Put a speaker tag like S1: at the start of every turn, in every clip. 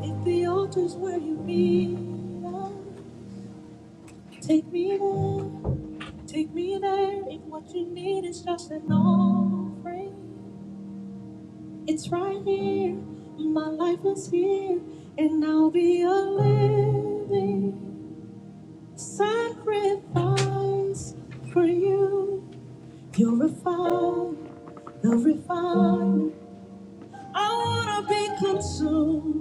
S1: If the altar's where you need love, take me there, take me there. If what you need is just an offering, it's right here. My life is here, and I'll be a living sacrifice for you. Purify the refined. I wanna be consumed.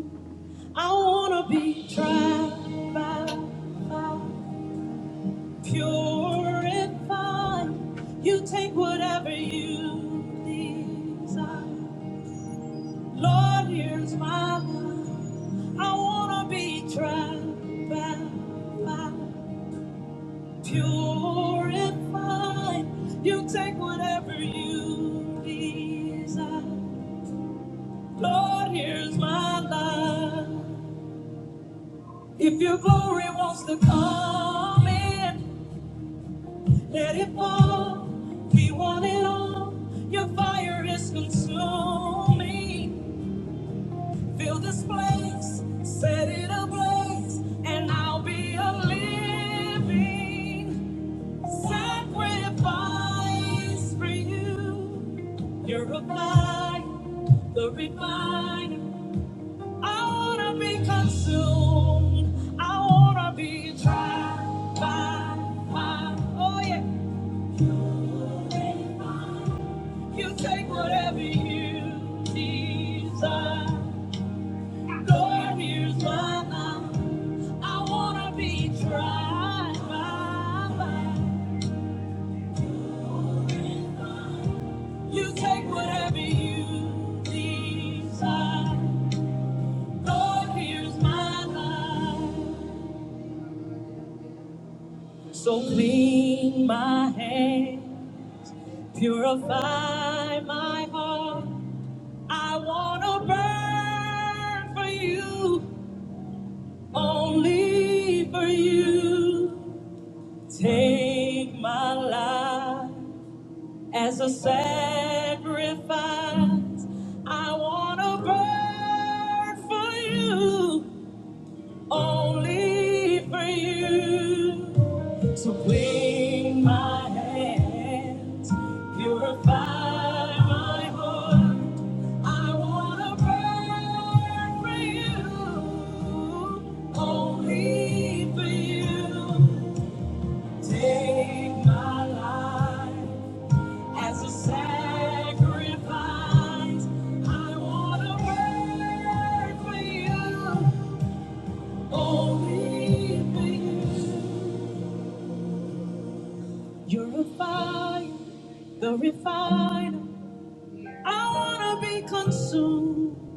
S1: I wanna be tried by fire. purify. You take whatever you desire. Lord, here's my life. I wanna be tried by fire. Purify. You take whatever you desire. Lord, here's my life. If your glory wants to come in. Let it fall. We want it all. Your fire is consuming. Fill this place, set it ablaze, and I'll be a living sacrifice for you. You're a fire, the refiner. I wanna be consumed. I wanna be tried by fire. Oh yeah. You take whatever you desire. God, use my mouth. I wanna be tried by fire. You take whatever you desire. God, here's my life. So clean my hand, purify my heart. I wanna burn for you, only for you. Take my life as a sacrifice. I want to burn for you, only for you. So clean my hands, purify my heart. I want to burn for you, only for you. Take my life as a sacrifice. I wanna work for you, only for you. You're a fire, the refiner. I wanna be consumed.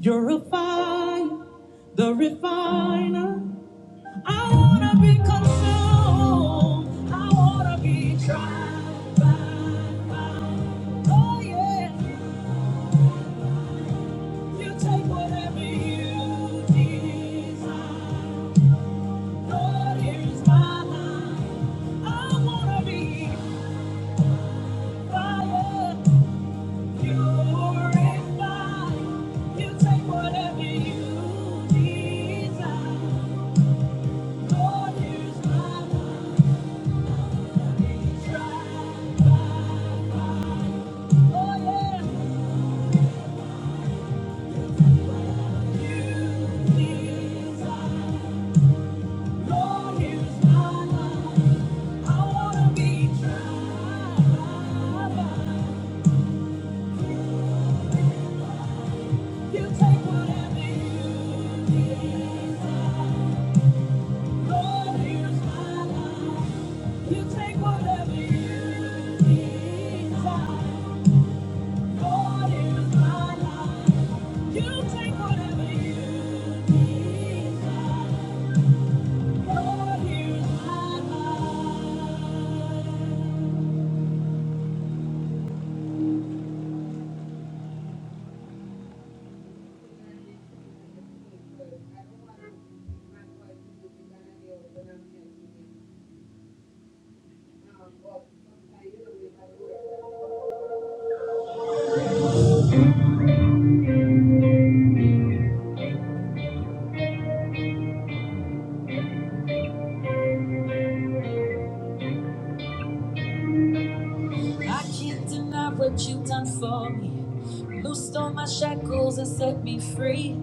S1: You're a fire, the refiner. I wanna be consumed. I wanna be tried by fire. Oh, yeah. You take whatever you desire. Lord, here's my life. I wanna be fire. you take whatever you desire. Lord, here's my life. I wanna be tried by fire. Oh yeah. desire. Lord, here's my life. I can't deny what you've done for me. Loosed all my shackles and set me free.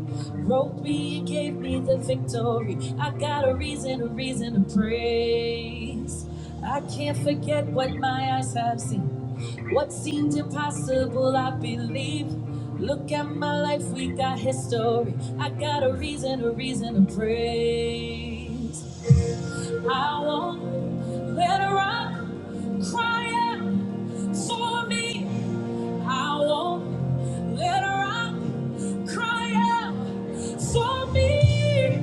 S1: Wrote me and gave me the victory. I got a reason, a reason to praise. I can't forget what my eyes have seen. What seemed impossible, I believe. Look at my life, we got history. I got a reason, a reason to praise. I won't let a rock cry out for me. I won't let her out, cry out for me.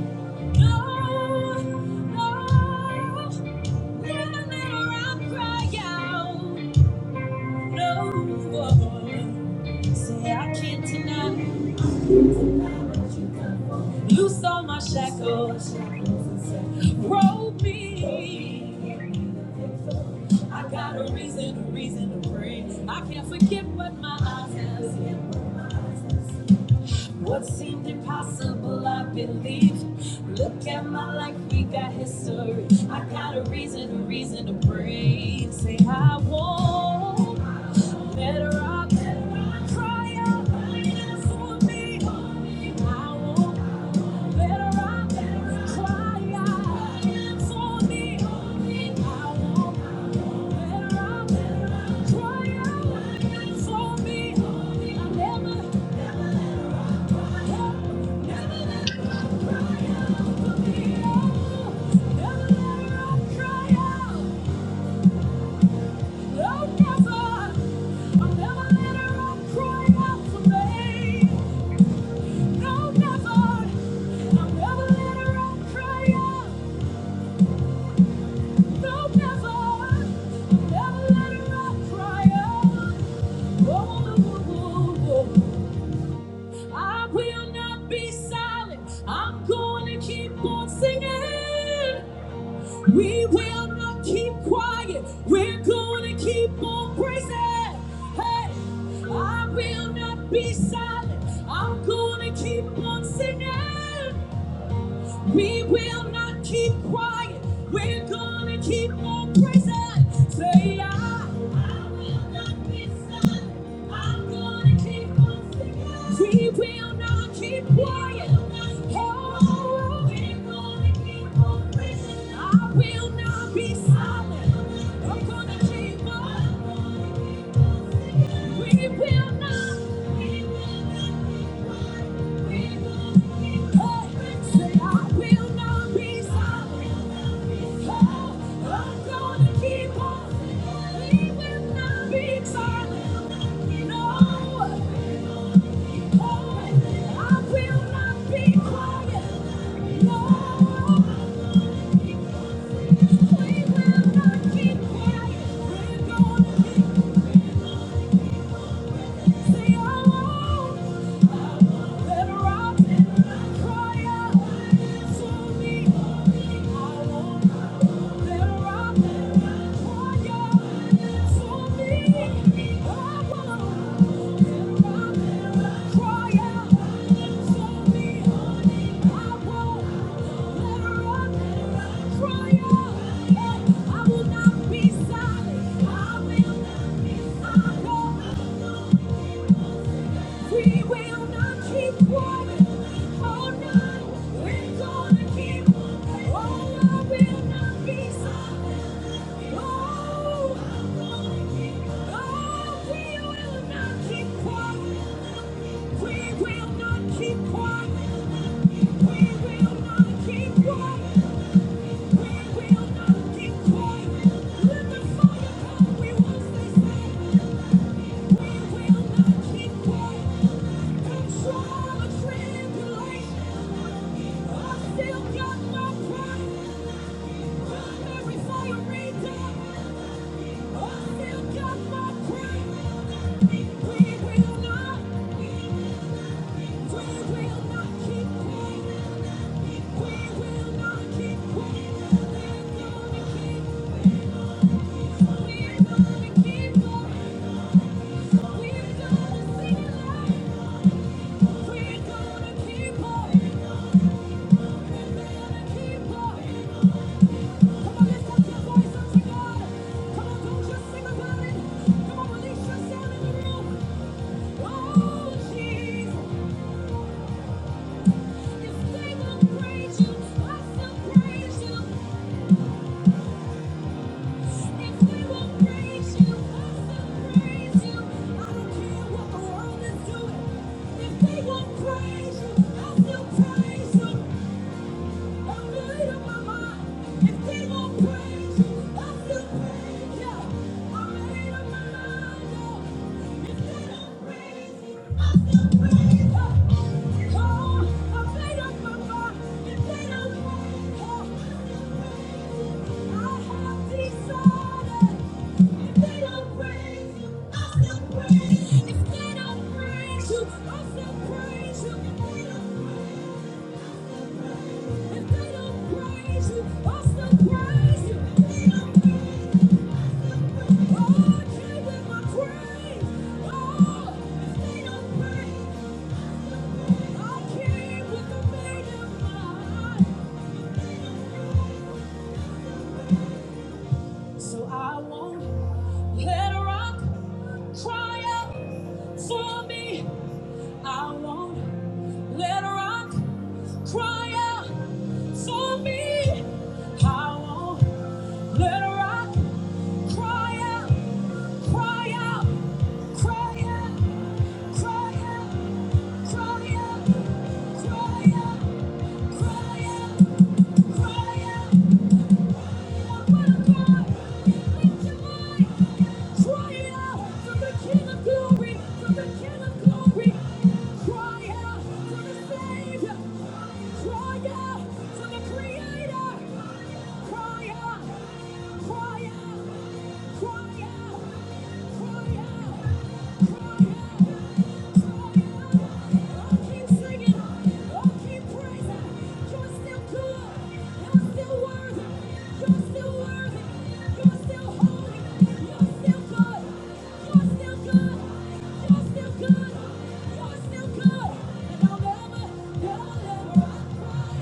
S1: No, no, never let her out, cry out. No, say I can't deny. Loose all my shackles, rope me. I got a reason, a reason to pray. I can't forget what my eyes have seen. What seemed impossible, I believe. Look at my life, we got history. I got a reason, a reason to breathe. Say, I won't let her rock. Cry out, that's for me. I won't let her rock. Cry out, that's for me. I won't let her rock. Cry out, that's for me. I never. never. I will not be silent. I'm going to keep on singing. We will not keep quiet. We're going to keep on praising. Hey, I will not be silent. I'm going to keep on singing. We will not keep quiet. We're gonna keep on praising. Say, I, I will not be silent. I'm gonna keep on singing. We will not keep quiet. Oh, we're gonna keep on praising. I will not be silent. I'm gonna keep on. We will not. We will not. be quiet. We're Keep quiet. We're gonna keep Yeah, I will not be silent. I will not be silent. We will not keep quiet. Oh no, we're gonna keep. Oh, we will not be silent. Oh, I'm gonna keep. Oh, we will not keep quiet. We will not keep quiet. We will not keep quiet. We will not keep quiet. Let the fire come. We won't stay silent. Keep on. We're gonna see the We're gonna keep on. Praise you. I still praise you. If they don't praise you, I still praise you. If they don't so I won't let rock cry out for me. I won't let rock cry out for me. I won't let rock cry out, cry out, cry out. Cry out to the Savior! Cry out for the Creator! Cry out! Keep singing. Oh, keep praising. You're still good. You're still worthy. You're still worthy. You're still holy. You're still good. You're still good. You're still good. You're still good. And I'll never, never, never, I'll cry.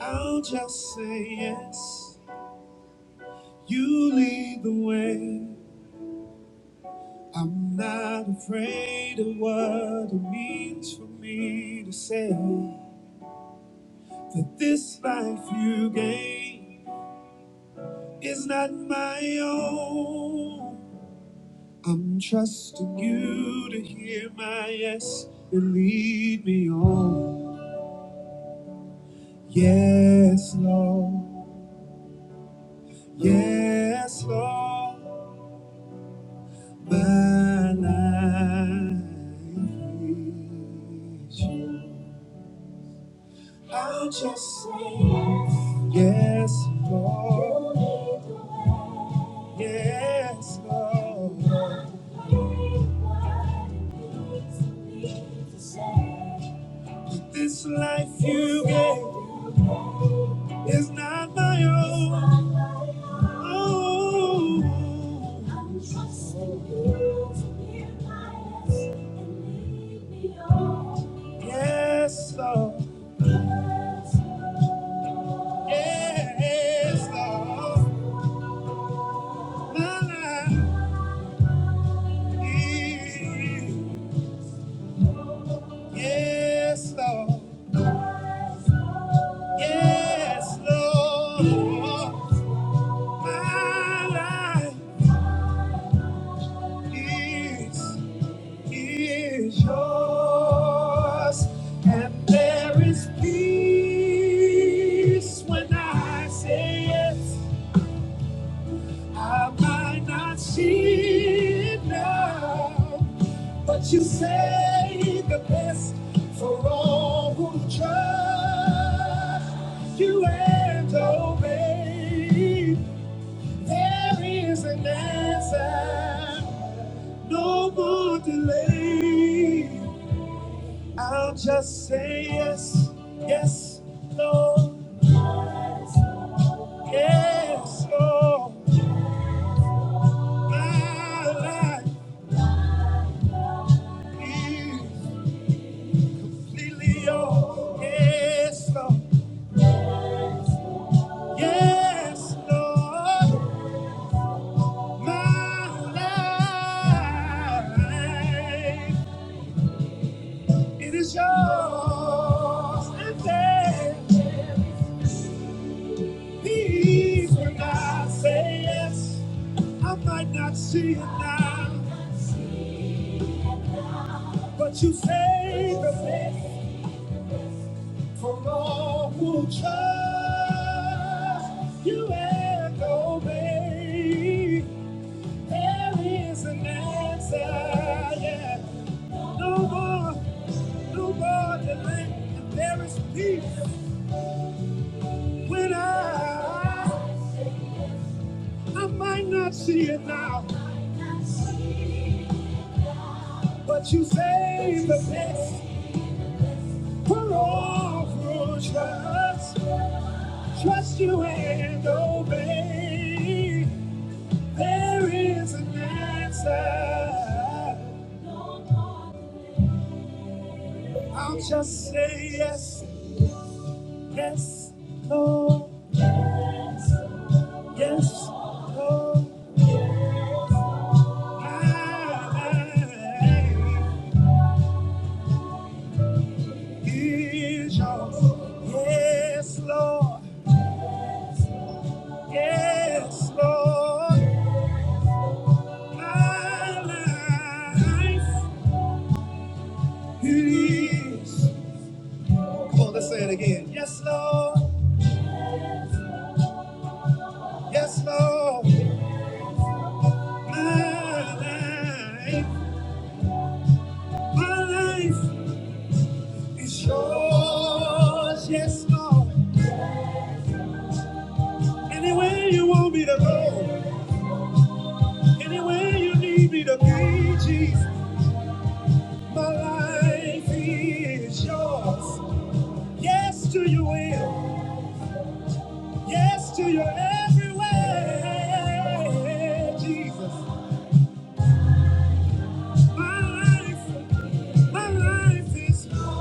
S1: I'll just say yes. You lead the way. I'm not afraid of what it means for me to say that this life you gave is not my own. I'm trusting you to hear my yes and lead me on. Yes, Lord. Yes, Lord, my life is you. I'll just say yes. Yes, Lord. You lead the way. Yes, Lord. You're the only one who needs to be to say. This life you gave is not my own. Oh. I'm trusting you to be my yes and lead me on. Yes, Lord. Yes, Lord. My life is- Yes, Lord. Yes, Lord. My life. is, is yours, and there is peace when I say yes. I might not see it now, but you say the best for all who trust you and obey. There is an answer no more delay. I'll just say yes, yes, Lord, yes, Lord. My life is completely yours. Yes, Lord, yes, Lord. My life, it is yours. And there, please, when I say yes. I might not see it now, but you saved me from all who trust you and obey. There is an answer, yeah. No more, no more delay. And there is peace when I, I might not see it now, but you saved the best for all who trust. Trust you and obey. There is an answer. I'll just say yes, yes, no, yes, no. I is yours. Yes, Lord. Yes, Lord. My life it is. Come on, let's say it again. Yes, Lord. Yes, Lord. My life, my life is yours, yes, Lord. Anywhere you want me to go, anywhere you need me to be, Jesus, my life is yours. Yes to your will, yes to your every way, Jesus. My life, my life is. Yours.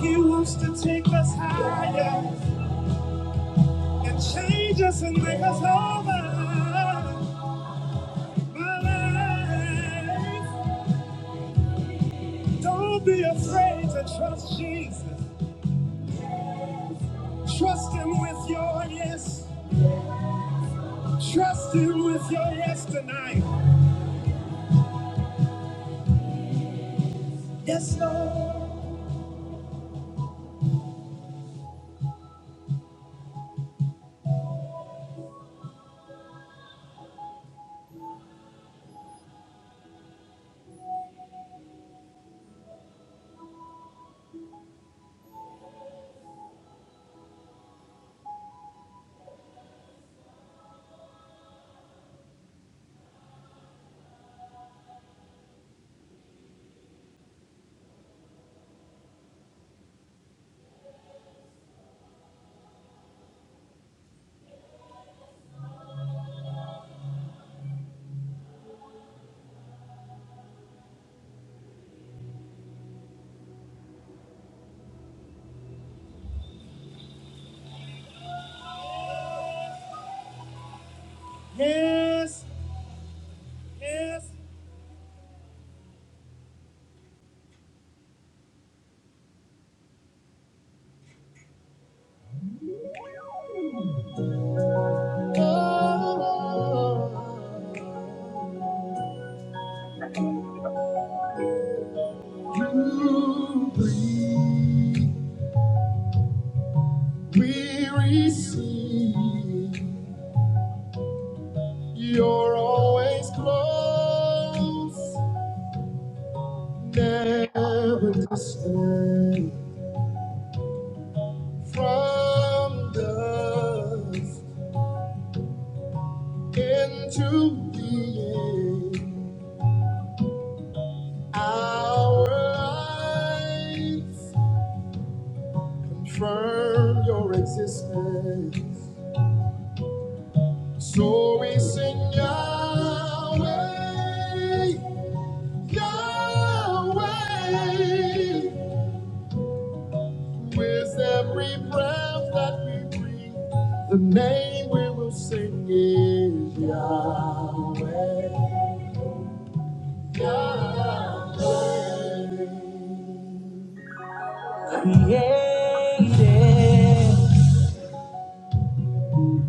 S1: He wants to take us higher. can change us and make us whole. My life. Don't be afraid to trust Jesus. Trust Him with your yes. Trust Him with your yes tonight. Yes, Lord. Yes, yes. You breathe, we receive. You're always close. Never descend from dust into being our lives. Confirm your existence. So we sing Yahweh, Yahweh. With every breath that we breathe, the name we will sing is Yahweh. Yahweh. Created,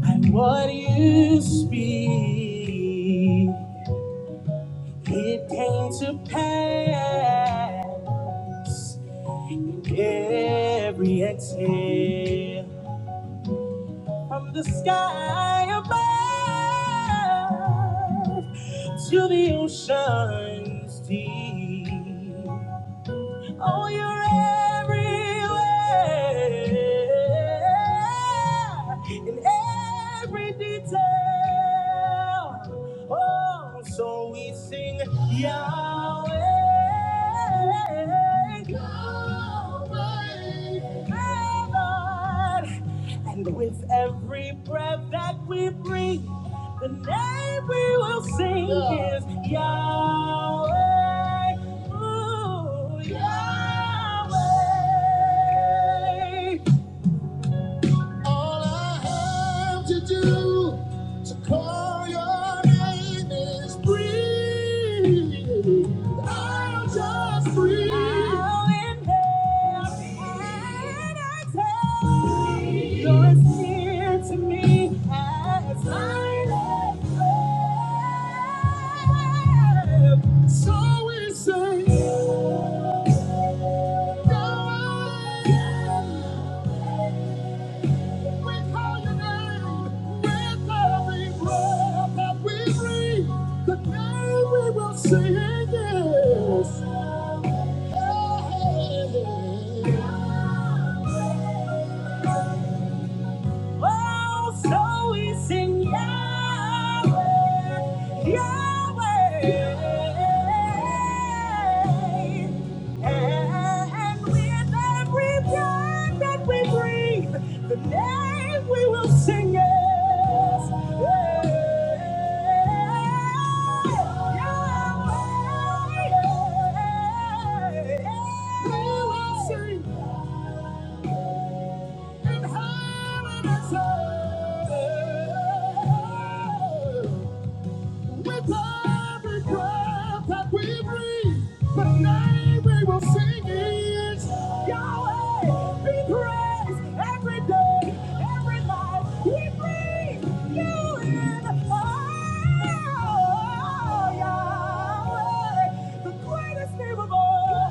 S1: and what you speak, it came to pass. Every exhale. from the sky above to the ocean's deep. Oh, you're everywhere in every detail. Oh, so we sing Yahweh. Yahweh. Lord. And with every breath that we breathe, the name we will sing is Yahweh. Ooh, Yahweh. All I have to do to call your name is breathe. I'll just breathe. I'll inhale and exhale. You're as near to me as I am. So we say, God. We call your name with every breath that we breathe. Today we will sing yes. Oh, so we sing Yahweh, Yahweh. And with every breath that we breathe, the name we will sing is Yahweh. We will sing in heaven and how it is. With every breath that we breathe, the name we will sing is Yahweh. Be praised every day, every night. We breathe you in. Oh, Yahweh, the greatest name of all.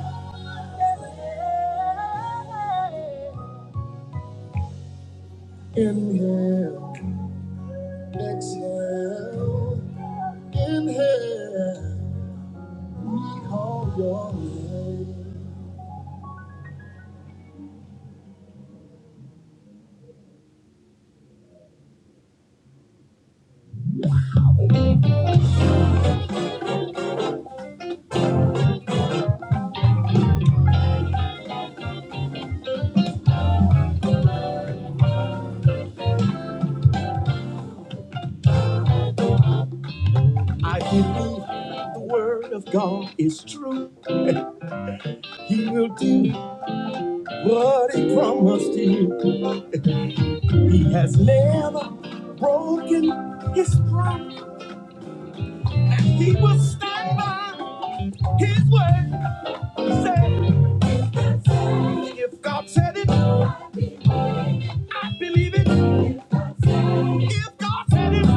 S1: Inhale, exhale, inhale. I believe the word of God is true. He will do what he promised you. He has never broken his promise. He will stand by his word. Say, if God said it, believe it. If God said it,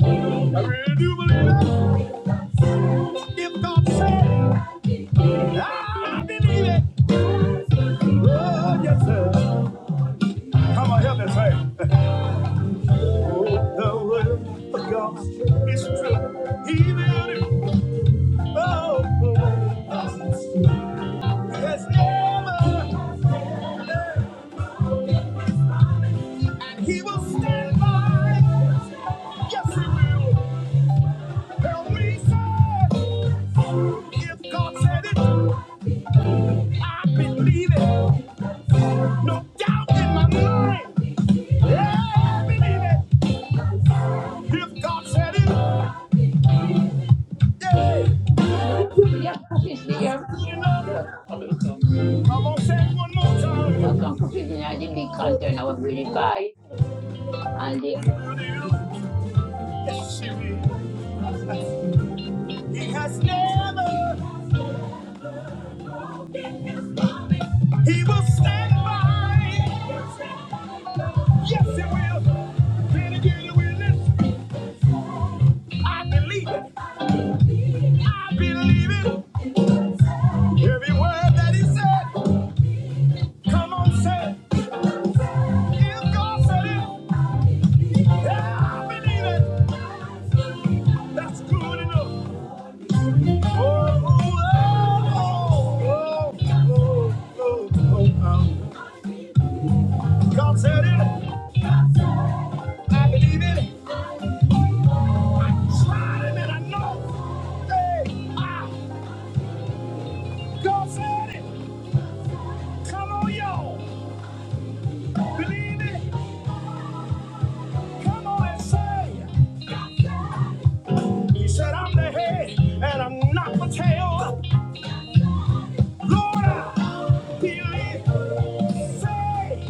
S1: I really do believe it. If God said, it, I believe it. Oh, yes, sir. Come on, help me say. it. Oh, the word of God is true. He will do. Oh, the word of God is true. Yes, ever. And he will stand by. Yes, he will. if God said it, I believe it. No doubt in my mind. Yeah, I believe it. If God said it, yeah,
S2: No, yeah, cookies there.
S1: good
S2: Yeah,
S1: enough.
S2: I know it
S1: I'm gonna say
S2: now.
S1: it one more time.
S2: some cookies in I didn't content I was really buy. And the
S1: Good enough. Yes, he will. He has never, he will stand by. Yes, he will. Then again, he will. I believe it. I believe it. Every word that he said, come on, say. it. If God said it, yeah, I believe it. That's good enough. Oh, oh, oh, oh, oh, oh, oh. God said it. I believe it. I tried it and I know. Hey, I, God said it. Come on, y'all. Believe it. Come on and say. it. He said, I'm the head and I'm not the tail. Lord, I Say,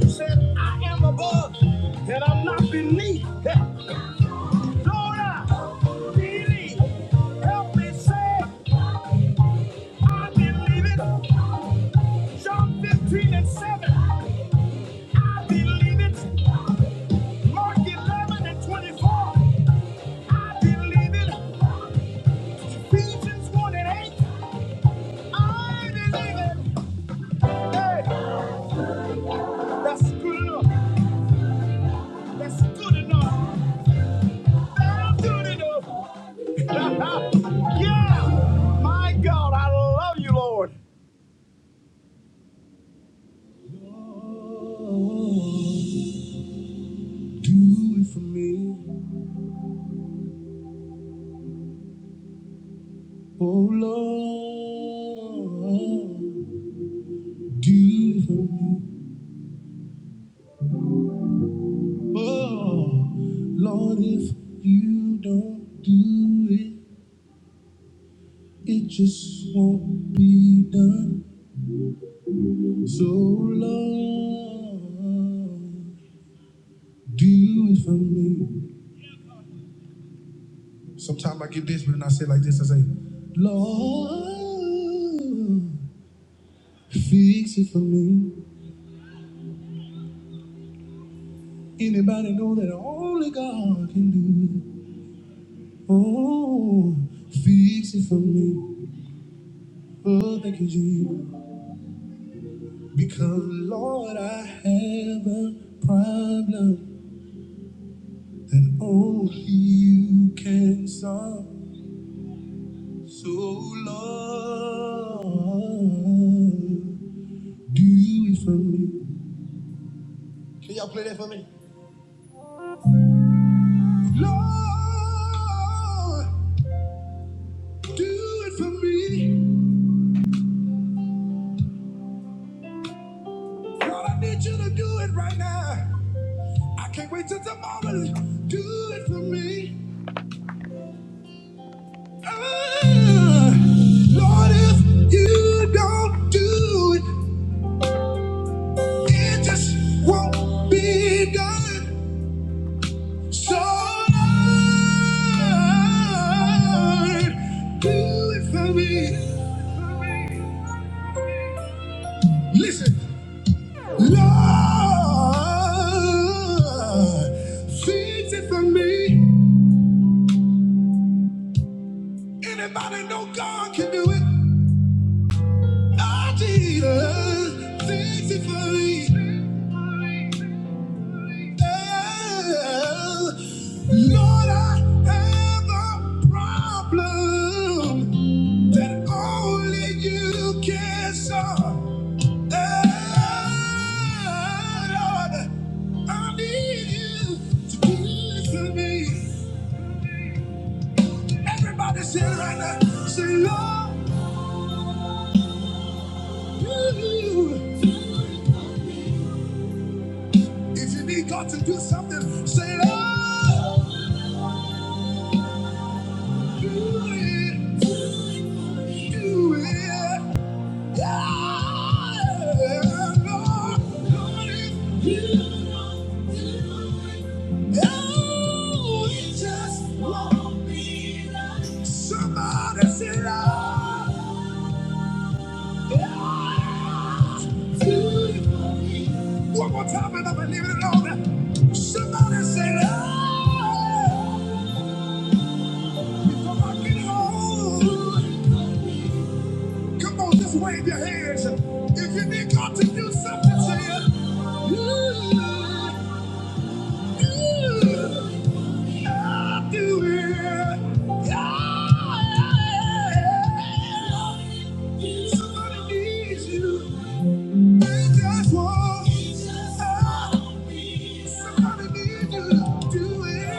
S1: you said, I am above and I'm not beneath. Hey, Lord, I Help me say, I believe it. John 15 and 7, I believe it. Mark 11 and 24, I believe it. Ephesians 1 and 8, I believe it. Hey, that's good enough. That's good enough. That'll do it enough. yeah! My God, I love you, Lord. Lord, Do it for me. Oh, Lord. Do it for me. Oh, Lord, if you don't do it, it just won't be done. So, Lord, do it for me. Sometimes I get this, but then I say it like this, I say, Lord, fix it for me. Anybody know that only God can do it? Oh, fix it for me. Oh, thank you, Jesus. Because Lord, I have a problem that only you can solve. So Lord, do it for me. Can y'all play that for me? Lord, do it for me. Lord, I need you to do it right now. I can't wait till tomorrow. Do it for me. Ah, Lord, if you don't do it, it just won't be done. So, Lord, do it for me. Listen. Lord, fix it for me. Anybody know God can do it? Oh, Jesus, fix it for me. Oh, Lord, I have a problem that only you can solve. Oh, Lord, I need you to do it for me. Everybody say it right now. Say, Lord, you. If you need God to do something, say, Lord, do it. Do it. Yeah, Lord, Lord, if you oh, you just want me. like-" Somebody say, Lord. One more time, and i believe it alone. Somebody say, "Lord," before I get home. Come on, just wave your hands. If you need God to do something to you, "Ooh, ooh, I'll do it. Yeah." yeah, yeah. Somebody needs you. We just want somebody need you to do it.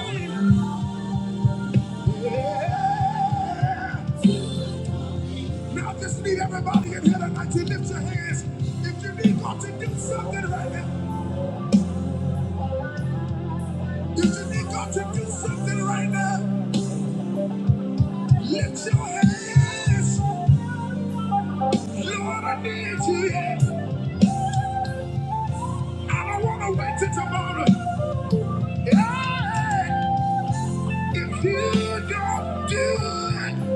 S1: Yeah. Now just need everybody in here tonight to lift your hands. If you need God to do something right now, if you need God to do something right now, lift your hands. Lord, I need you. I don't want to wait till tomorrow. Yeah. If you don't do it.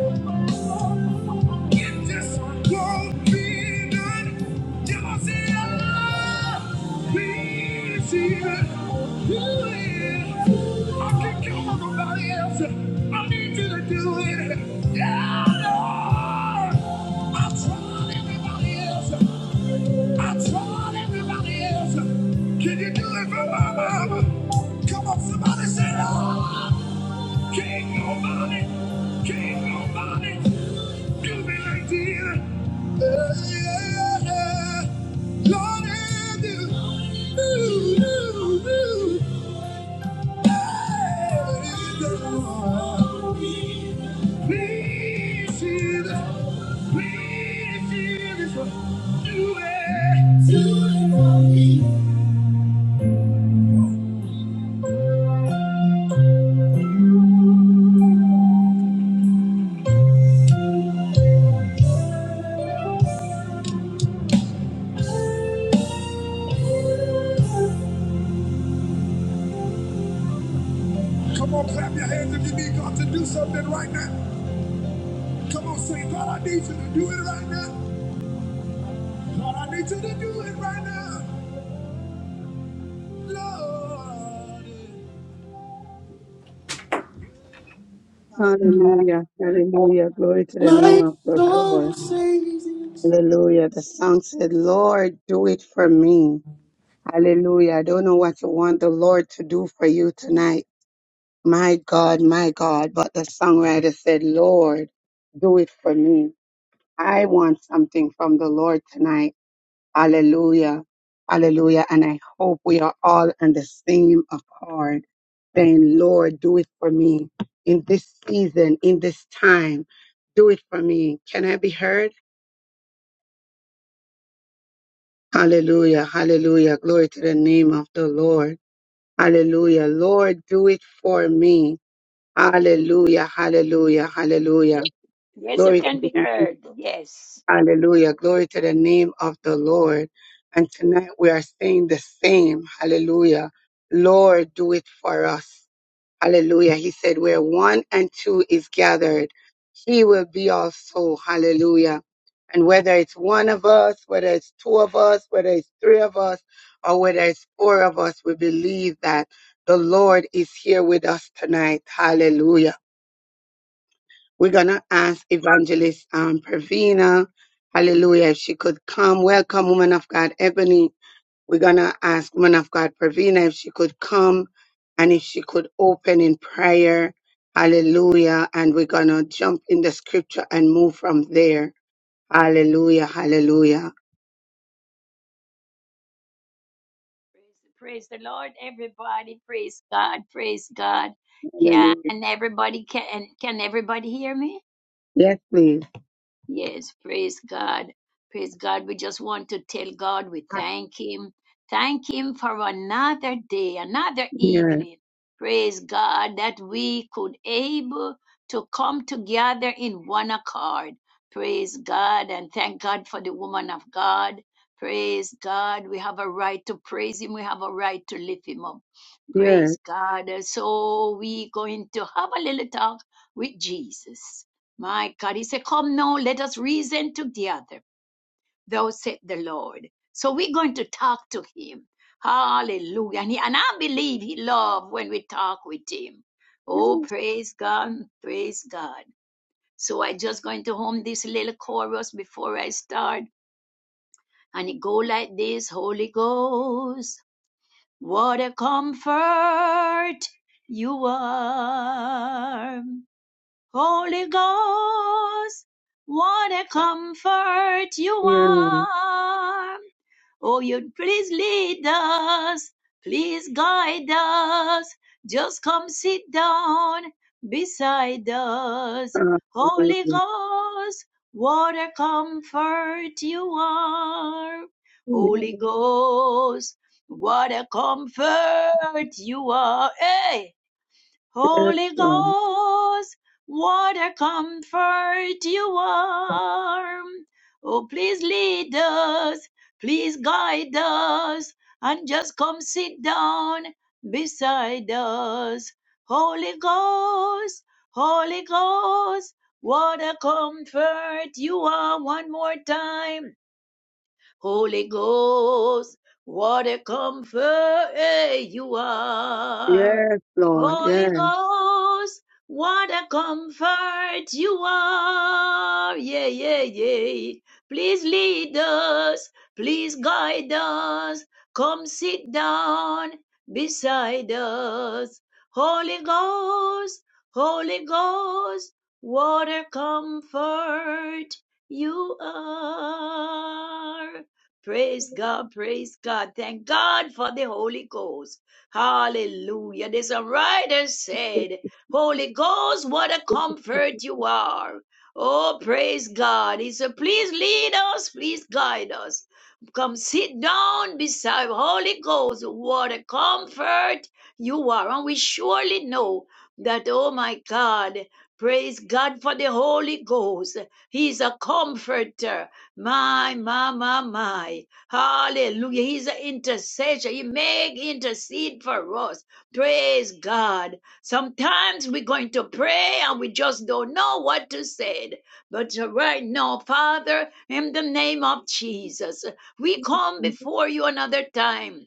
S1: If this world be good, you must see Allah. We Do it. I can't count on nobody else. I need you to do it. Yeah, Lord. I tried everybody else. I tried everybody else. Can you do it for my mama? Come on, somebody say, Lord. Can't nobody, can't nobody do me like this. Uh, yeah, yeah. Lord, I do. Ooh, ooh, ooh. Yeah, yeah. Please, Jesus, please, Jesus, do it. Do it. Come on, clap your hands if you need God to do something right now. Come on, say, God, I need you to do it right now. Lord, I need you to do it right now. Lord,
S3: Hallelujah. Hallelujah. Glory to the name
S1: my
S3: of the
S1: soul
S3: Lord.
S1: sings. yes.
S3: Hallelujah. The song said, Lord, do it for me. Hallelujah. I don't know what you want the Lord to do for you tonight. My God, my God. But the songwriter said, Lord, do it for me. I want something from the Lord tonight. Hallelujah. Hallelujah. And I hope we are all on the same accord, saying, Lord, do it for me in this season, in this time. Do it for me. Can I be heard? Hallelujah. Hallelujah. Glory to the name of the Lord. Hallelujah. Lord, do it for me. Hallelujah. Hallelujah.
S2: yes,
S3: Hallelujah.
S2: yes, you
S3: Glory to
S2: can
S3: the
S2: be
S3: name.
S2: heard. Yes.
S3: Hallelujah. Glory to the name of the Lord. And tonight we are saying the same. Hallelujah. Lord, do it for us. Hallelujah. He said, where one and two is gathered, he will be also. Hallelujah. And whether it's one of us, whether it's two of us, whether it's three of us, or whether it's four of us, we believe that the Lord is here with us tonight. Hallelujah we're going to ask Evangelist um, Pravina, hallelujah, if she could come. Welcome, woman of God, Ebony. We're going to ask woman of God, Pravina, if she could come and if she could open in prayer. Hallelujah. And we're going to jump in the scripture and move from there. Hallelujah. Hallelujah.
S2: Praise the Lord, everybody. Praise God. Praise God. Can
S3: Hallelujah.
S2: everybody can can everybody hear me?
S3: Yes, please.
S2: Yes, praise God. Praise God. We just want to tell God we thank Him. Thank Him for another day, another
S3: Yes.
S2: evening. Praise God that we could able to come together in one accord. Praise God and thank God for the woman of God. Praise God. We have a right to praise Him. We have a right to lift Him up.
S3: Yes.
S2: Praise God. So we going to have a little talk with Jesus. My God, he said, Come now, let us reason together, thou said the Lord. So we're going to talk to him. Hallelujah. And, he, and I believe he loves when we talk with him.
S3: Yes.
S2: Oh, praise God, praise God. So i am just going to hum this little chorus before I start. And it go like this, Holy Ghost, what a comfort you are. Holy Ghost, what a comfort you
S3: yes.
S2: are. Oh, you please lead us, please guide us. Just come sit down beside us. Holy
S3: Hallelujah.
S2: Ghost, what a comfort you are. Holy
S3: Yes,
S2: Ghost, what a comfort you are. Hey! Holy
S3: Lord.
S2: Ghost, what a comfort you are. Oh, please lead us, please guide us, and just come sit down beside us. Holy Ghost, Holy Ghost, what a comfort you are one more time. Holy Ghost, what a comforter you are.
S3: Yes, Lord.
S2: Holy
S3: Yes.
S2: Ghost, what a comfort you are. Yeah, yeah, yeah. Please lead us. Please guide us. Come sit down beside us. Holy Ghost, Holy Ghost, what a comfort you are. Praise God, praise God. Thank God for the Holy Ghost. Hallelujah. There's a writer said, Holy Ghost, what a comfort you are. Oh, praise God. He said, please lead us, please guide us. Come sit down beside Holy Ghost. What a comfort you are. And we surely know that, oh my God, praise God for the Holy Ghost. He's a comforter. My, my, my, my. Hallelujah. He's an intercessor. He make intercede for us. Praise God. Sometimes we're going to pray and we just don't know what to say. But right now, Father, in the name of Jesus, we come before you another time.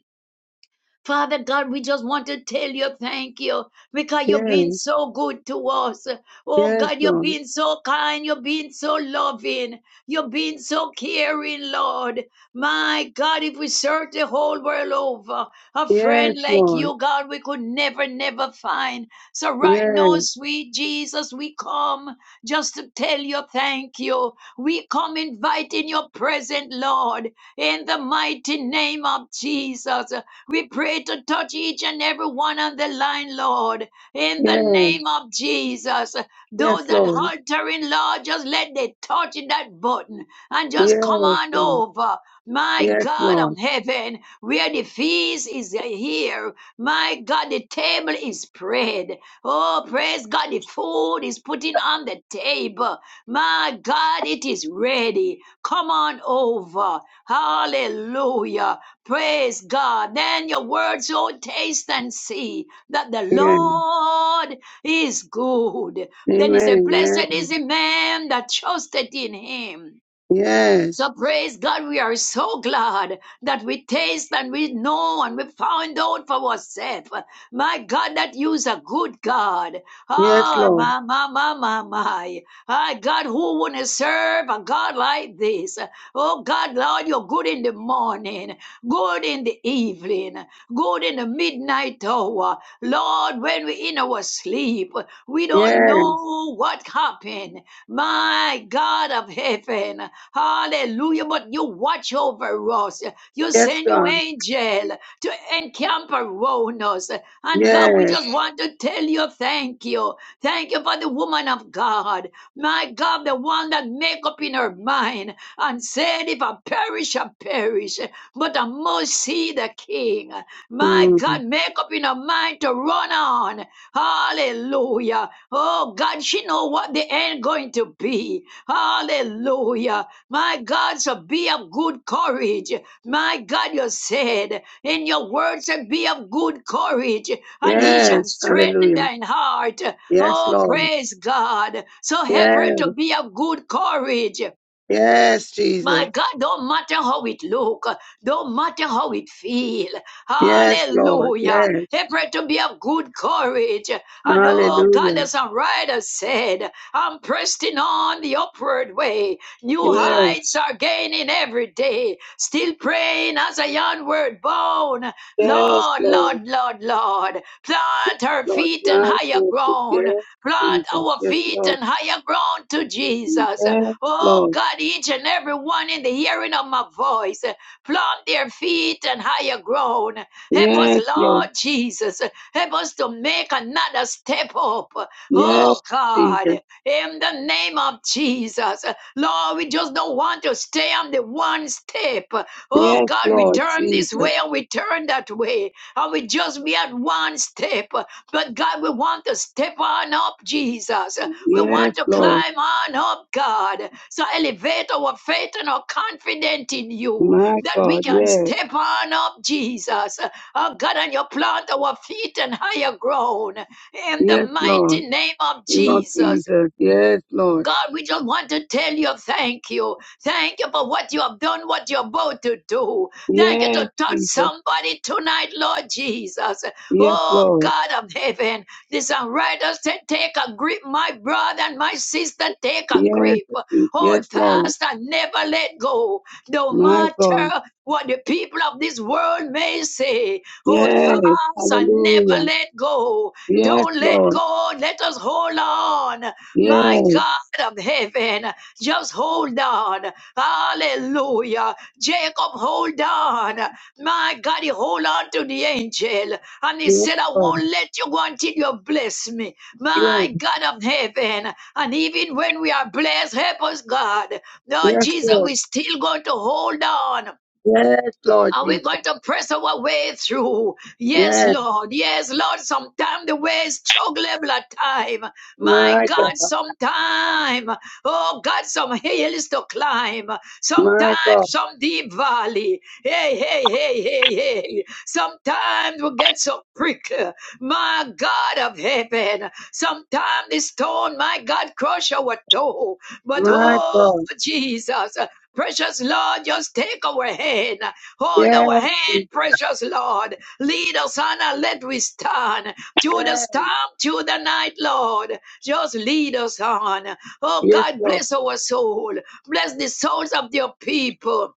S2: Father God, we just want to tell you thank you because you've
S3: Yes,
S2: been so good to us. Oh
S3: Yes,
S2: God, you've
S3: Lord.
S2: been so kind, you've been so loving, you've been so caring, Lord. My God, if we search the whole world over, a
S3: Yes,
S2: friend like
S3: Lord.
S2: you, God, we could never, never find. So right
S3: Yes,
S2: now, sweet Jesus, we come just to tell you thank you. We come inviting your presence, Lord, in the mighty name of Jesus. We pray to touch each and every one on the line, Lord, in the
S3: yes,
S2: name of Jesus.
S3: yes,
S2: Those that
S3: Lord.
S2: haltering, Lord, just let they touch in that button and just come
S3: Yes,
S2: on
S3: Lord.
S2: over. My
S3: Yes,
S2: God
S3: Lord.
S2: of heaven, where the feast is here, my God, the table is spread. Oh, praise God, the food is putting on the table. My God, it is ready. Come on over. Hallelujah. Praise God. Then your words will taste and see that the
S3: Yes.
S2: Lord is good. Then he said,
S3: Amen. Yes.
S2: Blessed is the man that trusted in him.
S3: Yes.
S2: So praise God, we are so glad that we taste and we know and we found out for ourselves. My God, that you's a good God.
S3: Yes,
S2: Oh,
S3: Lord.
S2: my, my, my, my, my. Ah, God, who wouldn't serve a God like this? Oh, God, Lord, you're good in the morning, good in the evening, good in the midnight hour. Lord, when we're in our sleep, we don't
S3: Yes.
S2: know what happened. My God of heaven. Hallelujah. But you watch over us. You
S3: Yes,
S2: send your
S3: God.
S2: angel to encamp around us. And God, we
S3: Yes.
S2: just want to tell you thank you. Thank you for the woman of God. My God, the one that make up in her mind and said, if I perish, I perish. But I must see the king. My
S3: Mm.
S2: God, make up in her mind to run on. Hallelujah. Oh God, she know what the end going to be. Hallelujah. My God, so be of good courage. My God, you said in your words, and be of good courage, and he
S3: Yes.
S2: shall strengthen
S3: Hallelujah.
S2: thine heart.
S3: Yes,
S2: Oh,
S3: Lord.
S2: praise God. So help her
S3: Yes.
S2: to be of good courage.
S3: Yes,
S2: My
S3: Jesus.
S2: God, don't matter how it look, don't matter how it feel.
S3: Yes, Lord.
S2: Hallelujah.
S3: Yes.
S2: They pray to be of good courage. And oh God,
S3: Hallelujah.
S2: as a writer said, I'm pressing on the upward way. New
S3: Yes.
S2: heights are gaining every day. Still praying as a onward bound.
S3: Yes,
S2: Lord,
S3: Lord.
S2: Lord, Lord, Lord, plant our
S3: Lord,
S2: feet in
S3: plant
S2: higher
S3: us.
S2: ground.
S3: Yes,
S2: Plant
S3: Jesus.
S2: our
S3: Yes,
S2: feet
S3: Lord.
S2: in higher ground to Jesus.
S3: Yes, Lord.
S2: Oh God, each and every one in the hearing of my voice, eh, plant their feet on higher ground. Help us,
S3: Yes, Lord.
S2: Lord Jesus. Help us to make another step up. Oh
S3: Yes,
S2: God,
S3: Jesus.
S2: in the name of Jesus. Lord, we just don't want to stay on the one step. Oh
S3: Yes,
S2: God, we
S3: Lord
S2: turn this
S3: Jesus.
S2: way and we turn that way. And we just be at one step. But God, we want to step on up, Jesus. We
S3: Yes,
S2: want to
S3: Lord.
S2: climb on up, God. So elevate our faith and our confidence in you
S3: My
S2: that we
S3: God.
S2: can
S3: Yes.
S2: step on up, Jesus. Oh, God, and you plant our feet in higher ground in the
S3: Yes, Lord.
S2: mighty name of
S3: You know,
S2: Jesus.
S3: Jesus. Yes, Lord.
S2: God, we just want to tell you thank you. Thank you for what you have done, what you're about to do. Thank you
S3: Yes,
S2: to touch
S3: Jesus.
S2: somebody tonight, Lord Jesus.
S3: Yes,
S2: Oh,
S3: Lord.
S2: God of heaven, this unrighteous ta- take a grip, my brother and my sister, take a
S3: Yes.
S2: grip. Hold
S3: Yes, Lord.
S2: fast and never let go. No
S3: My God.
S2: matter what the people of this world may say, hold
S3: Yes.
S2: fast and never
S3: Hallelujah.
S2: let go.
S3: Yes,
S2: Don't let
S3: Lord.
S2: go. Let us hold on.
S3: Yes.
S2: My God. God of heaven, just hold on. Hallelujah. Jacob, hold on. My God, he hold on to the angel. And he
S3: Yes,
S2: said, I
S3: Lord.
S2: won't let you go until you bless me.
S3: Yes.
S2: My God of heaven. And even when we are blessed, help us, God. Lord
S3: Yes,
S2: Jesus,
S3: Lord.
S2: we still going to hold on.
S3: Yes, Lord
S2: And we're
S3: Jesus.
S2: going to press our way through. Yes,
S3: Yes.
S2: Lord. Yes, Lord. Sometimes the way is chocolate time. My
S3: My
S2: God,
S3: God.
S2: sometime. Oh, God, some hills to climb. Sometimes
S3: My God.
S2: some deep valley. Hey, hey, hey, hey, hey. Sometimes we get so prickly. My God of heaven. Sometimes the stone, my God, crush our toe. But
S3: My
S2: oh,
S3: God.
S2: Jesus. Precious Lord, just take our hand. Hold our
S3: Yes.
S2: hand, precious Lord. Lead us on and let we stand.
S3: Yes,
S2: Through the storm, through the night, Lord. Just lead us on. Oh
S3: yes,
S2: God,
S3: Lord.
S2: bless our soul. Bless the souls of your people.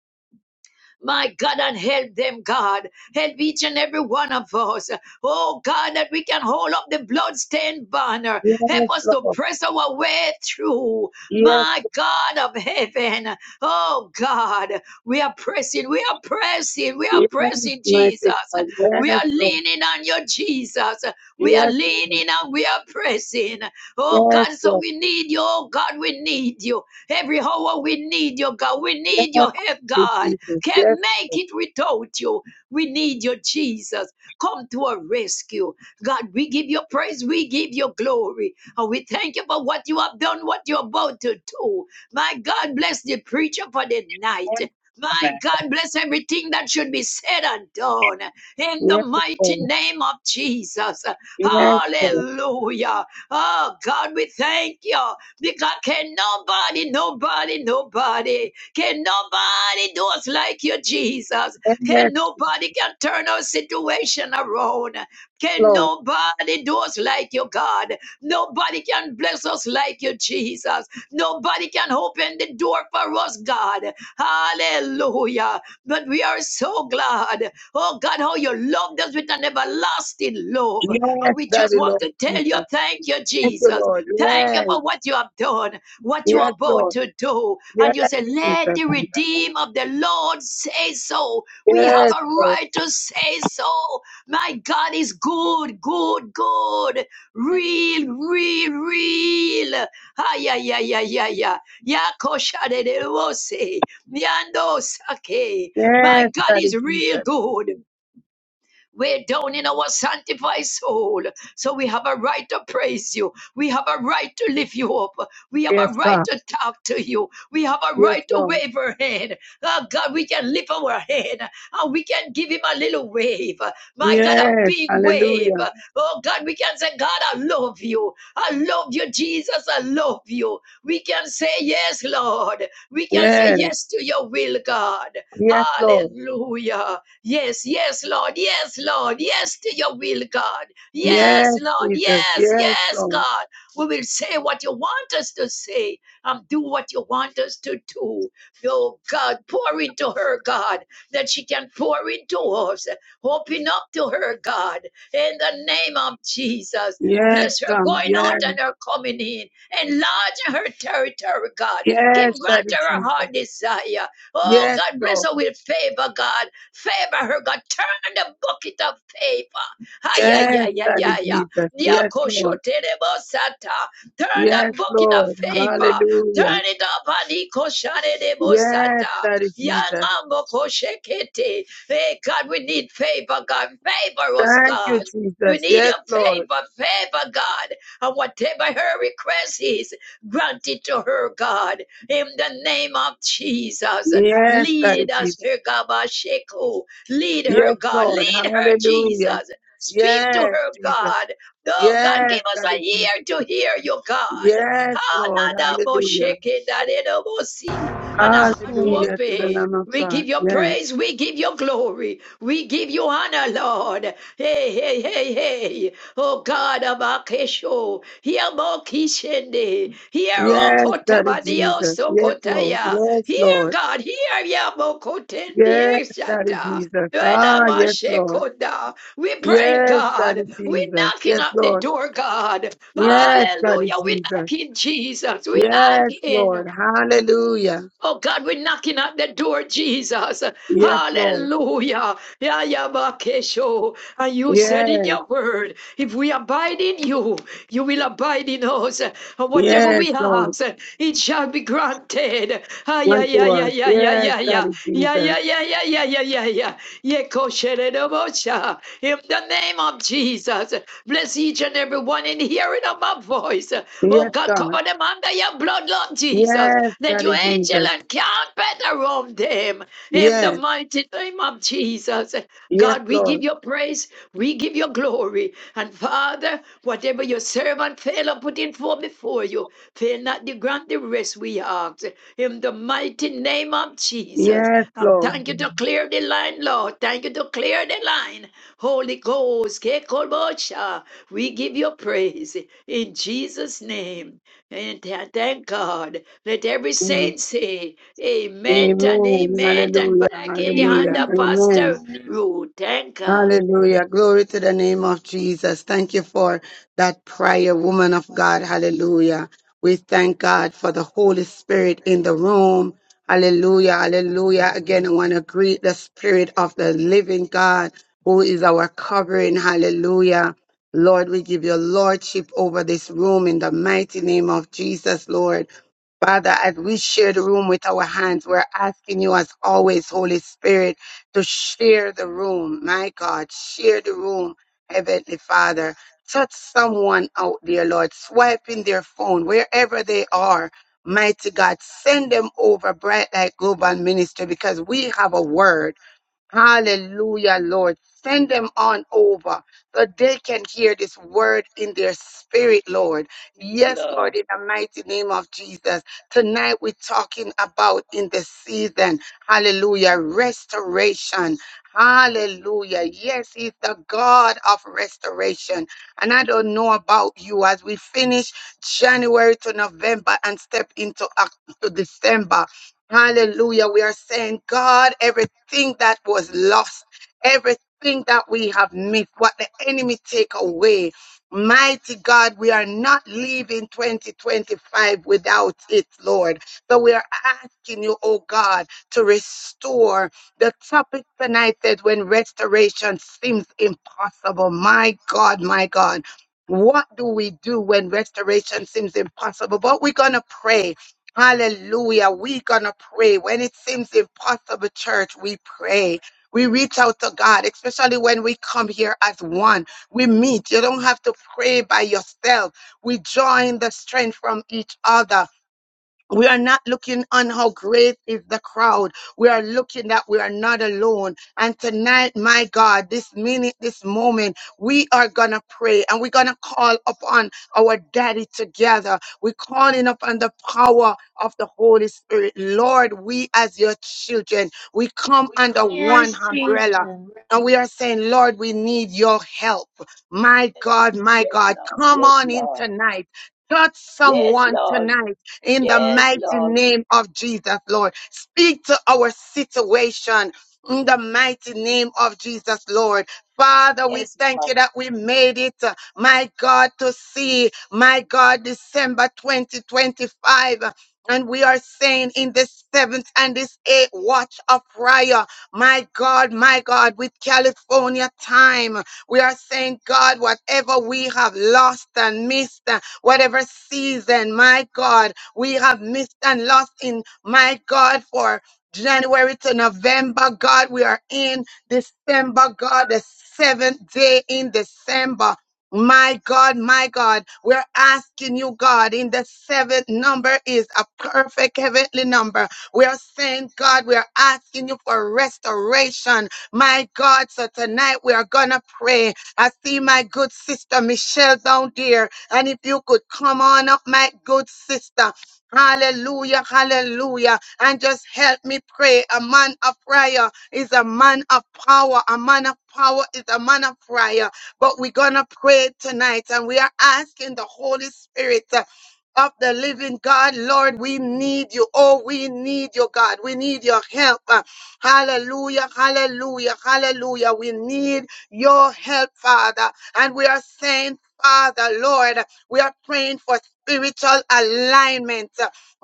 S2: My God, and help them, God. Help each and every one of us. Oh God, that we can hold up the bloodstained banner.
S3: Yes,
S2: Help us to
S3: Lord.
S2: press our way through.
S3: Yes,
S2: My God of heaven. Oh God, we are pressing, we are pressing, we are
S3: yes,
S2: pressing, Jesus.
S3: mighty God.
S2: We
S3: Yes,
S2: are
S3: Lord.
S2: leaning on you, Jesus. We are
S3: Yes, Lord.
S2: leaning and we are pressing. Oh
S3: Yes,
S2: God, so
S3: Lord.
S2: we need you. Oh God, we need you. Every hour we need you, God. We
S3: Yes,
S2: need
S3: Lord
S2: your help, God.
S3: Jesus.
S2: Can't
S3: Yes,
S2: make it without you. We need you, Jesus. Come to our rescue. God, we give you praise. We give you glory. And we thank you for what you have done, what you're about to do. My God, bless the preacher for the night. My
S3: Amen.
S2: God, bless everything that should be said and done in the
S3: Yes,
S2: mighty
S3: Lord.
S2: name of Jesus.
S3: Yes, Lord.
S2: Hallelujah. Oh, God, we thank you because can nobody, nobody, nobody can nobody do us like you, Jesus?
S3: Yes,
S2: Can nobody can turn our situation around? Can
S3: Lord.
S2: nobody do us like you, God? Nobody can bless us like you, Jesus. Nobody can open the door for us, God. Hallelujah. But we are so glad. Oh God, how you loved us with an everlasting love.
S3: Yes,
S2: And we just
S3: Daddy
S2: want
S3: Lord
S2: to tell you,
S3: Jesus.
S2: thank you,
S3: Thank you,
S2: Jesus.
S3: Lord.
S2: Thank you
S3: Yes,
S2: for what you have done what you're
S3: yes,
S2: about
S3: Lord.
S2: to do.
S3: Yes,
S2: And you say, Let
S3: Jesus.
S2: the redeemed of the Lord say so. We have
S3: Yes,
S2: a
S3: Lord.
S2: right to say so. My God is good, good, good, real, real, real. Ay, yeah, yeah. ay, ay, ay. Yakoshadedewose, Nyandosake. My
S3: Yes,
S2: God
S3: Daddy
S2: is real
S3: Jesus.
S2: good. We're down in our sanctified soul. So we have a right to praise you. We have a right to lift you up. We have
S3: Yes,
S2: a right
S3: God.
S2: to talk to you. We have a
S3: Yes,
S2: right to
S3: Lord.
S2: wave our hand. Oh God, we can lift our hand and we can give him a little wave. My God, a
S3: Yes,
S2: big wave.
S3: hallelujah.
S2: Oh God, we can say, God, I love you. I love you, Jesus. I love you. We can say, Yes, Lord. We can say
S3: Yes,
S2: yes to your will, God.
S3: yes, Lord.
S2: Hallelujah. Yes, yes, Lord. Yes, Lord. Yes to your will, God. Yes,
S3: Yes,
S2: Lord.
S3: Jesus.
S2: Yes,
S3: Yes,
S2: yes,
S3: Lord.
S2: God. We will say what you want us to say and do what you want us to do. Oh, God, pour into her, God, that she can pour into us. Open up to her, God, in the name of Jesus.
S3: Yes,
S2: Bless her
S3: God.
S2: going
S3: Yes.
S2: out and her coming in. Enlarge her territory, God. Give
S3: Yes, Daddy
S2: grant her a
S3: Jesus.
S2: heart desire. Oh
S3: Yes,
S2: God, bless
S3: Lord.
S2: her with favor, God. Favor her, God. Turn the bucket of favor. Ay, ay,
S3: Yes,
S2: ay, ay,
S3: Daddy
S2: ay, ay.
S3: Jesus. Yes, Lord.
S2: Diakoshoterebosata. Turn the
S3: Yes,
S2: bucket of
S3: Lord.
S2: favor.
S3: Hallelujah.
S2: Turn it up, Aniko Shane de mosata.
S3: Yes, Daddy
S2: Anikoshanerebosata.
S3: Jesus.
S2: Yangangokoshetete. Hey, God, we need favor, God. Favor us,
S3: Thank you,
S2: God. We
S3: Jesus.
S2: need
S3: Yes,
S2: your
S3: Lord.
S2: favor, favor, God. And whatever her request is, grant it to her, God. In the name of Jesus.
S3: Yes, Daddy
S2: Lead us,
S3: Jesus.
S2: dear God, by Lead her,
S3: Yes,
S2: God.
S3: Lord.
S2: Lead her,
S3: Hallelujah.
S2: Jesus. Speak to
S3: Yes,
S2: her,
S3: Jesus.
S2: God. Oh, God,
S3: Yes,
S2: give us
S3: Daddy
S2: an
S3: Jesus.
S2: ear to hear you, God.
S3: Yes,
S2: Ah, na,
S3: Lord.
S2: na, mo,
S3: Hallelujah.
S2: mo, si. And a heart to
S3: Hallelujah to the
S2: obey.
S3: Lamb of
S2: We
S3: God.
S2: give you
S3: Yes.
S2: praise. We give you glory. We give you honor, Lord. Hey, hey, hey, hey. Oh God, Abakesho. Hear Mokishende. Hear O
S3: Yes, that is Jesus. Yes, Lord.
S2: kotaya.
S3: Yes,
S2: Hear
S3: Lord.
S2: God, hear
S3: Yes, that is
S2: Yabokotendieshata.
S3: Jesus. Ah, yes, Lord.
S2: We praying,
S3: Yes, that
S2: God.
S3: is
S2: We
S3: Jesus.
S2: knocking
S3: Yes,
S2: up the
S3: Lord.
S2: door, God.
S3: Yes, that is
S2: Hallelujah. We
S3: Jesus.
S2: knocking, Jesus. We
S3: Yes,
S2: knocking.
S3: Lord. Hallelujah.
S2: Oh God, we knocking at the door, Jesus.
S3: Yes, Lord.
S2: Hallelujah. Yeah, yeah, Bakesho, And you said
S3: Yes,
S2: in your word, if we abide in you, you will abide in us. And whatever
S3: yes,
S2: we
S3: Lord.
S2: ask, it shall be granted. Ah yeah yeah
S3: Unto
S2: yeah
S3: us.
S2: yeah yeah,
S3: Yes,
S2: yeah,
S3: that
S2: yeah,
S3: is
S2: yeah,
S3: Jesus.
S2: yeah, yeah, yeah, yeah, yeah, yeah, yeah. Yeah, kosheredobosha. In the name of Jesus, bless each and every one in the hearing of my voice. Oh
S3: Yes,
S2: God,
S3: God.
S2: cover them under your blood, Lord Jesus.
S3: Yes,
S2: Let
S3: that
S2: your
S3: is
S2: angel
S3: Jesus.
S2: and camp better around them in the
S3: Yes,
S2: mighty name of Jesus.
S3: yes,
S2: God, we
S3: Lord.
S2: give you praise, we give you glory. And Father, whatever your servant fail or put in for before you, fail not to grant the rest we ask. In the mighty name of Jesus.
S3: Yes,
S2: And
S3: Lord.
S2: thank you to clear the line, Lord. Thank you to clear the line. Holy Ghost, Kekolbosha, we give you praise in Jesus' name. And th- thank God. Let every
S3: Mm.
S2: saint say, Amen and
S3: Amen.
S2: Amen. And
S3: Hallelujah.
S2: back in the hand
S3: Hallelujah.
S2: of
S3: Amen.
S2: Pastor Ruth. Thank God.
S3: Hallelujah. Glory to the name of Jesus. Thank you for that prayer, woman of God. Hallelujah. We thank God for the Holy Spirit in the room. Hallelujah. Hallelujah. Again, I want to greet the Spirit of the living God who is our covering. Hallelujah. Lord, we give your lordship over this room in the mighty name of Jesus, Lord. Father, as we share the room with our hands, we're asking you as always, Holy Spirit to share the room. My God, share the room, Heavenly Father. Touch someone out there, Lord. Swipe in their phone, wherever they are. Mighty God, send them over bright light global ministry because we have a word. Hallelujah, Lord. Send them on over so they can hear this word in their spirit, Lord.
S2: Yes,
S3: Yes,
S2: Lord.
S3: Lord, in the mighty name of Jesus. Tonight we're talking about in the season, hallelujah, restoration. Hallelujah. Yes, He's the God of restoration. And I don't know about you as we finish January to November and step into Oc- to December. Hallelujah. We are saying, God, everything that was lost, everything that we have missed, what the enemy take away. Mighty God, we are not leaving 2025 without it, Lord. So we are asking you, oh God, to restore. The topic tonight says when restoration seems impossible. My God, my God. What do we do when restoration seems impossible? But we're going to pray Hallelujah. We're going to pray. When it seems impossible, church, we pray. We reach out to God, especially when we come here as one. We meet. You don't have to pray by yourself. We join the strength from each other. We are not looking on how great is the crowd. We are looking that we are not alone. And tonight, my God, this minute, this moment, we are going to pray and we're going to call upon our daddy together. We're calling upon the power of the Holy Spirit. Lord, we as your children, we come under one umbrella. And we are saying, Lord, we need your help. My
S2: Yes,
S3: God, my God,
S2: Lord.
S3: come
S2: Yes,
S3: on in
S2: Lord.
S3: tonight. Touch
S2: Yes, Lord. Yes,
S3: someone
S2: Lord.
S3: tonight in the
S2: Yes,
S3: mighty
S2: Lord.
S3: name of Jesus, Lord. Speak to our situation in the mighty name of Jesus, Lord. Father, we
S2: Yes,
S3: thank you
S2: Lord.
S3: that we made it, uh, my God, to see, my God, December 2025. uh, And we are saying in this seventh and this eighth watch of prayer, my God, my God, with California time, we are saying, God, whatever we have lost and missed, uh, whatever season, my God, we have missed and lost in, my God, for January to November, God, we are in December, God, the seventh day in December. My God, my God, we're asking you, God, in the seventh number is a perfect heavenly number. We are saying, God, we are asking you for restoration. My God, so tonight we are going to pray I see my good sister Michelle down there. And if you could come on up, my good sister. Hallelujah, hallelujah. And just help me pray. A man of prayer is a man of power. A man of power is a man of prayer. But we're going to pray tonight and we are asking the Holy Spirit. uh, of the living God, Lord, we need you. Oh, we need you, God. We need your help. Uh, Hallelujah, hallelujah, hallelujah. We need your help, Father. And we are saying, Father, Lord, we are praying for spiritual alignment.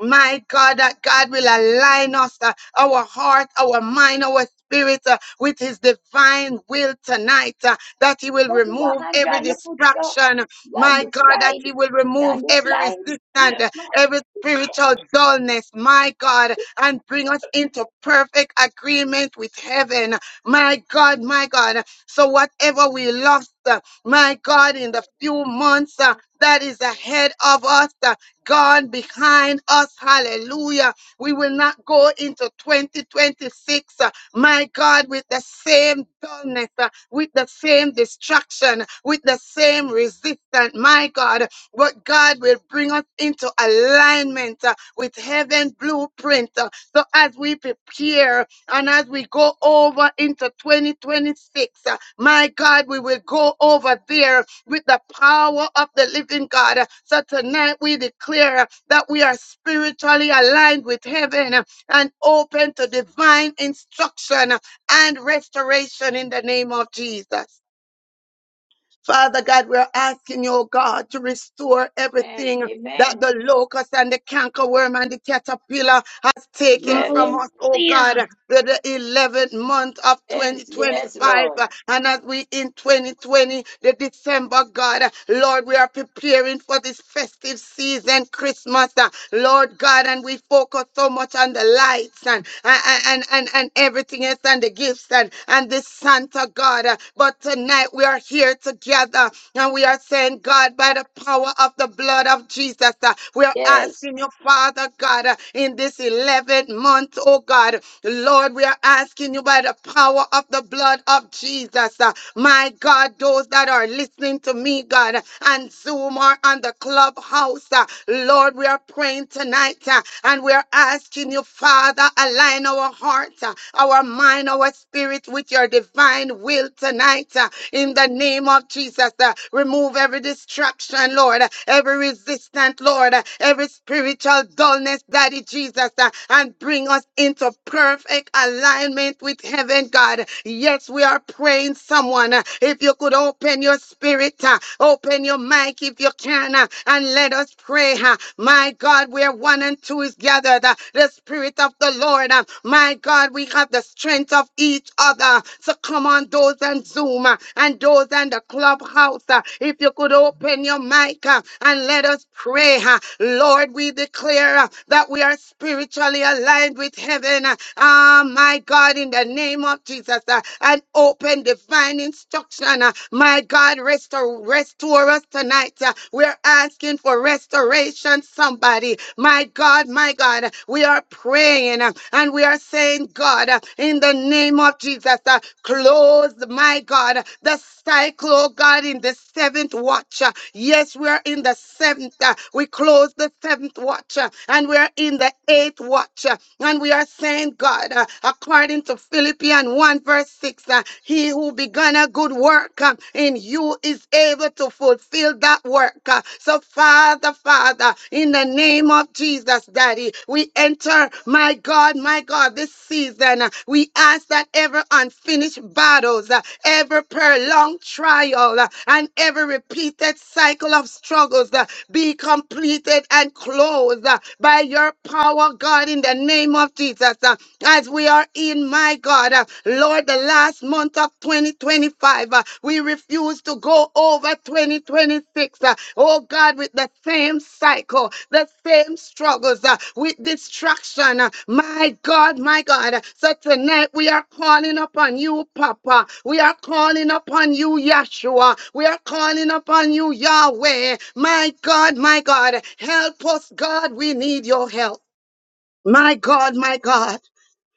S3: My God, that God will align us, uh, our heart, our mind, our spirit uh, with his divine will tonight, uh, that he will
S2: Let me walk
S3: remove
S2: and
S3: every
S2: draw your foot, so.
S3: distraction.
S2: Yeah,
S3: My
S2: do
S3: God, that
S2: slide.
S3: he will
S2: Yeah,
S3: remove
S2: do
S3: every
S2: slide.
S3: resistance,
S2: Yeah.
S3: uh,
S2: Lord.
S3: every spiritual dullness, my God, and bring us into perfect agreement with heaven. My God, my God, so whatever we lost, uh, my God, in the few months uh, that is ahead of us, uh, God behind us, hallelujah. We will not go into 2026, uh, my God, with the same dullness, uh, with the same distraction, with the same resistance, my God. But God will bring us into alignment uh, with heaven blueprint. uh, so as we prepare and as we go over into 2026, uh, my God, we will go over there with the power of the living God. Uh, So tonight we declare uh, that we are spiritually aligned with heaven uh, and open to divine instruction uh, and restoration in the name of Jesus. Father God, we're asking you, oh God, to restore
S2: Amen.
S3: everything that
S2: Amen.
S3: the locust and the cankerworm and the caterpillar has taken from
S2: Yes.
S3: us, oh God, with the 11th month of
S2: Yes. Yes,
S3: 2025.
S2: Lord.
S3: And as we in 2020, the December, God, uh, Lord, we are preparing for this festive season, Christmas, uh, Lord God, and we focus so much on the lights and, and, and, and, and everything else and the gifts and and, and this Santa God. Uh, But tonight we are here together and we are saying, God, by the power of the blood of Jesus, uh, we are
S2: Yes.
S3: asking you, Father God, uh, in this 11th month, oh God, Lord, we are asking you by the power of the blood of Jesus, uh, my God, those that are listening to me, God, and Zoom or on the clubhouse, uh, Lord, we are praying tonight uh, and we are asking you, Father align our heart, uh, our mind, our spirit with your divine will tonight. uh, in the name of Jesus. Uh, remove every distraction, Lord, uh, every resistance, Lord, uh, every spiritual dullness, Daddy Jesus, uh, and bring us into perfect alignment with heaven, God. Yes, we are praying, someone. uh, if you could open your spirit, uh, open your mic if you can, uh, and let us pray. uh, My my God, where one and two is gathered, uh, the Spirit of the Lord. uh, My God, we have the strength of each other. So come on, those on Zoom uh, and those on the clubhouse. uh, If you could open your mic uh, and let us pray. uh, Lord, we declare uh, that we are spiritually aligned with heaven. uh, Ah, my God, in the name of Jesus, uh, and open divine instruction. uh, My God, restore, restore us us tonight. Uh, We're asking for restoration, somebody. My God, my God, we are praying uh, and we are saying, God, uh, in the name of Jesus, uh, close, my God, the cycle, oh God, in the seventh watch. uh, Yes, we are in the seventh. uh, We close the seventh watch uh, and we are in the eighth watch. uh, And we are saying, God, uh, according to Philippians 1, verse 6, uh, He who began begun a good work uh, in you is able to fulfill that work. uh. So, Father, Father, in the name of Jesus, Daddy, we enter, my God, my God, this season. uh, We ask that every unfinished battles, uh, every prolonged trial, uh, and every repeated cycle of struggles uh, be completed and closed uh, by your power, God, in the name of Jesus. uh, As we are in my God, uh, Lord, the last month of 2025, uh, we refuse to go over 2026. uh, oh God, with the same cycle, the same struggles, uh, with distraction. uh, my God, my God. So tonight we are calling upon you, Papa. We are calling upon you, Yeshua. We are calling upon you, Yahweh. My God, my God. Help us, God. We need your help. My God, my God.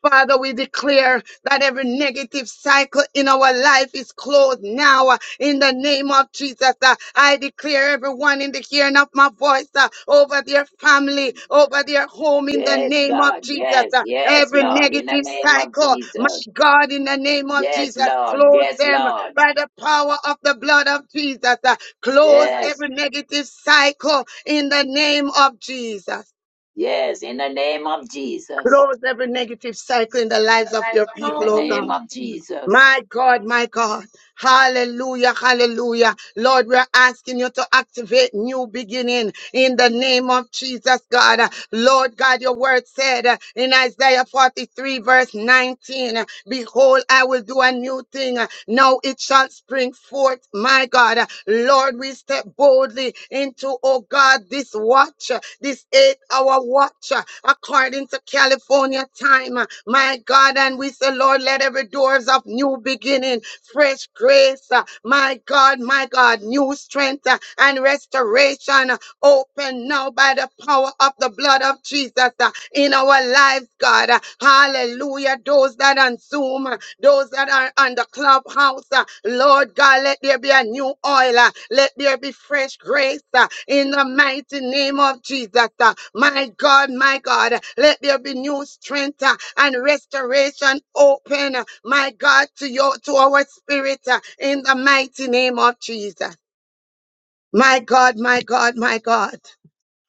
S3: Father, we declare that every negative cycle in our life is closed now uh, in the name of Jesus. uh, I declare everyone in the hearing of my voice uh, over their family, over their home in the
S2: Yes,
S3: name of
S2: God.
S3: Jesus.
S2: Yes,
S3: uh,
S2: yes,
S3: Every
S2: Lord. In the
S3: negative
S2: name of
S3: cycle, my
S2: Jesus.
S3: God, in the name of
S2: Yes,
S3: Jesus,
S2: Lord.
S3: close
S2: Yes,
S3: them
S2: Lord.
S3: by the power of the blood of Jesus. uh, Close
S2: Yes,
S3: every negative cycle in the name of Jesus.
S2: yes. In the name of Jesus.
S3: Close every negative cycle in the lives of your
S2: In
S3: people,
S2: the
S3: oh God.
S2: name of Jesus.
S3: My God, my God. Hallelujah, hallelujah. Lord, we're asking you to activate new beginning in the name of Jesus, God. Lord God, your word said uh, in Isaiah 43 verse 19, uh, behold, I will do a new thing. uh, Now it shall spring forth, my God. Uh, Lord, we step boldly into oh God, this watch, uh, this eight hour watch, uh, according to California time. uh, My God, and we say, Lord, let every doors of new beginning, fresh grace, uh, my God, my God, new strength uh, and restoration uh, open now by the power of the blood of Jesus uh, in our lives, God. Uh, Hallelujah. Hallelujah. Those that on Zoom, those that are on the clubhouse, uh, Lord God, let there be a new oil. uh, Let there be fresh grace uh, in the mighty name of Jesus. uh, My God, my God, let there be new strength uh, and restoration open, uh, my God, to your to our spirit uh, in the mighty name of Jesus. My God, my God, my God.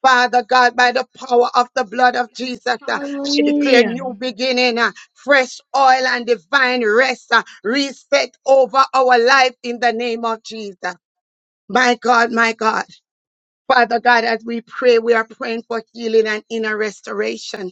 S3: Father God, by the power of the blood of Jesus, uh, I declare new beginning, uh, fresh oil and divine rest, uh, reset over our life in the name of Jesus. My God, my God. Father God, as we pray, we are praying for healing and inner restoration.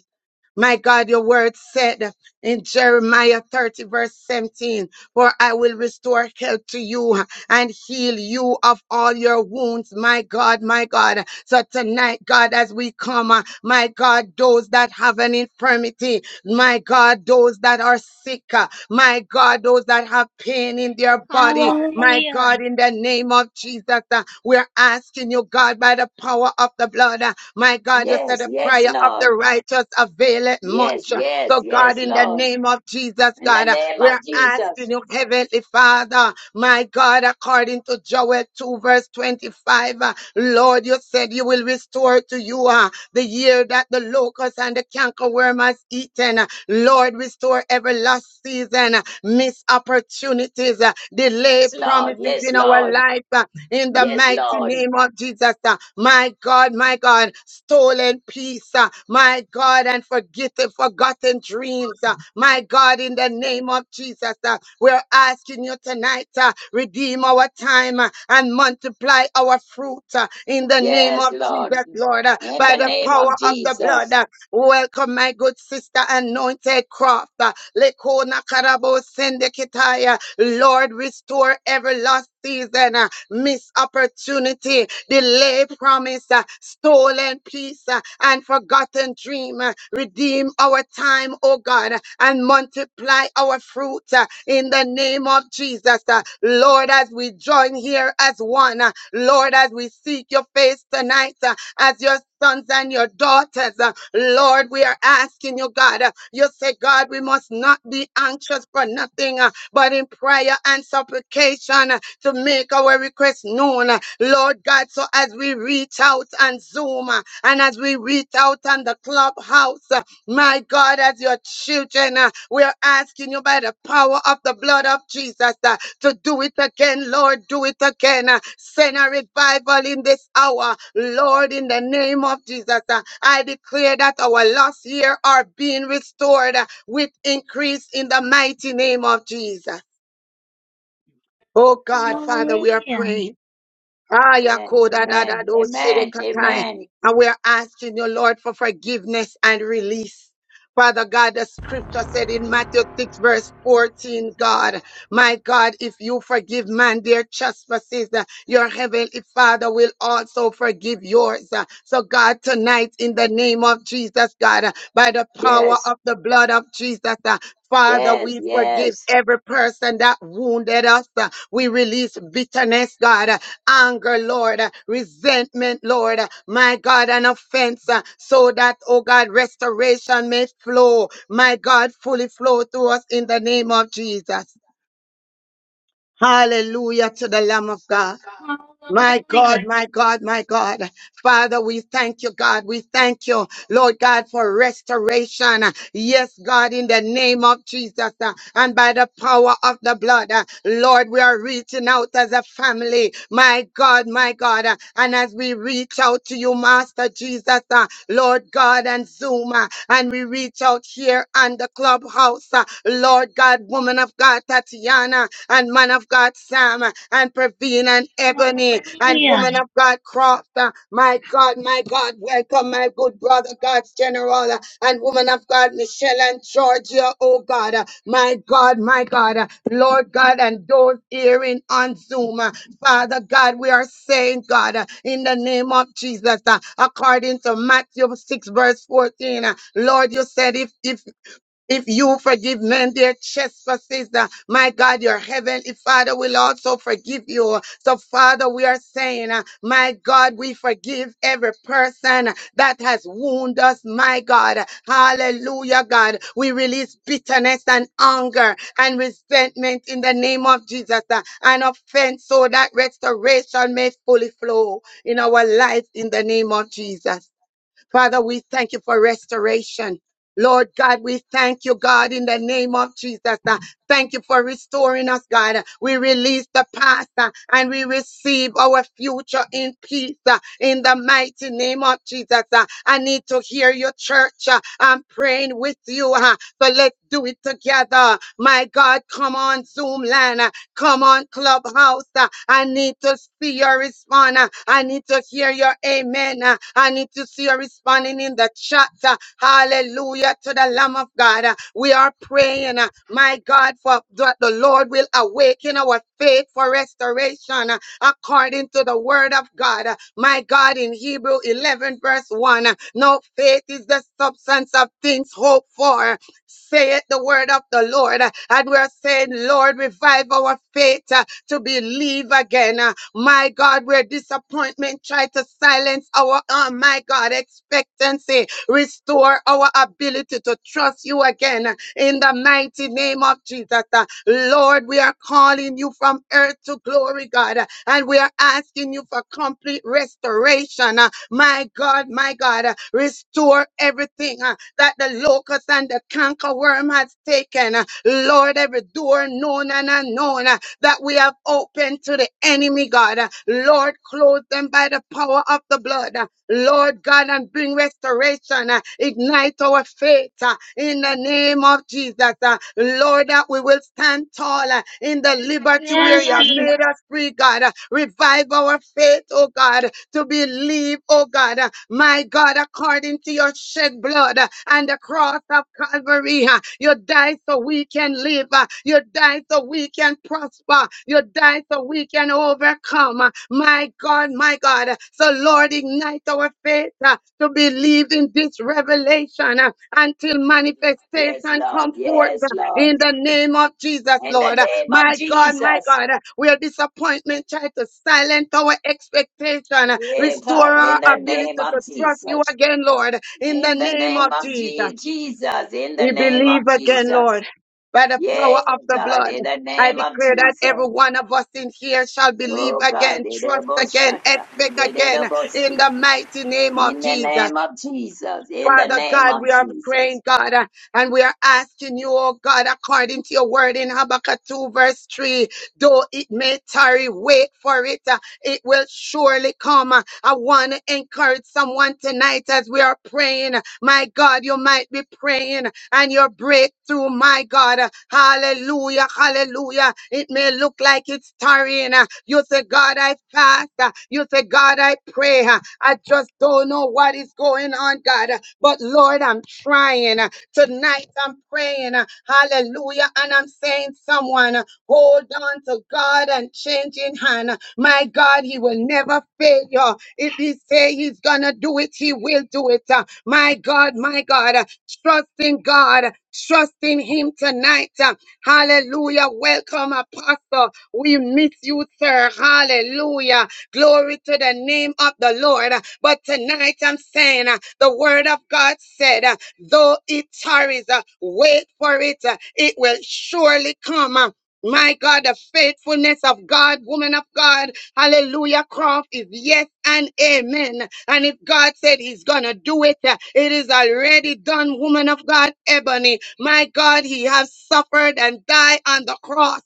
S3: My God, your word said in Jeremiah 30, verse 17, For I will restore health to you and heal you of all your wounds, my God, my God. So tonight, God, as we come, uh, my God, those that have an infirmity, my God, those that are sick, uh, my God, those that have pain in their body. My God, in the name of Jesus, uh, we're asking you, God, by the power of the blood, uh, my God, you said
S2: Yes,
S3: the
S2: yes,
S3: prayer of the
S2: Lord.
S3: righteous availeth
S2: Yes,
S3: much.
S2: yes,
S3: So, God,
S2: yes,
S3: in the
S2: Lord.
S3: name of Jesus,
S2: In the
S3: God, uh,
S2: name
S3: we
S2: of
S3: are asking
S2: Jesus.
S3: you, Heavenly Father, my God, according to Joel 2, verse 25, uh, Lord, you said you will restore to you uh, the year that the locust and the cankerworm has eaten. Lord, restore every lost season, uh, missed opportunities, uh, delayed
S2: Yes, Lord.
S3: promises
S2: Yes,
S3: in our
S2: Lord.
S3: life. uh, In the
S2: Yes,
S3: mighty
S2: Lord.
S3: name of Jesus, uh, my God, my God, stolen peace, uh, my God, and forgotten, forgotten dreams, uh, my God, in the name of Jesus, uh, we're asking you tonight, uh, redeem our time uh, and multiply our fruit uh, in the name of
S2: Yes, Lord.
S3: Jesus, Lord, uh,
S2: In
S3: by
S2: the
S3: the
S2: name
S3: power
S2: of
S3: of the blood. uh,
S2: Jesus.
S3: Welcome, my good sister, anointed craft. Lekona karabo sendekitaya. Lord, restore every lost season, uh, missed opportunity, delay promise, uh, stolen peace, uh, and forgotten dream. uh, Redeem our time, oh God, uh, and multiply our fruit uh, in the name of Jesus. uh, Lord, as we join here as one, uh, Lord, as we seek your face tonight, uh, as your sons and your daughters. Uh, Lord, we are asking you, God. uh, You say, God, we must not be anxious for nothing, uh, but in prayer and supplication uh, to make our request known. uh, Lord God, so as we reach out on Zoom uh, and as we reach out on the clubhouse, uh, my God, as your children, uh, we are asking you by the power of the blood of Jesus. uh, to do it again, Lord. Do it again. Uh, Send a revival in this hour, Lord, in the name of Jesus. Uh, I declare that our lost year are being restored uh, with increase in the mighty name of Jesus. Oh God, Father, we are praying. Ah,
S2: Amen.
S3: Yakoda, da, da,
S2: Amen.
S3: do, shiri,
S2: Amen.
S3: katai.
S2: Amen.
S3: And we are asking you, Lord, for forgiveness and release. Father God, the scripture said in Matthew 6, verse 14, God, my God, if you forgive man their trespasses, uh, your heavenly Father will also forgive yours. Uh, So, God, tonight, in the name of Jesus, God, uh, by the power
S2: Yes.
S3: of the blood of Jesus, uh, Father, we
S2: Yes.
S3: forgive
S2: Yes.
S3: every person that wounded us. Uh, We release bitterness, God. uh, anger, Lord, uh, resentment, Lord, uh, my God, an offense, uh, so that, oh God, restoration may flow, my God, fully flow through us in the name of Jesus. Hallelujah to the Lamb of God. My God, my God, my God. Father, we thank you, God. We thank you, Lord God, for restoration. Yes, God, in the name of Jesus uh, and by the power of the blood. uh, Lord, we are reaching out as a family. My God, my God. uh, And as we reach out to you, Master Jesus, uh, Lord God, and Zoom, uh, and we reach out here on the clubhouse, uh, Lord God, woman of God, Tatiana, and man of God, Sam, uh, and Praveen and Ebony and woman of God Croft. uh, My God, my God, welcome my good brother, God's general, uh, and woman of God Michelle and Georgia, oh God. uh, My God, my God, uh, Lord God, and those hearing on Zoom, uh, Father God, we are saying, God, uh, in the name of Jesus, uh, according to Matthew 6, verse 14, uh, Lord, you said if, if if you forgive men their trespasses, uh, my God, your heavenly Father will also forgive you. So, Father, we are saying, uh, my God, we forgive every person that has wounded us, my God. Hallelujah, God. We release bitterness and anger and resentment in the name of Jesus uh, and offense so that restoration may fully flow in our life in the name of Jesus. Father, we thank you for restoration. Lord God, we thank you, God, in the name of Jesus. Uh, Thank you for restoring us, God. We release the past uh, and we receive our future in peace uh, in the mighty name of Jesus. Uh, I need to hear your church. uh, I'm praying with you. uh, So let's do it together. My God, come on, Zoom land. Uh, Come on, Clubhouse. uh, I need to see your response. uh, I need to hear your amen. uh, I need to see you responding in the chat. uh, Hallelujah to the Lamb of God. uh, We are praying, uh, my God, for that the Lord will awaken our faith for restoration uh, according to the word of God. uh, My God, in Hebrew 11, verse 1. uh, No faith is the substance of things hoped for saith the word of the Lord. And we're saying, Lord, revive our faith uh, to believe again. Uh, My God, where disappointment tried to silence our, uh, my God, expectancy, restore our ability to trust you again uh, in the mighty name of Jesus. Uh, Lord, we are calling you from earth to glory, God, uh, and we are asking you for complete restoration. uh, my God, my God, uh, restore everything uh, that the locust and the cankerworm has taken. Uh, Lord, every door known and unknown. uh, that we have opened to the enemy, God. Lord, clothe them by the power of the blood. Lord God, and bring restoration. uh, Ignite our faith uh, in the name of Jesus. uh, Lord, that we will stand tall uh, in the liberty where you have made us free, God. uh, Revive our faith, oh God, to believe, oh God uh, my God, according to your shed blood uh, and the cross of Calvary. uh, You died so we can live. uh, You died so we can prosper. You died so we can overcome. uh, My God, my God. uh, So, Lord, ignite our faith uh, to believe in this revelation uh, until
S2: Yes,
S3: manifestation
S2: Lord.
S3: come forth. uh,
S2: Yes,
S3: in
S2: Lord.
S3: the name of Jesus,
S2: In the
S3: Lord.
S2: name of
S3: My God, my
S2: Jesus.
S3: God, where disappointment tried to silence our expectation,
S2: Yeah,
S3: restore
S2: God.
S3: our
S2: In the
S3: ability
S2: name
S3: to
S2: of
S3: trust you
S2: Jesus.
S3: again, Lord, in the
S2: In the
S3: name of
S2: name of
S3: Jesus.
S2: Je- Jesus. In the
S3: We
S2: name
S3: believe
S2: of
S3: again,
S2: Jesus.
S3: Lord, by the
S2: Yeah,
S3: power of the
S2: God.
S3: blood.
S2: In the
S3: I
S2: name of
S3: declare that every
S2: Jesus.
S3: one of us in here shall believe
S2: Oh, God.
S3: again,
S2: In the
S3: trust again,
S2: boshata.
S3: expect
S2: In the
S3: again in
S2: boshi.
S3: the mighty name of
S2: In the
S3: Jesus.
S2: name of Jesus. In the
S3: Father
S2: name
S3: God,
S2: of
S3: we are
S2: Jesus.
S3: praying, God, uh, and we are asking you, oh God, according to your word in Habakkuk 2, verse 3, though it may tarry, wait for it. It will surely come. I want to encourage someone tonight as we are praying. My God, you might be praying and your breakthrough, my God. Hallelujah, hallelujah. It may look like it's tarrying. You say, God, I fast. You say, God, I pray. I just don't know what is going on, God. But Lord, I'm trying. Tonight I'm praying. Hallelujah. And I'm saying, someone, Hold on to God and change in hand. My God, He will never fail you. If He say He's gonna do it, He will do it. Uh, My God, my God, uh, trust in God. Trust in him tonight. Uh, Hallelujah. Welcome, Apostle. We miss you, sir. Hallelujah. Glory to the name of the Lord. Uh, But tonight I'm saying uh, the word of God said, uh, though it tarries, uh, wait for it. uh, It will surely come. Uh, my God, the faithfulness of God, woman of God, hallelujah, Croft is yes and amen. And if God said he's gonna do it, uh, it is already done, woman of God, Ebony. My God, he has suffered and died on the cross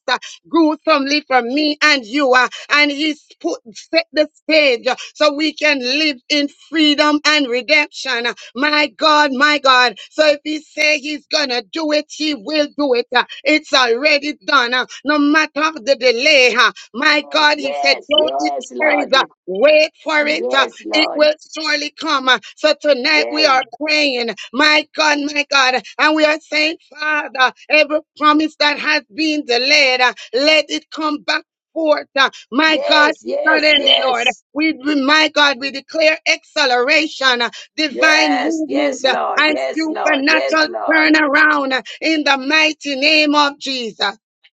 S3: gruesomely for me and you. uh, and he's put set the stage uh, so we can live in freedom and redemption. uh, my God, my God. So if he say he's gonna do it, he will do it. uh, it's already done. uh, no matter the delay. uh, my
S2: Yes,
S3: God, he said,
S2: yes,
S3: don't it,
S2: yes,
S3: tarry,
S2: Lord.
S3: uh, wait for it. uh,
S2: Yes,
S3: it
S2: Lord.
S3: will surely come. Uh, So tonight we
S2: Yes,
S3: are praying, my God, my God, and we are saying, Father, every promise that has been delayed, uh, let it come back forth. Uh, My God,
S2: yes, yes,
S3: suddenly, Lord.
S2: yes.
S3: We, we- my God, we declare acceleration, uh, divine
S2: Yes,
S3: movement,
S2: yes,
S3: uh,
S2: Lord.
S3: and
S2: Yes, Lord. Yes,
S3: supernatural
S2: Lord.
S3: turnaround uh, in the mighty name of Jesus.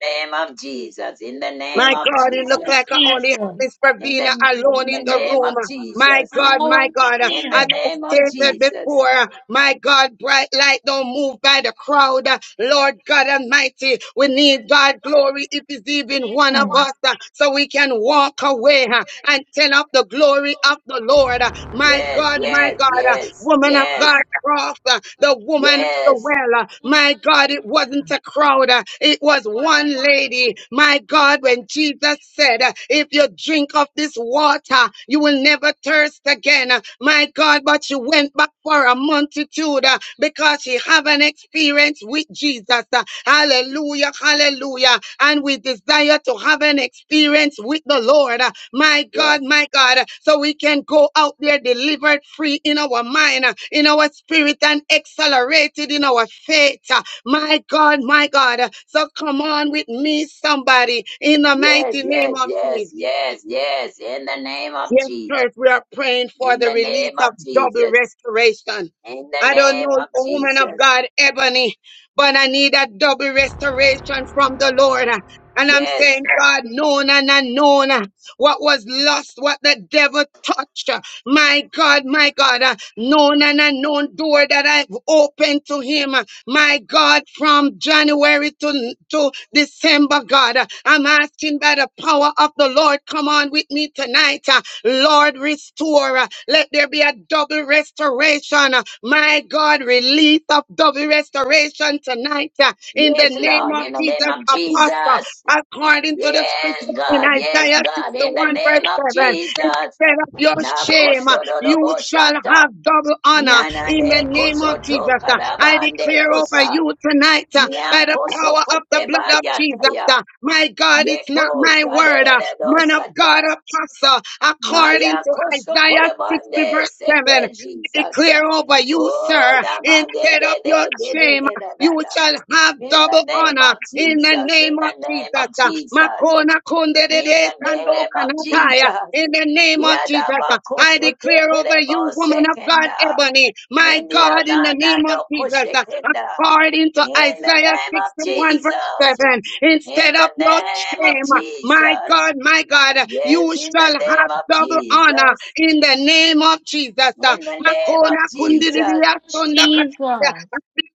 S2: In the name of Jesus. In the name
S3: My
S2: of
S3: God, it
S2: Jesus.
S3: looked like I only had Miss
S2: In the,
S3: Pravina alone
S2: in
S3: in
S2: the
S3: the
S2: name of
S3: room. My
S2: Jesus.
S3: God, my God, as
S2: In the
S3: I
S2: name of
S3: stated
S2: Jesus.
S3: before, my God, bright light don't move by the crowd. Lord God Almighty, we need God glory if it's even one of us, uh, so we can walk away uh, and turn up the glory of the Lord. My
S2: Yes,
S3: God, my
S2: yes,
S3: God, uh,
S2: yes,
S3: woman of God,
S2: yes,
S3: cross the woman at the
S2: yes.
S3: well. uh, My God, it wasn't a crowd, uh, it was one lady. My God when Jesus said, uh, If you drink of this water, you will never thirst again. Uh, My God, but she went back for a multitude uh, because she have an experience with Jesus. Uh, Hallelujah, hallelujah. And we desire to have an experience with the Lord. Uh, My
S2: Yeah.
S3: God, my God. uh, So we can go out there delivered free in our mind, uh, in our spirit, and accelerated in our faith. Uh, my God, my God. uh, So come on with me, somebody, in the
S2: Yes,
S3: mighty name
S2: yes,
S3: of
S2: yes,
S3: Jesus.
S2: yes, yes. In the name of
S3: Yes,
S2: Jesus.
S3: church, we are praying for
S2: In
S3: the
S2: the
S3: release
S2: name
S3: of
S2: of
S3: double
S2: Jesus.
S3: restoration.
S2: In the
S3: I don't
S2: name
S3: know
S2: of
S3: the woman of
S2: Jesus.
S3: God, Ebony, but I need a double restoration from the Lord. And I'm saying,
S2: Yes.
S3: God, known and unknown, uh, what was lost, what the devil touched. uh, My God, my God, uh, known and unknown door that I've opened to him. uh, My God, from January to, to December, God, uh, I'm asking by the power of the Lord, come on with me tonight. uh, Lord, restore. uh, Let there be a double restoration. uh, My God, release of double restoration tonight uh, in the
S2: Yes,
S3: name
S2: Lord.
S3: of
S2: In the name
S3: Jesus,
S2: of
S3: Apostle,
S2: Jesus.
S3: according to the scripture
S2: Yes,
S3: in
S2: God. Yes,
S3: Isaiah
S2: God. In the
S3: 61, verse
S2: name of
S3: 7.
S2: Jesus.
S3: Instead of your shame, uh, you shall
S2: Nakoshododoboshata.
S3: have double honor in the
S2: Nyanane
S3: name of Jesus.
S2: kosoto
S3: uh, I
S2: kadabande
S3: declare over
S2: kosa.
S3: you tonight uh, by the
S2: Nyankoso
S3: power of the
S2: kote
S3: blood of Jesus.
S2: bayataya.
S3: uh, My God, it's not
S2: Yeko
S3: my word
S2: sadedede
S3: man of God,
S2: dosata.
S3: apostle, according
S2: Maya
S3: to
S2: koso
S3: Isaiah 60,
S2: kodabande
S3: verse 7.
S2: seke Jesus.
S3: declare over you,
S2: Oh,
S3: sir,
S2: namage de
S3: instead of your
S2: de de de
S3: shame.
S2: de da da
S3: You
S2: da.
S3: shall have
S2: In the
S3: double
S2: name of
S3: honor in the
S2: Jesus. In
S3: name of
S2: the
S3: Jesus.
S2: name of
S3: Uh,
S2: Jesus.
S3: Makona konde de
S2: In
S3: de
S2: the
S3: sando
S2: name of
S3: kanataya. In
S2: Jesus.
S3: the name of Jesus, uh, I declare over you,
S2: Yadabakosotekerebo
S3: woman of God,
S2: sekenda.
S3: Ebony, my God, in the name of Jesus, uh,
S2: Indiananadokosekenda.
S3: according to
S2: In the
S3: Isaiah
S2: name of
S3: 61, verse
S2: Jesus.
S3: 7,
S2: In
S3: instead of
S2: the
S3: your
S2: name of
S3: shame, uh, my
S2: Jesus.
S3: God, my God, uh,
S2: Yes,
S3: you
S2: in
S3: shall
S2: the
S3: have
S2: name of
S3: double honor
S2: Jesus.
S3: in the name of Jesus. Uh,
S2: In the name of
S3: Makona kundi di di
S2: Jesus.
S3: ya sonda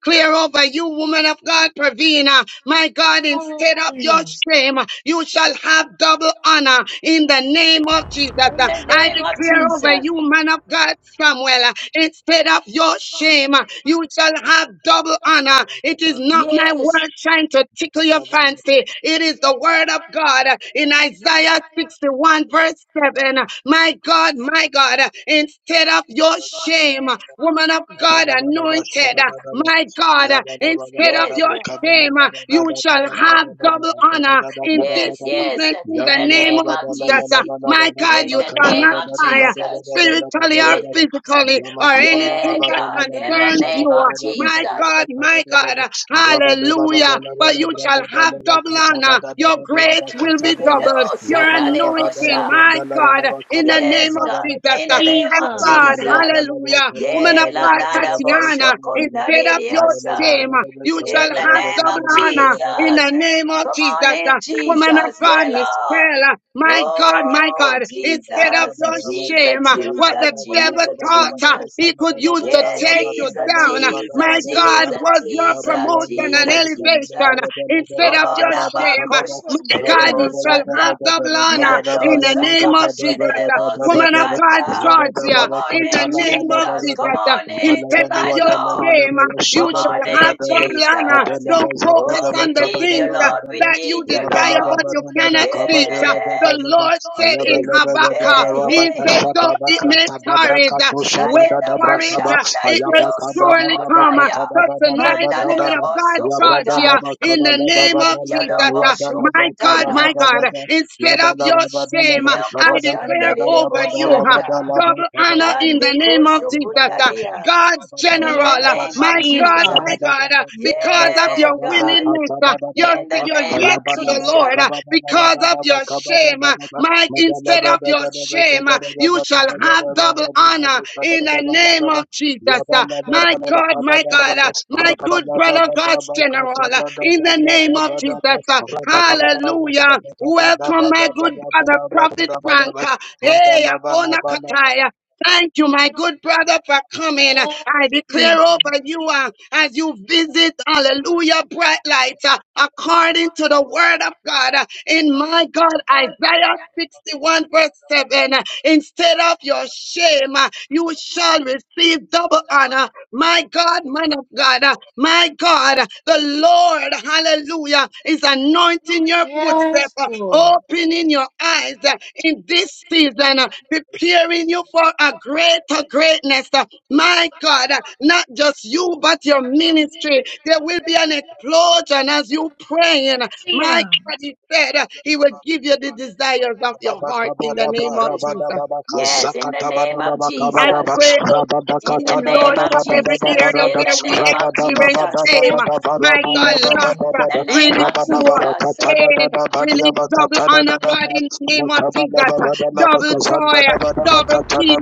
S3: Clear over you, woman of God, Pravina. My God, instead of your shame, you shall have double honor in the name of Jesus.
S2: In
S3: Uh,
S2: the
S3: I
S2: name of
S3: declare over
S2: Jesus.
S3: you, man of God, Samuel. uh, Instead of your shame, uh, you shall have double honor.
S4: Yabala
S3: It is not my
S2: Yes,
S3: word trying to tickle your fancy. It is is the word of God uh, in Isaiah 61, verse 7. uh, My God, my God, uh, instead of your shame, uh, woman of God anointed, uh, my God, uh, instead of
S2: yes,
S3: your
S2: yes,
S3: shame, uh, you shall have double honor in
S2: yes,
S3: this season
S2: yes.
S3: in
S2: In
S3: the
S2: the
S3: name
S2: name
S3: of
S2: of
S3: Jesus. uh,
S2: Jesus.
S3: My God,
S2: In
S3: you
S2: the
S3: shall
S2: name
S3: not
S2: of
S3: die
S2: Jesus.
S3: spiritually or
S2: Yes, Lord.
S3: physically or anything
S2: yeah,
S3: that
S2: God, in the
S3: concerns
S2: name
S3: you.
S2: of
S3: My
S2: Jesus.
S3: God, my God, hallelujah. But you shall have double honor. Your grace will be doubled. Your
S2: Yedosha,
S3: anointing,
S2: dadebosha.
S3: my God, in the name
S2: Yes,
S3: of
S2: God, in the
S3: Jesus.
S2: name
S3: Thank
S2: of
S3: God,
S2: Jesus.
S3: hallelujah. Woman of
S2: Yeah, la,
S3: God,
S2: da, da, bosho,
S3: Tatiana, instead
S2: kunda, de,
S3: of
S2: de,
S3: your
S2: osa.
S3: shame, you shall
S2: In the
S3: have
S2: name of
S3: double honor in
S4: Mandela
S2: Jesus.
S3: the name of
S2: Come
S3: Jesus.
S2: on in,
S3: Woman of
S2: Jesus. Yeah,
S3: God,
S2: Lord.
S3: Michelle, my God, my
S2: Oh,
S3: God, instead of
S2: Jesus,
S3: your
S4: Rabba
S2: Jesus,
S3: shame, what
S2: Jesus,
S3: the devil
S2: Jesus,
S3: thought uh,
S2: Jesus.
S3: he could use
S2: Yeah,
S3: to take you
S2: Jesus,
S3: down, uh,
S2: Jesus,
S3: my God,
S2: Jesus,
S3: was your
S2: Jesus,
S3: promotion and
S2: Jesus,
S3: elevation
S2: Jesus.
S3: instead of
S2: Tomo
S3: your
S2: nama
S3: shame. My
S2: koshonderere
S3: God, you shall
S2: bosanta.
S3: have double honor in
S2: Miando
S3: the
S2: soka
S3: name of Jesus.
S2: shenere
S3: Uh, Woman of God,
S2: bosekanda.
S3: charge you
S2: Come on
S3: in the
S2: in,
S3: name of
S2: Jesus.
S3: Jesus.
S2: Come
S3: Uh,
S2: on in
S3: Instead of
S2: tonight,
S3: your
S2: Lord.
S3: shame, uh, you
S2: Come
S3: shall
S2: on
S3: have
S2: in,
S3: double honor.
S2: Jesus.
S3: Don't focus
S2: Oh, we
S3: on the
S2: need
S3: things
S2: you,
S3: uh,
S2: Lord. We
S3: that you
S2: need you,
S3: desire,
S2: Lord.
S3: but you cannot
S2: Yeah.
S3: see it. Uh, The Lord said
S4: Ayabada
S3: in
S2: Hey,
S3: Habakkuk, He
S2: hey,
S3: said, though it
S2: hey.
S3: may tarry, uh, wait
S2: Nadeda
S3: for it. uh,
S2: boshanda
S3: It will
S2: ribeo
S3: surely come. uh,
S2: sokotaya.
S3: So tonight, woman
S2: Mandaleda
S3: of God,
S2: bosokota.
S3: Georgia, in the name of
S2: Nidibiodo
S3: Jesus, uh, my God,
S2: boshokotaya.
S3: my God, uh, instead of your shame, uh,
S2: Mia
S3: I
S2: koshanda
S3: declare over you uh,
S2: bosata.
S3: double honor in the
S2: Nande
S3: name of Jesus, uh,
S2: koshokunania.
S3: God's
S2: In
S3: general,
S2: the
S3: uh,
S2: name of
S3: my God, my
S2: Jesus.
S3: God, uh, because of
S2: yeah,
S3: your
S2: God.
S3: willingness, uh, your,
S2: In the
S3: your
S2: name
S3: yes
S2: of
S3: to the
S2: Jesus.
S3: Lord, uh, because of your shame, uh, my
S4: Madala
S3: instead of your shame, uh, you shall have have double honor in the name of Jesus. Uh, My God, my God, uh, my good brother, God's general, uh, in the name of Jesus. uh, Hallelujah. Welcome, my good brother, Prophet Frank. uh, Hey, Akona
S4: Mandala
S3: Kataya. Thank you, my good brother, for coming. I declare over you uh, as you visit, hallelujah, bright Lights, uh, according to the word of God. uh, in my God, Isaiah 61, verse 7, uh, instead of your shame, uh, you shall receive double honor. My God, man of God, uh, my God, uh, the Lord, hallelujah, is anointing your footstep, uh, opening your eyes uh, in this season, uh, preparing you for a greater greatness. uh, My God, uh, not just you, but your ministry. There will be an explosion as you praying. My God, he said uh, he will give you the
S4: Rabba
S3: desires of your heart in the name of
S2: Yes,
S3: Jesus.
S2: yes, in the name of
S3: I
S2: Jesus.
S3: pray over this
S2: In the
S3: room, Lord,
S2: name of
S3: for every
S2: Jesus.
S3: area
S2: In
S3: where
S2: the
S3: we
S2: name of
S3: experience
S2: Jesus.
S3: shame. My God, loss,
S2: In the name of
S3: ridicule,
S2: Jesus.
S3: pain, release double honor, God, in the name of Jesus. Uh, Double joy, uh, double peace.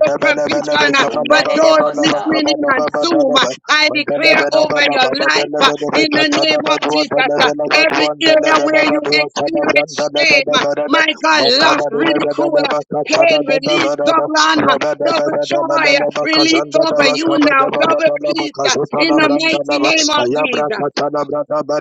S3: The provision uh, for those
S2: Akoshondarerebosa.
S3: listening in on Zoom. uh, I
S4: Makabada
S3: declare over your life uh, in the name of Jesus. uh, Every area where you experience shame, uh, my God, loss, ridicule, uh, pain, release, double honor, double joy, uh, release over you now, double peace uh, in the mighty name of Jesus.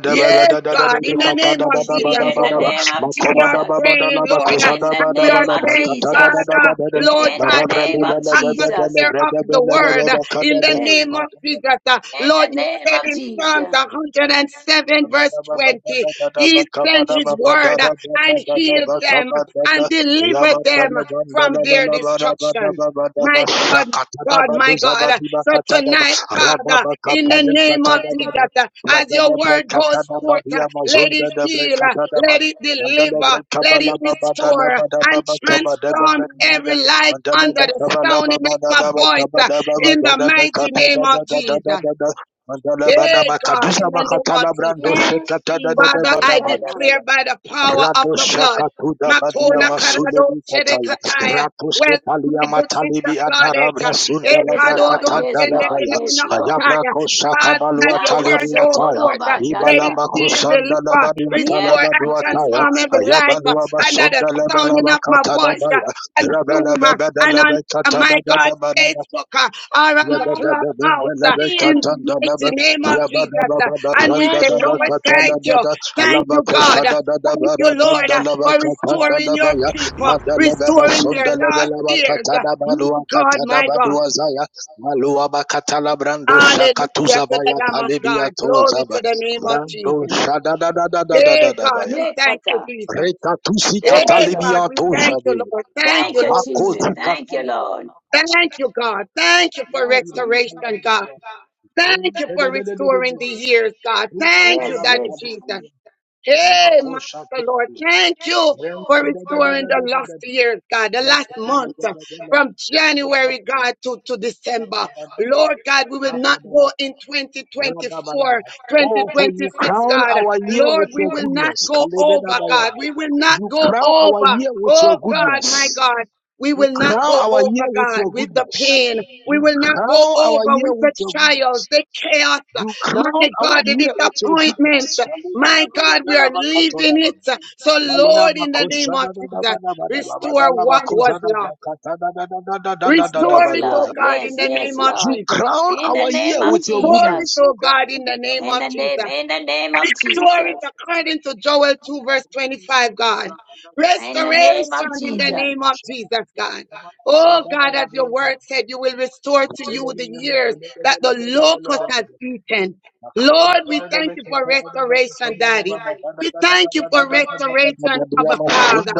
S3: Yes, God, in the name of
S2: It's
S3: Jesus,
S2: In
S3: Lord.
S2: the name of
S3: We are
S2: Jesus.
S3: praying, Lord, uh,
S2: In the
S3: and we are
S2: name of
S3: saying,
S2: Jesus.
S3: Father, Lord
S2: In the
S3: God,
S2: name
S3: feel
S2: of
S3: the
S2: Jesus.
S3: atmosphere of the word uh, in the
S2: Yay.
S3: name of Jesus. uh,
S2: In
S3: Lord,
S2: the
S3: you
S2: name
S3: said
S2: of
S3: in Psalms
S2: Jesus.
S3: 107,
S4: Mandala
S3: verse 20, He sent His word uh, and healed them and delivered them from their destruction. My God, God, my God. So tonight, Father, in the name of Jesus, uh, as your word goes forth, uh, let it heal, uh, let it deliver, let it restore uh, and transform every life under the sound of my voice uh, in the mighty name of Jesus.
S4: Mandala bada
S3: Hey God,
S4: Mandalabadabakadusa
S3: in the name of
S4: bakatala brando
S3: Jesus.
S4: sekata da da da
S3: Father,
S4: bada
S3: I
S4: bada
S3: declare
S2: Italam.
S4: bada.
S3: by the power of
S4: Rado
S3: the blood,
S4: shakatuda badia
S3: Makona
S2: Yes, yes,
S3: Karado
S4: masulebi kataya.
S3: Shedekataya,
S4: Rapuske
S3: well,
S4: palia
S3: my good sister
S4: matalibi adara
S3: Claudette,
S4: brasunda
S2: yes,
S4: labra
S2: Lord.
S3: Ekadodo
S2: Yes,
S4: katanda
S2: Lord.
S4: labaya.
S2: Yes,
S3: Sendekina
S2: Lord.
S4: Ayabra
S3: Kotaya, God,
S4: koshakabalu
S3: as your word
S4: atalibi
S2: Nakosho
S3: goes
S4: ataya.
S3: forth, uh,
S2: koroba
S3: let
S2: yanda.
S3: it
S4: Ibalaba
S3: heal,
S4: kusanda
S3: deliver,
S4: labari
S3: restore, and
S4: atalabadu
S2: Miekota,
S4: ataya.
S3: transform every
S2: miekota,
S3: life
S4: Ayabalu
S3: uh, under the
S4: abasunda labela
S3: sounding of my
S4: bakata
S3: voice uh,
S4: labaya.
S3: and
S4: Rabela
S3: Zoom uh,
S4: bebeda
S3: and on uh,
S4: labekata
S3: my
S4: da da
S3: God,
S4: da bada
S3: Facebook uh, or on the
S4: Yabba Brando
S3: clubhouse uh, in the mighty name of Jesus. uh, And we say, Lord, thank you. Thank you, God. Thank you, Lord, for restoring your people, restoring their lost ears. My God, my God.
S4: shada
S3: Hallelujah to the Lamb of God. Glory to the name of Jesus.
S4: da da da da da da
S3: Hey,
S4: da
S3: God,
S4: baya.
S3: we thank you,
S2: miekota.
S3: Jesus.
S4: Reka tusi
S2: Thank you,
S3: Hey, God,
S2: Lord.
S4: katalibia
S3: we
S4: tosha
S3: thank
S4: de.
S3: you, Lord. Thank
S2: Thank
S3: you,
S2: you,
S3: Lord
S4: Amako
S2: Jesus.
S3: Jesus.
S4: zika
S2: Thank you, Lord.
S4: talabali.
S3: Thank you, God. Thank you for
S2: Thank you.
S3: restoration, God.
S4: Oh,
S3: Thank you for restoring the years, God. Thank you,
S2: Yes,
S3: Daddy
S2: yes.
S3: Jesus. Hey, Master Lord, thank you for restoring the last years, God, the last month uh, from January, God, to, to December. Lord God, we will not go in 2024,
S4: for you
S3: 2026,
S4: crown
S3: God.
S4: our year
S3: Lord,
S4: with
S3: we
S4: your
S3: will not
S4: goodness.
S3: go over, God. We will not
S4: You
S3: go
S4: crown our
S3: over.
S4: year with
S3: Oh,
S4: your
S3: God,
S4: goodness.
S3: my God. We
S4: You
S3: will not
S4: crown
S3: go
S4: our year
S3: over,
S4: with
S3: God,
S4: your
S3: with the
S4: goodness.
S3: pain. We
S4: You
S3: will not go
S4: crown our
S3: over
S4: year
S3: with the
S4: with your
S3: trials,
S4: goodness.
S3: the chaos, uh,
S4: You crown
S3: my
S4: our
S3: God, the
S4: year with your
S3: disappointment.
S4: goodness.
S3: My God, we are leaving it. So,
S4: Alea
S3: Lord, in the name
S4: makosha
S3: of
S4: da da da
S3: Jesus,
S4: ba da ba da ba ba da
S3: restore
S4: la
S3: what was
S4: makosha da da
S3: lost.
S4: ka da da da da da da da da da
S2: Yes,
S3: Restore
S4: ba
S3: it,
S4: do
S3: oh
S2: Lord.
S3: God, in
S2: Yes,
S3: the
S2: yes,
S3: name of
S4: You
S2: Lord.
S3: Jesus.
S4: crown
S2: In
S4: our
S2: the
S4: year
S2: name of
S4: with your
S3: Restore it,
S4: goodness,
S2: Jesus.
S4: oh
S3: oh God, in the name
S2: In
S3: of
S2: the name,
S3: Jesus.
S2: in the name of
S3: Restore
S2: Jesus.
S3: according to Joel 2, verse 25, God.
S2: In the name
S3: Restoration
S2: of
S3: in the
S2: Jesus.
S3: name of Jesus, God. Oh God, as your word said, you will restore to you the years that the locust has eaten. Lord, we thank you for restoration, Daddy. We thank you for restoration, Abba Father.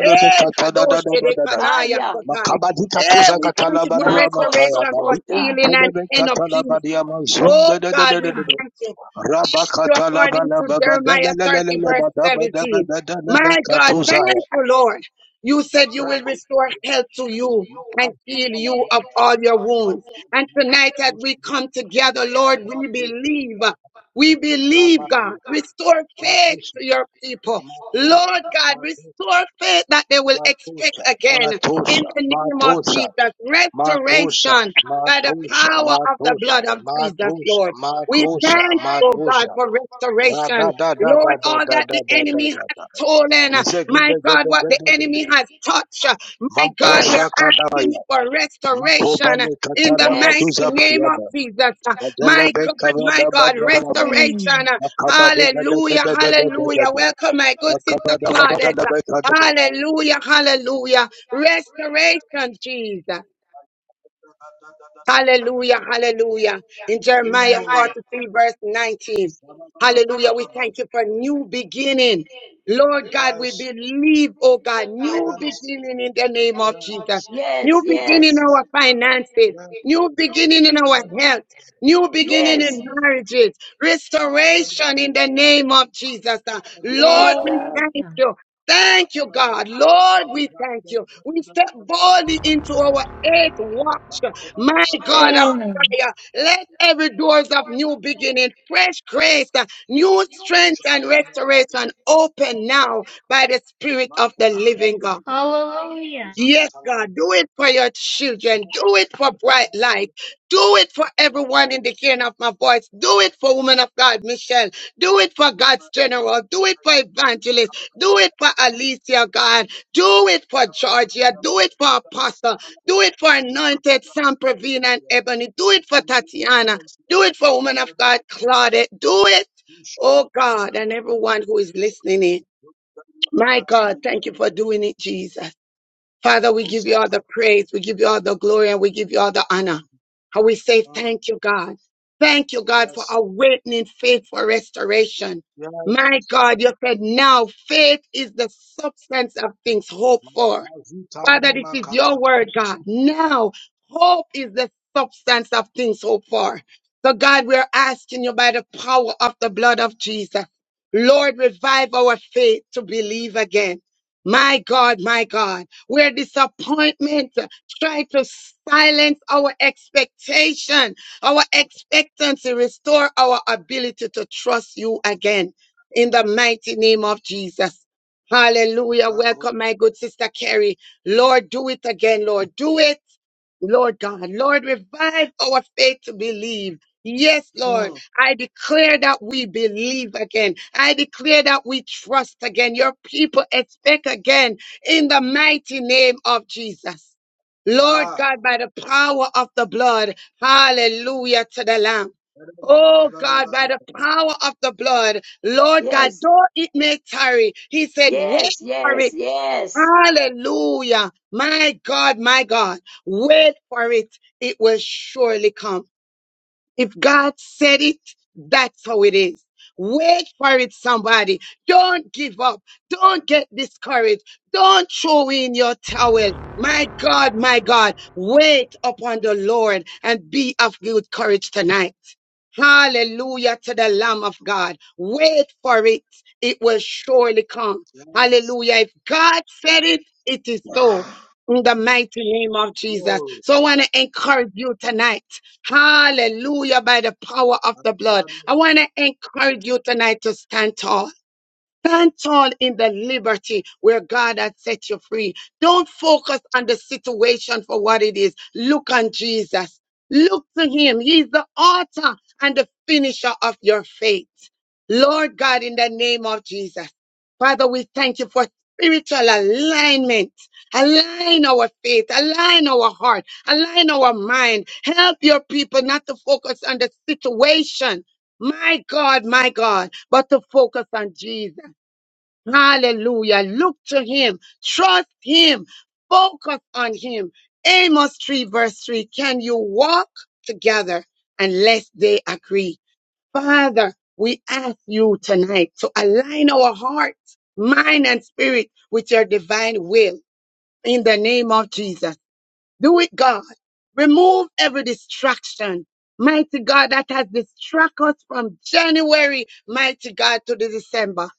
S3: Eh, kadosh
S4: God.
S2: Ah,
S3: Sherekanaya
S2: yeah.
S3: Kotai.
S4: Makabadi
S3: Eh,
S4: katuza
S3: we thank
S4: katala
S3: you for
S4: badua mataya
S3: restoration, for
S4: bali
S2: Makosokota.
S3: healing and
S4: entelebe
S3: inner
S4: katala
S3: peace.
S4: badia
S3: Oh
S4: mazunda de de
S3: God,
S4: de
S3: we
S4: de de de.
S3: thank you.
S4: Raba
S3: Thank you
S4: katala
S3: according
S4: bala
S3: to
S4: baba da la
S3: Jeremiah
S4: la la la
S3: 30,
S4: la
S3: verse
S4: ba da ba da
S3: 17.
S4: la be
S3: My God,
S4: katuza
S3: thank you,
S4: ya.
S3: Lord. You said you will
S4: Rakuta
S3: restore
S4: ya
S3: health to you and
S4: makazi
S3: heal
S4: kala
S3: you of
S4: brancha.
S3: all your wounds.
S4: Maki
S3: And
S4: maki
S3: tonight, as we
S4: kusti
S3: come together, Lord, we
S4: Rabu
S3: believe. We
S4: raba
S3: believe, God. Restore faith
S4: matusi
S3: to your people.
S4: matusa
S3: Lord God,
S4: matu
S3: restore faith that they will expect
S4: matusa
S3: again in
S4: matusa
S3: the name of
S4: matusa
S3: Jesus.
S4: Matosha,
S3: Restoration by the
S4: Matosha,
S3: power of the
S4: Matosha,
S3: blood of Jesus,
S4: Matosha,
S3: Lord. We
S4: Matosha,
S3: thank, oh God,
S4: Matosha.
S3: for
S4: Ra da
S3: restoration.
S4: da da da
S3: Lord,
S4: da
S3: all
S4: da
S3: that the
S4: da da da
S3: enemy
S4: da
S3: has
S4: da.
S3: stolen, uh,
S4: Dize
S3: my
S4: gede
S3: God,
S4: gede
S3: what the
S4: gede gede.
S3: enemy has touched, uh, my God, we are
S4: Makosha
S2: Yes,
S3: asking
S4: kadaya.
S3: for restoration. uh,
S4: Makobale
S3: In the
S4: katala
S2: yes.
S3: mighty
S4: baduza
S3: name of
S4: bayada.
S3: Jesus, Uh,
S4: Badele
S3: my
S4: be
S3: God,
S4: kabada
S3: my God,
S4: babalaba.
S3: restoration. Uh,
S4: Makabade gede
S3: Hallelujah,
S4: gede gede gede
S3: hallelujah.
S4: gede.
S3: Welcome, my good sister
S4: Makabada
S3: Claudette.
S4: babada be
S3: Uh,
S4: kadada.
S3: Hallelujah, hallelujah. Restoration, Jesus. Hallelujah, hallelujah. In Jeremiah 43, verse 19. Hallelujah. We thank you for new beginning. Lord God, we
S4: Yes,
S3: believe, oh God, new
S4: yes,
S3: beginning in the name of Jesus.
S4: yes.
S2: Yes,
S3: New beginning in
S2: yes.
S4: Yes,
S3: our finances.
S4: yes.
S3: New beginning in our
S4: Adabada,
S3: health. New beginning
S2: Yes,
S3: in
S4: shadabada,
S3: marriages.
S4: ibadabada,
S3: Restoration
S4: ibadabada,
S3: in the name of Jesus. Uh, Lord,
S2: yes,
S3: we
S4: ibadabada,
S2: God.
S3: thank you. Thank you,
S4: akabadabada,
S3: God. Lord, we thank
S4: rakadabada,
S3: you. We step boldly into
S4: rakadabada,
S3: our eighth watch. My God
S4: lakobadabada,
S3: of
S2: Yes,
S3: fire, let every doors of new beginning, fresh grace, uh, new strength and
S4: shadabada,
S3: restoration open now by the Spirit of the
S4: makobadabada,
S3: living God. Yes, God,
S4: ruzakatalabada.
S3: do it for your children. Do it for Bright Light. Do it for everyone in the hearing of my voice. Do it for Woman of God, Michelle. Do it for God's General. Do it for Evangelist. Do it for Alicia, God. Do it for Georgia. Do it for Apostle. Do it for Anointed Sam Pravina and Ebony. Do it for Tatiana. Do it for Woman of God, Claudette. Do it,
S4: Mm,
S3: oh God, and everyone who is listening in. My God, thank you for doing it, Jesus. Father, we give you all the praise, we give you all the glory, and we give you all the honor. And we say thank you, God. Thank you, God, for
S4: Yes,
S3: awakening faith for restoration.
S4: yes.
S3: My God, you said now faith is the substance of things hoped for
S4: Makazuta yi
S3: Father, this is
S4: makata.
S3: your word, God. Now, hope is the substance of things hoped for. So, God, we're asking you by the power of the blood of Jesus, Lord, revive our faith to believe again. My God, my God, where disappointment try to silence our expectation, our expectancy, restore our ability to trust you again. In the mighty name of Jesus. Hallelujah.
S4: Mako.
S3: Welcome, my good sister Carrie. Lord, do it again, Lord. Do it, Lord God. Lord, revive our faith to believe. Yes, Lord,
S4: Mm,
S3: I declare that we believe again. I declare that we trust again. Your people expect again in the mighty name of Jesus. Lord
S4: Ah.
S3: God, by the power of the blood, hallelujah to the Lamb. Oh God, by the power of the blood, Lord God,
S2: yes,
S3: though it may tarry, He said, wait
S2: yes,
S3: for it."
S2: yes, yes.
S3: Hallelujah. My God, my God. Wait for it. It will surely come. If God said it, that's how it is. Wait for it, somebody. Don't give up. Don't get discouraged. Don't throw in your towel. My God, my God, wait upon the Lord and be of good courage tonight. Hallelujah to the Lamb of God. Wait for it. It will surely come.
S4: Yes.
S3: Hallelujah. If God said it, it is so. In the mighty name of Jesus.
S4: Glory.
S3: So I want to encourage you tonight. Hallelujah, by the power of
S4: My
S3: the blood.
S4: God.
S3: I want to encourage you tonight to stand tall. Stand tall in the liberty where God has set you free. Don't focus on the situation for what it is. Look on Jesus. Look to him. He's the author and the finisher of your faith. Lord God, in the name of Jesus. Father, we thank you for spiritual alignment. Align our faith, align our heart, align our mind. Help your people not to focus on the situation. My God, my God, but to focus on Jesus. Hallelujah. Look to him. Trust him. Focus on him. Amos 3 verse 3. Can you walk together unless they agree? Father, we ask you tonight to align our hearts, mind, and spirit with your divine will in the name of Jesus. Do it, God. Remove every distraction. Mighty God, that has distracted us from January, mighty God, to the December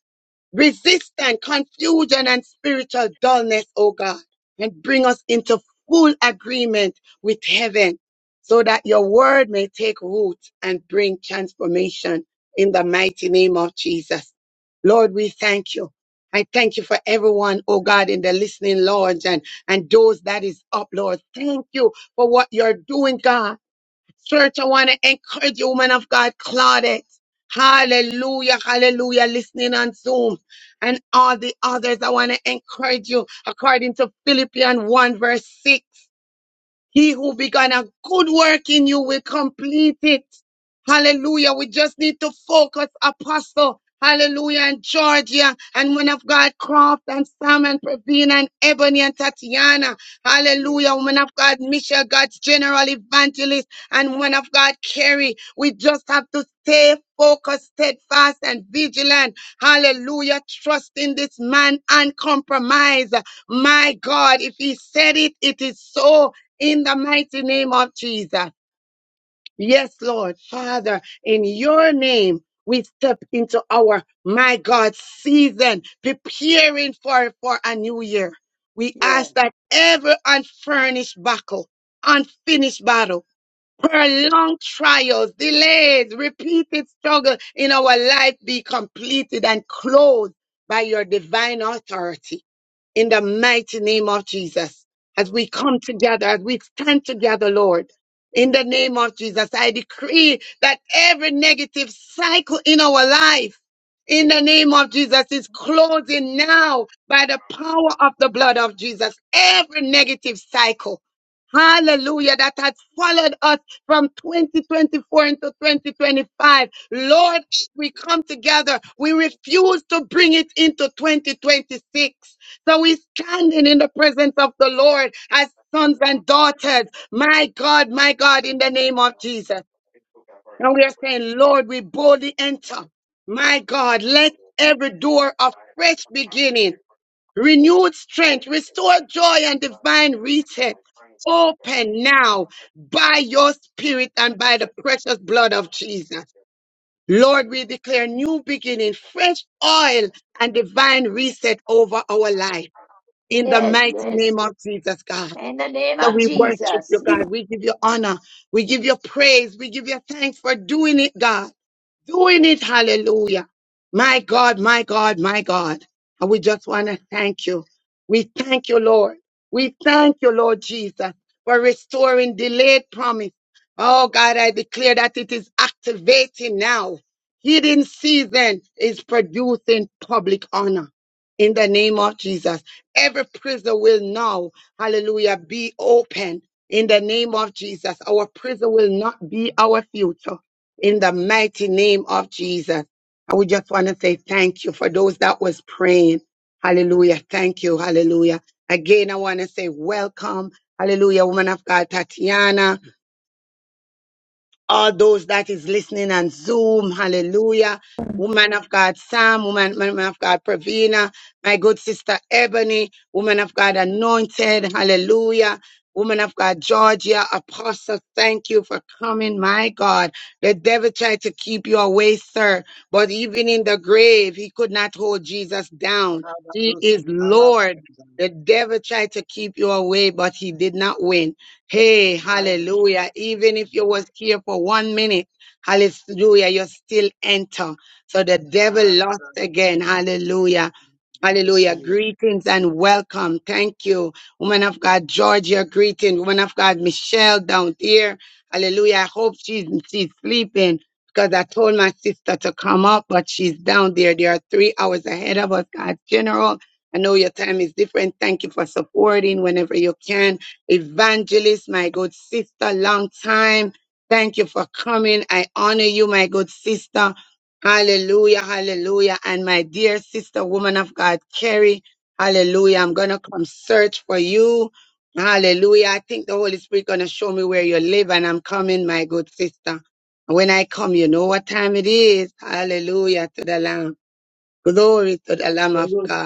S3: resistance, confusion, and spiritual dullness, O God, and bring us into full agreement with heaven so that your word may take root and bring transformation in the mighty name of Jesus. Lord, we thank you. I thank you for everyone, oh God, in the listening lounge and, and those that is up, Lord. Thank you for what you're doing, God. Church, I want to encourage you, woman of God, Claudette. Hallelujah, hallelujah, listening on Zoom. And all the others, I want to encourage you according to Philippians 1, verse 6. He who began a good work in you will complete it. Hallelujah. We just need to focus, Apostle. Hallelujah. And Georgia and women of God, Croft and Sam and Pravina and Ebony and Tatiana. Hallelujah.
S2: Yes,
S3: Women of God, Michelle, God's general evangelist and women of God, Carrie. We just have to stay focused, steadfast and vigilant. Hallelujah. Trust in this man and compromise. My God, if he said it, it is so in the mighty name of Jesus. Yes, Lord, Father, in your name, we step into our, my God, season, preparing for, for a new year. We ask that every unfurnished battle, unfinished battle, prolonged trials, delays, repeated struggle in our life be completed and closed by your divine authority in the mighty name of Jesus. As we come together, as we stand together, Lord, in the name of Jesus, I decree that every negative cycle in our life, in the name of Jesus, is closing now by the power of the blood of Jesus. Every negative cycle. Hallelujah, that has followed us from 2024 into 2025. Lord, we come together. We refuse to bring it into 2026. So we're standing in the presence of the Lord as sons and daughters. My God, my God, in the name of Jesus. And we are saying, Lord, we boldly enter. My God, let every door of fresh beginning, renewed strength, restored joy, and divine reset open now by your spirit and by the precious blood of Jesus. Lord, we declare new beginning, fresh oil, and divine reset over our life in the
S2: yes, yes,
S3: mighty
S2: yes.
S3: name of Jesus, God.
S2: In the name
S3: That
S2: of
S3: we worship you,
S2: Jesus.
S3: God. We give you honor. We give you praise. We give you thanks for doing it, God doing it. Hallelujah. My God, my God, my God. And we just want to thank you. We thank you, Lord. We thank you, Lord Jesus, for restoring delayed promise. Oh God, I declare that it is activating now. Hidden season is producing public honor in the name of Jesus. Every prison will now, hallelujah, be open in the name of Jesus. Our prison will not be our future in the mighty name of Jesus. I would just want to say thank you for those that was praying. Hallelujah. Thank you. Hallelujah. Again, I want to say welcome. Hallelujah, woman of God, Tatiana all those that is listening on Zoom. Hallelujah. Woman of God, Sam, woman, woman of God, Pravina, my good sister Ebony, woman of God, anointed. Hallelujah. Woman of God, Georgia, Apostle, thank you for coming. My God, the devil tried to keep you away, sir, but even in the grave, he could not hold Jesus down. He is Lord. The devil tried to keep you away, but he did not win. Hey,
S4: My
S3: hallelujah. Even if you was here for one minute, hallelujah, you still enter. So the devil lost
S4: God.
S3: again. Hallelujah.
S4: Bless
S3: Hallelujah.
S4: you.
S3: Greetings and welcome. Thank you. Woman of God, Georgia, greeting. Woman of God, Michelle down here. Hallelujah. I hope she's, she's sleeping because I told my sister to come up, but she's down there. There are three hours ahead of us, God General. I know your time is different. Thank you for supporting whenever you can. Evangelist, my good sister, long time. Thank you for coming. I honor you, my good sister. Hallelujah, hallelujah. And my dear sister, woman of God, Carrie, hallelujah. I'm going to come search for you. Hallelujah. I think the Holy Spirit going to show me where you live and I'm coming, my good sister. When I come, you know what time it is. Hallelujah to the Lamb. Glory to the Lamb of God.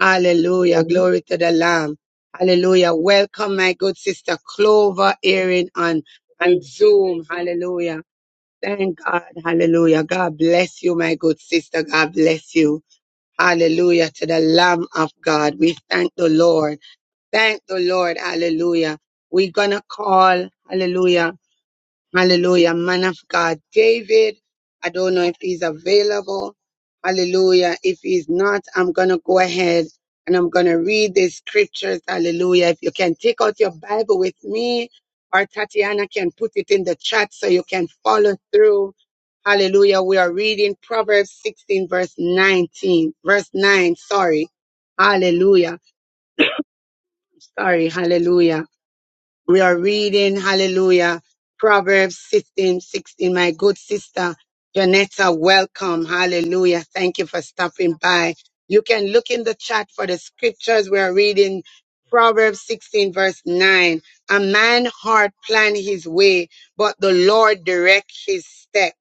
S3: Hallelujah. Glory to the Lamb. Hallelujah. Welcome, my good sister Clover, Erin on, on Zoom. Hallelujah. Thank God. Hallelujah. God bless you, my good sister. God bless you. Hallelujah to the Lamb of God. We thank the Lord. Thank the Lord. Hallelujah. We're going to call, hallelujah. Hallelujah. Man of God, David. I don't know if he's available. Hallelujah. If he's not, I'm going to go ahead and I'm going to read the scriptures. Hallelujah. If you can take out your Bible with me or Tatiana can put it in the chat so you can follow through. Hallelujah. We are reading Proverbs 16 verse 19, verse 9. Sorry. Hallelujah. Sorry. Hallelujah. We are reading, hallelujah, Proverbs 16 16. My good sister, Janetta, welcome. Hallelujah. Thank you for stopping by. You can look in the chat for the scriptures. We are reading Proverbs 16, verse 9. A man hard plan his way, but the Lord direct his step.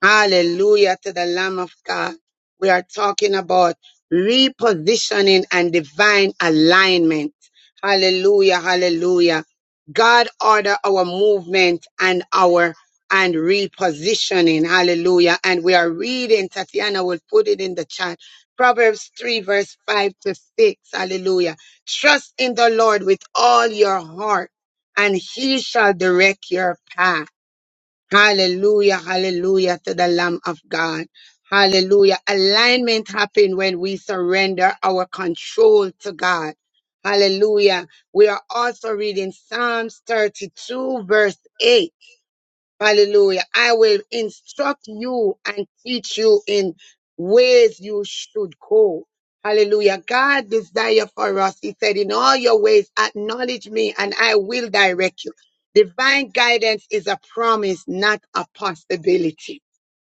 S3: Hallelujah to the Lamb of God. We are talking about repositioning and divine alignment. Hallelujah, hallelujah. God order our movement and our and repositioning. Hallelujah. And we are reading, Tatiana will put it in the chat. Proverbs 3, verse 5 to 6. Hallelujah. Trust in the Lord with all your heart, and he shall direct your path. Hallelujah, hallelujah to the Lamb of God. Hallelujah. Alignment happens when we surrender our control to God. Hallelujah. We are also reading Psalms 32, verse 8. Hallelujah. I will instruct you and teach you in ways you should go. Hallelujah. God desire for us. He said, in all your ways, acknowledge me and I will direct you. Divine guidance is a promise, not a possibility.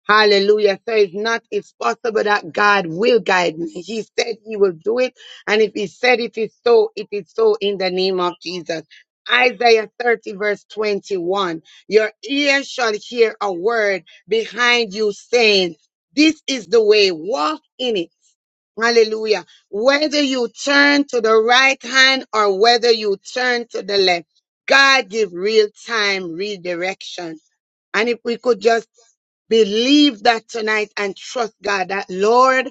S3: Hallelujah. So it's not, it's possible that God will guide me. He said he will do it. And if he said it is so, it is so in the name of Jesus. Isaiah 30 verse 21. Your ear shall hear a word behind you saying, this is the way, walk in it. Hallelujah. Whether you turn to the right hand or whether you turn to the left, God give real time redirection. And if we could just Believe that tonight and trust God that, Lord,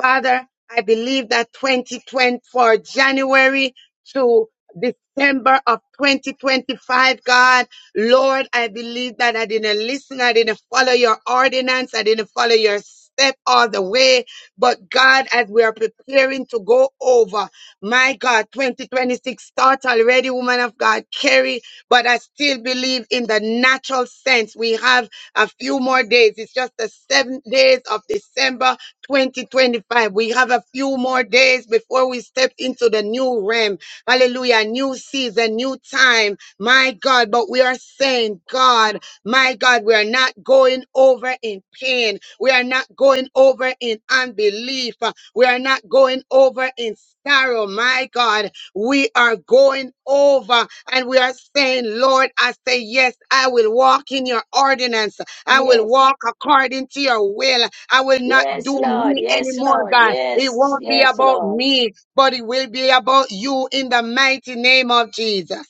S3: Father, I believe that 2020 for January to December of 2025, God, Lord, I believe that I didn't listen, I didn't follow your ordinance, I didn't follow your step all the way. But God, as we are preparing to go over, my God, 2026 start already, woman of God, carry, but I still believe in the natural sense. We have a few more days. It's just the seven days of December 2025. We have a few more days before we step into the new realm. Hallelujah. New season, new time. My God, but we are saying, God, my God, we are not going over in pain. We are not going over in unbelief. We are not going over in sorrow. My God, we are going over and we are saying, Lord, I say, yes, I will walk in your ordinance. I will
S2: Yes.
S3: walk according to your will. I will not
S2: Yes,
S3: do
S2: Lord.
S3: me
S2: Yes,
S3: anymore,
S2: Lord.
S3: God. It
S2: Yes,
S3: won't be
S2: yes,
S3: about
S2: Lord.
S3: me, but it will be about you in the mighty name of Jesus.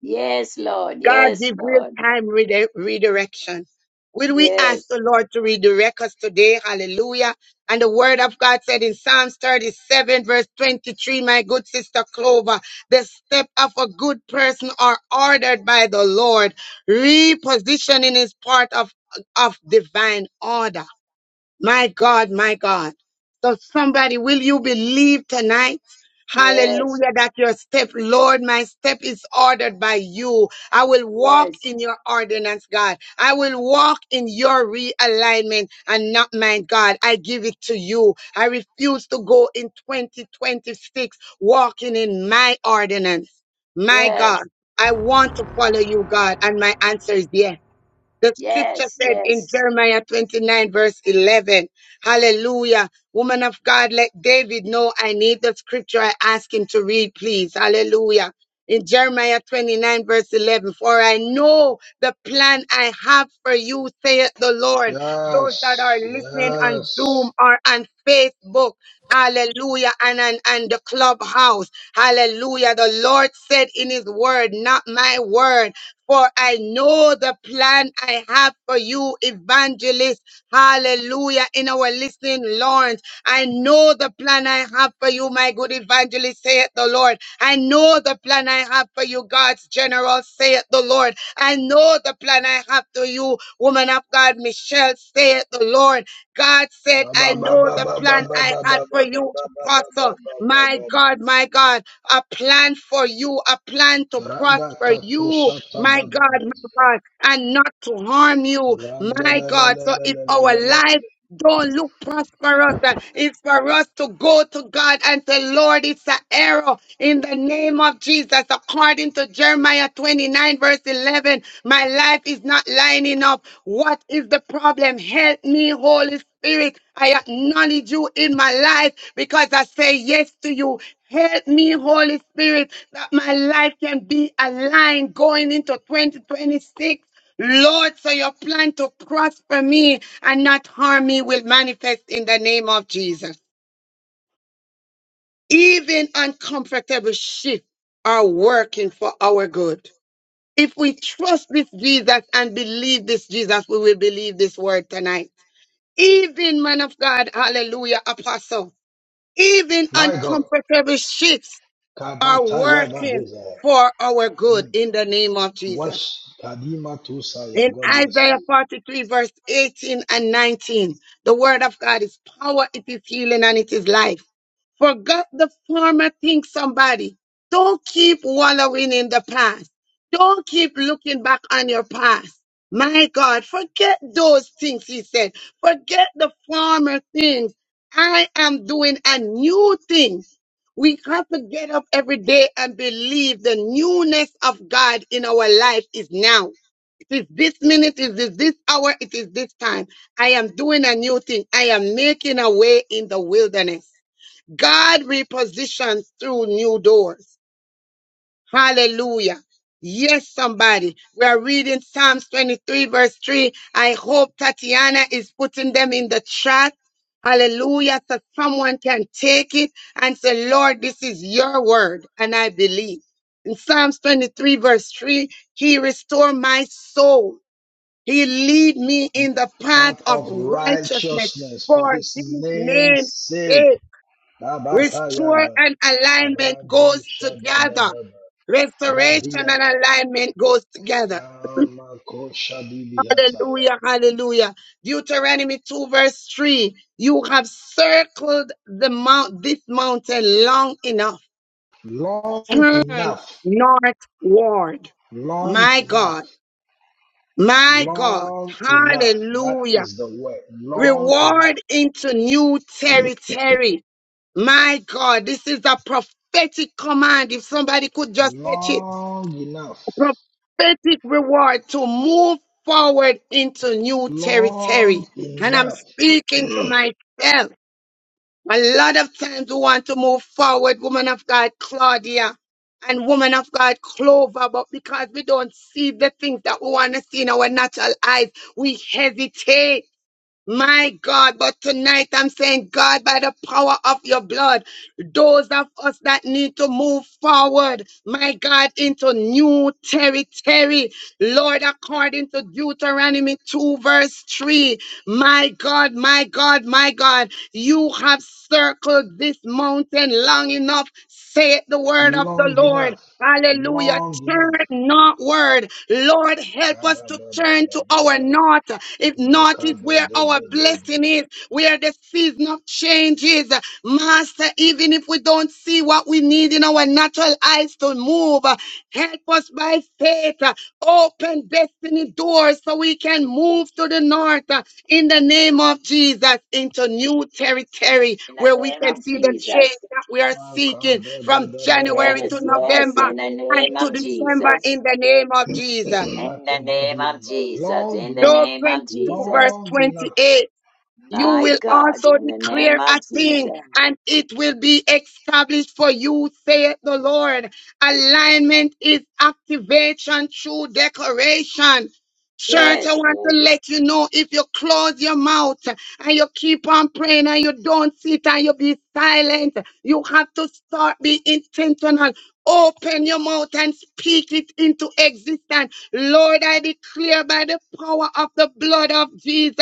S2: Yes, Lord.
S3: God,
S2: Yes,
S3: give real
S2: Lord.
S3: time rede- redirection. Will we ask
S2: Yes,
S3: the Lord to redirect us today? Hallelujah. And the word of God said in Psalms 37, verse 23, my good sister Clover, the step of a good person are ordered by the Lord, repositioning is part of, of divine order. My God, my God. So somebody, will you believe tonight?
S2: yes,
S3: Hallelujah, that your step, Lord, my step is ordered by you. I will walk
S2: yes,
S3: in your ordinance, God. I will walk in your realignment and not mine, God. I give it to you. I refuse to go in 2026 walking in my ordinance. My God,
S2: yes,
S3: I want to follow you, God, and my answer is yes. The scripture
S2: yes,
S3: said in
S2: yes.
S3: Jeremiah 29, verse 11, Hallelujah. Woman of God, let David know I need the scripture I ask him to read, please. Hallelujah. In Jeremiah 29, verse 11, for I know the plan I have for you, saith the Lord. Those that are
S4: Yes,
S3: listening on
S4: yes.
S3: Zoom or on Facebook, hallelujah, and, and, and the clubhouse, hallelujah. The Lord said in his word, not my word. For I know the plan I have for you, evangelist. Hallelujah. In our listening, Lawrence. I know the plan I have for you, my good evangelist, saith the Lord. I know the plan I have for you, God's general, saith the Lord. I know the plan I have to you, woman of God, Michelle, saith the Lord. God said,
S4: My
S3: I
S4: God,
S3: know the plan I had for you, apostle. My God, my God, a plan for you, a plan to prosper you my God, my God, and not to harm you, my God. So if our life don't look prosperous. uh, It's for us to go to God and say, Lord, it's an arrow in the name of Jesus. According to Jeremiah 29, verse 11, my life is not lining up. What is the problem? Help me, Holy Spirit. I acknowledge you in my life because I say yes to you. Help me, Holy Spirit, that my life can be aligned going into 2026. Lord, so your plan to prosper me and not harm me will manifest in the name of Jesus. Even uncomfortable shifts are working for our good. If we trust this Jesus and believe this Jesus, we will believe this word tonight. Even, man of God, hallelujah, apostle, even uncomfortable shifts are
S4: Kabataya
S3: working
S4: Babuza.
S3: for our good
S4: Hmm.
S3: in the name of Jesus.
S4: Wash Kadima Tusaya.
S3: In
S4: God bless
S3: Isaiah
S4: you.
S3: 43, verse 18 and 19, the word of God is power, it is healing, and it is life. Forgot the former thing, somebody. Don't keep wallowing in the past. Don't keep looking back on your past. My God, forget those things, he said. Forget the former things. I am doing a new thing. We have to get up every day and believe the newness of God in our life is now. It is this minute, it is this hour, it is this time. I am doing a new thing. I am making a way in the wilderness. God repositions through new doors. Hallelujah. Yes, somebody. We are reading Psalms 23, verse 3. I hope Tatiana is putting them in the chat. Hallelujah. So someone can take it and say, Lord, this is your word, and I believe. In Psalms 23, verse 3, He restore my soul. He lead me in the path
S4: Part
S3: of
S4: of
S3: righteousness
S4: righteousness for
S3: for
S4: his
S3: His
S4: name's
S3: name's
S4: sake.
S3: sake. Restore
S4: Kabataya
S3: and alignment
S4: Radu
S3: goes together.
S4: Shadadadaba.
S3: Restoration and
S4: Rabiata.
S3: alignment goes together.
S4: Amakoshadibihataya.
S3: Hallelujah, hallelujah. Deuteronomy 2 verse 3. You have circled the mount, this mountain long enough.
S4: Long
S3: Turn
S4: enough
S3: northward.
S4: Long
S3: My
S4: enough.
S3: God, my God.
S4: Long enough. That
S3: Hallelujah.
S4: is the word. Long enough.
S3: Reward into new territory. My God, this is a prophetic command. If somebody could just catch it
S4: Long enough.
S3: prophetic reward to move forward into new territory.
S4: Long
S3: And I'm
S4: enough.
S3: speaking to myself. A lot of times we want to move forward, woman of God, Claudia, and woman of God, Clover, but because we don't see the things that we want to see in our natural eyes, we hesitate. My God, but tonight I'm saying, God, by the power of your blood, those of us that need to move forward, my God, into new territory, Lord, according to Deuteronomy 2, verse 3, my God, my God, my God, you have circled this mountain long enough, saith the word of the
S4: long
S3: Lord.
S4: enough.
S3: Hallelujah.
S4: Long
S3: Turn
S4: enough.
S3: northward. Lord, help us to turn to our
S4: Ka-ba-ba-ba-ba-ba-ba.
S3: north. If north is where our blessing
S4: Ma-ka-ba-da-da-da-da-da.
S3: is, where the season of change is, Master, even if we don't see what we need in our natural eyes to move, help us by faith. Open destiny doors so we can move to the north in the name of Jesus into new territory
S2: In the
S3: where we
S2: name
S3: can
S2: of
S3: see the change
S2: Jesus.
S3: we are seeking from January
S2: Yes,
S3: to
S4: Ma-ka-da-da-da-da-da-da-da-da-da-da-da-da-da-da. da
S2: yes,
S3: November
S2: in the
S3: and
S2: name
S3: to
S2: of
S3: December in
S2: Jesus.
S3: the name of Jesus.
S2: In the name of Jesus.
S4: Long
S2: In the
S4: enough.
S3: Job
S2: name of
S3: 22, verse
S2: Jesus.
S4: Long enough.
S3: 28. You
S2: My
S3: will
S2: God,
S3: also
S2: in the name
S3: declare
S2: of
S3: a
S2: Jesus.
S3: thing and it will be established for you, saith the Lord. Alignment is activation through declaration. Church, I
S2: Yes,
S3: want
S2: yes,
S3: to let you know if you close your mouth and you keep on praying and you don't sit and you be silent, you have to start being intentional. Open your mouth and speak it into existence. Lord, I declare by the power of the blood of Jesus,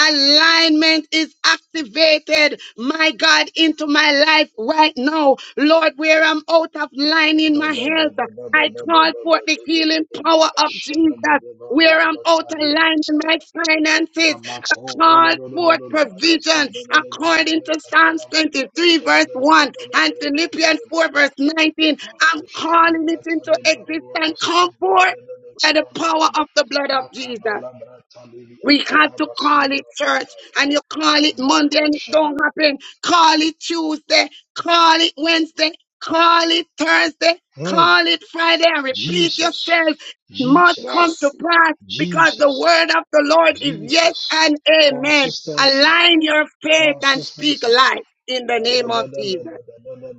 S3: alignment is activated, my God, into my life right now. Lord, where I'm out of line in my
S4: Bada bada
S3: health,
S4: bada
S3: I
S4: bada bada bada
S3: call forth the
S4: bada
S3: healing power
S4: bada
S3: of
S4: shada
S3: Jesus.
S4: bada
S3: Where
S4: barua
S3: I'm out of
S4: bakaria
S3: line in my
S4: matara
S3: finances, I
S4: amako ro ro
S3: call
S4: ro ro ro
S3: forth
S4: ro ro makazan
S3: provision
S4: de de de de de de
S3: according
S4: de
S3: to
S4: katala
S3: Psalms
S4: bada
S3: 23,
S4: shada
S3: verse
S4: de de de
S3: 1
S4: de de
S3: and
S4: de de de
S3: Philippians
S4: de
S3: 4, verse
S4: de
S3: 19.
S4: mako
S3: I'm
S4: shadi
S3: calling it
S4: biata
S3: into
S4: de barua
S3: existence.
S4: masun
S3: Come
S4: de de
S3: forth
S4: de de de
S3: by the
S4: kabala
S3: power
S4: bada
S3: of the blood of Jesus.
S4: Makabala brata de
S3: We
S4: biata ya
S3: got to call
S4: basula
S3: it church
S4: bakataya
S3: and you call it Monday
S4: ambako
S3: and it
S4: shada.
S3: don't happen. Call it Tuesday, call it Wednesday, call it Thursday,
S4: Hmm.
S3: call it Friday and repeat
S4: Jesus,
S3: yourself. It must come
S4: Jesus,
S3: to
S2: yes.
S3: pass because the
S4: Jesus.
S3: word of the Lord is yes
S4: Jesus.
S3: and amen.
S4: Consistency.
S3: Align your faith and speak
S4: Consistency.
S3: life in the
S4: Da da
S3: name
S4: da
S3: of
S4: da da da
S3: Jesus.
S4: da da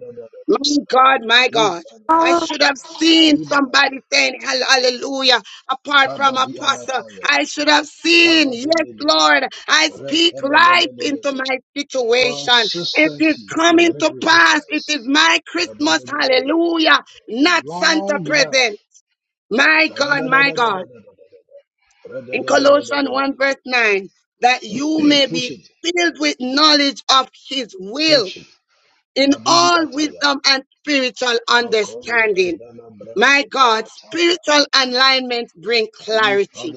S3: My God, my God. I should have
S4: da
S3: seen
S4: da da
S3: somebody saying hall- hallelujah apart from apostle.
S4: Kabadiamataya.
S3: I should have seen, yes,
S4: Kabadelele.
S3: Lord, I speak life into
S4: Retelelelelele.
S3: my situation. It is
S4: Consistency to
S3: coming
S4: break
S3: to pass. It
S4: resistance.
S3: is my Christmas,
S4: Kabadadadada.
S3: hallelujah, not Santa
S4: Long enough.
S3: present. My God, my God.
S4: Kadadadadadadadadada.
S3: In Colossians 1
S4: Radadadadadadadada.
S3: verse 9, that you may
S4: Push
S3: be
S4: it.
S3: filled with knowledge of his will
S4: Push it.
S3: in
S4: Kadivi
S3: all
S4: Ataya.
S3: wisdom and spiritual
S4: Malcolm
S3: understanding.
S4: Zandana
S3: My
S4: Brande
S3: God,
S4: Amataya.
S3: spiritual alignment bring clarity.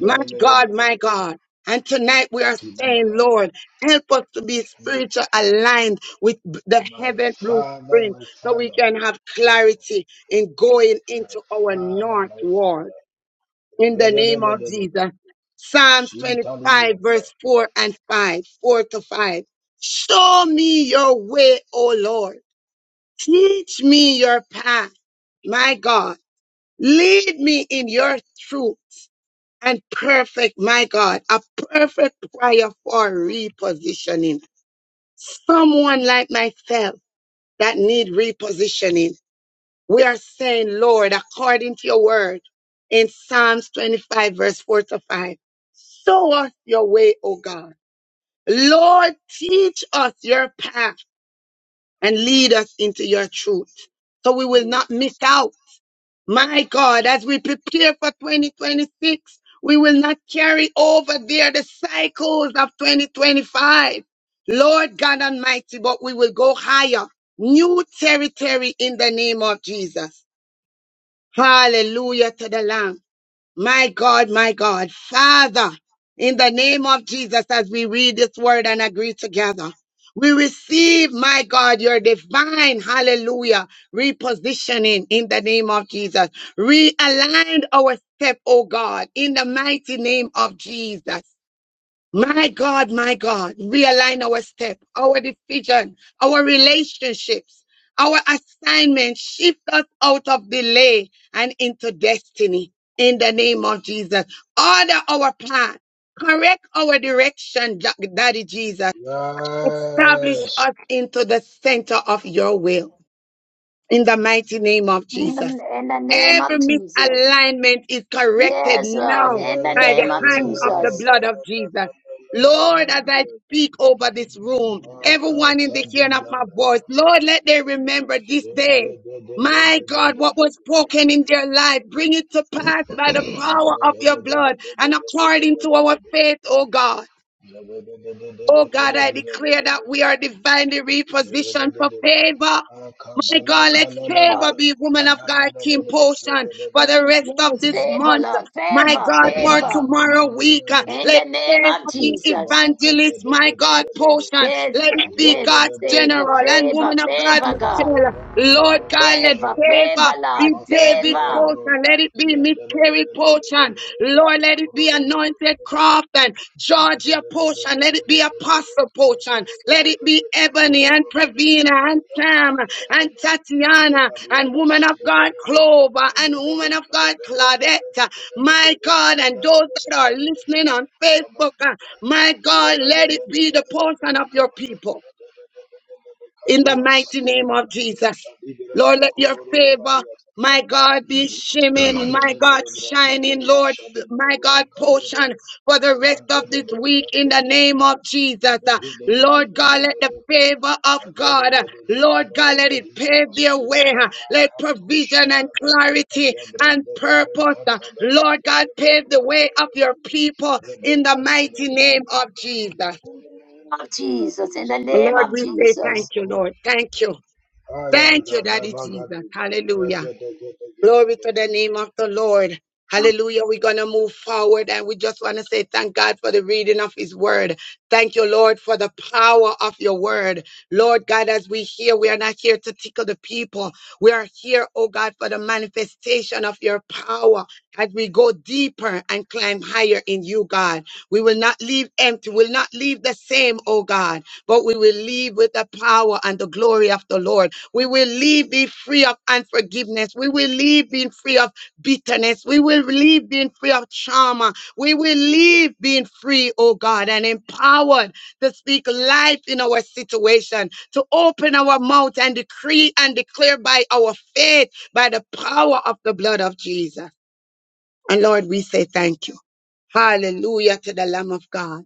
S3: My God, my God. And tonight we are saying,
S4: Kibadaha.
S3: Lord, help us to be
S4: Mm.
S3: spiritual aligned with b- the
S4: My
S3: heaven
S4: father,
S3: blueprint
S4: my
S3: so we
S4: father,
S3: can have clarity in going
S4: my
S3: into our
S4: father,
S3: northward.
S4: my father.
S3: In the name of
S4: Yadadadadadadada.
S3: Jesus. Psalms 25
S4: Shintalibiyata.
S3: verse 4 and 5, 4 to 5. Show me your way, O Lord Teach me your path, my God. Lead me in your truth and perfect, my God, a perfect prayer for repositioning. Someone like myself that need repositioning. We are saying, Lord, according to your word in Psalms 25, verse 4 to 5, show us your way, O God. Lord, teach us your path and lead us into your truth so we will not miss out My God, as we prepare for 2026, we will not carry over there the cycles of 2025. Lord God Almighty, but we will go higher. New territory in the name of Jesus. Hallelujah to the Lamb. My God, my God, Father, in the name of Jesus, as we read this word and agree together, we receive, my God, your divine, hallelujah, repositioning in the name of Jesus. Realign our step, oh God, in the mighty name of Jesus. My God, my God, realign our step, our decision, our relationships, our assignment. Shift us out of delay and into destiny in the name of Jesus. Order our path, correct our direction, Ja- Daddy Jesus. Establish
S4: Yes.
S3: us into the center of your will in the mighty name of
S2: In
S3: Jesus.
S2: the, in the name
S3: Every
S2: of Jesus.
S3: misalignment is corrected
S2: Yes,
S4: Yeah,
S2: Lord,
S3: now
S4: yeah,
S2: in the
S4: yeah,
S3: by the
S2: name
S4: yeah,
S2: of
S4: yeah, yeah, yeah,
S3: hands of the
S2: Jesus.
S4: yeah,
S3: blood
S4: yeah,
S3: of Jesus.
S4: yeah,
S3: Lord, as
S4: yeah, yeah, yeah, yeah,
S3: I
S4: yeah.
S3: speak over this room, everyone in
S4: Makata
S3: the hearing of my
S4: digada.
S3: voice, Lord, let them remember this day. My God, what was
S4: Shedededededededede.
S3: spoken in their life, bring it to pass by the power of your blood and according to our faith, oh God. Oh God, I declare
S4: Yadadadadadadadadadadadada.
S3: that we are divinely repositioned for favor.
S4: Mm,
S3: My God, let favor
S2: Lord,
S3: be woman of God team potion for the
S2: yes,
S3: rest of
S2: yes,
S3: this
S2: favor,
S3: month.
S2: Lord,
S3: My
S2: favor,
S3: God, for
S2: favor,
S3: tomorrow week, uh,
S2: in
S3: let
S2: the name
S3: favor
S2: of
S3: be
S2: Jesus.
S3: evangelist, my God, potion.
S2: Yes,
S3: Let
S2: God,
S3: it be
S2: yes,
S3: God's general
S2: favor,
S3: and
S2: favor,
S3: woman of God,
S2: favor, God,
S3: Michelle. Lord God, let
S2: favor, favor,
S3: favor
S2: Lord,
S3: be David
S2: favor,
S3: potion. Let it be Miss Carrie potion. Lord, let it be anointed craft and Georgia potion. Let it be be apostle portion. Let it be Ebony and Pravina and Tam and Tatiana and woman of God Clover and woman of God Claudette. My God, and those that are listening on Facebook, uh, my God, let it be the portion of your people in the mighty name of Jesus. Lord, let your favor, my God, be shimmering, my God, shining, Lord, my God, portion for the rest of this week in the name of Jesus. Uh, Lord God, let the favor of God, uh, Lord God, let it pave their way. uh, Let provision and clarity and purpose, uh, Lord God, pave the way of your people in the mighty name of Jesus.
S2: in the name of Jesus, in the name
S3: Lord,
S2: of
S3: we say thank
S2: Jesus.
S3: you, Lord. Thank you. Thank you, Daddy Jesus. Hallelujah. Glory to the name of the Lord. Hallelujah. We're going to move forward and we just want to say thank God for the reading of his word. Thank you, Lord, for the power of your word. Lord God, as we hear, we are not here to tickle the people. We are here, oh God, for the manifestation of your power as we go deeper and climb higher in you, God. We will not leave empty. We'll not leave the same, oh God, but we will leave with the power and the glory of the Lord. We will leave, be free of unforgiveness. We will leave being free of bitterness. We will leave being free of trauma. We will leave being free, oh God, and empowered to speak life in our situation, to open our mouth and decree and declare by our faith, by the power of the blood of Jesus. And Lord, we say thank you. Hallelujah to the Lamb of God.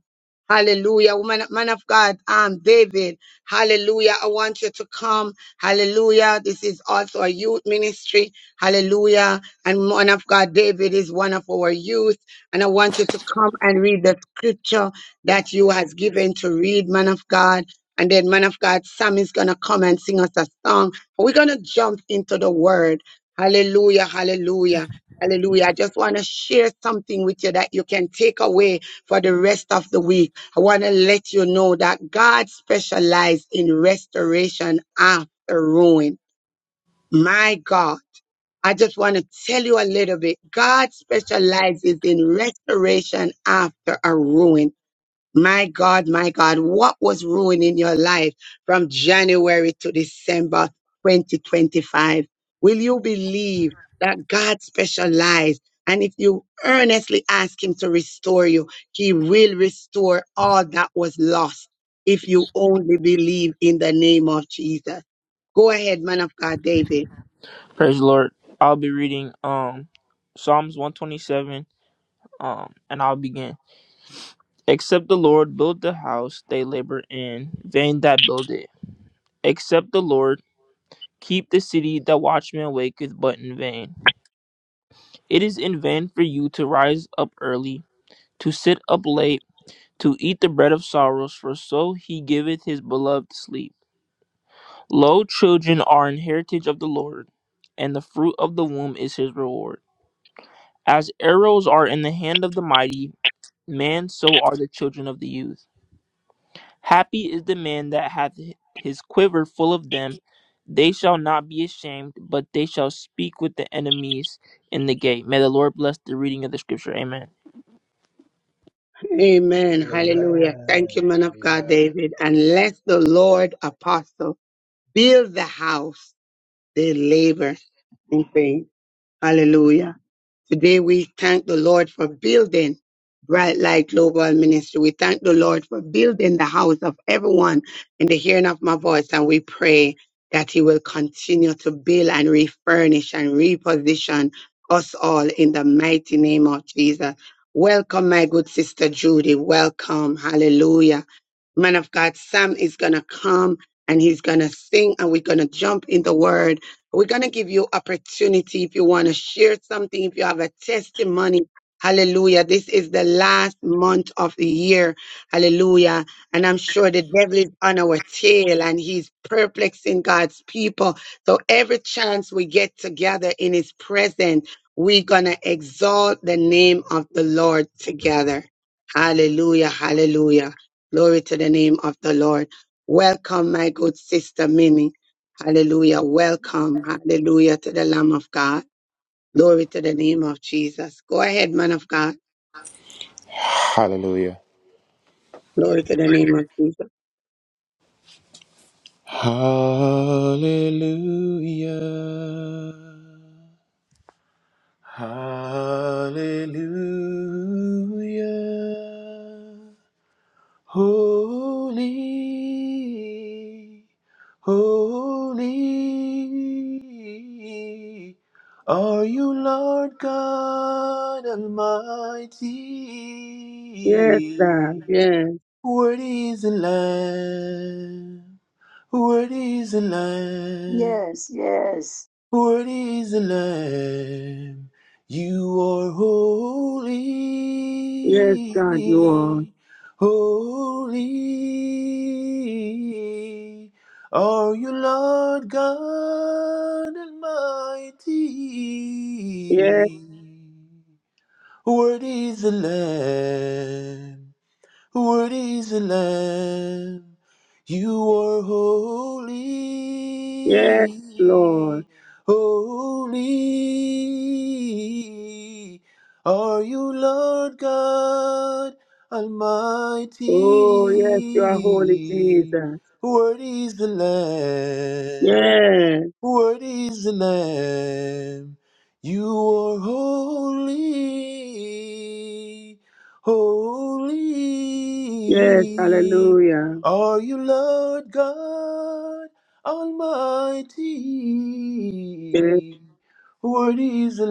S3: Hallelujah. Woman, man of God, um, David. Hallelujah. I want you to come. Hallelujah. This is also a youth ministry. Hallelujah. And man of God, David is one of our youth. And I want you to come and read the scripture that you has given to read, man of God. And then man of God, Sam is going to come and sing us a song. We're going to jump into the word. Hallelujah. Hallelujah. Hallelujah. I just want to share something with you that you can take away for the rest of the week. I want to let you know that God specializes in restoration after ruin. My God. I just want to tell you a little bit. God specializes in restoration after a ruin. My God, my God, what was ruining your life from January to December 2025? Will you believe that God specializes? And if you earnestly ask Him to restore you, He will restore all that was lost if you only believe in the name of Jesus. Go ahead, man of God, David.
S5: Praise the Lord. I'll be reading um Psalms 127 um and I'll begin. Except the Lord build the house, they labor in vain that build it. Except the Lord keep the city, the watchman waketh but in vain. It is in vain for you to rise up early, to sit up late, to eat the bread of sorrows, for so he giveth his beloved sleep. Lo, children are an heritage of the Lord, and the fruit of the womb is his reward. As arrows are in the hand of the mighty, man, so are the children of the youth. Happy is the man that hath his quiver full of them. They shall not be ashamed, but they shall speak with the enemies in the gate. May the Lord bless the reading of the scripture. Amen.
S3: Amen. Hallelujah. Thank you, man of God, David. And let the Lord apostle build the house They labor in faith. Hallelujah. Today we thank the Lord for building Bright Light Global Ministry. We thank the Lord for building the house of everyone in the hearing of my voice. And we pray that He will continue to build and refurnish and reposition us all in the mighty name of Jesus. Welcome, my good sister Judy. Welcome. Hallelujah man of God, Sam is going to come and he's going to sing and we're going to jump in the word we're going to give you opportunity if you want to share something, if you have a testimony. Hallelujah. This is the last month of the year. Hallelujah. And I'm sure the devil is on our tail and he's perplexing God's people. So every chance we get together in his presence, we're going to exalt the name of the Lord together. Hallelujah. Hallelujah. Glory to the name of the Lord. Welcome, my good sister Mimi. Hallelujah. Welcome. Hallelujah to the Lamb of God. Glory to the name of Jesus. Go ahead, man of God.
S6: Hallelujah.
S3: Glory to the name of Jesus.
S6: Hallelujah. Hallelujah. Holy, holy are you, Lord God
S3: Yes, God.
S6: Almighty.
S3: Yes.
S6: What is the lamb? What is the lamb?
S2: Yes, yes,
S6: What is the lamb? You are
S3: Yes, God, you are.
S6: holy, holy. Are you Lord God Almighty?
S3: Yes,
S6: What is the lamb? Worthy is the Lamb. You are
S3: yes, Lord.
S6: holy. Holy. Are you Lord God
S3: Oh, yes, you are holy,
S6: Almighty?
S3: Jesus.
S6: Worthy is the Lamb.
S3: Yes,
S6: What is the Lamb? You are holy,
S3: yes,
S6: holy.
S3: hallelujah.
S6: Are you Lord God
S3: Yes,
S6: Almighty? What is the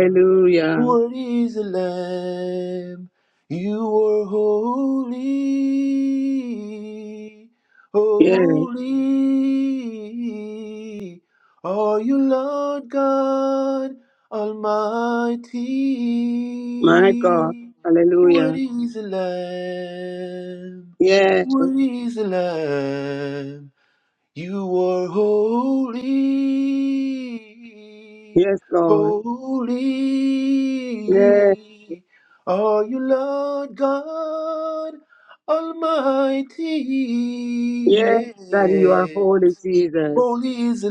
S6: Lamb? What is a Lamb? You are holy,
S3: Yes,
S6: holy. Are you Lord God Almighty?
S3: my God.
S6: What
S3: Hallelujah.
S6: is a Lamb?
S3: Yes,
S6: What is a Lamb? You are holy,
S3: yes, Lord. Yes,
S6: holy. Are you Lord God Almighty?
S3: yes, God, you are
S6: Yes.
S3: holy, Jesus.
S6: Holy is the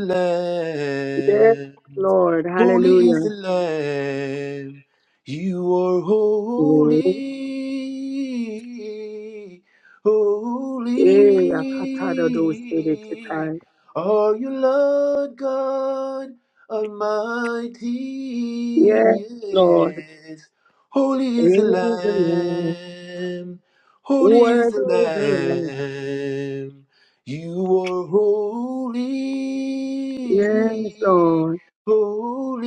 S3: Yes,
S6: Lamb.
S3: Lord.
S6: Holy is
S3: Hallelujah.
S6: the Lamb. You are holy.
S3: Eh, akatado do sede
S6: Holy
S3: kitai.
S6: are you, Lord God Almighty.
S3: Yes, Lord.
S6: Yes. Holy is the
S3: Praise the Lord.
S6: Lamb. Holy is
S3: Word
S6: the
S3: is the Lord.
S6: Lamb. You are
S3: Yes,
S6: holy,
S3: Lord.
S6: holy.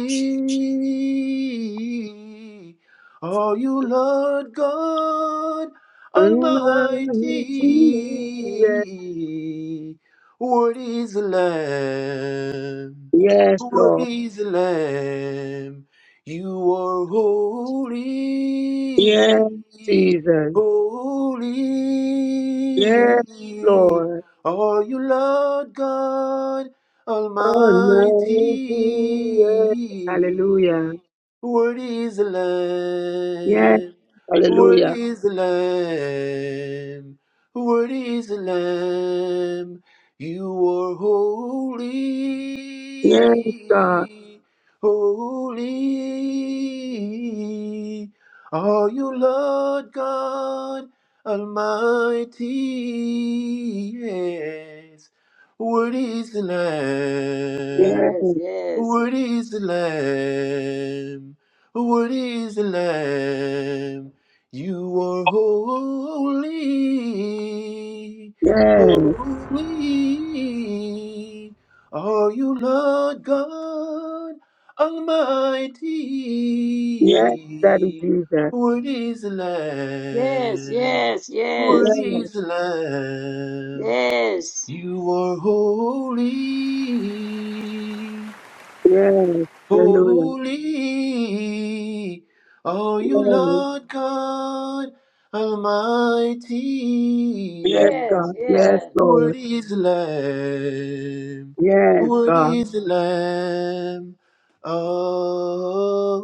S6: Are you Lord God
S3: Almighty, Yes,
S6: Almighty? What is the Lamb?
S3: Yes,
S6: What
S3: Lord.
S6: is the Lamb? You are
S3: Yes,
S6: holy,
S3: Jesus. Yes,
S6: holy.
S3: Lord.
S6: Are you Lord God
S3: Almighty. Yes. Hallelujah.
S6: Almighty? Worthy is the
S3: Yes,
S6: Lamb. Worthy
S3: hallelujah.
S6: is the Lamb. Worthy is the Lamb. You are
S3: Yes, God.
S6: holy. Holy. Are you Lord God? Almighty, yes, worthy is the Lamb?
S3: Yes,
S2: yes, yes,
S6: What is the lamb? What is the lamb? You are holy,
S3: yes,
S6: holy. Are you Lord God
S3: yes, Daddy
S6: Almighty?
S3: Jesus.
S6: What is the lamb?
S2: yes, yes,
S6: What
S2: yes,
S3: Yes,
S6: is the lamb?
S2: yes,
S6: You are holy.
S3: yes, hallelujah.
S6: Holy are you,
S3: Yes,
S6: Lord God
S3: yes,
S6: Almighty.
S2: yes,
S3: God. Yes,
S2: yes,
S3: Lord.
S6: Worthy is the Lamb,
S3: Yes, God.
S6: worthy is the Lamb. Amen.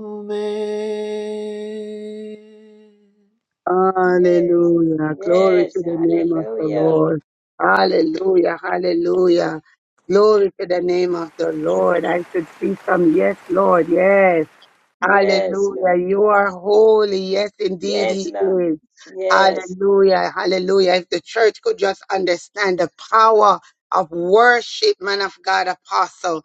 S2: Yes,
S3: Hallelujah. Glory
S2: yes,
S3: to the name of the
S2: hallelujah.
S3: Lord. Hallelujah. Hallelujah. Glory to the name of the Lord. I should see some. Yes, Lord. Yes.
S2: Yes, Lord.
S3: Hallelujah. You are holy. Yes, indeed,
S2: Yes,
S3: He
S2: Lord.
S3: is.
S2: Yes,
S3: Hallelujah. Hallelujah. If the church could just understand the power of worship, man of God, apostle.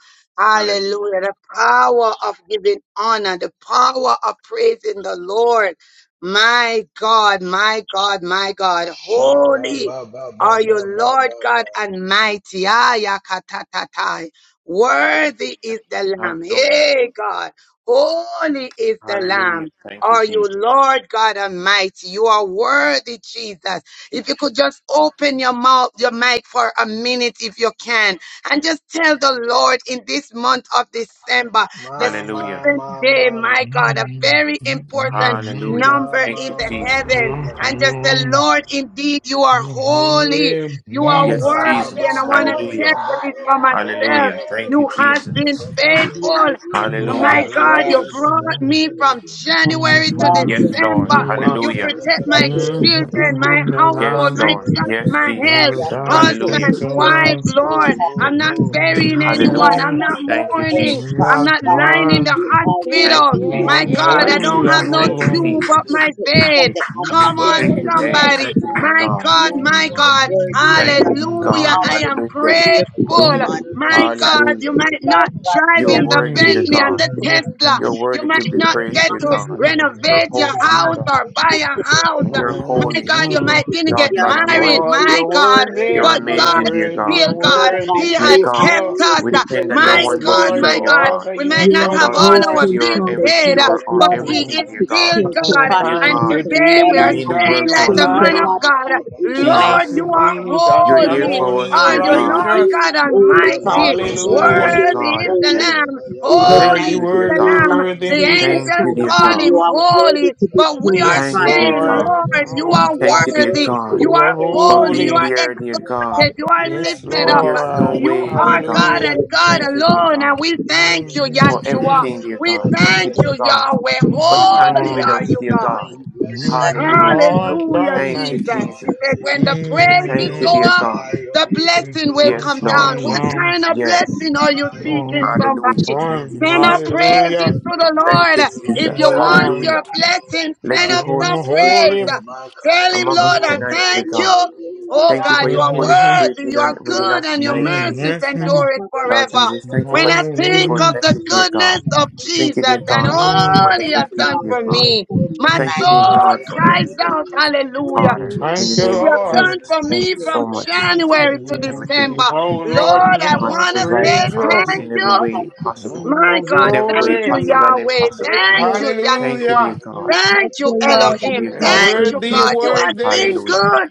S6: Hallelujah,
S3: Hallelujah. The power of giving honor, the power of praising the Lord. My God, my God, my God. Holy are you, Lord God and mighty. Ayakatatatai. Worthy is the Lamb.
S6: hallelujah,
S3: Hey, God. Holy is the Lamb
S6: hallelujah,
S3: are you,
S6: Jesus.
S3: Lord God Almighty. You are worthy, Jesus. If you could just open your mouth, your mic for a minute, if you can, and just tell the Lord in this month of December, the
S6: Hallelujah,
S3: seventh day, my God, a very important
S6: hallelujah.
S3: number
S6: Thank
S3: in
S6: you,
S3: the
S6: Jesus.
S3: heaven, and just the Lord, indeed, you are holy, you are
S2: yes,
S6: Yes,
S3: worthy,
S2: Lord.
S6: Jesus.
S3: and
S2: You're
S3: I want to
S2: holy,
S3: tell
S6: Hallelujah.
S3: you
S2: God.
S3: this for
S2: You're holy.
S3: myself.
S6: Hallelujah. Thank
S3: You
S6: you,
S3: has
S6: Jesus.
S3: been faithful Oh My
S6: Hallelujah.
S2: Yes,
S3: God, you
S2: yes,
S3: brought me from January to
S6: Yes, Lord.
S3: December. You
S6: Hallelujah.
S3: protect my children, my household,
S6: Yes,
S3: my
S6: Lord.
S3: job,
S6: Yes,
S3: my health,
S6: Jesus. Hallelujah.
S3: husbands, wife, Lord. I'm not burying anyone.
S6: Hallelujah.
S3: I'm not
S6: Thank you,
S3: mourning.
S6: Jesus.
S3: I'm not lying in the
S2: yes,
S7: Always
S6: Thank
S3: hospital.
S6: you,
S7: be with
S2: yes,
S3: My
S7: me,
S6: Jesus.
S3: God,
S7: Father
S3: I
S2: yes,
S7: Jesus.
S6: Hallelujah.
S3: don't have no
S7: You
S6: Thank you,
S3: tube
S6: Jesus.
S7: always
S3: up my
S7: protect me from
S3: vein.
S7: the hand of
S3: Come
S7: the
S3: on,
S6: Thank
S2: yes,
S6: you,
S7: evil,
S6: dear.
S7: Father
S2: yes,
S3: somebody.
S6: Thank you, dear
S3: My
S7: God.
S6: God.
S3: God,
S7: Lord, you
S3: my
S7: are
S3: God.
S7: worthy, O
S6: Thank you,
S7: God.
S6: dear
S7: You are
S3: Hallelujah.
S6: God.
S3: I
S7: always
S3: am
S6: Hallelujah.
S7: be there,
S3: grateful.
S6: Hallelujah.
S7: Father
S3: My
S7: Jesus.
S3: God,
S6: Hallelujah.
S3: you might not
S7: Lord
S3: drive
S6: You're
S7: God,
S3: in the
S6: worthy, dear
S3: Bentley and
S7: the
S6: God.
S3: the
S8: Mm-hmm.
S3: Tesla.
S6: You're
S3: You
S6: worthy
S3: might
S7: the
S6: to be
S3: not
S7: name
S6: praised,
S8: Lord,
S3: get
S6: dear
S3: to
S7: of
S6: God.
S7: Jesus
S6: You're
S3: renovate your
S6: holy,
S7: Father,
S6: dear
S7: I
S3: house
S6: God.
S3: or buy
S7: Thank the
S3: a
S7: blood
S3: house.
S7: of
S6: You're
S3: My
S7: Jesus for
S6: holy,
S3: God, you might
S7: everything
S3: didn't
S7: that
S3: get
S6: Lord
S7: you, are
S6: God
S7: going
S3: married.
S7: to
S6: Almighty.
S7: do
S3: My
S8: you're
S7: for me,
S3: God,
S7: what you are
S6: You're
S8: worthy,
S3: but
S7: about
S8: you're
S3: God
S6: amazing, dear
S8: worthy,
S7: to
S6: God.
S3: still
S8: you're
S7: do.
S3: God.
S7: Father God,
S8: worthy.
S3: He
S6: Dear
S3: had
S7: you
S8: Thank
S7: are
S6: God,
S3: kept
S8: you.
S3: us.
S6: we
S7: merciful,
S6: depend on no
S3: My
S8: Yes,
S7: Father
S6: one but
S3: God,
S8: Lord,
S6: you,
S3: my
S8: for
S7: Jesus.
S6: dear
S3: God,
S8: all
S6: God.
S8: that
S3: we
S8: you
S3: might
S8: have
S7: You
S3: not
S7: are
S3: have
S8: done,
S6: Lord
S3: all our
S6: Jesus,
S8: Lord.
S7: grateful,
S3: bills
S6: you're
S7: Father
S6: everything,
S3: paid,
S7: Jesus.
S6: you're our
S3: but
S7: Lord, I
S3: He
S6: everything,
S3: is
S6: dear
S3: still
S6: God.
S7: appreciate you,
S3: God.
S6: Dear
S7: Father
S3: And
S8: Thank you,
S6: God,
S7: Jesus.
S3: today
S7: Lord,
S3: we
S6: you
S7: I
S3: are
S6: mean the
S8: Jesus.
S3: saying
S6: world
S8: We
S6: to
S3: like
S8: have
S6: us,
S3: the
S7: appreciate
S6: dear
S7: you,
S3: man of
S8: life.
S6: God.
S7: Father
S3: God,
S7: God, in the mighty
S3: Lord,
S8: Thank
S6: Jesus,
S8: you,
S3: you
S7: name
S3: are
S8: Jesus.
S7: of
S6: you're
S8: You're
S6: there
S7: Jesus.
S3: holy
S8: holy,
S6: for us,
S8: you're
S3: are
S6: dear
S3: you,
S7: Lord,
S6: God.
S3: Lord
S8: righteous.
S7: you
S3: God
S7: are holy,
S3: Almighty.
S7: Father Jesus,
S8: Hallelujah.
S6: Holy
S7: you
S3: Worthy
S7: are
S6: God
S3: is
S6: of
S3: the
S7: holy.
S6: heaven,
S3: Lamb.
S7: In the
S6: thank
S3: Holy
S8: Worthy,
S7: mighty
S6: you,
S3: is
S6: dear
S8: worthy,
S3: the
S7: name
S6: God.
S7: of
S3: Lamb. The
S8: worthy.
S7: Jesus,
S6: Thank
S3: angels
S6: you,
S7: Father
S6: dear
S7: God,
S3: call
S7: you
S3: him
S6: God.
S7: are worthy
S3: holy.
S7: to be
S3: But we are
S7: praised,
S8: Yes,
S6: Thank you,
S7: Father
S6: dear
S3: saying,
S7: God.
S8: Lord.
S6: God.
S3: Lord, you
S7: Lord,
S8: Oh,
S3: are
S7: you
S6: Thank
S7: are
S6: you, dear
S3: worthy.
S7: worthy to
S6: God,
S3: You
S7: be
S8: you're
S3: are
S7: praised
S6: for
S7: in
S3: holy.
S7: the
S3: You
S6: being
S8: holy.
S3: are
S6: there,
S7: mighty
S6: dear
S7: name of
S6: God,
S3: exalted. You are
S8: Yes,
S3: lifted
S6: when
S3: up.
S6: there's no
S8: Lord.
S3: You
S6: way, dear
S2: yes,
S3: are
S6: God.
S3: God
S8: Hallelujah.
S3: and God
S6: Thank you, dear
S3: alone. And
S6: God,
S3: we thank you,
S7: Jesus.
S6: for
S8: Hallelujah.
S3: Yahshua.
S6: everything, dear
S3: We
S6: God. Thank you,
S3: thank
S6: dear
S3: you,
S6: God
S3: Yahweh.
S6: for
S7: You are
S6: standing
S3: Holy
S6: with
S3: are
S7: worthy,
S6: us,
S3: you,
S6: dear
S3: God.
S6: God.
S7: Father God.
S6: Hallelujah.
S8: Lord God
S3: Hallelujah,
S6: Thank you,
S8: Almighty.
S3: Jesus. He
S6: Jesus.
S3: said, when the praises
S6: Thank you,
S3: go
S8: Mm,
S6: dear
S3: up,
S6: God.
S3: the
S8: mm,
S3: blessing will
S8: mm,
S3: come
S6: Yes,
S3: down.
S6: Lord
S8: come
S3: What
S6: Jesus.
S8: down.
S3: kind of
S6: Yes.
S3: blessing are you seeking,
S8: Mm,
S6: Hallelujah.
S3: somebody?
S6: Thank
S8: Lord,
S6: you,
S3: Send up
S6: Jesus.
S3: praises
S8: hallelujah.
S3: to the
S6: Thank you,
S3: Lord.
S7: You are
S3: If
S8: Mm,
S3: you
S6: Jesus.
S7: worthy,
S3: want
S8: Lord,
S3: your
S6: Hallelujah.
S3: blessing,
S6: Let
S3: send
S6: your
S3: up
S6: Holy
S3: some
S8: mm,
S6: Spirit
S3: praise.
S8: Holy.
S6: reign
S3: Tell him,
S6: among
S3: Lord,
S6: us
S8: Mm,
S3: I
S7: Father
S8: mm,
S6: tonight,
S7: God.
S6: dear
S3: thank
S7: You
S3: you.
S6: God.
S7: are worthy,
S3: Oh
S7: you
S6: Thank you
S7: are
S6: for
S3: God, you
S6: your
S3: are
S6: Holy
S7: worthy to be
S8: mm,
S6: Spirit
S3: worthy, you
S7: praised.
S6: within,
S3: are
S6: within
S7: You
S3: good,
S6: us
S7: are
S3: and your
S6: tonight, Jesus.
S3: mercies
S7: Jesus
S8: mm,
S3: endure it
S6: Lord
S3: forever.
S6: Jesus, thank you
S3: When
S6: for
S3: I
S6: this
S7: You
S3: think
S6: beautiful
S7: are
S3: of
S8: mm,
S3: the
S6: message, dear
S7: worthy,
S3: goodness
S6: God.
S7: God.
S3: of
S6: Thank you,
S3: Jesus
S6: dear
S3: and
S6: God, for this
S8: mm,
S7: Lord,
S3: all he
S6: wonderful
S3: has
S6: gift,
S3: done
S6: dear
S3: for
S7: I
S6: God.
S3: me,
S7: thank you, Jesus.
S3: my
S8: mm.
S6: Thank
S7: I
S6: you, dear
S8: mm.
S3: soul
S6: God, for
S3: cries
S6: everything.
S3: out, hallelujah.
S6: Father, in
S8: Thank
S6: the
S8: you,
S6: name
S3: You
S6: of
S3: have
S8: Lord.
S3: done
S6: Jesus,
S3: for
S6: thank
S3: me
S6: you
S3: from
S6: so much.
S3: January
S6: for
S3: to
S6: Everything.
S3: December.
S8: Oh
S6: Thank you,
S8: Lord,
S3: Lord, I
S8: look
S6: God,
S8: my
S3: want
S6: for
S3: to
S8: praise
S6: providing
S3: say
S6: for
S8: you.
S6: us
S3: thank
S6: in every
S3: you.
S6: way possible.
S3: My
S8: Oh,
S3: God,
S6: In every
S3: thank
S6: way
S8: glory.
S3: you,
S6: possible and
S3: Yahweh.
S6: impossible.
S3: Thank you,
S6: Thank you,
S3: Yahshua.
S6: dear
S8: Hallelujah.
S6: God.
S3: Thank you,
S6: Thank you,
S3: Elohim.
S6: dear
S8: And
S6: God,
S3: Thank
S6: for
S3: you,
S8: worthy, you're
S3: God.
S6: everything.
S3: You have
S8: worthy.
S3: been
S6: Hallelujah.
S3: good.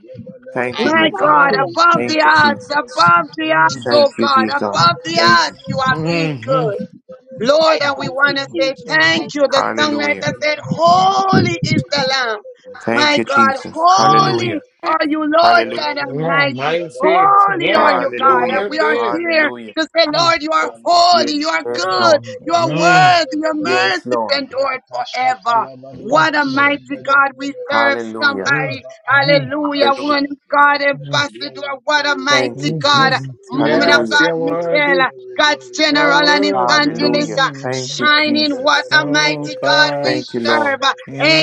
S6: Thank you, dear
S3: My
S7: thank
S6: God.
S3: God,
S7: you.
S3: above
S6: Thank
S3: the
S6: you,
S3: odds,
S6: Jesus.
S3: above the odds,
S6: Thank
S3: oh
S6: you,
S3: God,
S6: dear God.
S3: above the
S6: Thank
S3: odds,
S6: you.
S3: you have been good.
S7: I
S3: Lord, and we
S7: thank you,
S3: want to say
S7: Jesus. I thank
S3: thank you.
S7: you.
S3: The
S6: Hallelujah.
S3: songwriter said, Holy is the Lamb.
S6: Thank
S3: My
S6: you,
S3: God,
S6: Jesus.
S3: holy
S6: Hallelujah.
S3: are you, Lord
S6: Hallelujah.
S3: God Almighty.
S8: I see.
S3: Holy are
S8: Yeah,
S3: you,
S8: you're
S3: God. And
S6: Hallelujah.
S3: we are
S8: worthy.
S3: here
S6: Hallelujah.
S3: to say, Lord, you are
S6: Yes, yes,
S3: holy. You are
S6: yes,
S3: good.
S6: Lord.
S3: You are worthy. Your mercies
S6: Yes, Lord.
S3: endure forever. What a mighty God we serve
S6: Hallelujah.
S3: somebody. Hallelujah.
S6: Hallelujah.
S3: One God ambassador. What a
S6: Thank
S3: mighty
S6: you,
S3: God
S6: Jesus.
S3: movement of
S8: Yes,
S6: Hallelujah.
S3: God,
S8: you're worthy.
S3: Michelle, God's
S8: You're
S3: general and evangelist,
S6: Hallelujah.
S3: uh,
S6: Thank
S8: worthy.
S6: you,
S3: shining what
S6: Jesus.
S3: a
S8: Oh
S3: mighty God
S8: God,
S3: we
S6: Thank you,
S3: serve.
S6: Lord.
S3: Uh,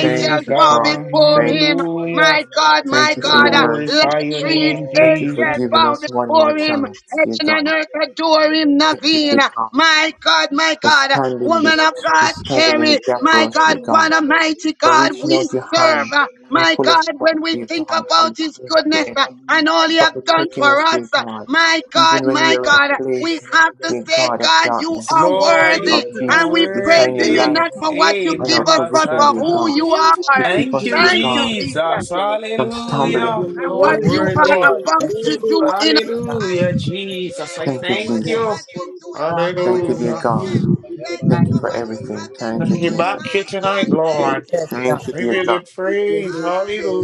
S6: Thank you,
S3: bow
S8: God,
S6: Father.
S3: before
S6: Thank
S3: him.
S6: you.
S8: hallelujah.
S3: My God, my
S6: Thank you for your
S3: God, uh, let
S6: mercy.
S8: Glorify your
S3: trees,
S8: name,
S6: Thank you for
S3: angel
S8: Jesus.
S6: giving
S3: bow
S6: us one more
S3: before him.
S6: chance, dear
S3: Heaven and
S6: God.
S3: earth adore him,
S6: Thank you,
S3: Naveen.
S6: dear God,
S3: My God, my
S6: for
S3: God,
S6: standing, the,
S3: woman of
S6: for
S3: God,
S6: standing in
S3: carry.
S6: the gap for
S3: My
S6: us,
S3: God,
S6: dear God,
S3: what a mighty
S6: for
S3: God
S6: reaching
S3: we
S6: out your
S3: serve.
S6: hand and
S3: My
S6: pull
S3: God,
S6: us back,
S3: when we
S6: dear
S3: think
S6: God,
S3: about
S6: from
S3: his
S6: the hands of the
S3: goodness
S6: enemy.
S3: uh, and all he
S6: for
S3: have done
S6: protecting
S3: for
S6: us,
S3: us,
S6: dear
S3: uh,
S6: God,
S3: my God,
S6: even when we
S3: my
S6: are in a
S3: God, we
S6: place,
S3: have to
S6: dear
S3: say,
S6: God, of
S3: God, you
S6: darkness.
S3: are
S7: I'm
S8: Lord,
S7: so
S8: you're
S3: worthy.
S6: Lord
S3: And
S6: Jesus,
S3: we
S6: you
S7: proud of
S3: praise
S6: shine your
S3: you
S6: light
S8: worthy.
S3: not for
S7: you.
S3: what you
S8: Hey,
S6: on
S3: give
S6: our
S7: Jesus.
S3: us,
S8: Mama
S3: but
S6: position,
S3: for
S6: dear
S7: You
S8: Sata.
S3: who
S7: are
S3: you
S6: God,
S7: worthy to
S6: to
S3: are.
S7: be
S6: keep
S8: Thank
S6: us,
S8: you,
S6: dear
S7: praised,
S3: Thank you,
S6: God,
S7: Father
S3: Jesus
S8: Jesus.
S7: Jesus.
S6: from
S7: You are
S6: stumbling.
S8: Hallelujah. You
S3: and
S7: the
S8: are
S3: what
S7: worthy,
S3: you are
S7: God.
S8: worthy.
S9: Lord.
S7: You
S3: about
S9: Thank
S7: are
S9: you,
S3: to do
S7: worthy.
S9: Lord.
S3: in
S9: Yes,
S3: our
S9: God.
S3: life.
S8: Hallelujah, Jesus. I
S3: Thank you
S6: Thank you,
S3: for
S8: thank
S3: what
S7: You
S3: you
S8: you.
S7: are
S3: have
S6: Jesus.
S3: been
S7: worthy,
S3: doing for
S7: God.
S3: our
S7: You
S6: Thank you, dear
S7: are
S8: Hallelujah.
S6: God.
S3: children.
S7: worthy in the
S3: Thank you
S6: Thank
S7: mighty
S6: you
S3: for
S6: for
S3: what you
S7: name
S6: everything.
S3: have been
S7: of
S8: I
S6: Thank you,
S8: give
S7: Jesus.
S3: doing,
S6: Jesus.
S8: back you
S3: my
S8: tonight,
S3: God. Thank
S8: Lord.
S3: you,
S9: Yes,
S6: Thank
S9: God.
S6: you,
S3: Jesus.
S8: Give
S6: dear
S8: you
S6: God.
S8: the
S7: Give your
S8: praise.
S7: name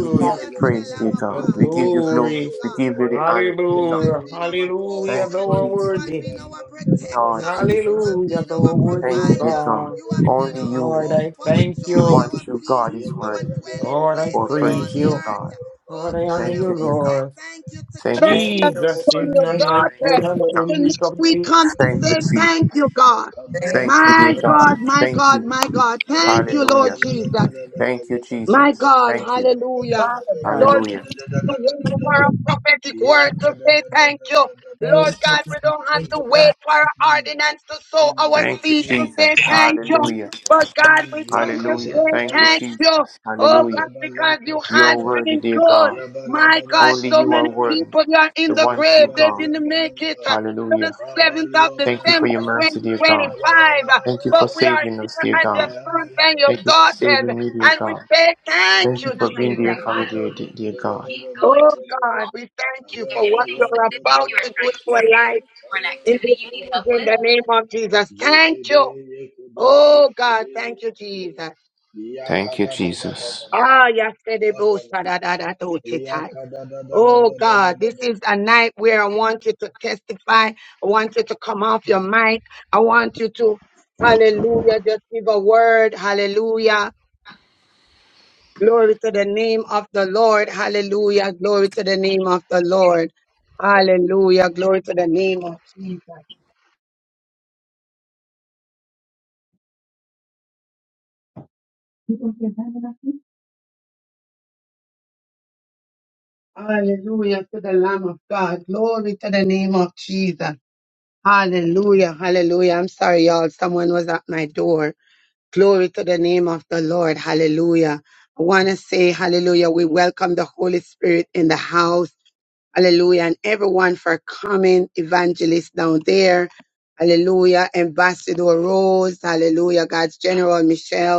S6: We give you
S7: Father,
S3: to the
S6: praise, dear
S3: Lamb
S7: Jesus.
S3: of
S8: The
S6: God. We
S3: God.
S6: give
S3: We
S6: you
S3: honor
S6: glory.
S3: you,
S7: You
S8: glory.
S6: We
S3: God.
S7: are
S6: give you the
S7: worthy, O
S6: honor, dear
S7: God.
S3: You
S6: God.
S7: You
S3: have
S7: are
S8: Hallelujah.
S3: been
S7: worthy.
S3: our
S7: You
S8: Hallelujah.
S6: Thank you,
S3: portion.
S8: Thou art
S7: worthy.
S3: You
S6: Jesus.
S3: have
S8: worthy.
S3: been our
S6: Lord
S3: protector. You
S6: Jesus.
S3: have
S8: Hallelujah.
S3: been
S8: Thou
S3: our
S8: art worthy,
S6: Thank
S8: O
S6: you, dear
S3: provider.
S6: God.
S8: God.
S3: You have been
S6: Only
S3: our
S6: you.
S8: Lord,
S3: hope,
S8: I
S3: our
S8: thank
S6: The
S3: joy,
S8: you.
S6: one
S3: our
S6: true
S3: peace,
S6: God is
S3: our
S6: worthy.
S3: dwelling
S8: Lord, I
S3: place
S6: For
S3: in
S9: Thank
S3: all
S8: praise
S6: praise,
S3: the
S6: dear
S8: you.
S6: God.
S3: earth. Oh
S8: Lord, I honor
S3: God,
S6: Thank
S8: you,
S3: and
S6: you,
S3: we
S6: dear
S3: say
S6: God.
S8: Lord.
S3: thank you
S6: Thank
S3: together. Bless
S6: you,
S9: thank
S3: your
S9: you,
S6: Jesus.
S8: Jesus
S9: Lord.
S8: is
S3: son, your
S8: none
S9: Thank you,
S8: like
S6: Thank
S8: you,
S6: you,
S3: daughter.
S9: Lord.
S6: dear
S8: none
S6: God.
S8: to be
S3: Tonight we
S8: compared.
S3: come to
S6: Thank you,
S3: say
S6: Jesus.
S3: thank you, God.
S9: Thank
S6: Thank
S9: you.
S6: you,
S3: My
S6: dear God.
S3: God, my
S6: Thank
S3: God,
S6: you.
S3: my God.
S9: Yes,
S3: Thank you, Lord
S6: Hallelujah.
S3: Jesus.
S6: Thank you,
S3: My
S6: Jesus.
S3: God,
S6: Thank you.
S3: hallelujah.
S9: Father God.
S3: Lord,
S6: Hallelujah.
S3: we don't have to wait for a prophetic word to say thank you.
S9: Thank
S3: Lord
S9: you,
S3: God, we
S9: God.
S3: don't have
S9: Thank
S3: to
S9: you,
S3: wait
S9: God.
S3: for an ordinance to sow our
S6: Thank you,
S3: seed to say
S6: Jesus.
S3: thank you.
S6: Hallelujah.
S3: But God, we come to
S6: Hallelujah.
S3: say
S6: Thank you,
S3: thank you.
S6: Jesus.
S3: Oh
S6: Hallelujah.
S3: God, because you
S6: You
S3: has
S6: are worthy,
S3: been
S6: dear
S3: good.
S6: God.
S3: My God,
S6: Only
S3: so
S6: you are
S3: many
S6: worthy.
S3: people they are in
S6: The
S3: the
S6: one
S3: grave.
S6: true
S3: They
S6: God.
S3: didn't make it uh, to the
S6: Hallelujah.
S3: 7th of
S6: Thank you for
S3: December
S6: your mercy, dear
S3: 2025.
S6: God.
S3: uh,
S6: Thank you for
S3: But we are
S6: saving
S3: here
S6: us, dear
S3: as your
S6: God.
S3: sons and your
S6: Thank you for
S3: daughters.
S6: saving me, dear
S3: And we
S6: God.
S3: say, Thank
S6: Thank you
S3: you,
S6: for
S3: Jesus.
S6: dear, dear God.
S3: Oh God, we thank you for what you're about to do in our life in this season, in the name of Jesus. Thank you. Oh God, thank you, Jesus.
S6: Thank you, Jesus.
S3: Ah, yesterday, Oh God, this is a night where I want you to testify. I want you to come off your mic. I want you to, hallelujah, just give a word. Hallelujah. Glory to the name of the Lord. Hallelujah. Glory to the name of the Lord. Hallelujah. Glory to the name of Jesus. Hallelujah to the Lamb of God. Glory to the name of Jesus. Hallelujah. Hallelujah. I'm sorry, y'all. Someone was at my door. Glory to the name of the Lord. Hallelujah. I want to say, Hallelujah. We welcome the Holy Spirit in the house. Hallelujah. And everyone for coming, evangelist down there. Hallelujah. Ambassador Rose. Hallelujah. God's General Michelle.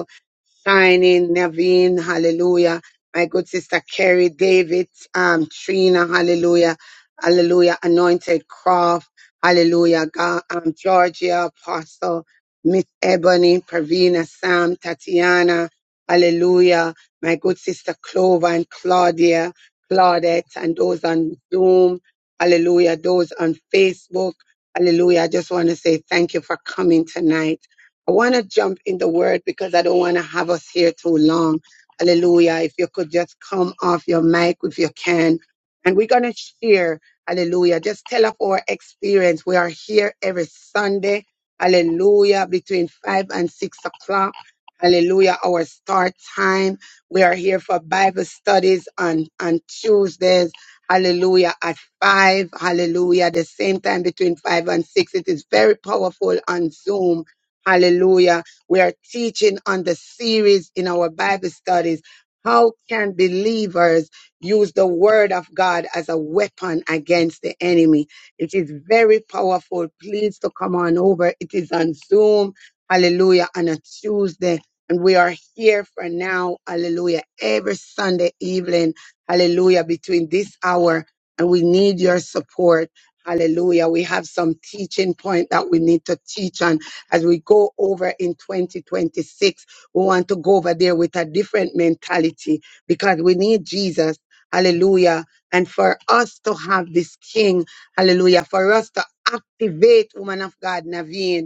S3: Shining, Naveen, hallelujah. My good sister Carrie, David, um, Trina, hallelujah. Hallelujah. Anointed Croft, hallelujah. God, um, Georgia, Apostle, Miss Ebony, Pravina, Sam, Tatiana, hallelujah. My good sister Clover and Claudia, Claudette, and those on Zoom, hallelujah. Those on Facebook, hallelujah. I just want to say thank you for coming tonight. I want to jump in the word because I don't want to have us here too long. Hallelujah. If you could just come off your mic if you can. And we're going to share. Hallelujah. Just tell of our experience. We are here every Sunday. Hallelujah. Between five and six o'clock. Hallelujah. Our start time. We are here for Bible studies on, on Tuesdays. Hallelujah. At five. Hallelujah. The same time between five and six. It is very powerful on Zoom. Hallelujah. We are teaching on the series in our Bible studies. How can believers use the word of God as a weapon against the enemy? It is very powerful. Please to come on over. It is on Zoom. Hallelujah. On a Tuesday. And we are here for now. Hallelujah. Every Sunday evening. Hallelujah. Between this hour and we need your support. Hallelujah. We have some teaching point that we need to teach on as we go over in 2026, we want to go over there with a different mentality because we need Jesus. Hallelujah. And for us to have this King, hallelujah, for us to activate, woman of God, Naveen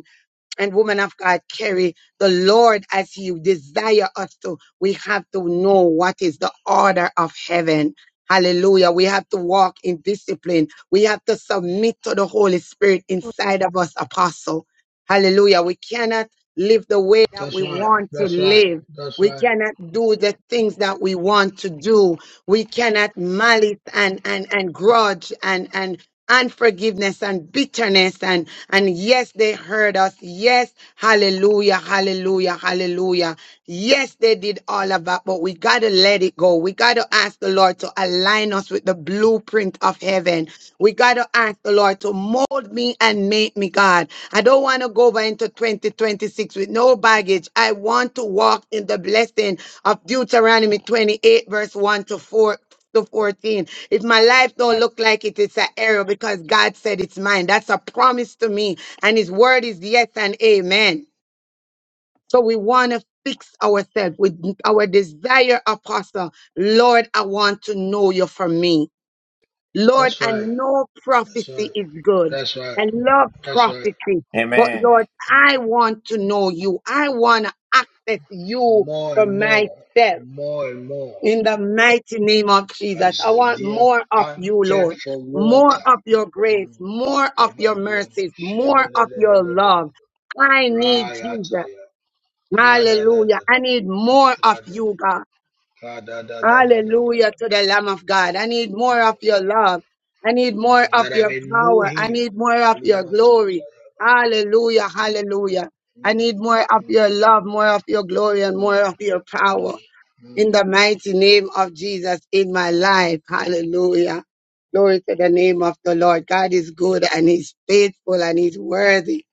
S3: and woman of God carry the Lord as you desire us to. We have to know what is the order of heaven. Hallelujah. We have to walk in discipline. We have to submit to the Holy Spirit inside of us, apostle. Hallelujah. We cannot live the way that we want to live. We cannot do the things that we want to do. We cannot malice and, and, and grudge and and unforgiveness and bitterness and and yes they hurt us yes hallelujah hallelujah hallelujah yes they did all of that but we gotta let it go we gotta ask the lord to align us with the blueprint of heaven we gotta ask the lord to mold me and make me god i don't want to go over into 2026 with no baggage i want to walk in the blessing of deuteronomy 28 verse 1 to 4 to 14. If my life don't look like it, it's an error because God said it's mine. That's a promise to me. And his word is yes and amen. So we want to fix ourselves with our desire, apostle. Lord, I want to know you for me. Lord, I know prophecy is good. I love prophecy. But
S6: Amen.
S3: Lord, I want to know you. I want to access you for myself. In the mighty name of Jesus, I want more of you, Lord. More of your grace, more of your mercies, more of your love. I need Jesus. Hallelujah. I need more of you, God. Hallelujah to the Lamb of God. I need more of your love. I need more of your power. I need more of your glory. Hallelujah. Hallelujah. I need more of your love, more of your glory, and more of your power in the mighty name of Jesus in my life. Hallelujah. Glory to the name of the Lord. God is good and he's faithful and he's worthy.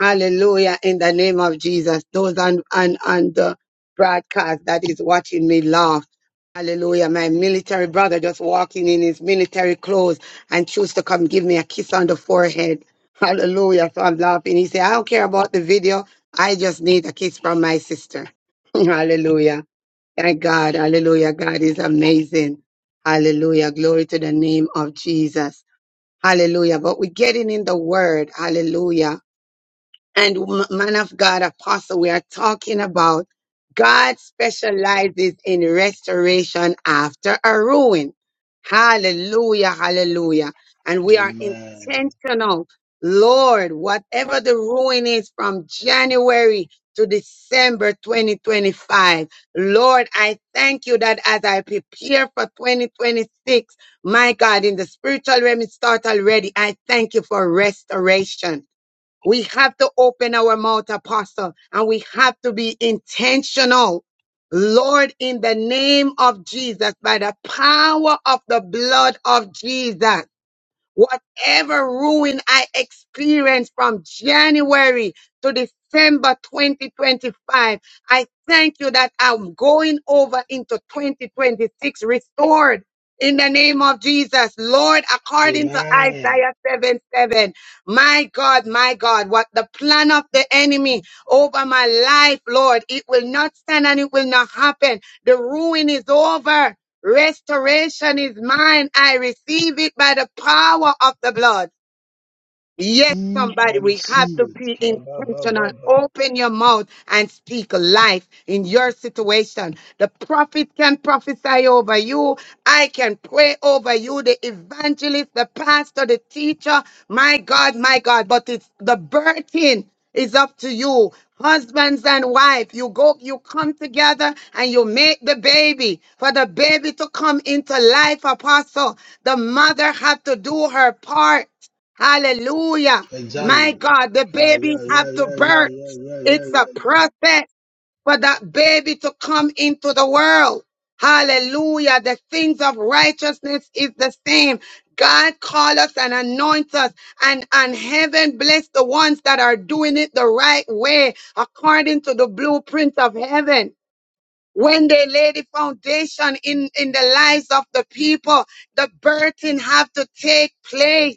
S3: Hallelujah. In the name of Jesus. Those on, on, on the broadcast that is watching me laugh. Hallelujah. My military brother just walking in his military clothes and choose to come give me a kiss on the forehead. Hallelujah. So I'm laughing. He said, I don't care about the video. I just need a kiss from my sister. Hallelujah. Thank God. Hallelujah. God is amazing. Hallelujah. Glory to the name of Jesus. Hallelujah. But we're getting in the word. Hallelujah and m- man of God apostle, we are talking about God specializes in restoration after a ruin. Hallelujah, hallelujah. And we are intentional. Lord, whatever the ruin is from January to December 2025, Lord, I thank you that as I prepare for 2026, my God, in the spiritual realm, it starts already. I thank you for restoration. We have to open our mouth, apostle, and we have to be intentional. Lord, in the name of Jesus, by the power of the blood of Jesus. Whatever ruin I experienced from January to December 2025, I thank you that I'm going over into 2026 restored. In the name of Jesus, Lord, according to Isaiah 7 7, my God, my God, what the plan of the enemy over my life, Lord, it will not stand and it will not happen. The ruin is over. Restoration is mine. I receive it by the power of the blood. Yes, somebody, we have to be intentional. Open your mouth and speak life in your situation. The prophet can prophesy over you. I can pray over you, the evangelist, the pastor, the teacher. My God, my God. But it's the birthing is up to you. Husbands and wife, you go, you come together and you make the baby for the baby to come into life, apostle. The mother had to do her part. Hallelujah. My God, the babies have to birth. It's a process for that baby to come into the world. Hallelujah. The things of righteousness is the same. God call us and anoint us and, and heaven bless the ones that are doing it the right way according to the blueprint of heaven. When they lay the foundation in, in the lives of the people, the birthing have to take place.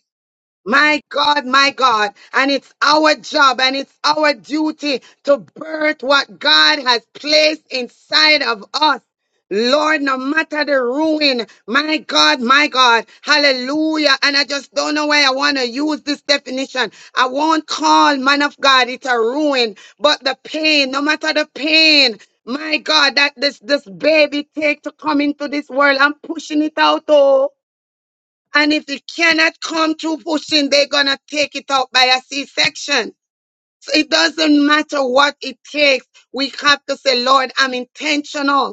S3: My God, my God. And it's our job and it's our duty to birth what God has placed inside of us. Lord, no matter the ruin, my God, my God, hallelujah. And I just don't know why I want to use this definition. I won't call man of God, it's a ruin, but the pain, no matter the pain, my God, that this, this baby take to come into this world, I'm pushing it out, oh. And if it cannot come through pushing, they're going to take it out by a C section. So it doesn't matter what it takes. We have to say, Lord, I'm intentional.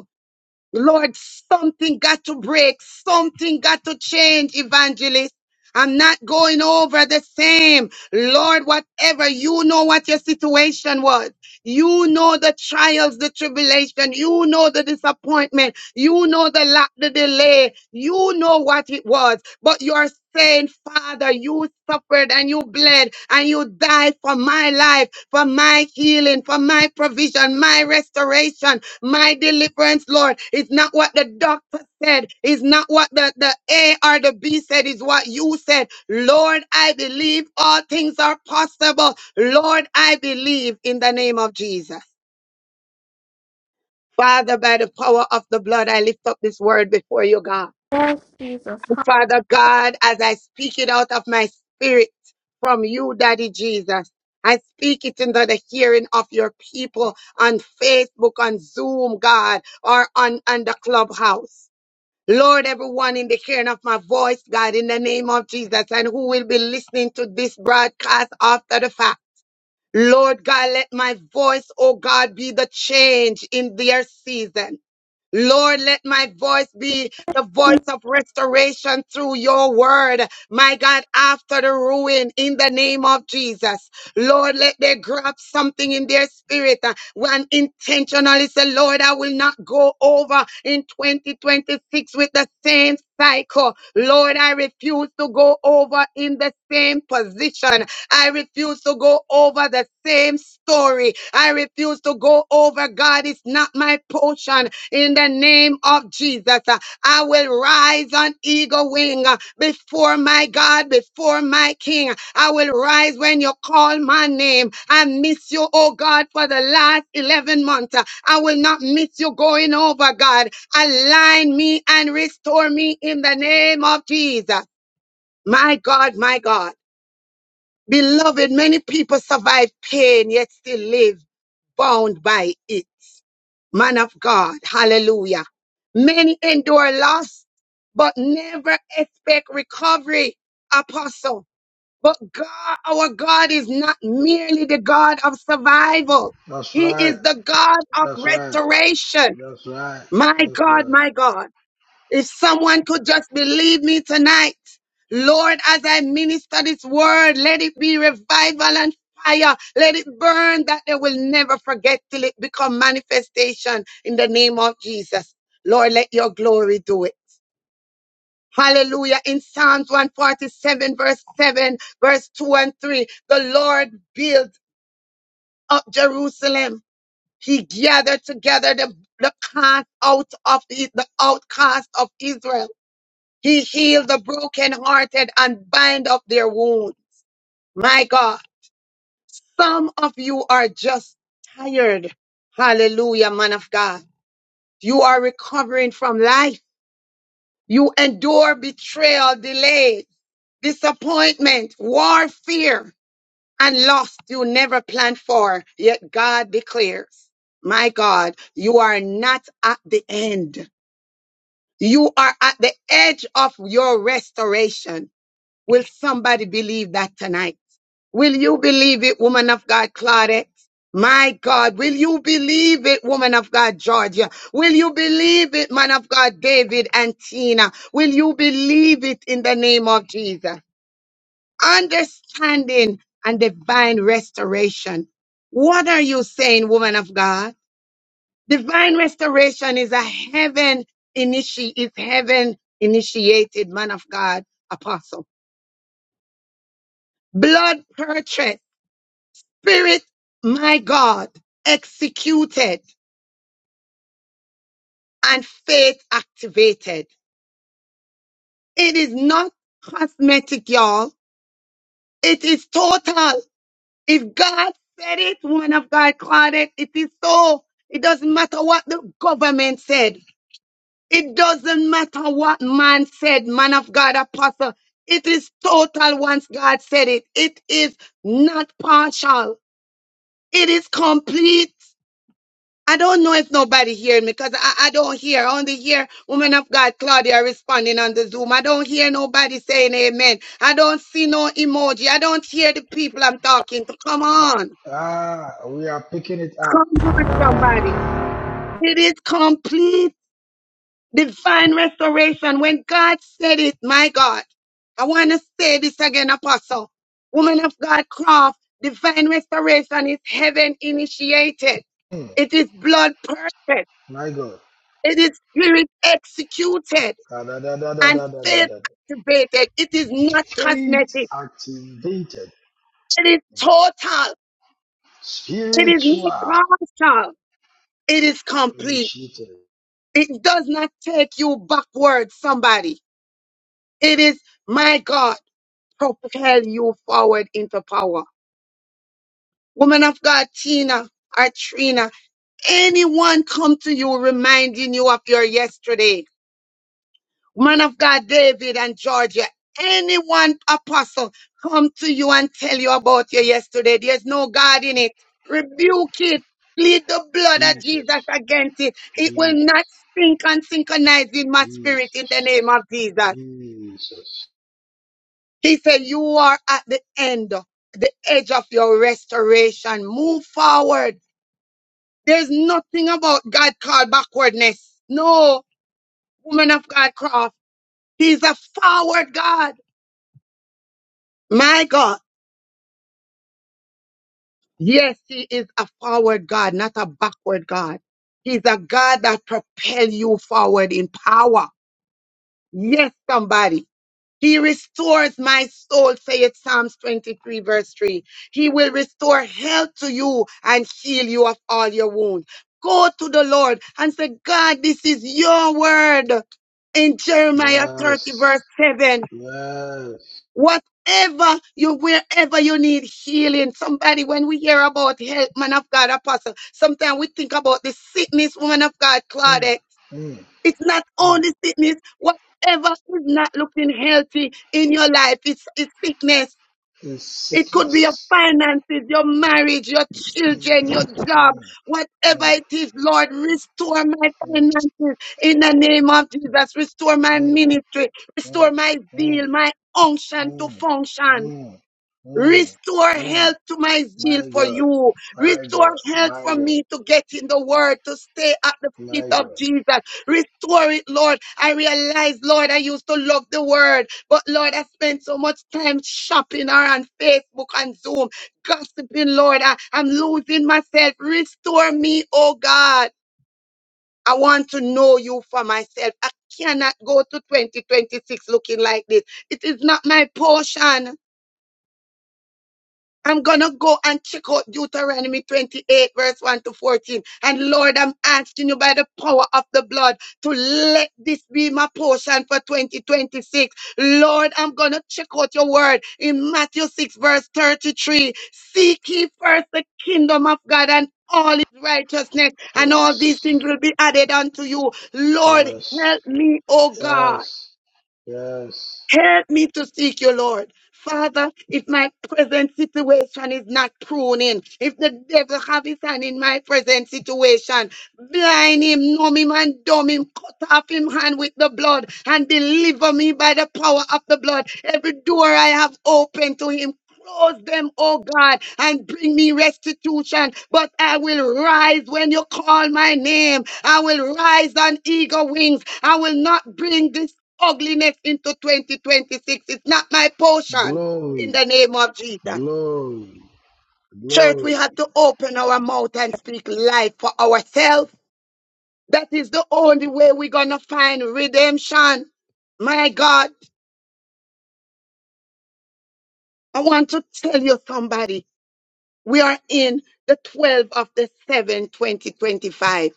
S3: Lord, something got to break. Something got to change, evangelist. I'm not going over the same. Lord, whatever, you know what your situation was. You know the trials, the tribulation. You know the disappointment. You know the lack, the delay. You know what it was. But you're saying, Father, you suffered and you bled and you died for my life, for my healing, for my provision, my restoration. My deliverance, Lord, is not what the doctor said, is not what the, the A or the B said, is what you said. Lord, I believe all things are possible. Lord, I believe in the name of Jesus. Father, by the power of the blood, I lift up this word before you, God. Father God, as I speak it out of my spirit from you, Daddy Jesus, I speak it into the hearing of your people on Facebook, on Zoom, God, or on, on the clubhouse. Lord, everyone in the hearing of my voice, God, in the name of Jesus, and who will be listening to this broadcast after the fact. Lord God, let my voice, oh God, be the change in their season. Lord, let my voice be the voice of restoration through your word. My God, after the ruin in the name of Jesus. Lord, let they grab something in their spirit uh, and intentionally say, Lord, I will not go over in 2026 with the same cycle. Lord, I refuse to go over in the same position. I refuse to go over the same story. I refuse to go over. God, it's not my portion in the name of Jesus. Uh, I will rise on eagle wing uh, before my God, before my King. I will rise when you call my name. I miss you, oh God, for the last 11 months. Uh, I will not miss you going over, God. Align me and restore me in the name of Jesus. My God, my God. Beloved, many people survive pain yet still live bound by it man of God. Hallelujah. Many endure loss, but never expect recovery, apostle. But God, our God is not merely the God of survival. He is the God of restoration. My God, my God. If someone could just believe me tonight, Lord, as I minister this word, let it be revival and fire. Let it burn that they will never forget till it become manifestation in the name of Jesus. Lord, let your glory do it. Hallelujah. In Psalms 147, verse 7, verse 2 and 3, the Lord built up Jerusalem. He gathered together the, the cast out of the the outcast of Israel. He healed the brokenhearted and bind up their wound. My God, some of you are just tired. Hallelujah, man of God. You are recovering from life. You endure betrayal, delay, disappointment, warfare, and loss you never planned for. Yet God declares, my God, you are not at the end. You are at the edge of your restoration. Will somebody believe that tonight? Will you believe it, woman of God, Claudette? My God, will you believe it, woman of God, Georgia? Will you believe it, man of God, David and Tina? Will you believe it in the name of Jesus? Understanding and divine restoration. What are you saying, woman of God? Divine restoration is a heaven initiate, is heaven initiated, man of God, apostle. Blood purchase. Spirit, my God, executed and faith activated. It is not cosmetic, y'all. It is total. If God said it, one of God called it, it is so. It doesn't matter what the government said. It doesn't matter what man said, man of God, apostle. It is total once God said it. It is not partial. It is complete. I don't know if nobody hear me because I, I don't hear. I only hear woman of God Claudia responding on the Zoom. I don't hear nobody saying amen. I don't see no emoji. I don't hear the people I'm talking to. Come on. Come on, somebody. It is complete divine restoration. When God said it, my God, I want to say this again, Apostle. Woman of God Croft, divine restoration is heaven initiated. It is blood purchased. It is spirit executed and faith activated. It is not cosmetic. It is total. It is not partial. It is complete. It does not take you backward, somebody. It is, my God, propel you forward into power. Woman of God, Tina or Trina, anyone come to you reminding you of your yesterday? man of God, David and Georgia, anyone apostle come to you and tell you about your yesterday. There's no God in it. Rebuke it. Plead the blood of Jesus against it. It will not sink and synchronize in my spirit in the name of Jesus. He said, you are at the end, the edge of your restoration. Move forward. There's nothing about God called backwardness. No, woman of God, cross. He's a forward God. My God. Yes, he is a forward God, not a backward God. He's a God that propels you forward in power. Yes, somebody. He restores my soul, saith Psalms 23 verse 3. He will restore health to you and heal you of all your wounds. Go to the Lord and say, God, this is your word in Jeremiah 30 verse 7. Whatever you, wherever you need healing, somebody, when we hear about help, man of God, apostle, sometimes we think about the sickness, woman of God, Claudette. It's not only sickness, whatever is not looking healthy in your life, it's, it's sickness. It could be your finances, your marriage, your children, your job, whatever it is, Lord, restore my finances in the name of Jesus. Restore my ministry. Restore my zeal, my unction to function. Restore health to my zeal for you. Restore health for me to get in the word, to stay at the feet of Jesus. Restore it, Lord. I realize, Lord, I used to love the word, but Lord, I spent so much time shopping or on Facebook and Zoom, gossiping, Lord. I, I'm losing myself. Restore me, oh God. I want to know you for myself. I cannot go to 2026 looking like this. It is not my portion. I'm gonna go and check out Deuteronomy 28, verse 1 to 14. And Lord, I'm asking you by the power of the blood to let this be my portion for 2026. Lord, I'm gonna check out your word in Matthew 6, verse 33. Seek ye first the kingdom of God and all his righteousness, and all these things will be added unto you. Lord, help me, oh God Help me to seek you, Lord. Father, if my present situation is not pruning, if the devil have his hand in my present situation, blind him, numb him, and dumb him, cut off him hand with the blood, and deliver me by the power of the blood. Every door I have opened to him. Close them, oh God, and bring me restitution. But I will rise when you call my name. I will rise on eagle wings. I will not bring ugliness into 2026. It's not my portion in the name of Jesus. Church, we have to open our mouth and speak life for ourselves. That is the only way we're going to find redemption. My God, I want to tell you somebody, we are in the 12 of the 7, 2025.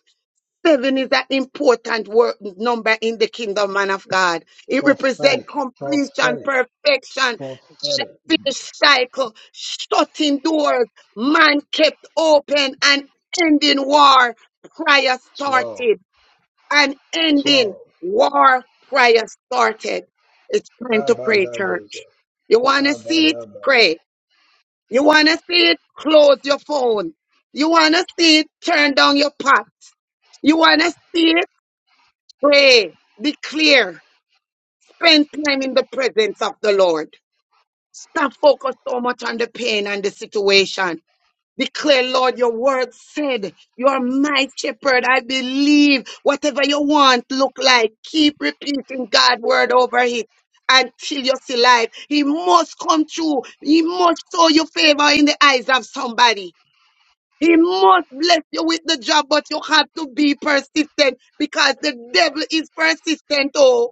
S3: Seven is an important word, number in the kingdom, man of God. It represents completion, perfection, that finished cycle, shutting doors, man kept open, and ending war. Prayer started, and ending war. Prayer started. It's time to pray, church. You want to see it? Pray. You want to see it? Close your phone. You want to see it? Turn down your pot. You want to see it? Pray, be clear, spend time in the presence of the Lord. Stop focused so much on the pain and the situation. Declare, Lord, your word said, You are my shepherd. I believe whatever you want look like. Keep repeating God's word over it until you see life. He must come true. He must show you favor in the eyes of somebody. He must bless you with the job, but you have to be persistent because the devil is persistent. Oh.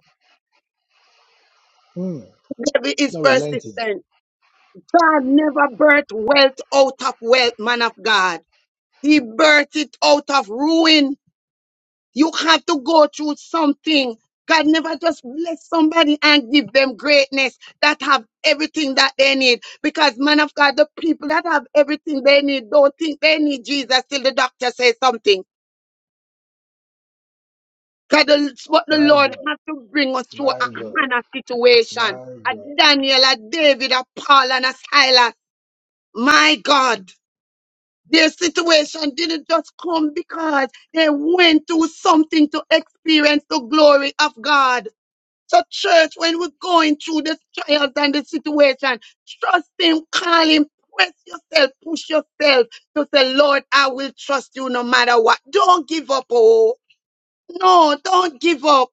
S3: Devil is persistent. God never birthed wealth out of wealth, man of God. He birthed it out of ruin. You have to go through something. God never just bless somebody and give them greatness that have everything that they need. Because man of God, the people that have everything they need don't think they need Jesus till the doctor says something. God, that's what the Lord has to bring us through a Hannah situation. A Daniel, a David, a Paul, and a Silas. My God, their situation didn't just come because they went through something to experience the glory of God. So, church, when we're going through the trials and the situation, trust Him, call Him, press yourself, push yourself to say, Lord, I will trust you no matter what. Don't give up, oh. No, don't give up.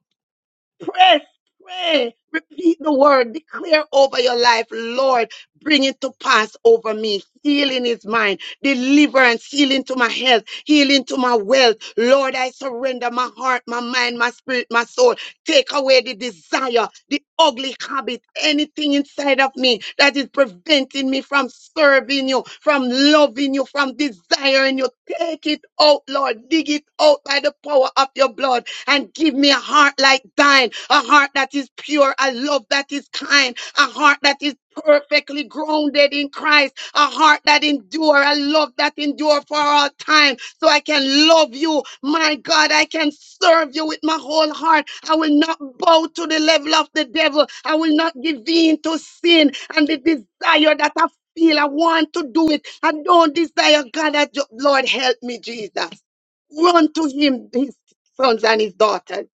S3: Press, pray, repeat the word, declare over your life, Lord, bring it to pass over me. Healing is mine deliverance, healing to my health, healing to my wealth. Lord, I surrender my heart, my mind, my spirit, my soul. Take away the desire, the ugly habit, anything inside of me that is preventing me from serving you, from loving you, from desiring you. Take it out, Lord. Dig it out by the power of your blood and give me a heart like thine, a heart that is pure, a love that is kind, a heart that is perfectly grounded in Christ, a heart that endure, a love that endure for all time. So I can love you, my God. I can serve you with my whole heart. I will not bow to the level of the devil. I will not give in to sin and the desire that I feel. I want to do it. I don't desire God. I just, Lord, help me, Jesus. Run to Him, His sons and His daughters.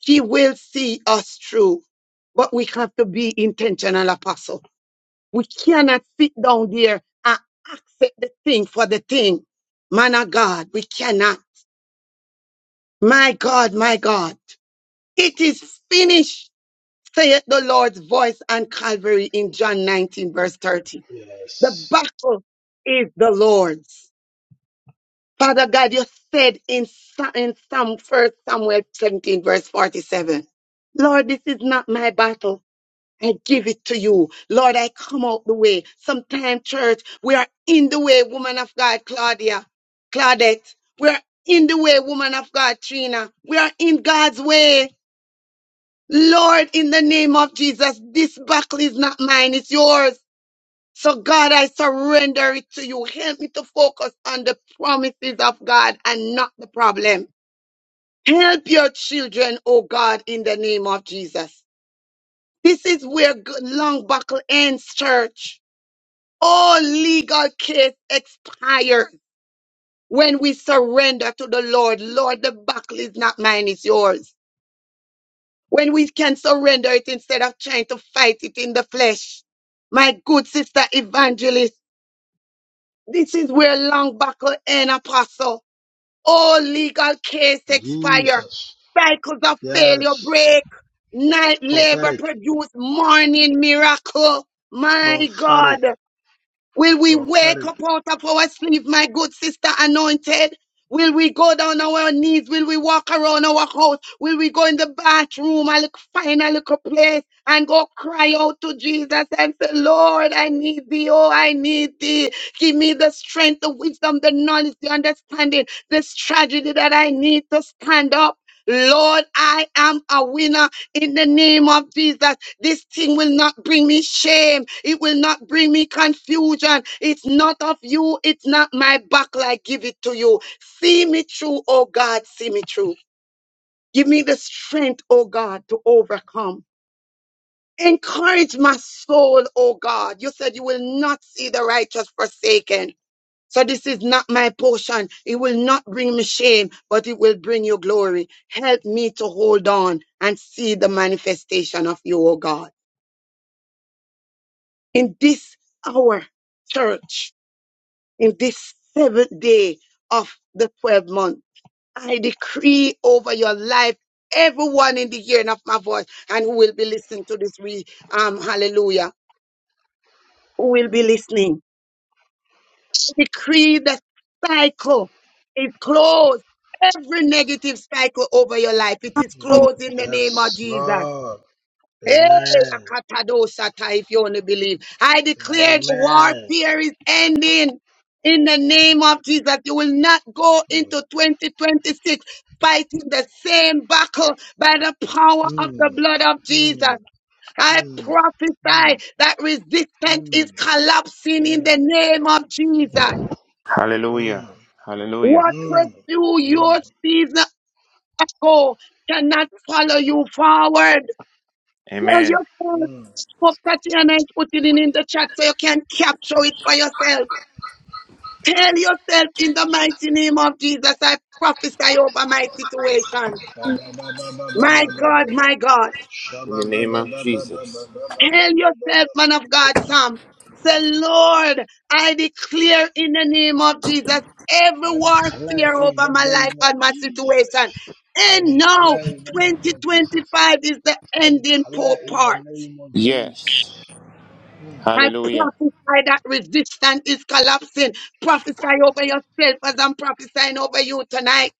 S3: She will see us through, but we have to be intentional, apostle. We cannot sit down there and accept the thing for the thing. Man of God, we cannot. My God, my God. It is finished, saith the Lord's voice on Calvary in John 19, verse 30. The battle is the Lord's. Father God, you said in, Sa- in Psalm first Samuel 17, verse 47, Lord, this is not my battle. I give it to you. Lord, I come out the way. Sometime, church, we are in the way, woman of God, Claudia, Claudette. We are in the way, woman of God, Trina. We are in God's way. Lord, in the name of Jesus, this buckle is not mine, it's yours. So, God, I surrender it to you. Help me to focus on the promises of God and not the problem. Help your children, oh God, in the name of Jesus. This is where good- long buckle ends, church. All legal case expire when we surrender to the Lord. Lord, the battle is not mine, it's yours. When we can surrender it instead of trying to fight it in the flesh. My good sister evangelist, this is where long battle end, apostle. All legal case expire. Cycles of failure break. Night labor produce morning miracle. My God. Will we wake up out of our sleep, my good sister anointed? Will we go down on our knees? Will we walk around our house? Will we go in the bathroom and look- find a little place and go cry out to Jesus and say, Lord, I need thee. Oh, I need thee. Give me the strength, the wisdom, the knowledge, the understanding, the strategy that I need to stand up. Lord, I am a winner in the name of Jesus. This thing will not bring me shame. It will not bring me confusion. It's not of you. It's not my battle. I give it to you. See me through, oh God. See me through. Give me the strength, oh God, to overcome. Encourage my soul, oh God. You said you will not see the righteous forsaken. So this is not my portion. It will not bring me shame, but it will bring you glory. Help me to hold on and see the manifestation of you, O God. in this hour, church, in this seventh day of the 12 month. I decree over your life, everyone in the hearing of my voice, and who will be listening to this, re- um, hallelujah, who will be listening. I decree that cycle is closed. Every negative cycle over your life, it is closed in the name of Jesus. Hey, Akatadosata, if you only believe. I declare the warfare is ending. In the name of Jesus, you will not go into 2026 fighting the same battle by the power of the blood of Jesus. I prophesy that resistance is collapsing in the name of Jesus.
S6: Hallelujah. Hallelujah.
S3: What pursue your season ago cannot follow you forward. Tell
S6: Amen.
S3: yourself, stop touching and I put it in, in the chat so you can capture it for yourself. Tell yourself in the mighty name of Jesus, I prophesy over my situation. My God, my God. Tell yourself, man of God, Sam. Say, Lord, I declare in the name of Jesus every warfare over my life and my situation. And now 2025 is the ending po- part.
S6: Yes.
S3: I prophesy that resistance is collapsing. Prophesy over yourself as I'm prophesying over you tonight.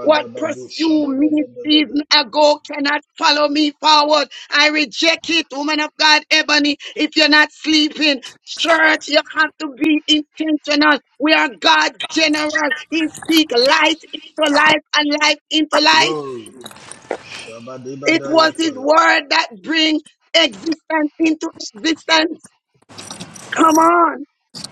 S3: What pursued me season ago cannot follow me forward. I reject it, woman of God, Ebony. If you're not sleeping, church, you have to be intentional. We are God general. He speaks light into life and life into life. It was his word that brings existence into existence. Come on.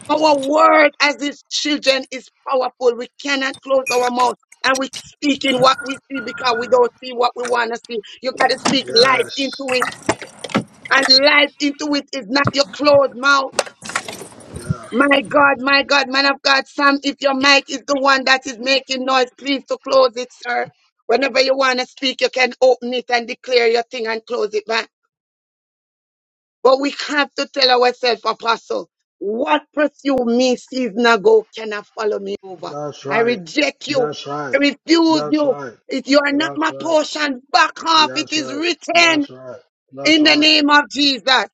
S3: Our word as his children is powerful. We cannot close our mouth and we speak in what we see because we don't see what we want to see. You got to speak life into it. And life into it is not your closed mouth. My God, my God, man of God, Sam, if your mic is the one that is making noise, please to close it, sir. Whenever you want to speak, you can open it and declare your thing and close it back. But we have to tell ourselves, Apostle, what pursue me season ago cannot follow me over. I reject you. I refuse you. If you are not my portion, back off. It is written in the name of Jesus.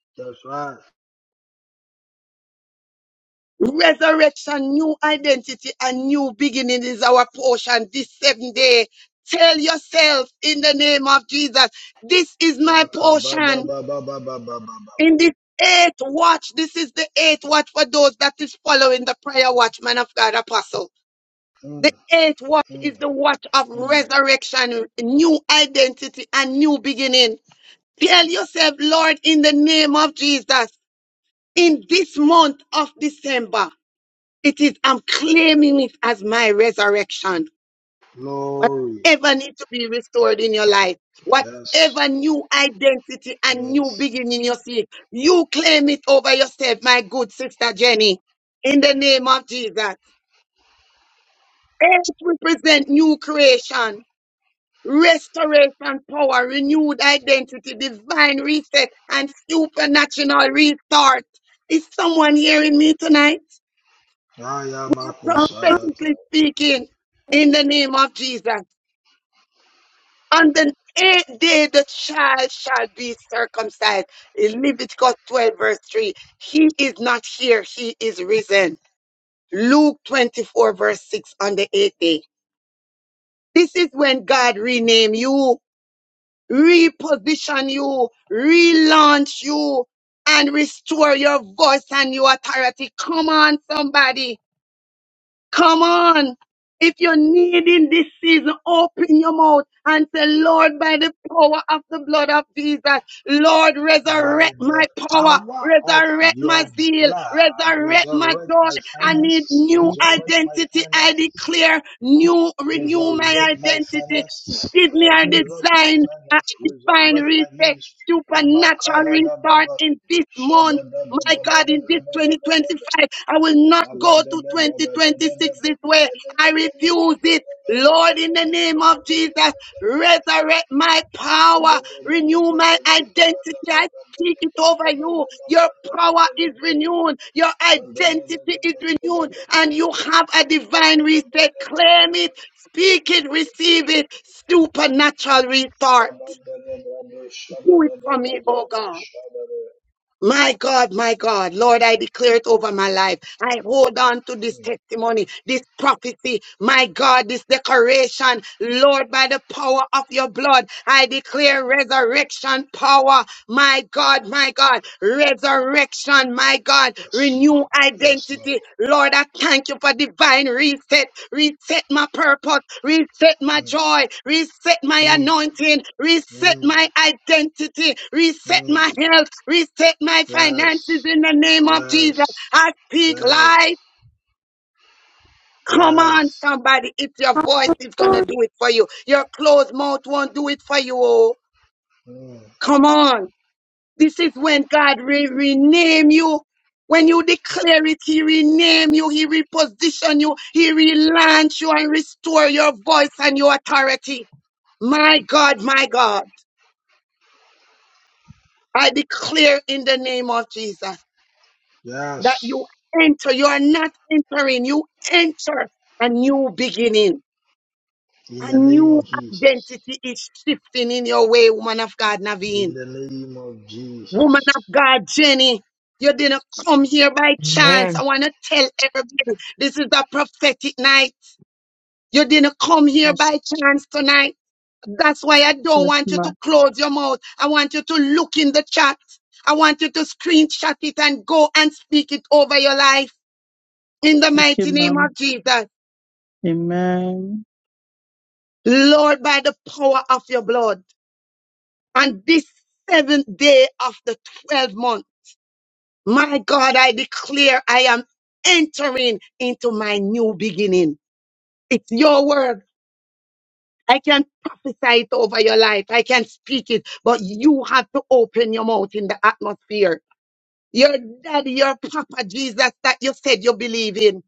S3: Resurrection, new identity, and new beginning is our portion this seventh day. Tell yourself in the name of Jesus, this is my portion. In this eighth watch, this is the eighth watch for those that is following the prayer watch, man of God, apostle. The eighth watch is the watch of resurrection, new identity, and new beginning. Tell yourself, Lord, in the name of Jesus, in this month of December, it is, I'm claiming it as my resurrection. Whatever needs to be restored in your life, whatever new identity and new beginning you seek, you claim it over yourself, my good sister Jenny. In the name of Jesus, it represent new creation, restoration, power, renewed identity, divine reset, and supernatural restart. Is someone hearing me tonight? Prophetically speaking, in the name of Jesus. On the eighth day the child shall be circumcised. In Leviticus 12, verse 3. He is not here, he is risen. Luke 24, verse 6 on the eighth day. This is when God rename you, reposition you, relaunch you, and restore your voice and your authority. Come on, somebody. Come on. If you're needing this season, open your mouth and say, Lord, by the power of the blood of Jesus, Lord, resurrect my power, resurrect my zeal, resurrect my joy. I need new identity. I declare new, renew my identity. Give me a design, a divine reset, supernatural restart in this month my God, in this 2025, I will not go to 2026 this way. I refuse it. Lord, in the name of Jesus, resurrect my power, renew my identity. I speak it over you. Your power is renewed. Your identity is renewed. And you have a divine reset. Claim it, speak it, receive it. Supernatural restart. Do it for me, oh God. My God, my God, Lord, I declare it over my life. I hold on to this testimony, this prophecy, my God, this declaration. Lord, by the power of your blood, I declare resurrection power. My God, my God, resurrection, my God, renew identity. Lord, I thank you for divine reset. Reset my purpose, reset my joy, reset my anointing, reset my identity, reset my health, reset my finances in the name of Jesus. I speak life. Come on, somebody. It's your voice. It's going to do it for you. Your closed mouth won't do it for you. Oh, come on. This is when God re- rename you. When you declare it, He rename you, He reposition you, He relaunch you and restore your voice and your authority. My God, my God, I declare in the name of Jesus that you enter. You are not entering, you enter a new beginning. A new identity is shifting in your way, woman of God, Naveen. Woman of God, Jenny, you didn't come here by chance. I
S8: Amen.
S3: want to tell everybody this is a prophetic night. You didn't come here by
S10: Yes,
S3: chance tonight. That's why I don't
S10: yes,
S3: want you to
S10: ma'am.
S3: close your mouth. I want you to look in the chat. I want you to screenshot it and go and speak it over your life in the
S10: Okay,
S3: mighty name
S10: ma'am.
S3: of Jesus.
S10: Amen.
S3: Lord, by the power of your blood. On this seventh day of the 12th month My God, I declare I am entering into my new beginning. It's your word. I can prophesy it over your life. I can speak it, but you have to open your mouth in the atmosphere. Your daddy, your papa, Jesus, that you said you believe in.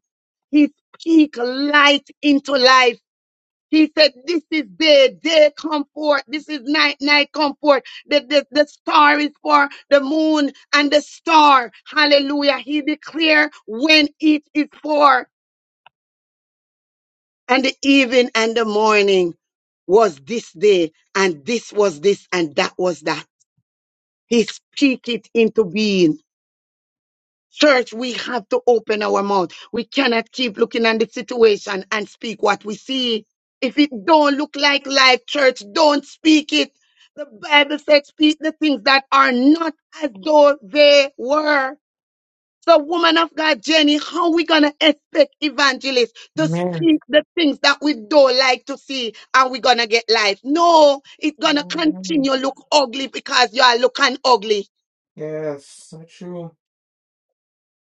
S3: He speak light into life. He said, This is day, day come forth. This is night, night come forth. The, the, the star is for the moon and the star. Hallelujah. He declared when it is for, and the evening and the morning was this day, and this was this, and that was that. He speak it into being. Church, we have to open our mouth. We cannot keep looking at the situation and speak what we see. If it don't look like life, church, don't speak it. The Bible says, speak the things that are not as though they were. So, woman of God, Jenny, how we gonna expect evangelists to
S8: Amen.
S3: speak the things that we don't like to see? Are we gonna get life? No, it's gonna
S8: Amen.
S3: continue look ugly because you are looking ugly.
S8: Yes, so true.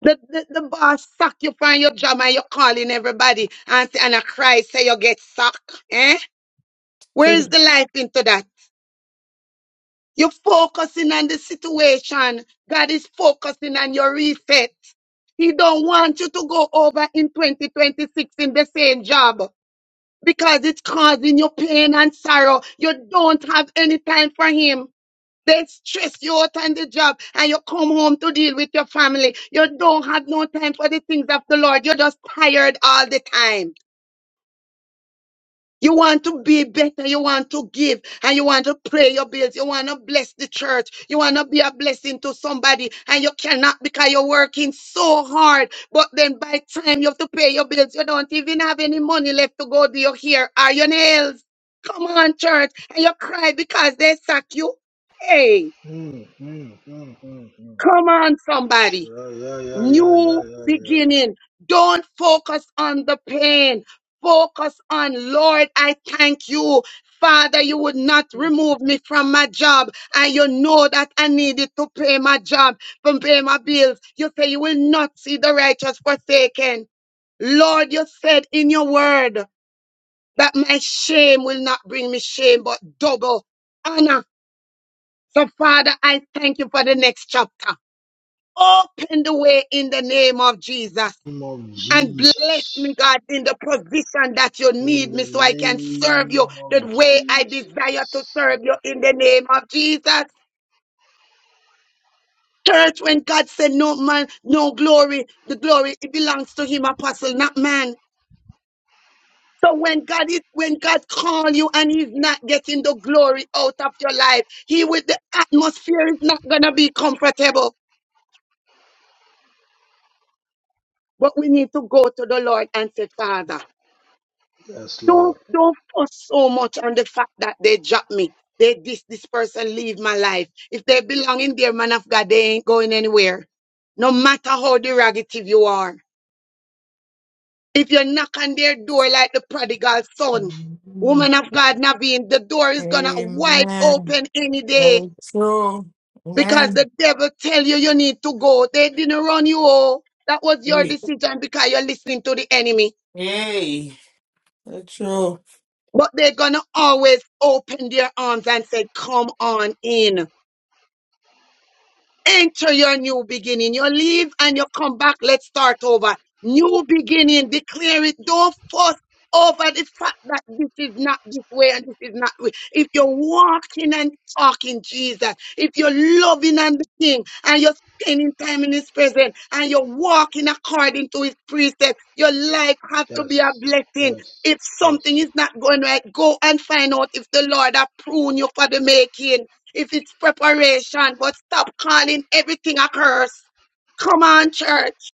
S3: The, the, the boss sack you from your job and you're calling everybody and, say- and a cry say you get sacked. Eh? Where is the life into that? You're focusing on the situation. God is focusing on your reset. He don't want you to go over in 2026 in the same job because it's causing you pain and sorrow. You don't have any time for him. They stress you out on the job and you come home to deal with your family. You don't have no time for the things of the Lord. You're just tired all the time. You want to be better. You want to give and you want to pray your bills. You want to bless the church. You want to be a blessing to somebody and you cannot because you're working so hard. But then by time you have to pay your bills, you don't even have any money left to go do your hair or your nails. Come on, church. And you cry because they sack you. Hey. Come on, somebody. New beginning. Don't focus on the pain. Focus on, Lord, I thank you. Father, you would not remove me from my job. And you know that I needed to pay my job, to pay my bills. You say you will not see the righteous forsaken. Lord, you said in your word that my shame will not bring me shame, but double honor. So, Father, I thank you for the next chapter. Open the way in the name of Jesus. And bless me, God, in the position that you need me so I can serve you the way I desire to serve you in the name of Jesus. Church, when God said no man, no glory, the glory, it belongs to him, apostle, not man. So when God is, when God call you and he's not getting the glory out of your life, he with the atmosphere is not going to be comfortable. But we need to go to the Lord and say, Father. Don't don't fuss so much on the fact that they drop me. They this this person leave my life. If they belong in there, man of God, they ain't going anywhere. No matter how derogative you are. If you knock on their door like the prodigal son,
S8: Amen.
S3: woman of God, Naveen, the door is gonna wide
S8: Amen.
S3: open any day
S8: So true.
S3: because
S8: Amen.
S3: the devil tell you you need to go. They didn't run you all. That was your decision because you're listening to the enemy.
S8: Yay. That's true.
S3: But they're going to always open their arms and say, Come on in. Enter your new beginning. You leave and you come back. Let's start over. New beginning. Declare it. Don't fuss over the fact that this is not this way and this is not way. If you're walking and talking Jesus, if you're loving and the King and you're spending time in His presence and you're walking according to His precepts, your life have to be a blessing. If something is not going right, go and find out if the Lord have pruned you for the making if it's preparation, but stop calling everything a curse. Come on, church.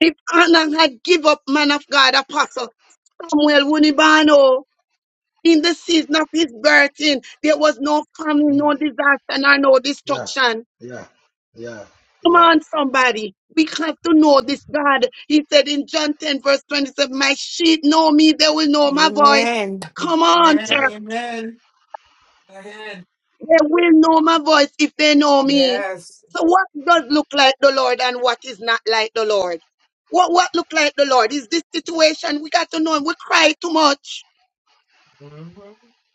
S3: If Anna had give up, man of God, apostle Samuel Wunibano, in the season of his birthing, there was no famine, no disaster, nor no destruction. Come on, somebody. We have to know this God. He said in John 10, verse 27, My sheep know me, they will know my voice.
S8: Amen.
S3: Come on,
S8: Amen.
S3: church.
S8: Amen. Go ahead.
S3: They will know my voice if they know me.
S8: Yes.
S3: So what does look like the Lord and what is not like the Lord? What what look like the Lord? Is this situation we got to know him. We cry too much.
S8: hmm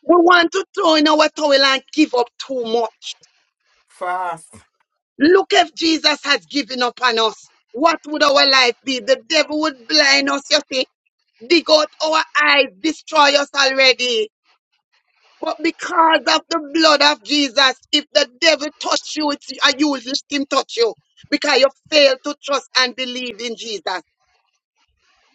S3: We want to throw in our towel and give up too much.
S8: Fast.
S3: Look if Jesus has given up on us. What would our life be? The devil would blind us, you see. Dig out our eyes, destroy us already. But because of the blood of Jesus, if the devil touch you, it's, uh, you let him touch you because you fail to trust and believe in Jesus.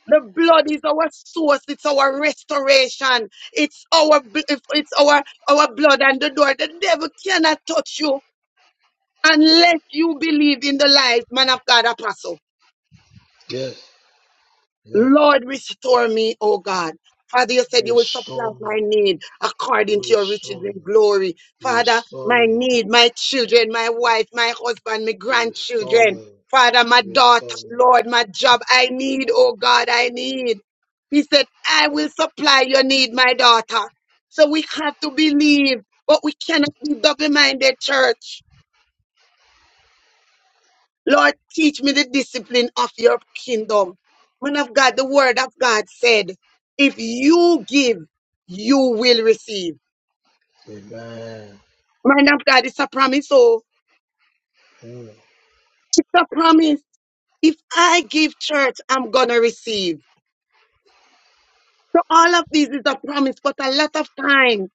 S3: The blood is our source. It's our restoration. It's our bl- it's our our blood and the door. The devil cannot touch you unless you believe in the life, man of God, apostle. Lord, restore me, oh God. Father, you said you will supply my need according to your riches and glory. Father, my need, my children, my wife, my husband, my grandchildren. Father, my daughter, Lord, my job, I need, oh God, I need. He said, I will supply your need, my daughter. So we have to believe, but we cannot be double minded, church. Lord, teach me the discipline of your kingdom. Man of God, the word of God said, if you give, you will receive. Man of God, it's a promise. So it's a promise. If I give church, I'm going to receive. So all of these is a promise, but a lot of time,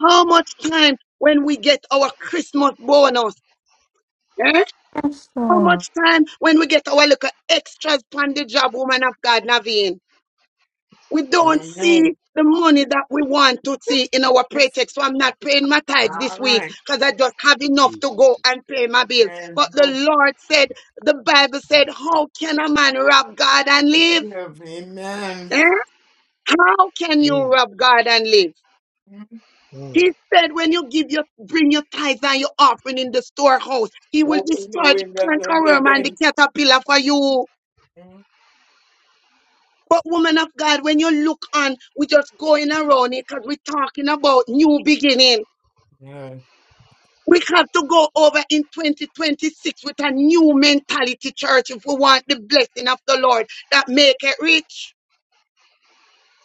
S3: how much time when we get our Christmas bonus? Eh? How much time when we get our little extras from the job, woman of God, Naveen? We don't
S8: Amen.
S3: see the money that we want to see in our paycheck. So I'm not paying my tithes
S8: All
S3: this week
S8: right.
S3: because I just have enough to go and pay my bill.
S8: And
S3: But the
S8: go
S3: Lord said, the Bible said, how can a man rob God and live?
S8: give. Amen.
S3: Eh? How can you rob God and live?
S8: Mhm.
S3: He said, when you give your, bring your tithes and your offering in the storehouse, he will
S8: Open the
S3: destroy the
S8: windows and
S3: cankerworm
S8: give
S3: and the
S8: in.
S3: caterpillar for you.
S8: Mhm.
S3: But woman of God, when you look on, we just going around it because we're talking about new beginning.
S8: Yeah.
S3: We have to go over in 2026 with a new mentality, church, if we want the blessing of the Lord that make it rich.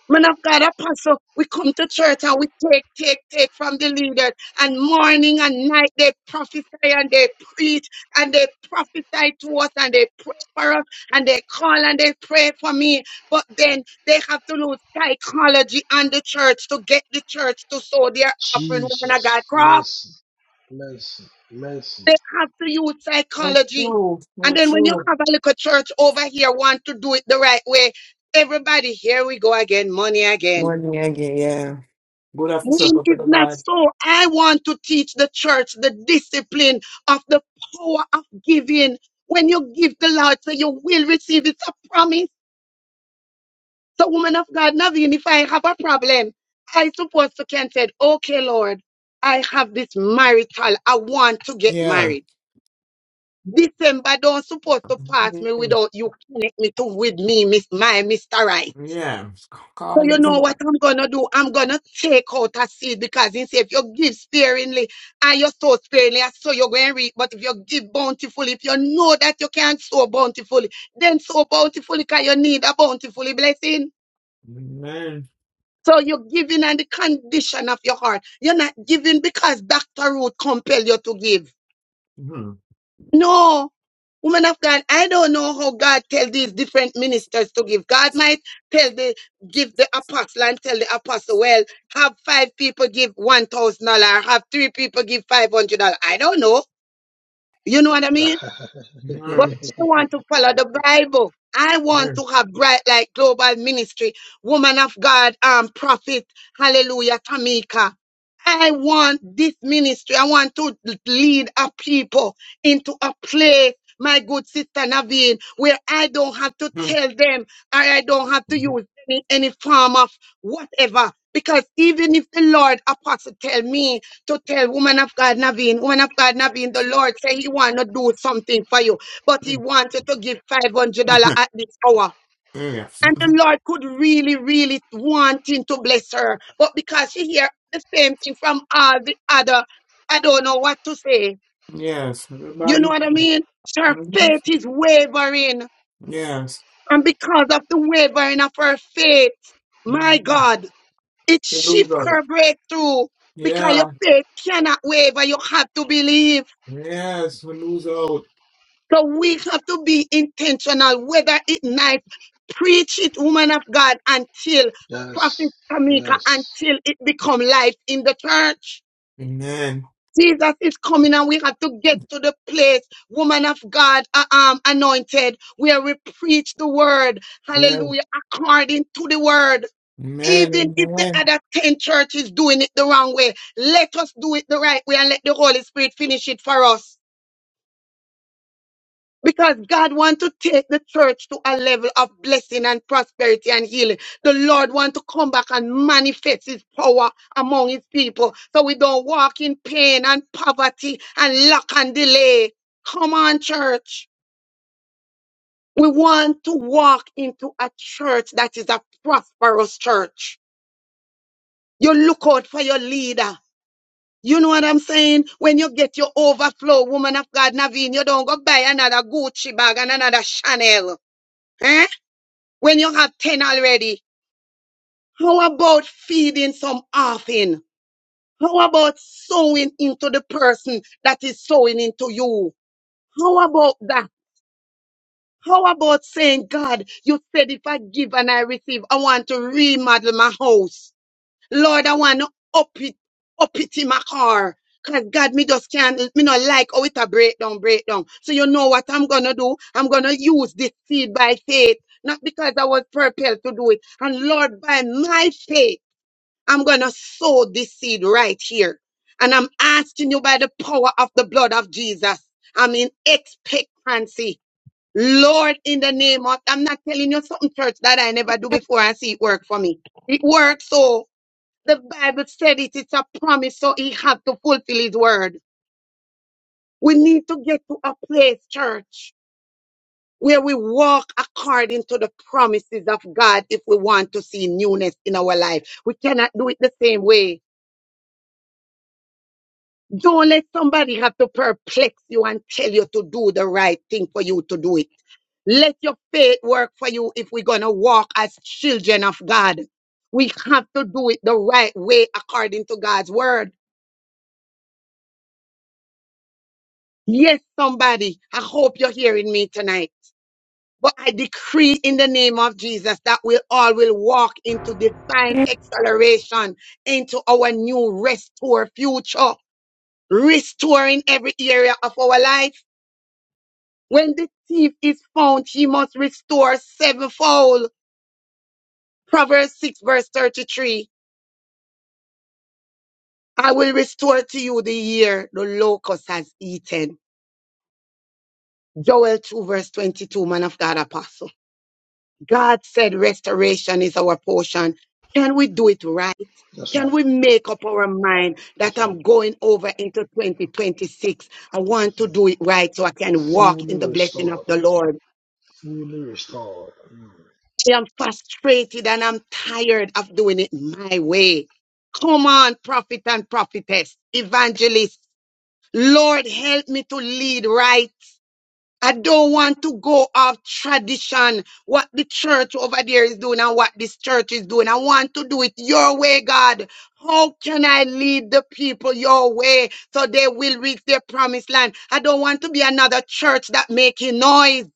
S3: Man of God, apostle, we come to church and we take, take, take from the leaders. And morning and night they prophesy and they preach and they prophesy to us and they pray for us and they call and they pray for me. But then they have to lose psychology and the church to get the church to sow their offering. Woman of God, They have to use
S8: No
S3: psychology.
S8: true. No
S3: And then when you
S8: true.
S3: have a little church over here want to do it the right way, everybody, here we go again, money again.
S8: Morning again, yeah. Good after
S3: When
S8: supper for
S3: it's
S8: the
S3: not
S8: bad.
S3: so, I want to teach the church the discipline of the power of giving. When you give the Lord, so you will receive. It's a promise. So, woman of God, Naveen, if I have a problem, I supposed to can say, okay, Lord, I have this marital, I want to get
S8: Yeah.
S3: married. December don't supposed to pass me
S8: Mhm.
S3: without you connect me to with me, Miss my Mr. Right.
S8: Yeah.
S3: So
S8: Call
S3: you
S8: it.
S3: know what I'm gonna do? I'm gonna take out a seed because he say if you give sparingly and you sow sparingly, and so you're going to reap. But if you give bountifully, if you know that you can't sow bountifully, then sow bountifully because you need a bountifully blessing.
S8: Amen.
S3: So you're giving on the condition of your heart. You're not giving because Dr. Root compel you to give.
S8: Mm-hmm.
S3: No, woman of God, I don't know how God tell these different ministers to give. God might tell the give the apostle and tell the apostle, well, have five people give one thousand dollar, have three people give five hundred dollar. I don't know. You know what I mean? But
S8: Mm-hmm.
S3: I want to follow the Bible. I want to have bright light global ministry, woman of God, um, prophet, hallelujah, Tamika. I want this ministry. I want to lead a people into a place, my good sister Naveen, where I don't have to
S8: Mm-hmm.
S3: tell them or I don't have to use any, any form of whatever. Because even if the Lord apostle tell me to tell woman of God Naveen, woman of God Naveen, the Lord say he want to do something for you but he wanted to give $500 at this hour.
S8: yes.
S3: And the Lord could really, really want him to bless her. But because she hear the same thing from all the other, I don't know what to say.
S8: Yes.
S3: You know
S8: Everybody.
S3: what I mean? Her
S8: Mhm.
S3: faith is wavering.
S8: Yes.
S3: And because of the wavering of her faith, my
S8: Mhm.
S3: God, it
S8: They lose
S3: shifts
S8: out.
S3: her breakthrough because your
S8: Yeah.
S3: faith cannot waver. You have to believe.
S8: Yes. We lose out.
S3: So we have to be intentional, whether it night, preach it, woman of God, until Prophet Tamika, until it become life in the church.
S8: Amen.
S3: Jesus is coming and we have to get to the place, woman of God, uh, um, anointed, where we preach the word,
S8: Yes.
S3: hallelujah, according to the word. Even
S8: Amen.
S3: if the
S8: Amen.
S3: other 10 churches doing it the wrong way, let us do it the right way and let the Holy Spirit finish it for us. Because God wants to take the church to a level of blessing and prosperity and healing. The Lord wants to come back and manifest his power among his people. So we don't walk in pain and poverty and lack and delay. Come on, church. We want to walk into a church that is a prosperous church. You look out for your leader. You know what I'm saying? When you get your overflow, woman of God, Naveen, you don't go buy another Gucci bag and another Chanel. Eh? when you have 10 already, how about feeding some offering? How about sowing into the person that is sowing into you? How about that? How about saying, God, you said if I give and I receive, I want to remodel my house. Lord, I want to up it, up it in my car. Cause God, me just can't, me not like how it a breakdown, breakdown. So you know what I'm gonna do? I'm gonna use this seed by faith, not because I was propelled to do it. And Lord, by my faith, I'm gonna sow this seed right here. And I'm asking you by the power of the blood of Jesus. I'm in expectancy. Lord, in the name of, I'm not telling you something, church, that I never do before and see it work for me. It works so the Bible said it, it's a promise, so he had to fulfill his word. We need to get to a place, church, where we walk according to the promises of God if we want to see newness in our life. We cannot do it the same way. Don't let somebody have to perplex you and tell you to do the right thing for you to do it. Let your faith work for you if we're going to walk as children of God. We have to do it the right way according to God's word. Yes, somebody. I hope you're hearing me tonight. But I decree in the name of Jesus that we all will walk into divine acceleration into our new restore future, restoring every area of our life. When the thief is found, he must restore sevenfold. Proverbs 6 verse 33. I will restore to you the year the locust has eaten. Joel 2 verse 22, man of God apostle. God said restoration is our portion. Can we do it right? Can we make up our mind that I'm going over into 2026? I want to do it right so I can walk in the blessing of the Lord. I am frustrated and I'm tired of doing it my way. Come on, prophet and prophetess, evangelist. Lord, help me to lead right. I don't want to go off tradition, what the church over there is doing and what this church is doing. I want to do it your way, God. How can I lead the people your way so they will reach their promised land? I don't want to be another church that making noise.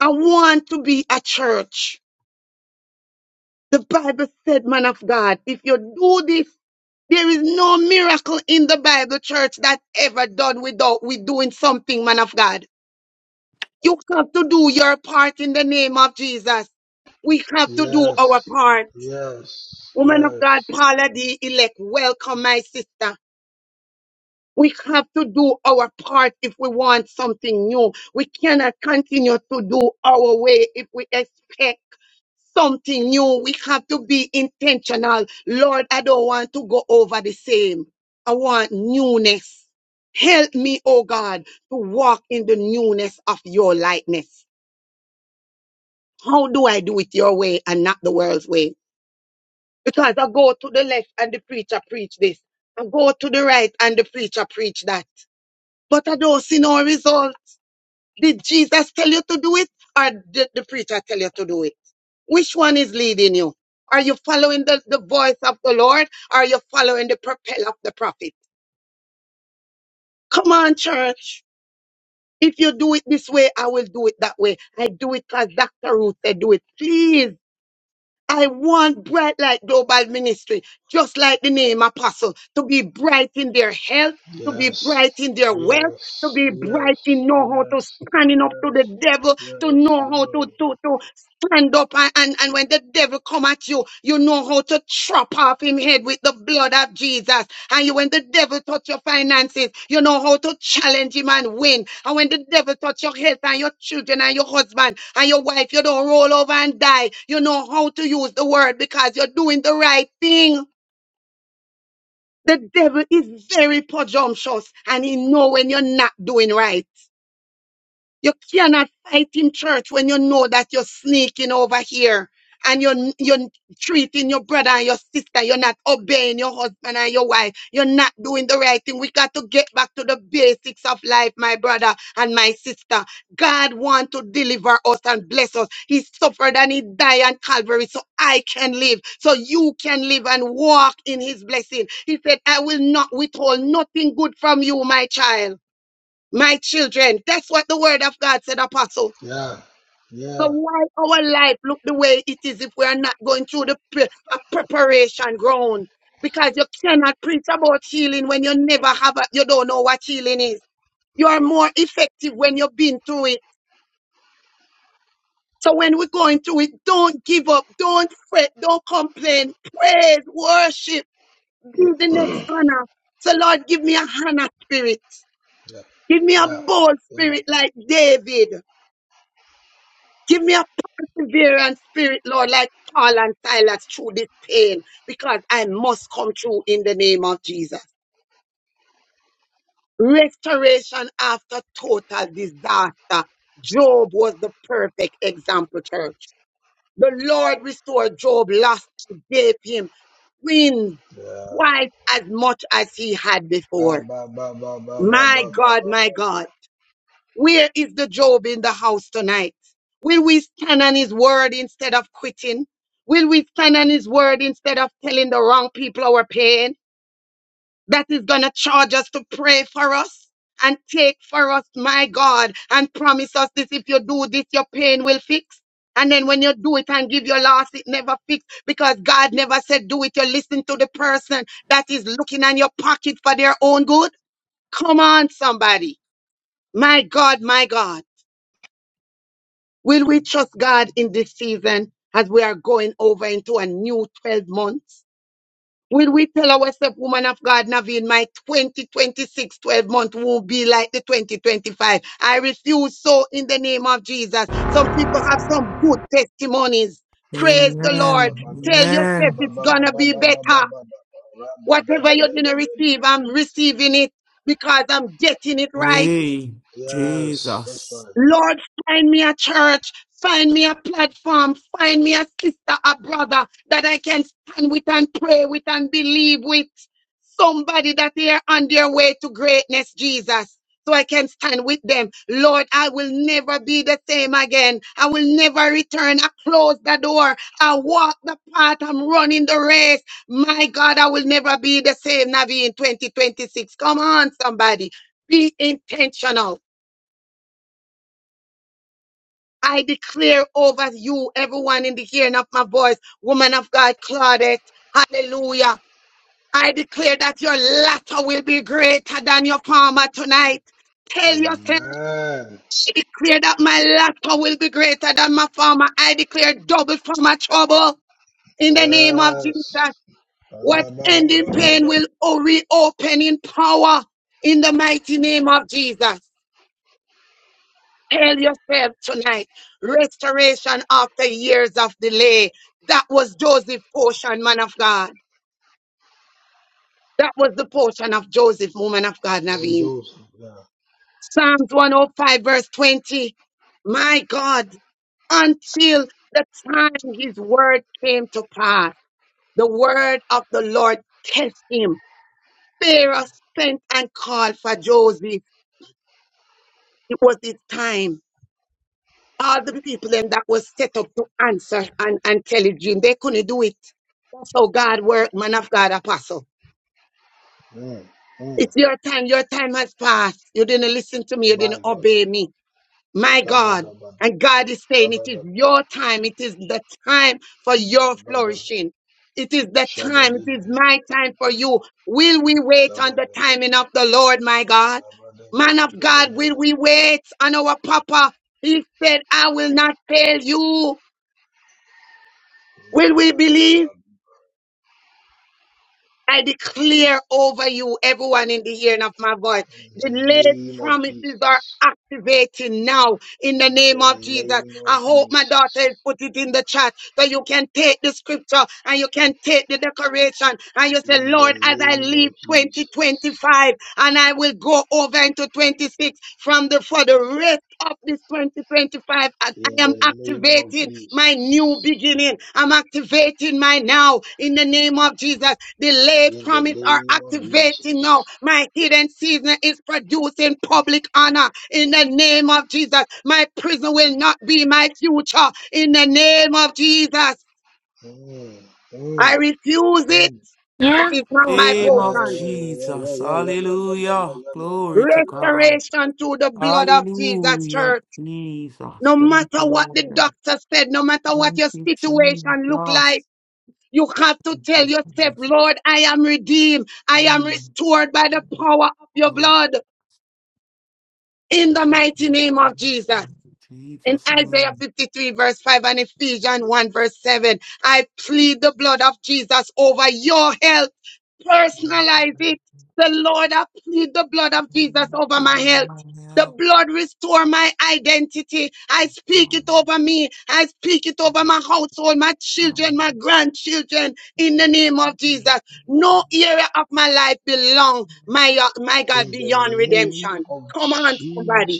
S3: I want to be a church. The Bible said, man of God, if you do this, there is no miracle in the Bible church that ever done without we doing something, man of God. You have to do your part in the name of Jesus. We have to do our part. Woman of God, Paula the elect, welcome my sister. We have to do our part if we want something new. We cannot continue to do our way if we expect something new. We have to be intentional. Lord, I don't want to go over the same. I want newness. Help me, oh God, to walk in the newness of your likeness. How do I do it your way and not the world's way? Because I go to the left and the preacher preach this. I go to the right and the preacher preach that. But I don't see no result. Did Jesus tell you to do it or did the preacher tell you to do it? Which one is leading you? Are you following the, the voice of the Lord? Are you following the propel of the prophet? Come on, church. If you do it this way, I will do it that way. I do it as Dr. Ruth said, do it. Please I want Bright Light Global Ministry, just like the name Apostle, to be bright in their health, to be bright in their wealth, to be bright in know how to standing up to the devil, to know how to, to, to stand up and, and, and when the devil come at you, you know how to chop off him head with the blood of Jesus. And you, when the devil touch your finances, you know how to challenge him and win. And when the devil touch your health and your children and your husband and your wife, you don't roll over and die. You know how to use the word because you're doing the right thing. The devil is very presumptuous and he know when you're not doing right. You cannot fight in church when you know that you're sneaking over here and you're, you're treating your brother and your sister. You're not obeying your husband and your wife. You're not doing the right thing. We got to get back to the basics of life, my brother and my sister. God wants to deliver us and bless us. He suffered and he died on Calvary so I can live, so you can live and walk in his blessing. He said, I will not withhold nothing good from you, my child my children. That's what the word of God said, Apostle. So why our life look the way it is if we are not going through the pre- a preparation ground? Because you cannot preach about healing when you never have a, you don't know what healing is. You are more effective when you've been through it. So when we're going through it, don't give up, don't fret, don't complain. Praise, worship, give the next honor. So Lord, give me a Hannah spirit. Give me a bold spirit like David. Give me a perseverance spirit, Lord, like Paul and Silas through this pain, because I must come through in the name of Jesus. Restoration after total disaster. Job was the perfect example, church. The Lord restored Job last gave him twins twice as much as he had before. My God, my God. Where is the Job in the house tonight? Will we stand on his word instead of quitting? Will we stand on his word instead of telling the wrong people our pain? That is going to charge us to pray for us and take for us, my God, and promise us this if you do this, your pain will fix. And then when you do it and give your loss, it never fix because God never said do it. You listen to the person that is looking on your pocket for their own good. Come on, somebody. My God, my God. Will we trust God in this season as we are going over into a new 12 months? Will we tell ourselves, woman of God, Naveen, my 2026 12 month won't be like the 2025. I refuse so in the name of Jesus. Some people have some good testimonies. Praise the Lord.
S8: Amen.
S3: Tell yourself
S8: Amen.
S3: it's gonna be better. Whatever you didn't receive, I'm receiving it because I'm getting it right.
S8: Yay. Jesus.
S3: Lord, find me a church, find me a platform, find me a sister, a brother that I can stand with and pray with and believe with. Somebody that they are on their way to greatness, Jesus. So I can stand with them. Lord, I will never be the same again. I will never return. I close the door. I walk the path. I'm running the race. My God, I will never be the same, Navi, in 2026. Come on, somebody. Be intentional I declare over you, everyone in the hearing of my voice, woman of God, Claudette, hallelujah. I declare that your latter will be greater than your former tonight. Tell yourself, I declare that my latter will be greater than my former. I declare double for my trouble in the name of Jesus. What ending pain will o- reopen in power in the mighty name of Jesus. Tell yourself tonight restoration after years of delay. That was Joseph's portion, man of God. That was the portion of Joseph, woman of God, Naveen. Psalms 105, verse 20. My God, until the time his word came to pass, the word of the Lord test him. Pharaoh sent and called for Joseph. It was his time. All the people then that was set up to answer and, and tell a dream, they couldn't do it. That's how God worked, man of God, apostle. It's your time. Your time has passed. You didn't listen to me. You didn't obey me. My God. And God is saying it is your time. It is the time for your flourishing. It is the time. It is my time for you. Will we wait on the timing of the Lord, my God? Man of God, will we wait on our Papa? He said, I will not fail you. Will we believe? I declare over you, everyone in the hearing of my voice, delayed promises are activating now in the name of Jesus. I hope my daughter has put it in the chat so you can take the scripture and you can take the decoration and you say, Lord, as I leave 2025 and I will go over into 26 from the for the rest of this 2025, as I am activated activating my new beginning. I'm activating my now in the name of Jesus. Delayed promise are activating now. My hidden season is producing public honor in the name of Jesus. My prison will not be my future in the name of Jesus. I refuse it. It is not my
S8: Name of
S3: portion.
S8: Jesus. Hallelujah. Glory to God.
S3: Restoration through the blood of Jesus,
S8: Hallelujah.
S3: church. No
S8: Jesus. Thank
S3: matter
S8: you,
S3: what the
S8: Lord.
S3: doctor said, no matter what
S8: Thank
S3: your
S8: you,
S3: situation look
S8: Jesus.
S3: like, You have to tell yourself,
S8: Jesus.
S3: Lord, I am redeemed. I am
S8: Mm.
S3: restored by the power of your
S8: Oh,
S3: blood in the mighty name of Jesus in
S8: Jesus,
S3: Isaiah
S8: mm.
S3: 53 verse 5 and Ephesians 1 verse 7. I plead the blood of Jesus over your health. Personalize it. The Lord, I plead the blood of
S8: my
S3: Jesus over my health. The
S8: help
S3: blood restore my identity. I
S8: is
S3: speak
S8: from
S3: it over me. I speak it over my household, my children, my grandchildren in the name of Jesus. No area of my life belong, my, my God, beyond redemption. Come on, somebody.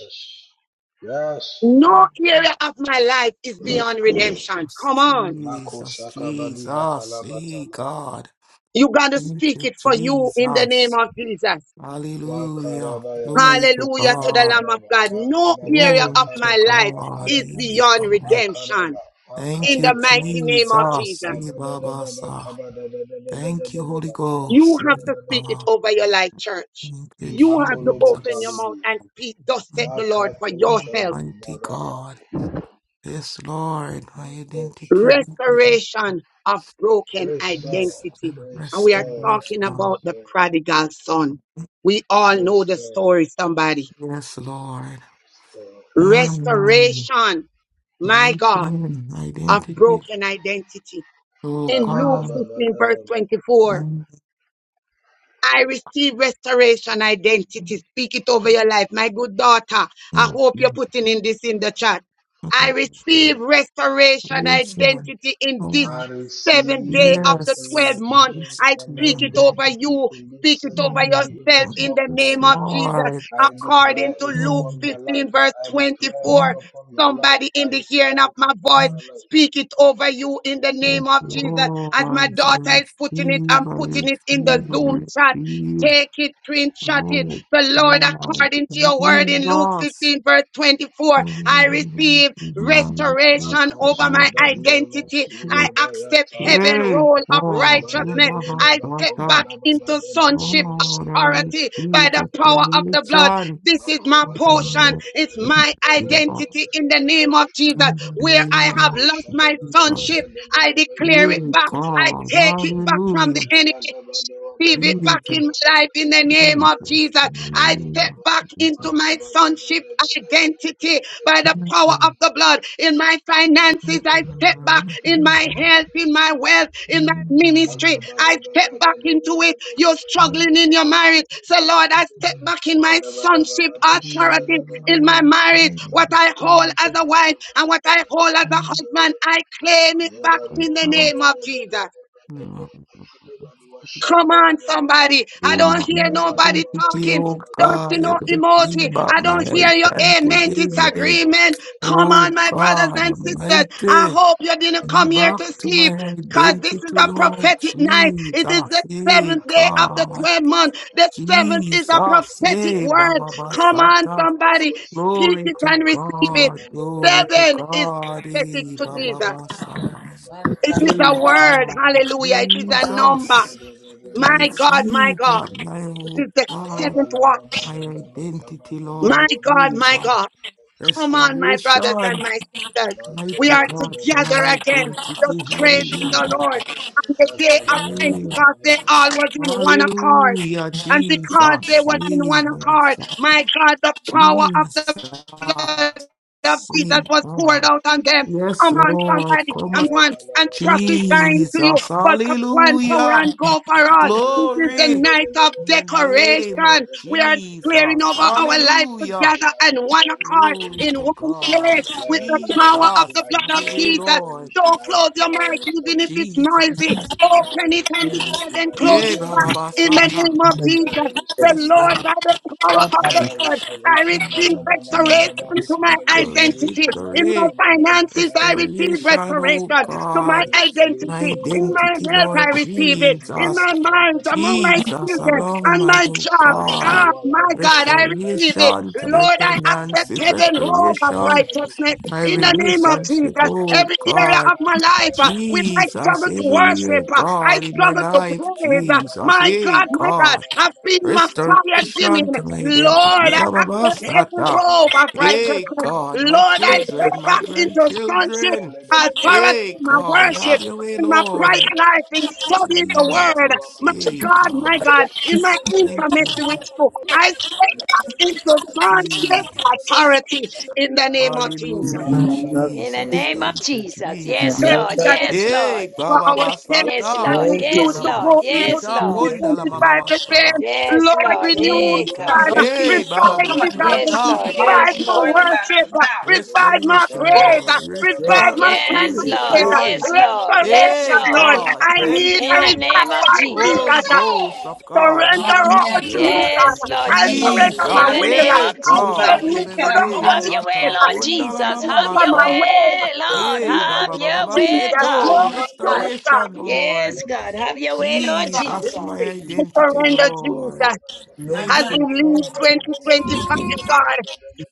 S3: No area of my life is beyond redemption.
S8: Jesus,
S3: Come on.
S8: Jesus, Jesus, hey God,
S3: You got to
S8: thank
S3: speak
S8: you,
S3: it for you in the name
S8: Jesus,
S3: of Jesus.
S8: hallelujah, glory to
S3: Hallelujah to the
S8: God,
S3: Lamb of God. No area of
S8: glory to
S3: my life
S8: God,
S3: is
S8: hey
S3: beyond
S8: God.
S3: redemption
S8: Thank
S3: in the
S8: you,
S3: mighty name of
S8: Jesus.
S3: Jesus.
S8: Ribabasa. Thank you, Holy
S3: You
S8: Ghost.
S3: have to speak it
S8: Riba.
S3: over your life, church.
S8: Thank you,
S3: You have to open your
S8: Jesus.
S3: mouth and speak, thus said
S8: Thank
S3: the Lord, for
S8: you,
S3: yourself
S8: Almighty God. Yes, Lord, my identity. with you, Lord.
S3: restoration of broken
S8: Yes,
S3: identity.
S8: and
S3: And we are talking
S8: restoration.
S3: about the prodigal son. We all know the story, somebody.
S8: Yes, Lord. Mm-hmm.
S3: Restoration, my God,
S8: Broken
S3: of
S8: identity.
S3: broken identity.
S8: Oh,
S3: In Luke
S8: God.
S3: 15, verse 24,
S8: Mm-hmm.
S3: I receive restoration identity. Speak it over your life. My good daughter, I hope you're
S8: Mm-hmm.
S3: putting in this in the chat.
S8: Mm-hmm.
S3: I receive restoration identity in this
S8: Restoration.
S3: seventh day of the 12th
S8: Yes,
S3: month.
S8: it's
S3: I speak it
S8: tomorrow.
S3: over you. Speak it over yourself
S8: Mm,
S3: in the
S8: Yes,
S3: name of Jesus.
S8: Lord.
S3: According to Luke
S8: Mm,
S3: 15, verse 24.
S8: mm,
S3: Somebody in the hearing of my voice.
S8: mm,
S3: Speak it over you in the
S8: Yes,
S3: name of Jesus.
S8: Lord.
S3: As my
S8: I
S3: daughter is putting it,
S8: receive,
S3: I'm
S8: I
S3: putting it in the
S8: receive,
S3: Zoom
S8: I
S3: chat.
S8: receive.
S3: Take it, screenshot it.
S8: Lord,
S3: The Lord,
S8: Lord,
S3: according to your word in Luke
S8: Jesus.
S3: 15, verse 24, I
S8: Mm,
S3: receive
S8: Lord,
S3: restoration over
S8: Lord,
S3: my identity. I
S8: Lord.
S3: accept heaven
S8: Hey,
S3: role of
S8: oh, hey,
S3: righteousness.
S8: Baba,
S3: I step back
S8: Baba.
S3: into sonship
S8: Lord, I
S3: authority by
S8: receive
S3: the power of the blood.
S8: restoration.
S3: This is my portion.
S8: Hallelujah.
S3: It's my
S8: Hey
S3: identity in the name of Jesus. Where I have lost my sonship, I declare it back. I
S8: God,
S3: take it back from the
S8: hallelujah.
S3: enemy receive it back
S8: Jesus,
S3: in my life in the name of
S8: Jesus,
S3: Jesus. I step
S8: hallelujah.
S3: back into
S8: Jesus.
S3: my sonship identity by the power of the blood. In my finances, I step back. In my health, in my wealth, in my ministry, I step back into it. You're struggling in your marriage. So, Lord, I step back in my sonship authority in my marriage. What I hold as a wife and what I hold as a husband, I claim it back in the name of Jesus. Come on, somebody. I don't hear
S8: Oh
S3: nobody talking. I don't see
S8: God,
S3: no emoji.
S8: everything but
S3: I
S8: my
S3: don't hear your amen
S8: identity, man.
S3: disagreement. Come on,
S8: Oh
S3: my brothers
S8: God,
S3: and sisters. I
S8: Almighty,
S3: hope you didn't come here
S8: back
S3: to
S8: to
S3: sleep
S8: my
S3: because this
S8: identity,
S3: is a
S8: Lord
S3: prophetic night. It is the
S8: Jesus. Hey
S3: seventh day of the
S8: God,
S3: 12th month. The seventh is a
S8: Jesus.
S3: prophetic
S8: Hey
S3: word.
S8: Baba
S3: Come on,
S8: Basata.
S3: somebody. Speak
S8: Glory
S3: it
S8: to
S3: and receive it.
S8: God, glory to
S3: Seven is
S8: God.
S3: prophetic
S8: Hey
S3: to
S8: Baba
S3: Jesus.
S8: Basa.
S3: It is a
S8: Hey
S3: word.
S8: God,
S3: Hallelujah. It is a number.
S8: Jesus. To
S3: My God, my
S8: receive
S3: God.
S8: at my,
S3: It
S8: oh
S3: is the
S8: God
S3: seventh
S8: my
S3: watch.
S8: identity,
S3: My
S8: Lord.
S3: God, my
S8: Jesus.
S3: God. Come on, my brothers and
S8: Restoration,
S3: my sisters. We
S8: mighty
S3: are
S8: God, to my
S3: together again, just
S8: identity.
S3: praising the
S8: Hallelujah.
S3: Lord. On the day of
S8: Mm.
S3: Pentecost, they all was in one accord.
S8: Hallelujah,
S3: And because they
S8: Jesus.
S3: was in one accord,
S8: Jesus.
S3: my God, the power of
S8: Jesus.
S3: the
S8: Jesus.
S3: blood of Jesus
S8: Mm,
S3: was poured
S8: Lord.
S3: out on them.
S8: Yes,
S3: Come on,
S8: Lord.
S3: somebody,
S8: Come on.
S3: come on, and prophesying to you.
S8: Jesus.
S3: But one for
S8: Hallelujah.
S3: one, go for all. This is the
S8: Glory.
S3: night of
S8: In the name of
S3: decoration. We are declaring
S8: Jesus.
S3: over our life
S8: Hallelujah.
S3: together and one accord
S8: Glory
S3: in
S8: to
S3: one place
S8: God.
S3: with the
S8: Jesus.
S3: power of the
S8: Have
S3: blood of
S8: your way,
S3: Jesus.
S8: Lord.
S3: Don't close your mic, even if it's noisy.
S8: Jesus.
S3: Open it and
S8: Mhm.
S3: declare, then close
S8: Eh,
S3: it
S8: ba, ba,
S3: back
S8: ba,
S3: in the
S8: sata.
S3: name of
S9: Thank
S3: Jesus.
S9: you,
S3: The
S8: Yes,
S3: Lord,
S8: Lord.
S3: by the power
S9: Father God. I
S3: of the
S9: have
S3: blood, I receive
S8: Mhm.
S3: restoration to
S8: Jesus.
S3: my
S9: faith
S8: Victory,
S3: identity. In my
S8: victory,
S3: finances, I receive
S8: restoration, oh
S3: restoration to my
S8: God. My
S3: identity. In my
S8: identity,
S3: health, I
S8: Lord
S3: receive it. In
S8: Jesus.
S3: my mind, among my
S8: Jesus,
S3: children,
S8: along
S3: on
S8: my
S3: my
S8: oh
S3: job,
S8: God.
S3: Ah, my God, I receive it.
S8: Restoration to my
S3: Lord, I accept
S8: finances,
S3: heaven home of
S8: restoration,
S3: righteousness
S8: my
S3: in the name of
S8: relationship,
S3: Jesus.
S8: oh
S3: Every area
S8: God.
S3: of my life uh, when I
S8: Jesus,
S3: struggle to
S8: everywhere.
S3: worship, uh, I
S8: God in my
S3: struggle to
S8: life.
S3: praise. uh,
S8: Jesus,
S3: my
S8: hey,
S3: God, my God,
S8: God.
S3: I feel my fire dimming.
S8: Restoration to my identity.
S3: Lord, I
S8: Baba
S3: accept heaven
S8: Basata.
S3: robe of
S8: Hey,
S3: righteousness.
S8: God, my
S3: Lord, I step
S8: children, my
S3: back into sonship
S8: grandchildren.
S3: authority
S8: Hey,
S3: in my
S8: God, have
S3: worship,
S8: your way,
S3: in my prayer
S8: Lord.
S3: life, in studying the word.
S8: Jesus,
S3: My
S8: hey,
S3: God, my
S8: God.
S3: God, in my
S8: Thank you,
S3: intimacy with you, I step back into sonship
S8: Jesus.
S3: authority in the name of
S9: In
S2: yes.
S3: Jesus
S9: the
S8: Hallelujah,
S9: name of
S2: In the
S9: Jesus.
S8: Jesus.
S2: name of
S8: Thank you,
S2: Jesus.
S9: In the
S2: Yes,
S8: Jesus.
S9: name
S2: Lord.
S9: of Jesus.
S2: Yes, Lord.
S8: Hey,
S3: for
S8: Baba
S3: ourselves.
S2: Yes,
S8: Basata,
S3: I
S2: Lord.
S9: Thank you,
S3: refuse
S2: Yes,
S8: Kundala
S3: to
S9: Lord.
S3: go
S2: Lord.
S8: Mama
S9: We
S3: into
S2: Yes,
S8: Seta,
S9: see
S2: Lord.
S9: that you
S8: Kundala
S9: are-
S8: Mama
S3: 2025 the same.
S8: Masa.
S2: Yes,
S3: Lord,
S2: Lord.
S3: renew
S2: Hey,
S3: me,
S11: Come,
S8: Jesus.
S2: God.
S3: God.
S11: don't feed the
S8: Hey, Baba
S3: Revive
S11: Come
S3: me,
S11: on, if you have
S3: God.
S11: to
S2: Yes,
S8: Basata.
S11: keep it,
S2: Lord.
S11: get over
S3: Revive
S2: Yes,
S11: and
S3: my
S11: go in the
S2: Lord.
S3: worship.
S11: bathroom. Now,
S3: Revive my
S8: Restoration,
S11: go.
S3: praise.
S8: Lord.
S9: Yes.
S3: Revive
S8: Resta-
S3: my
S2: Yes,
S9: Really,
S2: Lord.
S3: finances.
S9: glory.
S8: restoration.
S2: Yes, Lord. Yes,
S3: Restoration,
S8: Hey,
S2: Lord.
S11: Go
S3: Lord.
S11: use
S8: God.
S11: the
S3: I
S11: bathroom.
S9: Yes,
S8: Thank
S3: need a
S2: In the
S8: you.
S2: name of
S3: revival,
S8: Holy
S3: Jesus.
S2: Jesus.
S8: Ghost of God.
S11: Now,
S3: Surrender all
S11: yeah,
S3: to
S8: Hallelujah.
S3: you,
S11: please.
S9: God.
S3: God.
S2: Yes, Lord
S3: I
S11: And go
S2: Jesus.
S11: use
S3: surrender
S11: the
S3: my
S2: In
S8: Jesus.
S11: bathroom.
S2: the
S3: will.
S2: name
S8: Hey,
S2: of
S3: I
S11: Use the
S8: God.
S11: bathroom.
S8: Hey,
S2: Jesus.
S11: You
S3: submit to
S8: baby,
S11: cannot
S3: the
S11: be
S8: baby,
S11: doing
S2: Have
S3: Holy
S11: this.
S2: your way,
S8: Sata.
S3: Spirit.
S2: Lord
S8: Kundala
S2: Jesus.
S8: Mama
S2: Have
S3: Surrender
S2: your
S3: my
S8: Masa.
S3: way.
S2: way, Lord.
S8: Yay,
S2: Have
S8: Baba Baba
S2: your way,
S3: Jesus,
S8: Baseto,
S2: God.
S11: Oh,
S3: Lord,
S11: no,
S3: do
S11: night.
S3: it, God.
S8: restoration, Lord.
S2: Yes, God. Have your way, Lord
S11: Stop.
S8: Jesus, my
S2: Jesus.
S3: We
S9: Really.
S8: identity,
S3: surrender, Jesus,
S8: Lord.
S9: No more.
S11: Not
S3: as
S8: Thank
S11: night.
S3: we
S8: you,
S3: leave
S8: Jesus.
S3: 2025, God.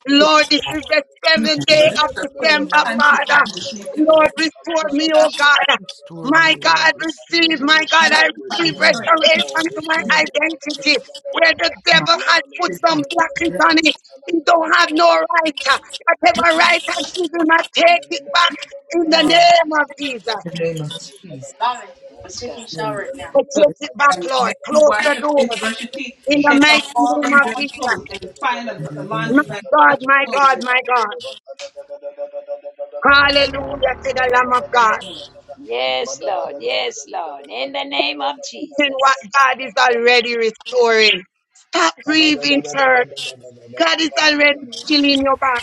S3: Lord, this is the seventh
S11: You're
S3: day
S11: going to
S3: of
S11: start putting
S3: December,
S8: Oh,
S11: panty on
S3: Father.
S8: Lord.
S11: you so you can
S3: Lord,
S11: learn
S3: restore me, oh
S11: how
S3: God.
S8: Restore me,
S3: My God,
S8: Lord. Restore
S3: receive, my
S8: me.
S3: God, I
S11: to
S3: receive
S8: Mm,
S11: train.
S3: restoration to my
S8: mm,
S3: identity. Where the
S9: My
S3: devil has put some
S9: cookies.
S3: blockages
S9: Yes,
S3: on it, he don't have no right. Whatever right I give him, I take it back in the
S8: mm.
S3: name of Jesus.
S9: in the name of Jesus.
S11: Mommy, I'm
S2: Yes,
S11: taking
S2: God.
S11: a shower
S9: In the
S11: right now.
S3: I
S11: Good.
S3: take it back,
S11: And
S3: Lord.
S11: make you
S3: Close
S11: wash
S3: the
S11: your
S3: door
S11: face, brush your teeth,
S3: in the
S11: take
S3: mighty
S11: off
S3: name
S11: all them
S3: of
S11: dirty
S3: Jesus.
S11: clothes, and find a, a
S3: My
S11: laundry bag to
S3: God,
S11: put your
S3: my
S11: clothes in.
S3: God, my God. Hallelujah to the Lamb of God.
S2: Yes, Lord. Yes, Lord. In the name of
S3: And what
S2: Jesus.
S3: God is already restoring. Stop grieving, church. God is already healing your back.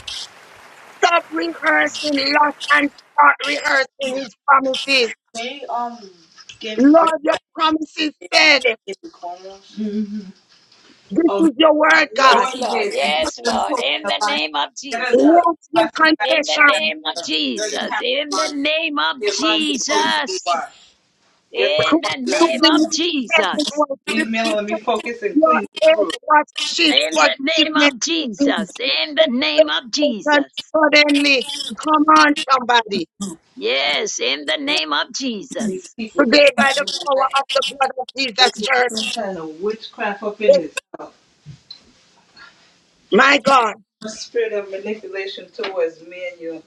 S3: Stop rehearsing loss and start rehearsing his promises.
S11: They um gave the bread
S3: Lord, your promises
S11: they all
S3: said,
S11: gave the cornrows. Mm-hmm.
S3: this
S11: Oh,
S3: is your word,
S11: go
S3: God.
S2: Yes,
S11: in
S2: Lord.
S11: there and put
S2: Yes,
S11: them
S2: Lord.
S11: clothes in
S2: In
S11: the
S2: the
S11: laundry.
S2: name of
S11: Get us
S2: Jesus.
S11: a
S3: Let your
S11: plastic bag,
S2: In the
S3: confession
S2: name of
S11: dirty
S2: Jesus.
S11: towel,
S2: In the name of
S11: get laundry clothes to the
S2: Jesus.
S11: bar. Get them
S3: come
S2: In
S11: all
S2: the
S3: to
S11: nice.
S2: name
S3: the
S2: of
S3: new heaven
S2: Jesus.
S3: was
S11: Leave me alone, let me
S3: before
S11: focus and
S3: your
S11: clean the crew.
S3: earth was shift
S2: In the name
S3: forgiveness.
S2: of Jesus. In the name of
S3: manifestation
S2: Jesus.
S3: suddenly. Come on, somebody.
S2: Yes, in the name of
S11: These
S2: Jesus.
S11: people, because
S3: Today, by the power of
S11: they're
S3: the blood of Jesus,
S11: doing
S3: church.
S11: some kind of witchcraft up in
S3: it-
S11: this house.
S3: My God.
S11: A spirit of manipulation towards me and your,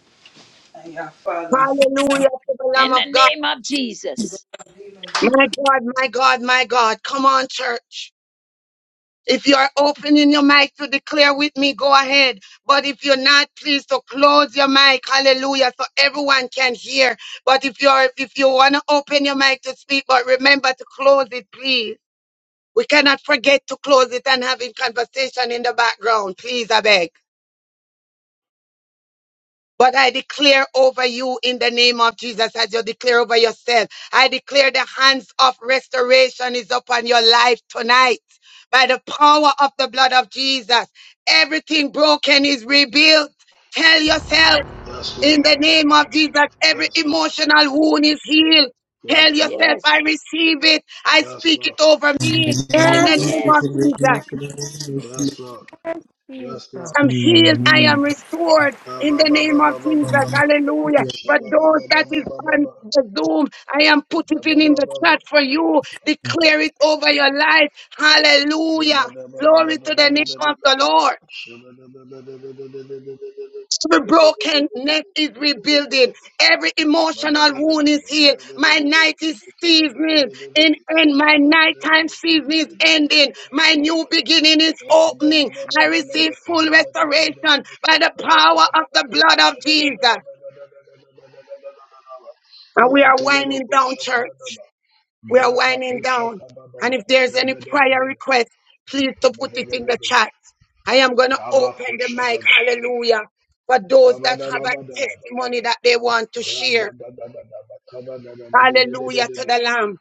S11: and your father.
S3: Hallelujah to the Lamb
S2: In the
S3: of God.
S2: name of Jesus.
S11: So, even in my
S3: My God, my God, my God. Come on, church. If you are opening your mic to declare with me, go ahead. But if you're not, please to close your mic. Hallelujah. So everyone can hear. But if you're if you want to open your mic to speak, but remember to close it, please. We cannot forget to close it and having conversation in the background. Please, I beg. But I declare over you in the name of Jesus as you declare over yourself. I declare the hands of restoration is upon your life tonight. By the power of the blood of Jesus, everything broken is rebuilt. Tell yourself in the name of Jesus, every emotional wound is healed. Tell yourself, I
S2: Yes,
S3: receive it. I speak it over me
S9: name
S3: in
S9: of
S3: the
S9: Jesus.
S3: name of
S2: yes.
S9: there is no
S3: Jesus.
S9: good In the name of Jesus.
S3: I'm
S9: In the name
S3: healed. I
S9: of Jesus.
S3: am restored in the name of Jesus. Hallelujah. For those that is on the Zoom, I am putting it in the chat for you. Declare it over your life. Hallelujah. Glory to the name of the Lord. The broken neck is rebuilding. Every emotional wound is healed. My night is season in end. My nighttime season is ending. My new beginning is opening. I receive full restoration by the power of the blood of Jesus. And we are winding down, church. We are winding down. And if there's any prayer request, please to put it in the chat. I am going to open the mic. Hallelujah. For those that have a testimony that they want to share. Hallelujah to the Lamb.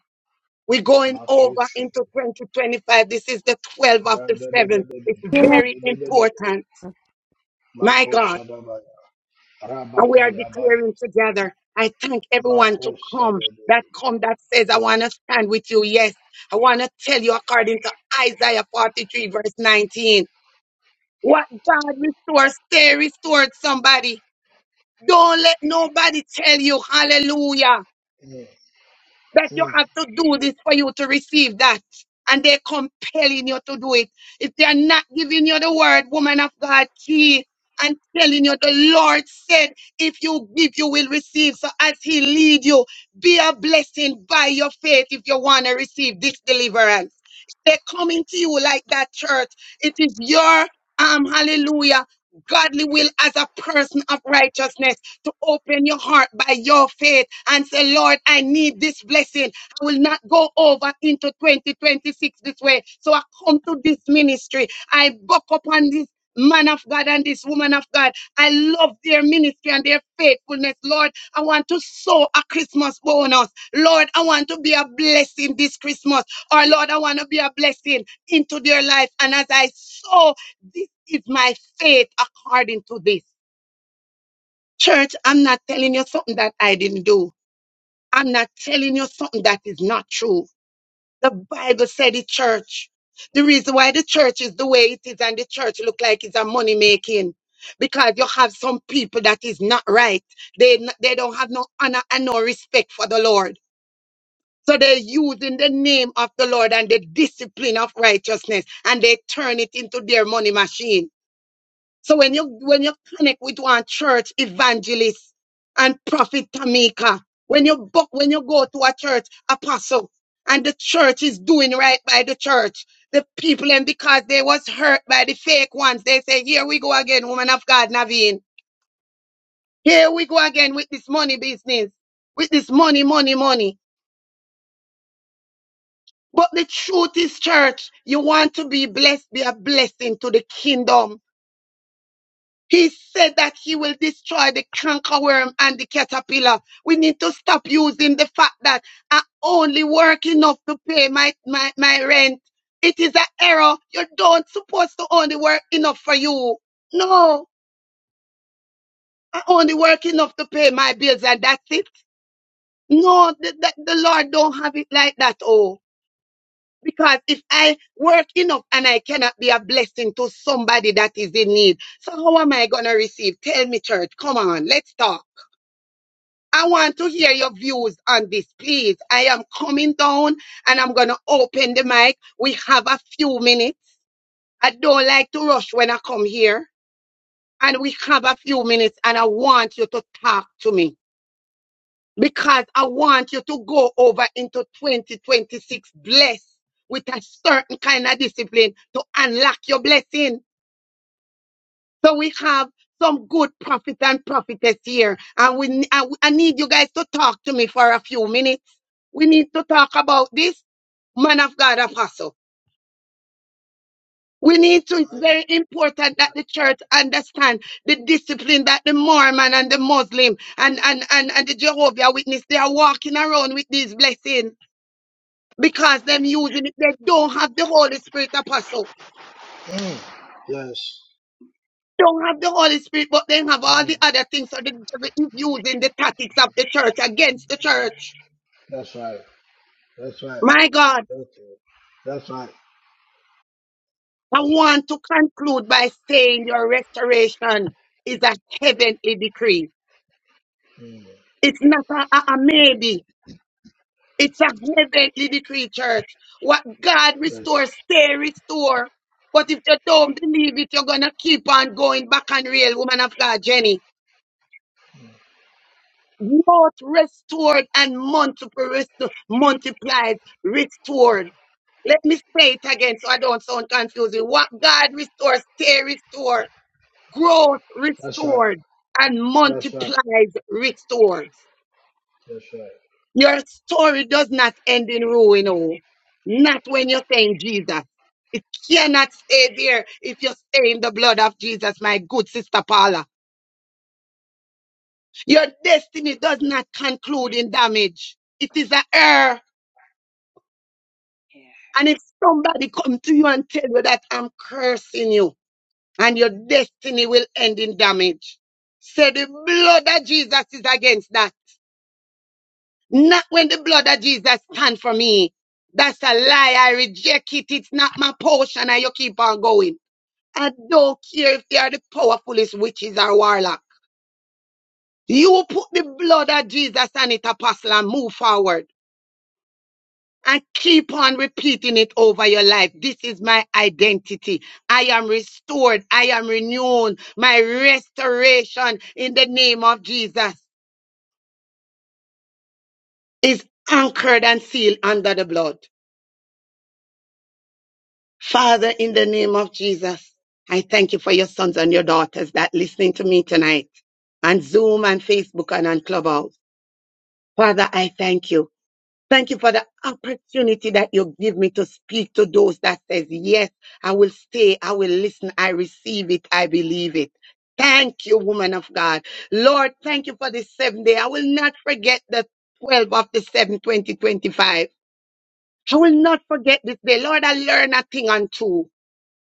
S3: We're going over into 2025. This is the 12th of the 7th. It's very important. My God. And we are declaring together. I thank everyone to come that come that says, I want to stand with you. Yes, I want to tell you according to Isaiah 43, verse 19. What God restores, stay restored somebody. Don't let nobody tell you hallelujah that you have to do this for you to receive that. And they're compelling you to do it. If they're not giving you the word, woman of God, key, and telling you the Lord said, if you give, you will receive. So as He lead you, be a blessing by your faith if you want to receive this deliverance. They're coming to you like that, church. It is your um hallelujah, godly will as a person of righteousness to open your heart by your faith and say, Lord, I need this blessing. I will not go over into 2026 this way. So I come to this ministry. I buck up on this man of God and this woman of God. I love their ministry and their faithfulness. Lord, I want to sow a Christmas bonus. Lord, I want to be a blessing this Christmas. Or Lord, I want to be a blessing into their life. And as I sow, this is my faith according to this. Church, I'm not telling you something that I didn't do. I'm not telling you something that is not true. The Bible said it, church. The reason why the church is the way it is and the church look like it's a money making because you have some people that is not right. They n- they don't have no honor and no respect for the Lord. So they're using the name of the Lord and the discipline of righteousness and they turn it into their money machine. So when you when you connect with one church evangelist and prophet Tamika, when you book when you go to a church apostle and the church is doing right by the church, the people and because they was hurt by the fake ones, they say, Here we go again, woman of God, Naveen. Here we go again with this money business, with this money, money, money. But the truth is, church, you want to be blessed, be a blessing to the kingdom He said that he will destroy the cankerworm and the caterpillar. We need to stop using the fact that I only work enough to pay my, my, my rent. It is an error. You don't supposed to only work enough for you. No, I only work enough to pay my bills and that's it. No, the, the, the Lord don't have it like that. Oh, because if I work enough and I cannot be a blessing to somebody that is in need, so how am I going to receive? Tell me, church. Come on, let's talk. I want to hear your views on this, please. I am coming down and I'm going to open the mic. We have a few minutes. I don't like to rush when I come here. And we have a few minutes and I want you to talk to me because I want you to go over into 2026 blessed with a certain kind of discipline to unlock your blessing. So we have some good prophets and prophetess here. And we I, I need you guys to talk to me for a few minutes. We need to talk about this man of God apostle. We need to, it's very important that the church understand the discipline that the Mormon and the Muslim and, and, and, and the Jehovah Witness, they are walking around with these blessings because them using it, they don't have the Holy Spirit apostle. don't have the Holy Spirit, but then have all the other things. So the devil is using the tactics of the church against the church. My God, I want to conclude by saying your restoration is a heavenly decree. It's not a, a, a maybe. It's a heavenly decree, church. What God restores, stay restore. But if you don't believe it, you're gonna keep on going back on real, woman of God, Jenny. Not restored and multiple multiplied, restored. Let me say it again so I don't sound confusing. What God restores, stay restored, growth restored, and multiplies restores. Your story does not end in ruin, oh. Not when you're saying Jesus. It cannot stay there if you stay in the blood of Jesus, my good sister Paula. Your destiny does not conclude in damage. It is a error.
S2: Yeah.
S3: And if somebody come to you and tell you that I'm cursing you and your destiny will end in damage, say the blood of Jesus is against that. Not when the blood of Jesus stand for me. That's a lie. I reject it. It's not my portion and you keep on going. I don't care if they are the powerfulest witches or warlock. You put the blood of Jesus on it, apostle, and move forward. and keep on repeating it over your life. This is my identity. I am restored. I am renewed. My restoration in the name of Jesus is anchored and sealed under the blood. Father, in the name of Jesus, I thank you for your sons and your daughters that listening to me tonight on Zoom and Facebook and on Clubhouse. Father, I thank you. Thank you for the opportunity that you give me to speak to those that says, yes, I will stay. I will listen. I receive it. I believe it. Thank you, woman of God. Lord, thank you for this seventh day. I will not forget the 12 of the 7, 2025. I will not forget this day. Lord, I learn a thing on two.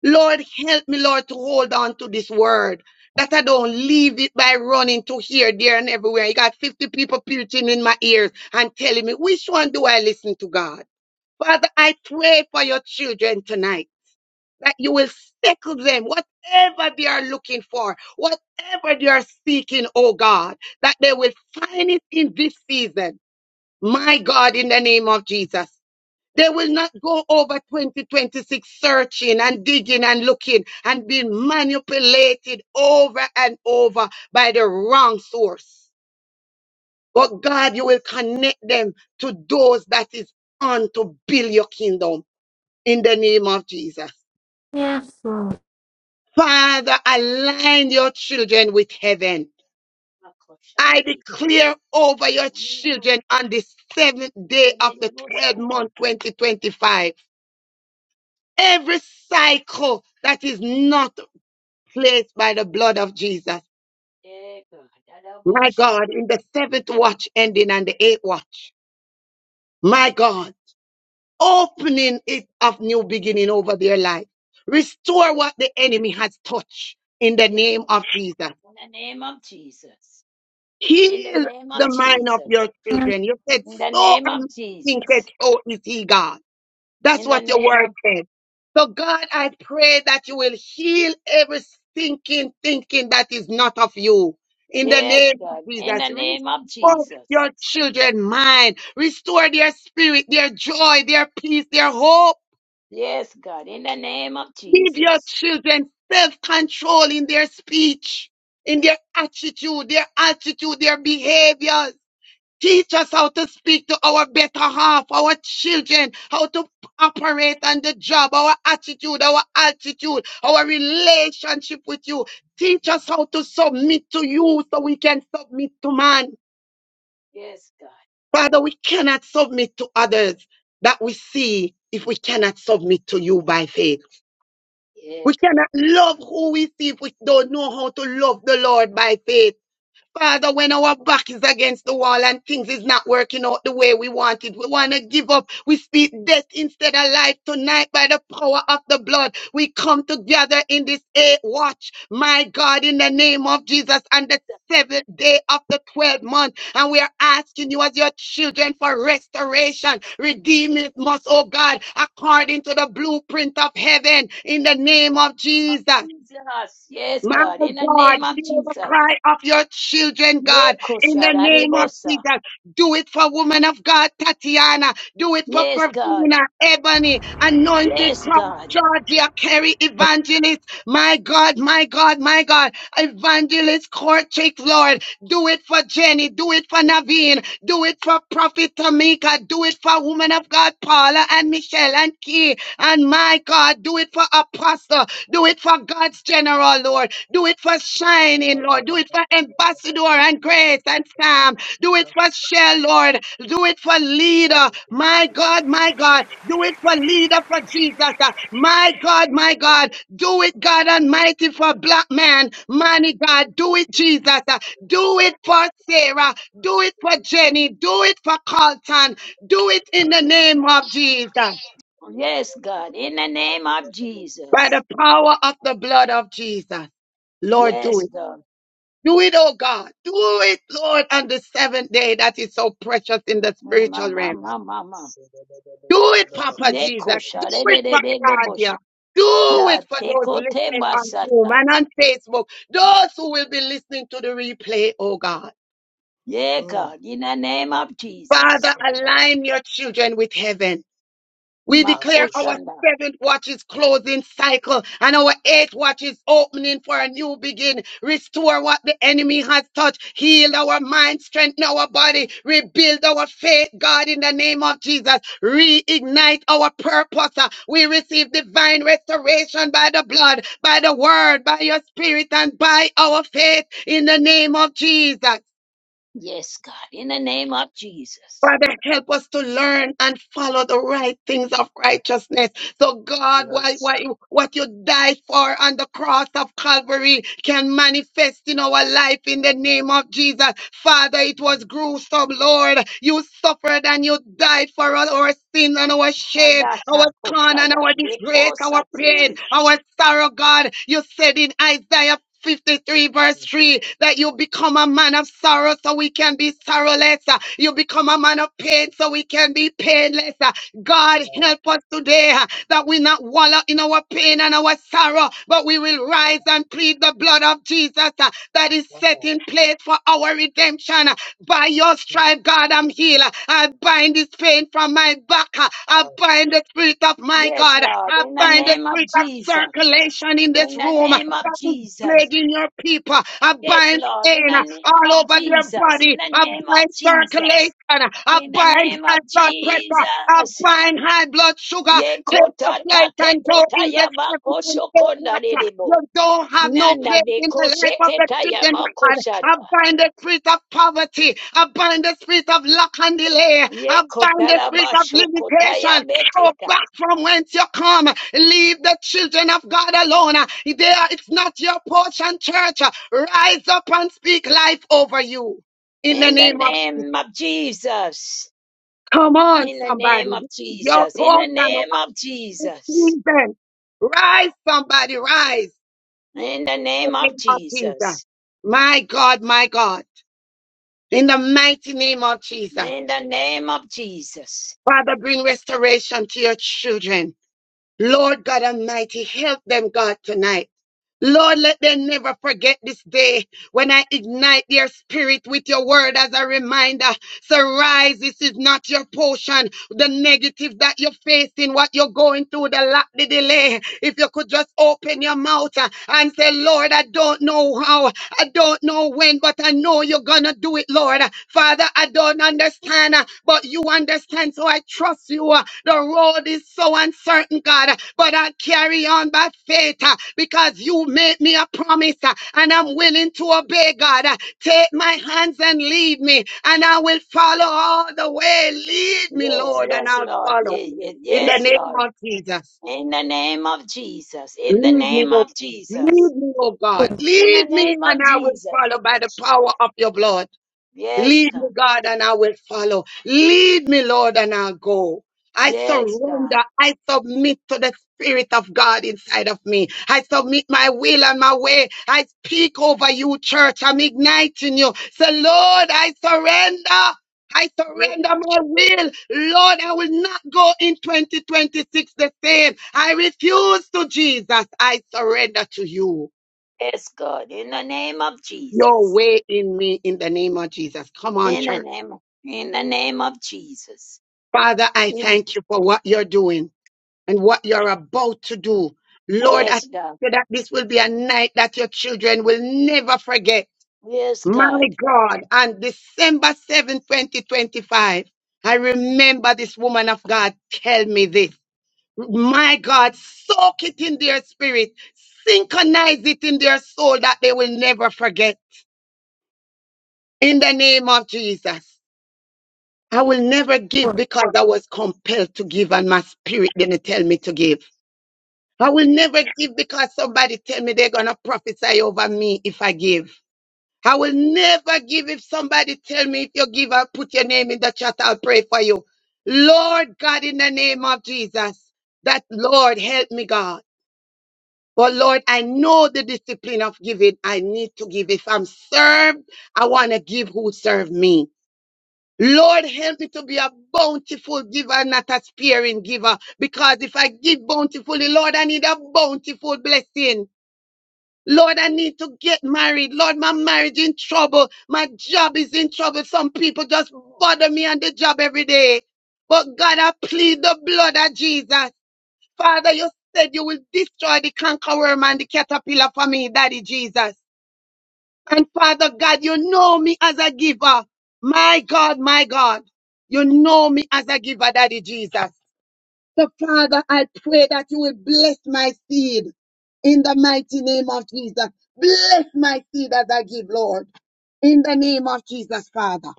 S3: Lord, help me, Lord, to hold on to this word. That I don't leave it by running to here, there, and everywhere. You got 50 people preaching in my ears and telling me, which one do I listen to, God? Father, I pray for your children tonight that you will settle them, whatever they are looking for, whatever they are seeking, oh God, that they will find it in this season. My God, in the name of Jesus. They will not go over 2026 searching and digging and looking and being manipulated over and over by the wrong source. But God, you will connect them to those that is on to build your kingdom in the name of Jesus. Father, align your children with heaven. I
S2: Makoshaki.
S3: declare over your
S2: No,
S3: children on the seventh day
S2: no,
S3: of the 12th
S2: no.
S3: month, 2025 every cycle that is not place by the blood of Jesus.
S2: Eh, God.
S3: My God, in
S2: Dadaboshaki.
S3: the seventh watch ending and the eighth watch. My God, opening it of new beginning over their life. Restore
S2: Yes,
S3: what the enemy has touched in the name of
S2: Ekoshaki.
S3: Jesus.
S2: In the name of Jesus. In the
S3: Heal
S2: name of
S3: the mind of
S2: Jesus.
S3: your children. You said,
S2: In the
S3: so
S2: name of Jesus.
S3: unthinketh, so is he God. That's
S2: In the
S3: what your
S2: name
S3: word
S2: of,
S3: said. So God, I pray that you will heal every stinking thinking that is not of you. In the
S2: yes,
S3: name of
S2: God. In
S3: Jesus,
S2: the name of
S3: restore your
S2: Jesus.
S3: children' mind, restore their spirit, their joy, their peace, their hope.
S2: Yes, God. In the name of
S3: Give your
S2: Jesus.
S3: children self-control in their speech, in their attitude, their attitude, their behaviors. Teach us how to speak to our better half, our children, how to operate on the job, our attitude, our altitude, our relationship with you. Teach us how to submit to you so we can submit to man.
S2: Yes, God.
S3: Father, we cannot submit to others that we see if we cannot submit to you by faith.
S2: Yeah,
S3: We
S2: God.
S3: cannot love who we see if we don't know how to love the Lord by faith. Father, when our back is against the wall and things is not working out the way we want it, we want to give up. We speak death instead of life tonight by the power of the blood. We come together in this eight watch, my God, in the name of Jesus and the seventh day of the 12th month. And we are asking you as your children for restoration. Redeem it must, oh God, according to the blueprint of heaven in the name of
S2: The of
S3: Jesus.
S2: Jesus. Yes,
S3: My
S2: God. In the
S3: God,
S2: name of
S3: hear the
S2: Jesus.
S3: cry of your children, God, in the name of
S2: Nekoshadadebosa.
S3: Jesus. Do it for woman of God, Tatiana. Do it for
S2: Yes, God.
S3: Pravina, Ebony, Anointed
S2: Yes,
S3: Cross,
S2: God.
S3: Georgia, Carrie, Evangelist. My God, my God, my God. Evangelist Courtship, Lord. Do it for Jenny. Do it for Naveen. Do it for Prophet Tamika. Do it for Woman of God, Paula and Michelle and Key. And my God, do it for Apostle. Do it for God's General, Lord. Do it for Shining, Lord. Do it for Ambassador and Grace and Sam. Do it for Shell, Lord. Do it for leader. My God, my God. Do it for leader for Jesus. Uh, My God, my God. Do it, God Almighty, for black man. Money, God. Do it, Jesus. Uh, Do it for Sarah. Do it for Jenny. Do it for Carlton. Do it in the name of Jesus. By
S2: Yes, God. In the name of Jesus.
S3: the power of the blood of Jesus. Lord, do
S2: Yes,
S3: it.
S2: God.
S3: Do it, oh God. Do it, Lord, on the seventh day that is so precious in the
S2: Mama,
S3: spiritual realm.
S2: mama, mama.
S3: Do it, Papa Jesus. Do it for Claudia. Do it
S2: Lord,
S3: for
S2: take
S3: those listening on Zoom
S2: basata.
S3: and on Facebook. Those who will be listening to the replay, oh God.
S2: Yeah, God, in the name of
S3: Father,
S2: Jesus.
S4: Masika Talabshat.
S3: align your children with heaven. We declare our
S2: Makoshanda.
S3: seventh watch is closing cycle and our eighth watch is opening for a new begin. Restore what the enemy has touched. Heal our mind, strengthen our body, rebuild our faith, God, in the name of Jesus. Reignite our purpose. Uh, We receive divine restoration by the blood, by the word, by your spirit, and by our faith in the name of Jesus.
S2: Yes, God, in the name of Jesus.
S3: Father, help us to learn and follow the right things of righteousness so God, why,
S4: Yes.
S3: why, what you died for on the cross of Calvary can manifest in our life in the name of Jesus. Father, it was gruesome, Lord. You suffered and you died for all our sin and our shame, our con and
S2: Adachakoshada.
S3: our disgrace, our pain,
S2: Lekosati.
S3: our sorrow, God. You said in Isaiah 53 verse 3 that you become a man of sorrow so we can be sorrowless. Uh, You become a man of pain so we can be painless. Uh, God help us today that we not wallow in our pain and our sorrow, but we will rise and plead the blood of Jesus uh, that is set
S4: Baba,
S3: in place for our redemption. uh, by your
S4: mm,
S3: stripe, God, I'm healed. uh. I bind this pain from my back. uh. I
S4: Baba,
S3: bind the spirit of my
S2: Yes,
S3: God.
S2: Lord,
S3: I
S2: in the
S3: bind the
S2: name of
S3: spirit of
S2: Jesus.
S3: circulation in this
S2: In the
S3: room uh,
S2: name of
S3: that is
S2: Jesus.
S3: plaguing your people. I
S2: Yes,
S3: bind
S2: Lord, in
S3: pain
S2: the
S3: uh,
S2: name
S3: all
S2: of
S3: over their
S2: Jesus. In
S3: body.
S2: the
S3: I
S2: name
S3: bind
S2: of
S3: circulation.
S2: Jesus.
S3: I
S2: In the
S3: bind bind
S2: name
S3: high
S2: of
S3: blood pressure. I
S2: Jesus.
S3: bind high blood sugar.
S2: Ye
S3: Take the
S2: kota
S3: flight
S2: tate
S3: and go
S2: kota
S3: in the
S2: yama
S3: heaven and get
S2: koshokonda
S3: water. You
S2: debo.
S3: don't have no
S2: Nanda
S3: place
S2: de
S3: in the life of the
S2: kosheketa
S3: children
S2: yama
S3: of God. I
S2: koshata.
S3: bind the spirit of poverty. I bind the spirit of lack and delay. I bind the spirit of limitation. Go
S2: Yekotalabashokotayabeketa.
S3: back from whence you come. Leave the children of God alone. They are, it's not your portion, church. Rise up and speak life over you. In the
S2: In the
S3: name of
S2: name of Jesus.
S3: Come on,
S2: In the name
S3: somebody.
S2: of
S3: This is Your
S2: Jesus. In the
S3: portion of
S2: name of
S3: this
S2: Jesus.
S3: season. Rise, somebody, rise.
S2: In the
S3: In
S2: name
S3: the
S2: of
S3: name of Jesus.
S2: Jesus.
S3: My God, my God. In the mighty name of Jesus.
S2: In the name of Jesus.
S3: Father, bring restoration to your children. Lord God Almighty, help them, God, tonight. Lord, let them never forget this day when I ignite their spirit with your word as a reminder. So rise, this is not your portion. The negative that you're facing, what you're going through, the lack, the delay. If you could just open your mouth uh, and say, Lord, I don't know how. I don't know when, but I know you're gonna do it, Lord. Father, I don't understand, uh, but you understand, so I trust you. uh, The road is so uncertain, God, but I carry on by faith uh, because you made me a promise uh, and I'm willing to obey, God. Uh, Take my hands and lead me, and I will follow all the way. Lead me,
S2: Yes,
S3: Lord, and
S2: yes,
S3: I'll
S2: Lord.
S3: follow
S2: Yes, yes,
S3: in the
S2: yes
S3: name
S2: Lord.
S3: of Jesus.
S2: In the name of Jesus. In the
S3: Lead me,
S2: name
S3: oh,
S2: of Jesus.
S3: lead me, oh God.
S2: In the
S3: Lead me,
S2: name of
S3: and I will
S2: Jesus.
S3: follow by the power of your blood.
S2: Yes,
S3: Lead
S2: God.
S3: me, God, and I will follow. Lead me, Lord, and I'll go. I
S2: Yes, God.
S3: surrender. I submit to the Spirit of God inside of me. I submit my will and my way. I speak over you, church. I'm igniting you. Say, Lord, I surrender. I
S2: Yes,
S3: surrender
S2: God.
S3: my will. Lord, I will not go in 2026 the same. I refuse to Jesus. I surrender to you.
S2: Yes, God. In the name of
S3: Your
S2: Jesus.
S3: way in me in the name of Jesus. Come on,
S2: In the
S3: church.
S2: name, in the name of Jesus.
S3: Father, I
S2: In
S3: thank you for what you're doing and what you're about to do. Lord, I thank
S2: yes, God.
S3: you that this will be a night that your children will never forget.
S2: Yes, God.
S3: My God, on December 7, 2025, I remember this woman of God tell me this. My God, soak it in their spirit, synchronize it in their soul that they will never forget. In the name of Jesus. I will never give because I was compelled to give and my spirit didn't tell me to give. I will never give because somebody tell me they're gonna prophesy over me if I give. I will never give if somebody tell me if you give, I'll put your name in the chat, I'll pray for you. Lord God, in the name of Jesus, that Lord help me, God. But Lord, I know the discipline of giving. I need to give. If I'm served, I want to give who serve me. Lord, help me to be a bountiful giver, not a sparing giver. Because if I give bountifully, Lord, I need a bountiful blessing. Lord, I need to get married. Lord, my marriage in trouble. My job is in trouble. Some people just bother me on the job every day. But God, I plead the blood of Jesus. Father, you said you will destroy the cankerworm and the caterpillar for me, Daddy Jesus. And Father God, you know me as a giver. My God, my God, you know me as a giver, Daddy Jesus. So, Father, I pray that you will bless my seed in the mighty name of Jesus. Bless my seed as I give, Lord, in the name of Jesus, Father.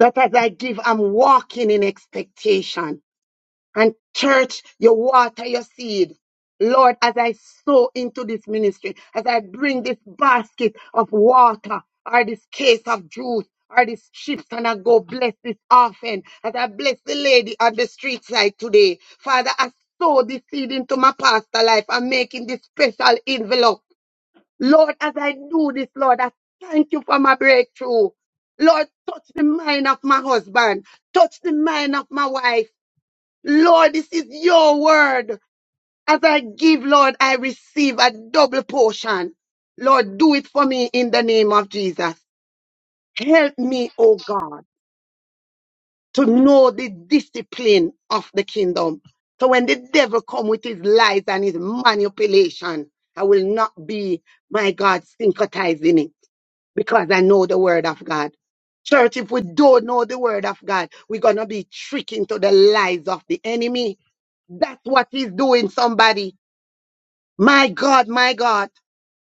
S3: That as I give, I'm walking in expectation. And church, you water your seed. Lord, as I sow into this ministry, as I bring this basket of water or this case of juice or this chips and I go bless this orphan, as I bless the lady on the street side today, Father, I sow this seed into my pastor life. I'm making this special envelope. Lord, as I do this, Lord, I thank you for my breakthrough. Lord, touch the mind of my husband, touch the mind of my wife. Lord, this is your word. As I give, Lord, I receive a double portion. Lord, do it for me in the name of Jesus. Help me, oh God, to know the discipline of the kingdom. So when the devil come with his lies and his manipulation, I will not be, my God, syncretized in it because I know the word of God. Church, if we don't know the word of God, we're going to be tricked into the lies of the enemy. That's what he's doing, somebody. My God, my God.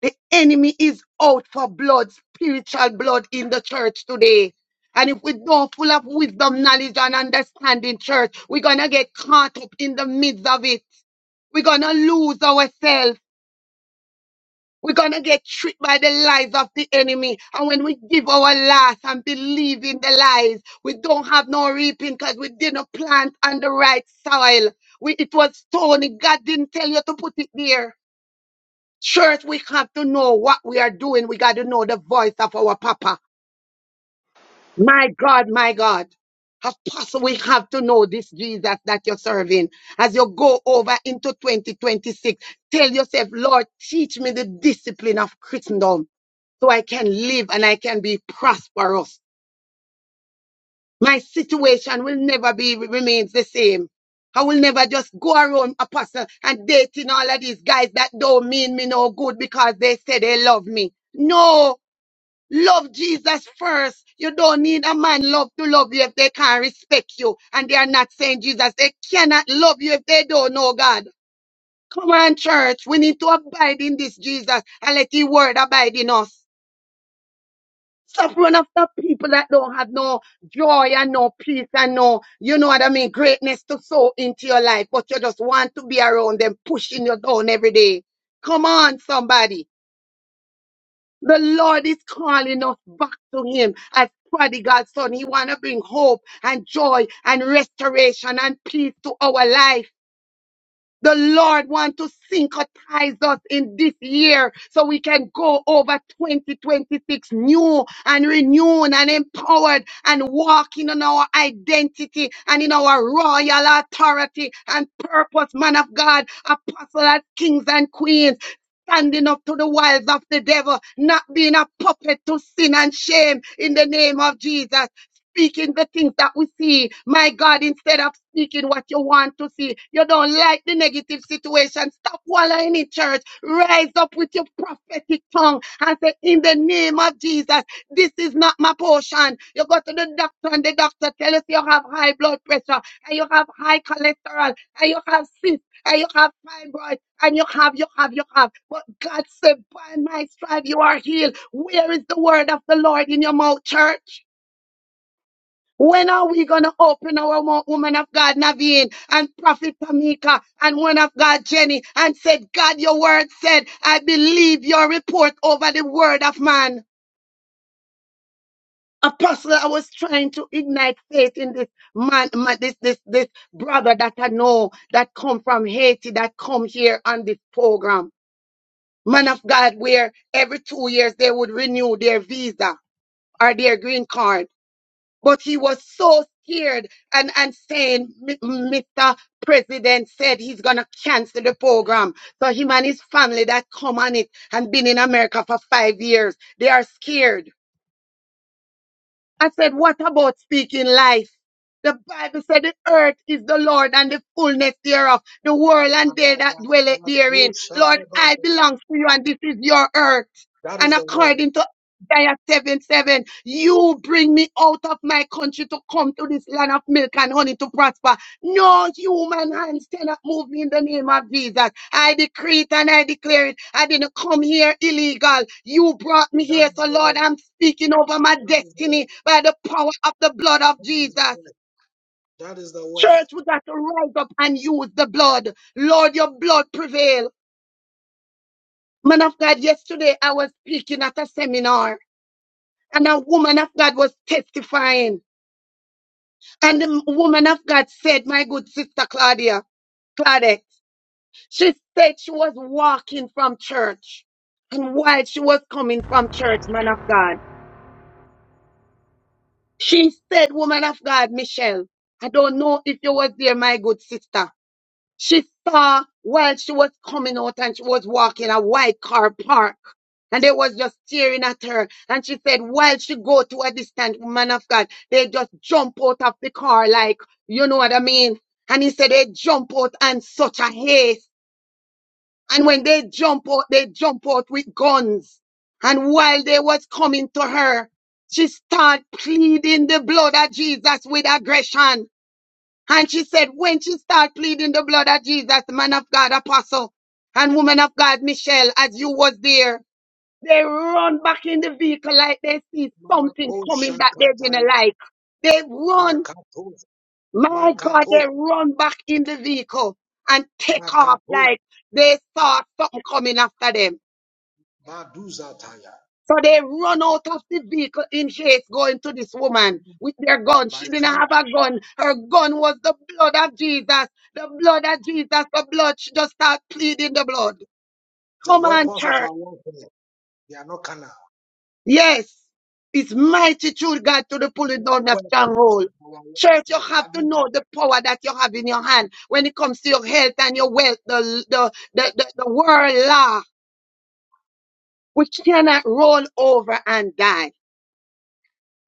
S3: The enemy is out for blood, spiritual blood in the church today. And if we don't full of wisdom, knowledge, and understanding church, we're gonna get caught up in the midst of it. We're gonna lose ourselves. We're gonna get tricked by the lies of the enemy. And when we give our last and believe in the lies, we don't have no reaping because we didn't plant on the right soil. We, it was stony. God didn't tell you to put it there. Church, we have to know what we are doing. We got to know the voice of our Papa. My God, my God. Apostle, we have to know this Jesus that you're serving. As you go over into 2026, tell yourself, Lord, teach me the discipline of Christendom so I can live and I can be prosperous. My situation will never be remains the same. I will never just go around, Apostle, and dating all of these guys that don't mean me no good because they say they love me. No, Love Jesus first. You don't need a man love to love you if they can't respect you and they are not saying Jesus. They cannot love you if they don't know God. Come on, church. We need to abide in this Jesus and let His word abide in us. Stop running after people that don't have no joy and no peace and no, you know what I mean, greatness to sow into your life, but you just want to be around them, pushing you down every day. Come on, somebody. The Lord is calling us back to Him as prodigal son. He want to bring hope and joy and restoration and peace to our life. The Lord want to syncretize us in this year so we can go over 2026 new and renewed and empowered and walking in our identity and in our royal authority and purpose, man of God, apostle as kings and queens. Standing up to the wiles of the devil, not being a puppet to sin and shame in the name of Jesus speaking the things that we see. My God, instead of speaking what you want to see, you don't like the negative situation. Stop wallowing in church. Rise up with your prophetic tongue and say, In the name of Jesus, this is not my portion. You go to the doctor and the doctor tells us you have high blood pressure and you have high cholesterol and you have cysts and you have fibroid and you have, you have, you have. But God said, by my stripe you are healed. Where is the word of the Lord in your mouth, church? When are we going to open our mouth, woman of God, Naveen, and Prophet Tamika, and woman of God, Jenny, and said, God, your word said, I believe your report over the word of man. Apostle, I was trying to ignite faith in this man, my, this, this, this brother that I know that come from Haiti, that come here on this program. Man of God, where every two years they would renew their visa or their green card. But he was so scared and, and saying, "M- Mr. President said he's going to cancel the program. So him and his family that come on it and been in America for five years, they are scared I said, what about speaking life? The Bible said the earth is the Lord and the fullness thereof, the world and they that dwell
S4: Mako
S3: therein. Lord,
S4: Shababa.
S3: I belong to you and this is your earth.
S4: That
S3: And
S4: is the word.
S3: according to Isaiah 7 7, you bring me out of my country to come to this land of milk and honey to prosper. No human hands cannot move me in the name of Jesus. I decree it and I declare it. I didn't come here illegal. You brought me here. So, Lord, I'm speaking over my destiny by the power of the blood of Jesus. Church, we got to rise up and use the blood. Lord, your blood prevail. Man of God, yesterday I was speaking at a seminar and a woman of God was testifying. And the woman of God said, My good sister Claudia, Claudette. She said she was walking from church. And while she was coming from church, man of God, she said, Woman of God, Michelle, I don't know if you was there, my good sister. She saw while she was coming out and she was walking a white car park. And they was just staring at her. And she said, while she go to a distant man of God, they just jump out of the car like, you know what I mean? And he said, they jump out and such a haste. And when they jump out, they jump out with guns. And while they was coming to her, she start pleading the blood of Jesus with aggression. And she said, when she start pleading the blood of Jesus, man of God, apostle, and woman of God, Michelle, as you was there, they run back in the vehicle like they see something
S4: Mako
S3: coming that they didn't
S4: Shakataya.
S3: like. They run,
S4: Makatos.
S3: my God, they run back in the vehicle and take off like they saw something coming after them. So they run out of the vehicle in haste going to this woman with their gun. She
S4: By
S3: didn't
S4: fire.
S3: have a gun. Her gun was the blood of Jesus. The blood of Jesus, the blood. She just start pleading the blood.
S4: The
S3: Come on,
S4: weapons of
S3: church.
S4: our warfare. They are not carnal.
S3: Yes. It's mighty true God to the pulling down of
S4: Weapons
S3: stronghold.
S4: of our
S3: Church, you have to know the power that you have in your hand when it comes to your health and your wealth, the, the, the, the, the world law. We cannot roll over and die.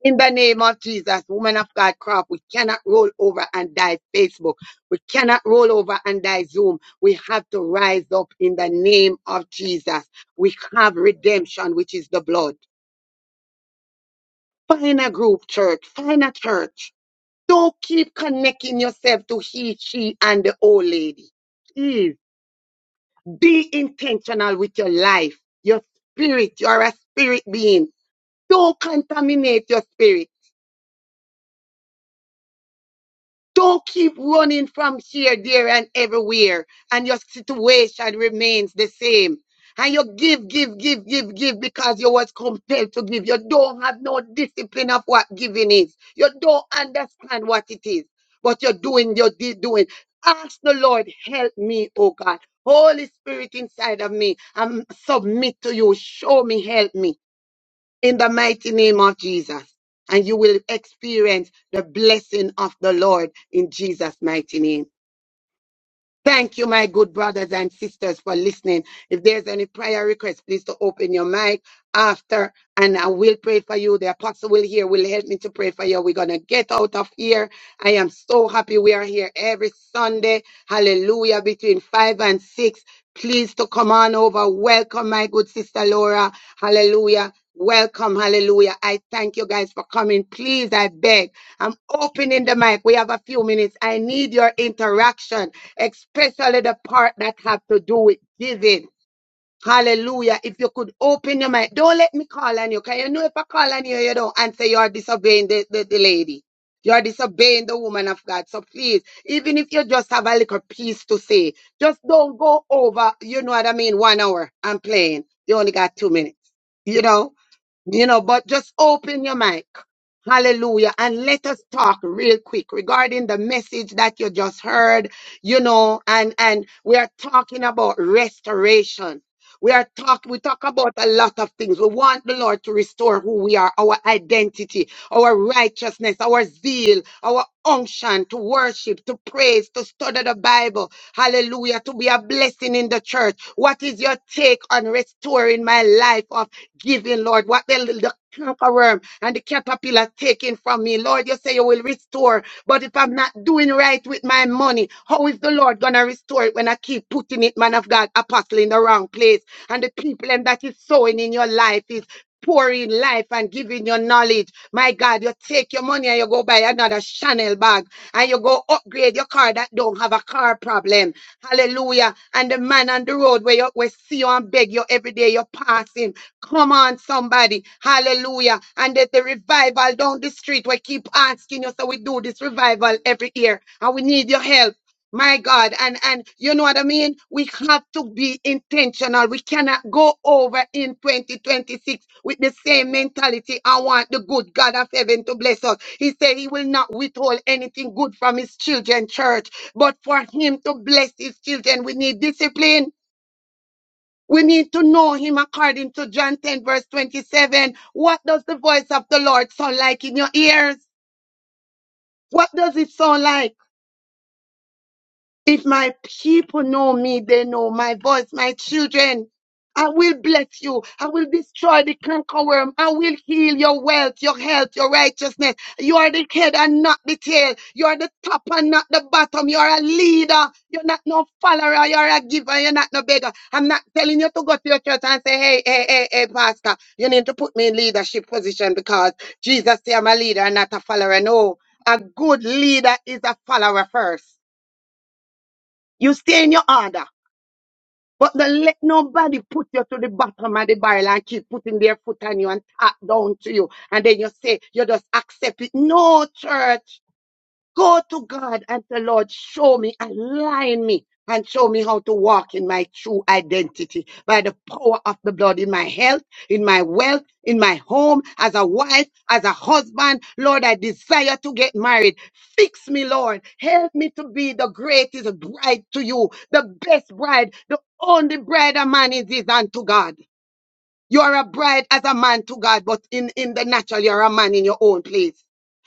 S3: In the name of Jesus, woman of God, crop, we cannot roll over and die Facebook. We cannot roll over and die Zoom. We have to rise up in the name of Jesus. We have redemption, which is the blood. Find a group church, find a church. Don't keep connecting yourself to he, she, and the old lady. Please be intentional with your life, your spirit. You are a spirit being. Don't contaminate your spirit. Don't keep running from here, there, and everywhere, and your situation remains the same. And you give, give, give, give, give because you was compelled to give. You don't have no discipline of what giving is. You don't understand what it is, but you're doing, you're di- doing. Ask the Lord, help me, oh God. Holy Spirit inside of me, I'm submit to you. Show me, help me in the mighty name of Jesus. And you will experience the blessing of the Lord in Jesus' mighty name. Thank you, my good brothers and sisters, for listening. If there's any prayer request, please to open your mic after, and I will pray for you. The apostle will hear, will help me to pray for you. We're gonna get out of here. I am so happy we are here every Sunday. Hallelujah! Between five and six, please to come on over. Welcome, my good sister Laura. Hallelujah. Welcome, hallelujah. I thank you guys for coming. Please, I beg. I'm opening the mic. We have a few minutes. I need your interaction especially the part that have to do with giving. Hallelujah. If you could open your mind, don't let me call on you. Can you know if I call on you, you don't answer, you are disobeying the, the, the lady. You are disobeying the woman of God. So please, even if you just have a little piece to say, just don't go over, you know what I mean, one hour. I'm playing. You only got two minutes. You know? You know, but just open your mic. Hallelujah. And let us talk real quick regarding the message that you just heard, you know, and, and we are talking about restoration. We are talk, we talk about a lot of things. We want the Lord to restore who we are, our identity, our righteousness, our zeal, our unction to worship, to praise, to study the Bible hallelujah, to be a blessing in the church. What is your take on restoring my life of giving, Lord? What the, the conqueror and the caterpillar taking from me, Lord, you say you will restore, but if I'm not doing right with my money, how is the Lord gonna restore it when I keep putting it, man of God, apostle, in the wrong place? And the people and that is sowing in your life is pouring life and giving your knowledge. My God, you take your money and you go buy another Chanel bag and you go upgrade your car that don't have a car problem. Hallelujah. And the man on the road where you where see you and beg you every day, you pass him. Come on, somebody. Hallelujah. And there's the revival down the street. We keep asking you, so we do this revival every year. And we need your help. My God, and and you know what I mean? We have to be intentional. We cannot go over in 2026 with the same mentality. I want the good God of heaven to bless us. He said he will not withhold anything good from his children, church. But for him to bless his children, we need discipline. We need to know him according to John 10, verse 27. What does the voice of the Lord sound like in your ears? What does it sound like? If my people know me, they know my voice, my children. I will bless you. I will destroy the cankerworm. I will heal your wealth, your health, your righteousness. You are the head and not the tail. You are the top and not the bottom. You are a leader. You're not no follower. You're a giver. You're not no beggar. I'm not telling you to go to your church and say, hey, hey, hey, hey, pastor, you need to put me in leadership position because Jesus say I'm a leader and not a follower. No, a good leader is a follower first. You stay in your order, but don't let nobody put you to the bottom of the barrel and keep putting their foot on you and tap down to you. And then you say, you just accept it. No, church. Go to God and the Lord, show me, align me, and show me how to walk in my true identity by the power of the blood in my health, in my wealth, in my home, as a wife, as a husband. Lord, I desire to get married. Fix me, Lord. Help me to be the greatest bride to you, the best bride, the only bride a man is, is unto God. You are a bride as a man to God, but in, in the natural, you're a man in your own place.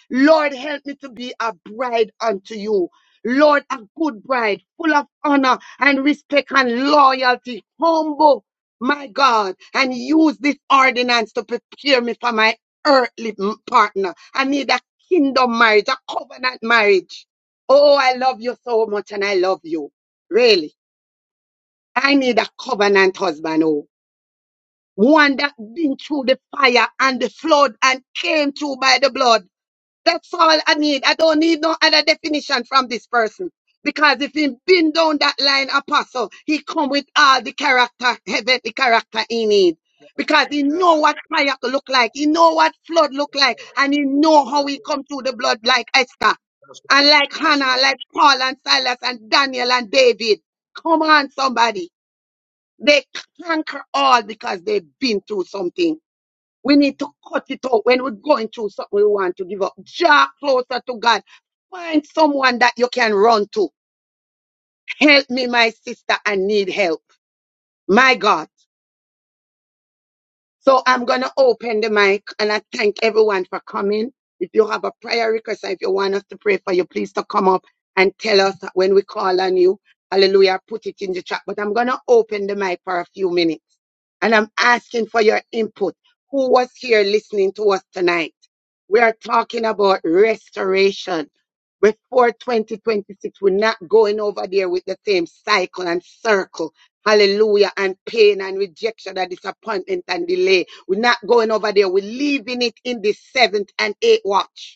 S3: Lord, help me to be a bride unto you. Lord, a good bride, full of honor and respect and loyalty, humble, my God, and use this ordinance to prepare me for my earthly m- partner. I need a kingdom marriage, a covenant marriage. Oh, I love you so much and I love you. Really. I need a covenant husband. oh one that been through the fire and the flood and came through by the blood. That's all I need. I don't need no other definition from this person. Because if he been down that line, apostle, he come with all the character, heavenly character he need. Because he
S4: warfare.
S3: know what fire look like, he know what flood look like, and he know how he come through the blood like Esther,
S4: That's right.
S3: and like
S4: That's right.
S3: Hannah, like Paul and Silas and Daniel and David. Come on, somebody. They conquer all because they've been through something. We need to cut it out when we're going through something we want to give up. Draw closer to God. Find someone that you can run to. Help me, my sister. I need help. My God. So I'm going to open the mic and I thank everyone for coming. If you have a prayer request, or if you want us to pray for you, please to come up and tell us when we call on you. Hallelujah. Put it in the chat. But I'm going to open the mic for a few minutes and I'm asking for your input. Who was here listening to us tonight? We are talking about restoration. Before 2026, we're not going over there with the same cycle and circle Hallelujah. And pain and rejection and disappointment and delay. We're not going over there. We're leaving it in the seventh and eighth watch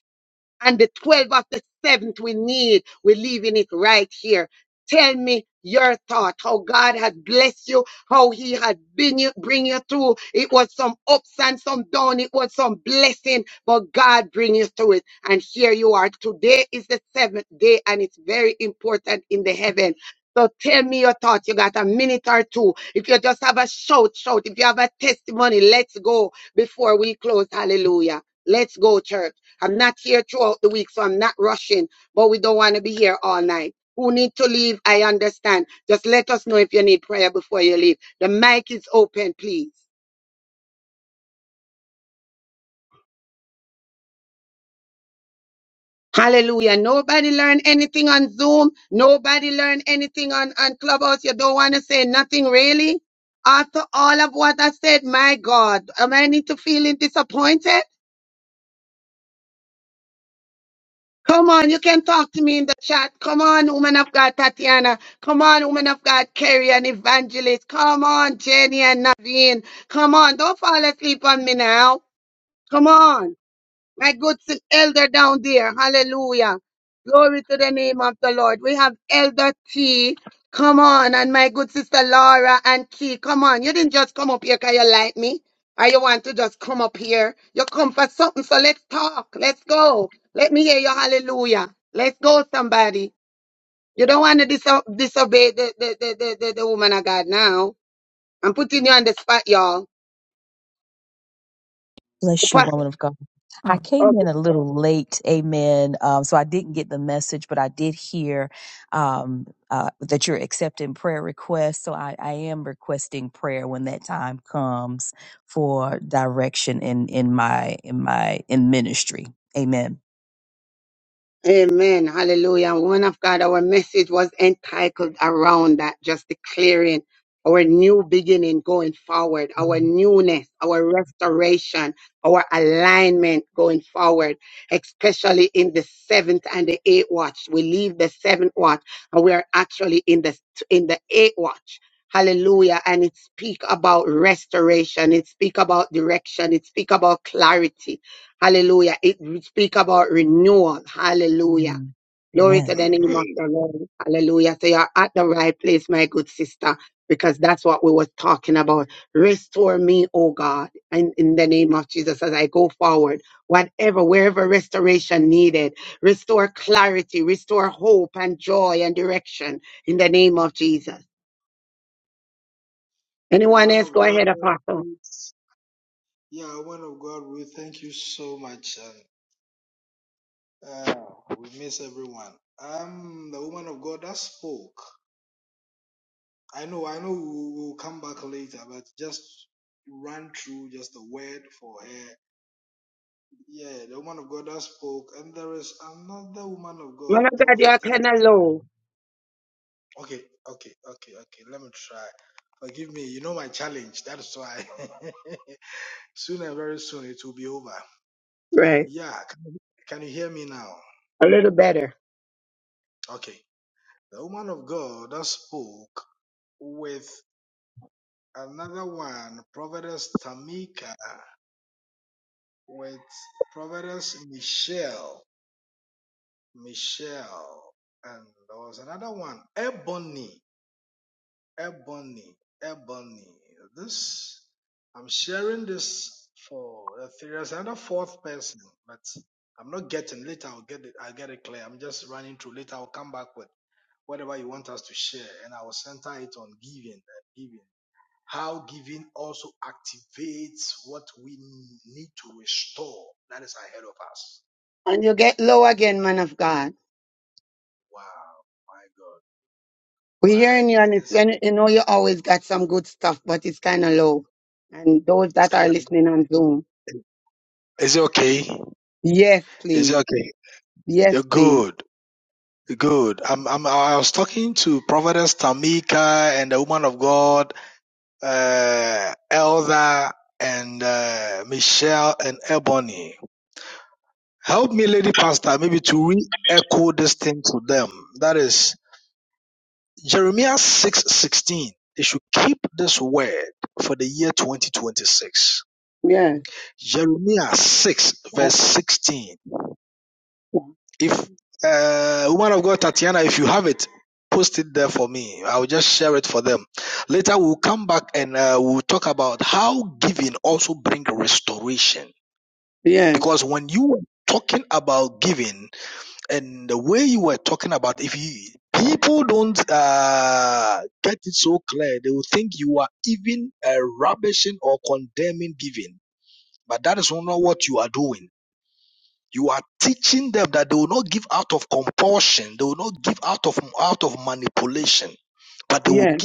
S3: and the 12 of the seventh we need. We're leaving it right here. Tell me your thought, how God has blessed you, how He had been you, bring you through. It was some ups and some down. It was some blessing, but God bring you through it. And here you are. Today is the seventh day, and it's very important in the heaven. So tell me your thoughts. You got a minute or two. If you just have a shout, shout. If you have a testimony, let's go before we close. Hallelujah. Let's go, church. I'm not here throughout the week, so I'm not rushing, but we don't want to be here all night. Who need to leave? I understand. Just let us know if you need prayer before you leave. The mic is open, please. Hallelujah. Nobody learn anything on Zoom. Nobody learn anything on, on Clubhouse. You don't want to say nothing really? After all of what I said, my God, am I need to feeling disappointed? Come on, you can talk to me in the chat. Come on, woman of God, Tatiana. Come on, woman of God, Carrie and Evangelist. Come on, Jenny and Naveen. Come on, don't fall asleep on me now. Come on my good s- elder down there. Hallelujah. Glory to the name of the Lord. We have Elder T. Come on. And my good sister Laura and Key. Come on. You didn't just come up here because you like me. Or you want to just come up here. You come for something. So let's talk. Let's go. Let me hear your hallelujah. Let's go, somebody. You don't want to diso- disobey the, the, the, the, the, the woman of God now. I'm putting you on the spot, y'all.
S12: Bless you, woman of God. I came in a little late, amen. Um, so I didn't get the message, but I did hear um, uh, that you're accepting prayer requests. So I, I am requesting prayer when that time comes for direction in in my in my in ministry. Amen.
S3: Amen. Hallelujah. And Woman of God, our message was entitled around that, just declaring our new beginning going forward, our newness, our restoration, our alignment going forward, especially in the seventh and the eighth watch. We leave the seventh watch and we are actually in the in the eighth watch. Hallelujah. And it speak about restoration. It speak about direction. It speak about clarity Hallelujah. It speak about renewal. Hallelujah.
S12: Mm.
S3: Glory
S12: Amen.
S3: to the name of the Lord. Hallelujah. So you're at the right place, my good sister, because that's what we were talking about. Restore me, oh God, and in the name of Jesus as I go forward. Whatever, wherever restoration needed, restore clarity, restore hope and joy and direction in the name of Jesus. Anyone else? Go ahead, Apostle. Man of God, you're kind of low. Right. A little better. And you get low again, man of God. We're hearing you, and it's, and you know you always got some good stuff, but it's kind of low. And those that are listening on Zoom, yes, please, yes, please, yes, yes, yes, yes,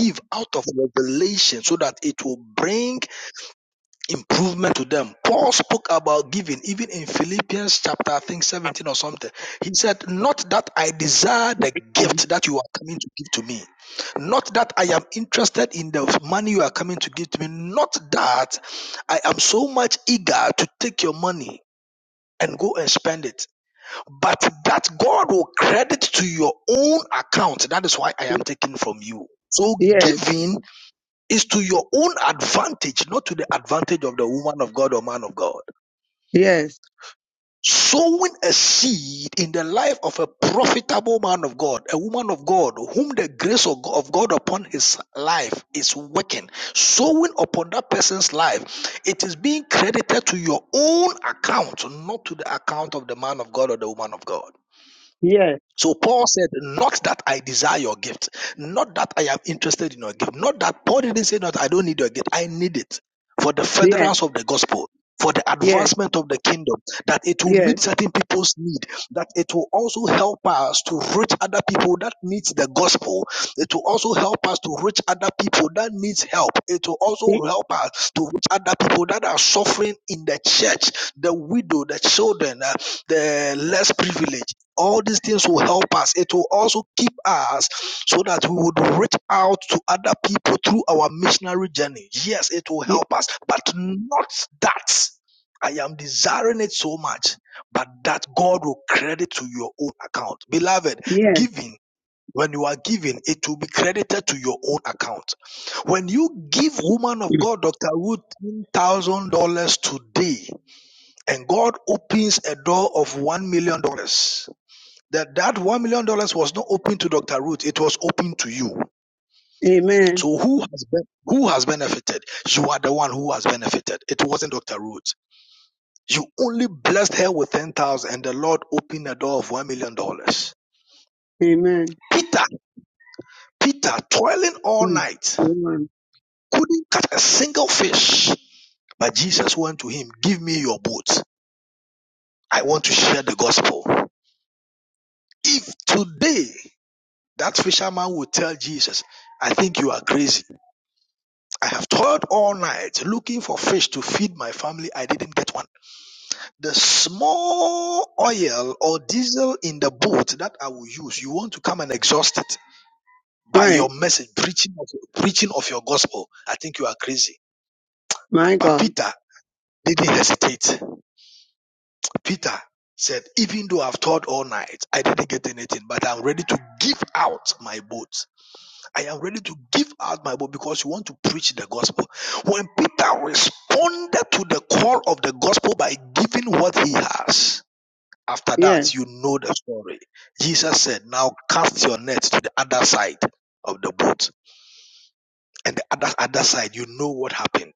S4: The money you are coming to give to me, not that I am so much eager to take your money and go and spend it, but that God will credit to your own account. That is why I am taking from you. So giving is to your own advantage, not to the advantage of the woman of God or man of God.
S3: yes, yes,
S4: Sowing a seed in the life of a profitable man of God, a woman of God, whom the grace of Go- of God upon his life is working. Sowing upon that person's life, it is being credited to your own account, not to the account of the man of God or the woman of God. So Paul said, Not that I desire your gift, not that I am interested in your gift, not that Paul didn't say that I don't need your gift, I need it for the
S3: yes,
S4: furtherance of the gospel, for the
S3: yes,
S4: advancement of the kingdom, that it will meet
S3: yes,
S4: certain people's need, that it will also help us to reach other people that needs the gospel. It will also help us to reach other people that needs help. It will
S3: Y-
S4: also help us to reach other people that are suffering in the church, the widow, the children, uh, the less privileged all these things will help us. It will also keep us so that we would reach out to other people through our missionary journey. Yes, it will
S3: y-
S4: help us, but not that. I am desiring it so much, but that God will credit to your own account. Beloved,
S3: yes.
S4: giving, when you are giving, it will be credited to your own account. When you give woman of God, Dr. Ruth, $10,000 today, and God opens a door of $1 million, dollars, that that one million dollars was not open to Dr. Ruth, it was open to you.
S3: Amen,
S4: So who has, who has benefited? You are the one who has benefited. It wasn't Dr. Ruth. You only blessed her with ten thousand, and the Lord opened the door of one million dollars.
S3: amen.
S4: Peter, Peter, toiling all
S3: Mm,
S4: night,
S3: amen.
S4: couldn't catch a single fish. But Jesus went to him, "Give me your boat. I want to share the gospel." If today that fisherman would tell Jesus, "I think you are crazy." I have toiled all night looking for fish to feed my family. I didn't get one. The small oil or diesel in the boat that I will use, you want to come and exhaust it by
S3: Right,
S4: your message, preaching of, preaching of your gospel. I think you are crazy.
S3: my
S4: But
S3: God,
S4: Peter didn't hesitate. Peter said, Even though I've toiled all night, I didn't get anything, but I'm ready to give out my boat. I am ready to give out my body because you want to preach the gospel. When Peter responded to the call of the gospel by giving what he has, after that,
S3: yes,
S4: you know the story. Jesus said, Now cast your net to the other side of the boat. And the other, other side, you know what happened.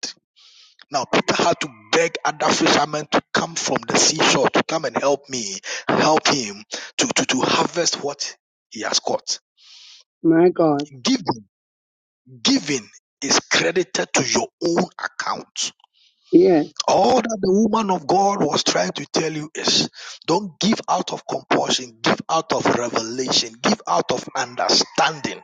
S4: Now, Peter had to beg other fishermen to come from the seashore to come and help me, help him to, to, to harvest what he has caught.
S3: my God,
S4: Give Giving is credited to your own account.
S3: yes.
S4: All that the woman of God was trying to tell you is don't give out of compulsion, give out of revelation, give out of understanding,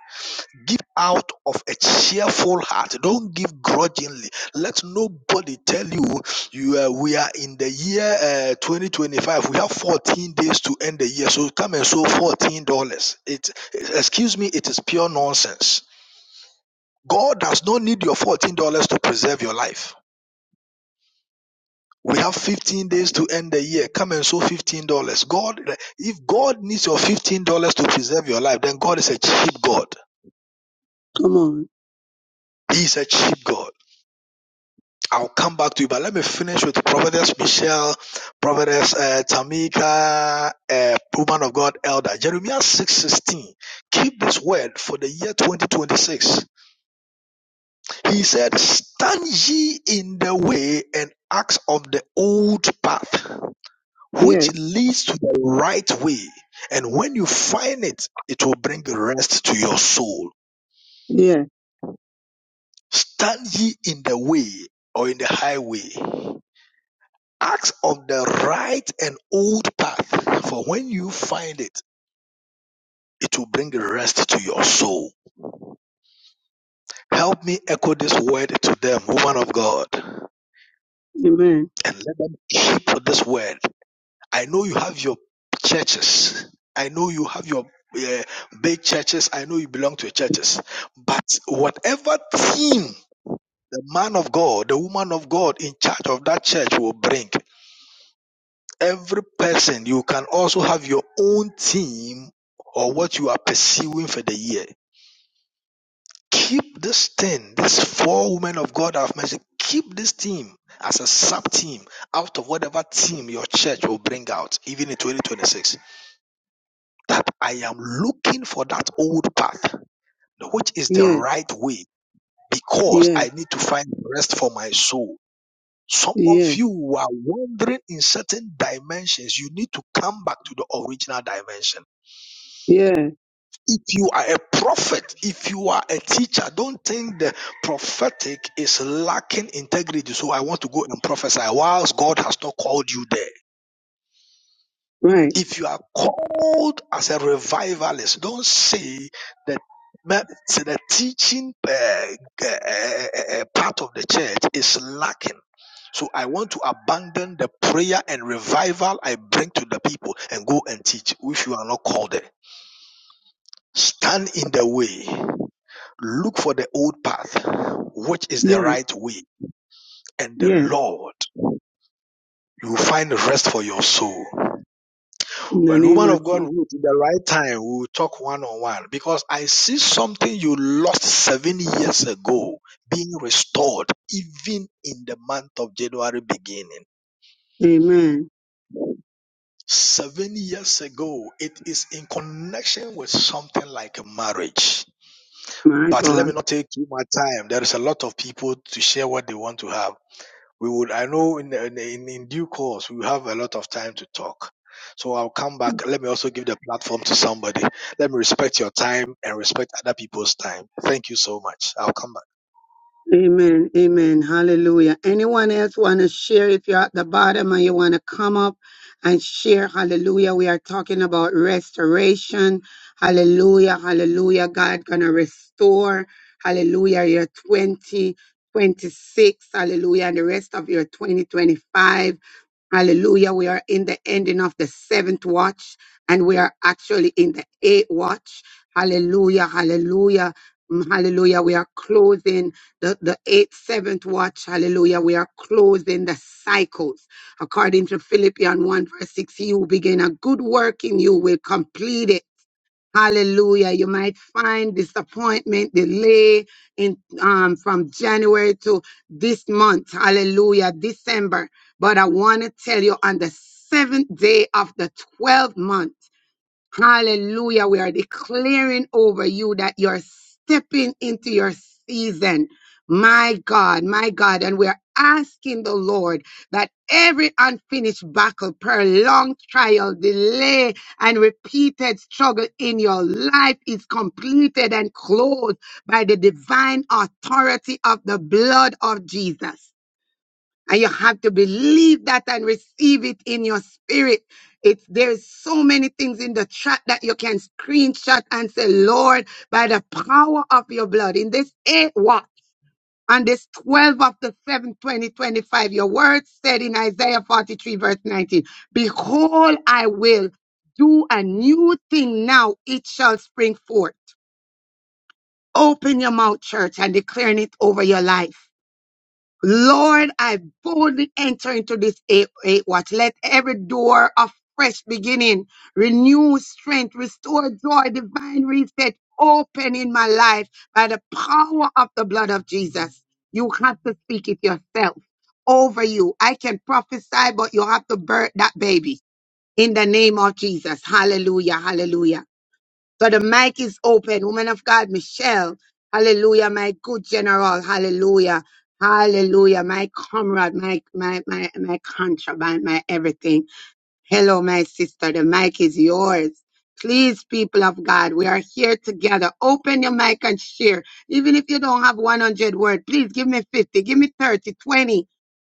S4: give out of a cheerful heart. Don't give grudgingly. Let nobody tell you you uh, we are in the year uh, 2025. We have 14 days to end the year, so come and sow $14. It excuse me, it is pure nonsense. God does not need your $14 to preserve your life. We have 15 days to end the year. Come and sow $15. God, if God needs your $15 to preserve your life, then God is a cheap God.
S3: Come on,
S4: He is a cheap God. I'll come back to you, but let me finish with Prophetess Michelle, Prophetess uh, Tamika, uh, woman of God, Elder. Jeremiah 6.16. Keep this word for the year 2026. He said, stand ye in the way and act of the old path. which
S3: yes,
S4: leads to the right way. And when you find it, it will bring rest to your soul.
S3: yes,
S4: Stand ye in the way or in the highway. Act on the right and old path, for when you find it, it will bring rest to your soul. Help me echo this word to them, woman of God, and
S3: amen,
S4: let them keep this word I know you have your churches. I know you have your uh, big churches. I know you belong to churches. But whatever team the man of God, the woman of God in charge of that church will bring, every person, you can also have your own team or what you are pursuing for the year. Keep this thing, these four women of God have mentioned, keep this team as a sub team out of whatever team your church will bring out, even in 2026 that I am looking for that old path, which is the
S3: yes,
S4: right way, because
S3: yes,
S4: I need to find rest for my soul. Some of
S3: yes,
S4: you are wandering in certain dimensions. You need to come back to the original dimension.
S3: yes.
S4: If you are a prophet, if you are a teacher, don't think the prophetic is lacking integrity. So I want to go and prophesy whilst God has not called you there.
S3: Right.
S4: If you are called as a revivalist, don't say that me- say the teaching uh, uh, uh, uh, part of the church is lacking. So I want to abandon the prayer and revival I bring to the people and go and teach if you are not called there. Stand in the way. Look for the old path, which is the
S3: Yes,
S4: right way, and the
S3: yes,
S4: Lord. You will find rest for your soul.
S3: in the
S4: When
S3: name
S4: woman
S3: of
S4: of God
S3: Jesus.
S4: Ruth, in the right time, we will talk one on one because I see something you lost seven years ago being restored, even in the month of January beginning.
S3: Amen.
S4: Seven years ago, it is in connection with something like a marriage.
S3: My
S4: But let
S3: God.
S4: me not take too much time. There is a lot of people to share what they want to have. we would i know in, in in due course we will have a lot of time to talk so i'll come back let me also give the platform to somebody let me respect your time and respect other people's time thank you so much i'll come back
S3: Amen. Amen. Hallelujah. Anyone else want to share? If you're at the bottom and you want to come up and share, hallelujah. We are talking about restoration. Hallelujah. Hallelujah. God going to restore. Hallelujah. Your 20, 26. Hallelujah. And the rest of your 2025. Hallelujah. We are in the ending of the seventh watch and we are actually in the eighth watch. Hallelujah. Hallelujah. Mm, Hallelujah. We are closing the, the eighth, seventh watch, hallelujah, we are closing the cycles. According to Philippians 1, verse 6, he who begin a good work in you will complete it. Hallelujah. You might find disappointment, delay in um, from January to this month. Hallelujah. December. But I want to tell you on the seventh day of the 12th month. Hallelujah. We are declaring over you that you're stepping into your season. My God, my God. And we're asking the Lord that every unfinished battle, prolonged trial, delay, and repeated struggle in your life is completed and closed by the divine authority of the blood of Jesus and you have to believe that and receive it in your spirit. It's there's so many things in the chat that you can screenshot and say, Lord, by the power of your blood, in this eight watch, on this 12 of the 7th, 2025, your word said in Isaiah 43, verse 19, Behold, I will do a new thing now, it shall spring forth. Open your mouth, church, and declaring it over your life Lord, I boldly enter into this eight, eight watch. Let every door of fresh beginning, renew strength, restore joy, divine reset open in my life by the power of the blood of Jesus. You have to speak it yourself over you. I can prophesy, but you have to birth that baby in the name of Jesus. Hallelujah. Hallelujah. So the mic is open. Woman of God, Michelle. Hallelujah, my good general. Hallelujah. Hallelujah. My comrade, my my my my contraband, my everything. Hello, my sister. The mic is yours. Please, people of God, we are here together. Open your mic and share. Even if you don't have 100 words, please give me 50, give me 30, 20.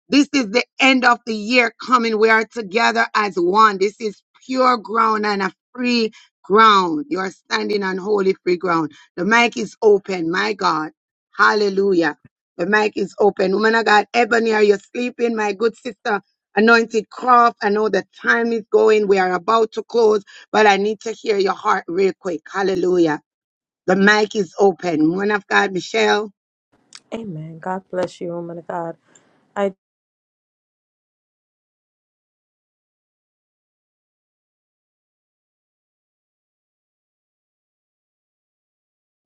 S3: This is the end of the year coming. We are together as one. This is pure ground and a free ground. You're standing on holy free ground. The mic is open. My God. Hallelujah. The mic is open. Woman of God, Ebony, are you sleeping? My good sister, Anointed Croft, I know the time is going. We are about to close, but I need to hear your heart real quick. Hallelujah. The mic is open. Woman of God, Michelle.
S13: Amen. God bless you, woman of God. I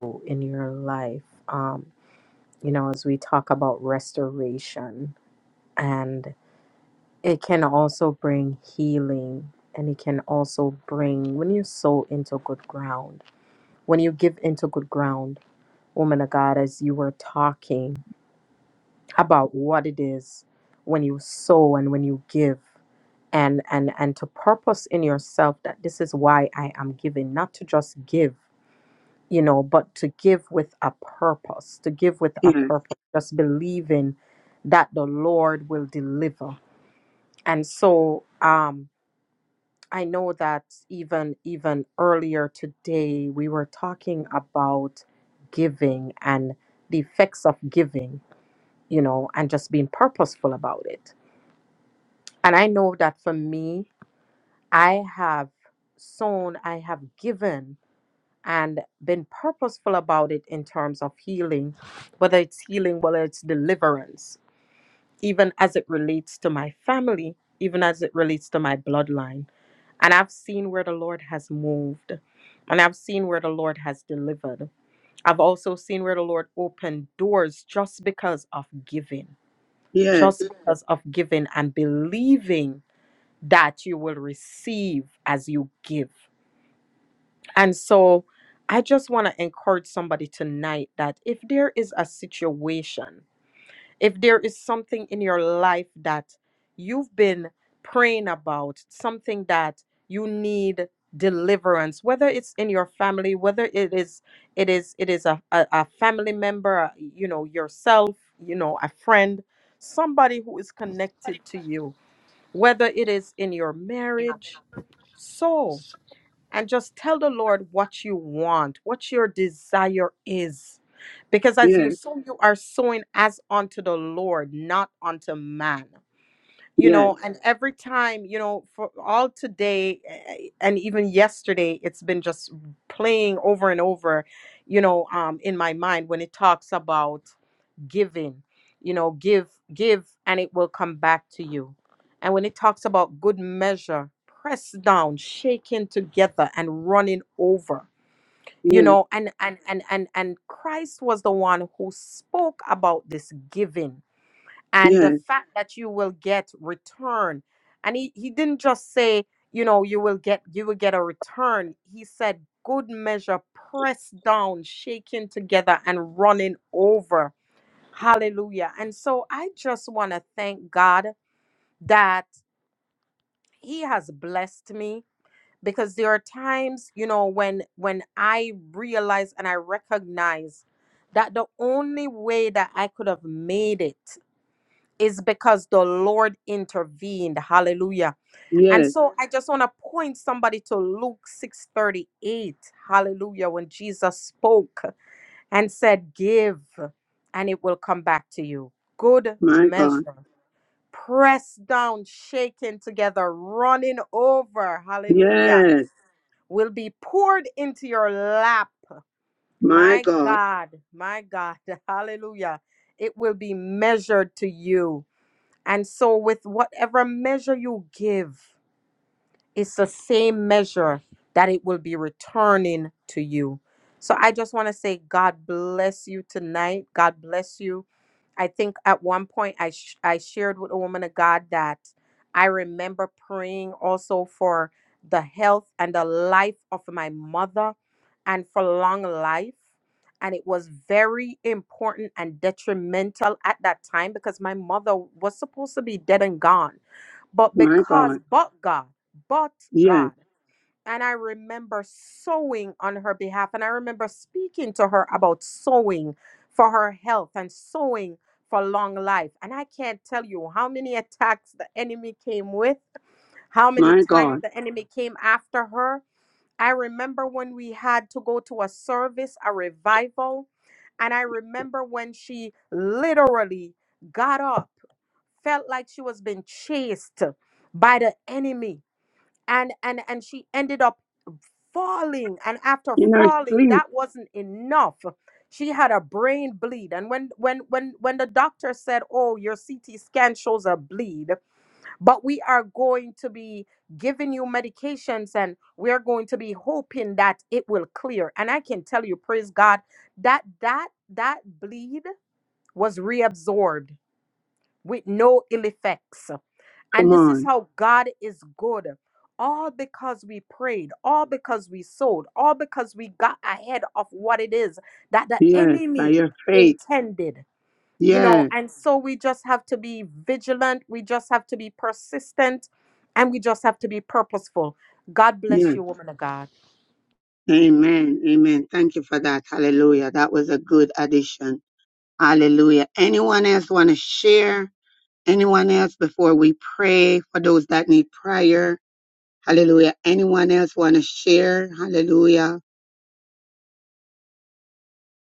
S13: do in your life, um, you know, as we talk about restoration, and it can also bring healing, and it can also bring when you sow into good ground, when you give into good ground, woman of God, as you were talking about what it is when you sow and when you give. And, and and to purpose in yourself that this is why I am giving, not to just give, you know, but to give with a purpose, to give with a
S3: Yes,
S13: purpose, just believing that the Lord will deliver. And so um, I know that even even earlier today we were talking about giving and the effects of giving, you know, and just being purposeful about it. And I know that for me, I have sown, I have given and been purposeful about it in terms of healing, whether it's healing, whether it's deliverance, even as it relates to my family, even as it relates to my bloodline. And I've seen where the Lord has moved, and I've seen where the Lord has delivered. I've also seen where the Lord opened doors just because of giving,
S3: yes,
S13: just Mhm. because of giving and believing that you will receive as you give. And so I just want to encourage somebody tonight that if there is a situation, if there is something in your life that you've been praying about, something that you need deliverance whether it's in your family whether it is it is it is a, a, a family member uh, you know yourself you know a friend somebody who is connected to you whether it is in your
S14: came
S13: marriage so and just tell the Lord what you want, what your desire is. Because as you
S3: yes,
S13: sow, you are sowing as unto the Lord, not unto man you
S3: yes,
S13: know and every time you know for all today eh, and even yesterday it's been just playing over and over you know um in my mind when it talks about giving you know give give and it will come back to you and when it talks about good measure pressed down shaken together and running over you
S3: yes,
S13: know and and and and and christ was the one who spoke about this giving and the
S3: yes.
S13: fact that you will get return and he, he didn't just say you know you will get you will get a return he said good measure pressed down shaken together and running over hallelujah and so i just want to thank god that he has blessed me because there are times you know when when i realize and i recognize that the only way that i could have made it is because the Lord intervened. Hallelujah. And
S3: Yes,
S13: so I just want to point somebody to Luke 6:38. Hallelujah. When Jesus spoke and said, "Give, and it will come back to you." Good
S3: my God.
S13: measure. Pressed down, shaken together, running over. Hallelujah.
S3: Yes,
S13: Will be poured into your lap.
S3: my
S13: My
S3: God.
S13: God, my God. Hallelujah. It will be measured to you. And so, with whatever measure you give, it's the same measure that it will be returning to you. So I just want to say, God bless you tonight. God bless you. I think at one point I, sh- I shared with a woman of God that I remember praying also for the health and the life of my mother and for long life. And it was very important and detrimental at that time because my mother was supposed to be dead and gone. But
S3: My
S13: because,
S3: God.
S13: but God, but
S3: Yes,
S13: God. And I remember sowing on her behalf. And I remember speaking to her about sowing for her health and sowing for long life. And I can't tell you how many attacks the enemy came with, how many
S3: my
S13: times
S3: God.
S13: the enemy came after her. I remember when we had to go to a service, a revival. And I remember when she literally got up, felt like she was being chased by the enemy and and and she ended up falling and after
S3: In our
S13: falling
S3: sleep,
S13: that wasn't enough she had a brain bleed and when when when when the doctor said oh your ct scan shows a bleed but we are going to be giving you medications and we are going to be hoping that it will clear and i can tell you praise god that that that bleed was reabsorbed with no ill effects and
S3: come
S13: this is
S3: on.
S13: how God is good. All because we prayed, all because we sowed, all because we got ahead of what it is that the
S3: Yes, by
S13: enemy
S3: your faith.
S13: intended. You know,
S3: Yes,
S13: and so we just have to be vigilant, we just have to be persistent, and we just have to be purposeful. God bless
S3: yes.
S13: you, woman of God.
S3: Amen. Amen. Thank you for that. Hallelujah. That was a good addition. Hallelujah. Anyone else want to share? Anyone else before we pray for those that need prayer? Hallelujah. Anyone else want to share? Hallelujah.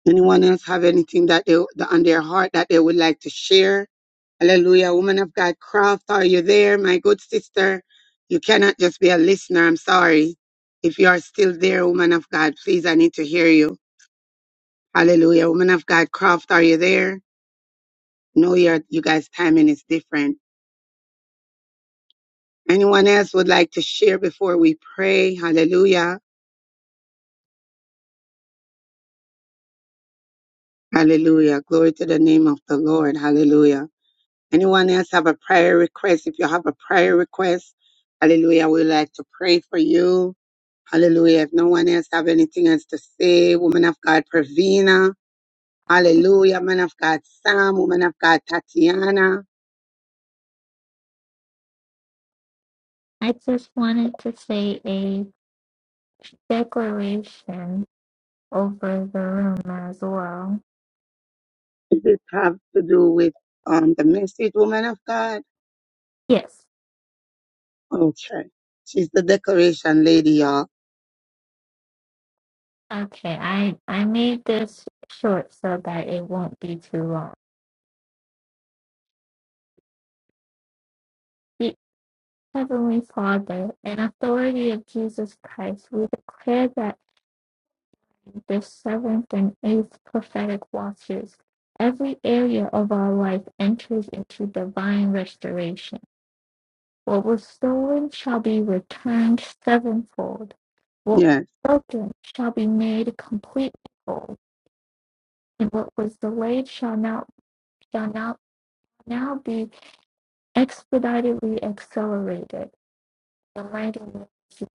S3: Anyone else have anything that they that on their heart that they would like to share? Hallelujah. Woman of God, Croft, are you there, my good sister? You cannot just be a listener. I'm sorry. If you are still there, woman of God, please, I need to hear you. Hallelujah. Woman of God, Croft, are you there? No, you're. you guys' timing is different. Anyone else would like to share before we pray? Hallelujah. Hallelujah. Glory to the name of the Lord. Hallelujah. Anyone else have a prayer request? If you have a prayer request, hallelujah, we like to pray for you. Hallelujah. If no one else have anything else to say, woman of God, Pravina. Hallelujah, man of God, Sam. Woman of God, Tatiana.
S15: I just wanted to say a declaration over the room as well.
S3: Does this have to do with um, the message, woman of God?
S15: Yes.
S3: Okay. She's the decoration lady, y'all.
S15: Okay. I I made this short so that it won't be too long. Ye- Heavenly Father, in authority of Jesus Christ, we declare that in the seventh and eighth prophetic watches, every area of our life enters into divine restoration. What was stolen shall be returned sevenfold. What was
S3: Yes.
S15: broken shall be made completely whole, and what was delayed shall now shall now now be expeditedly accelerated. The mighty name of Jesus,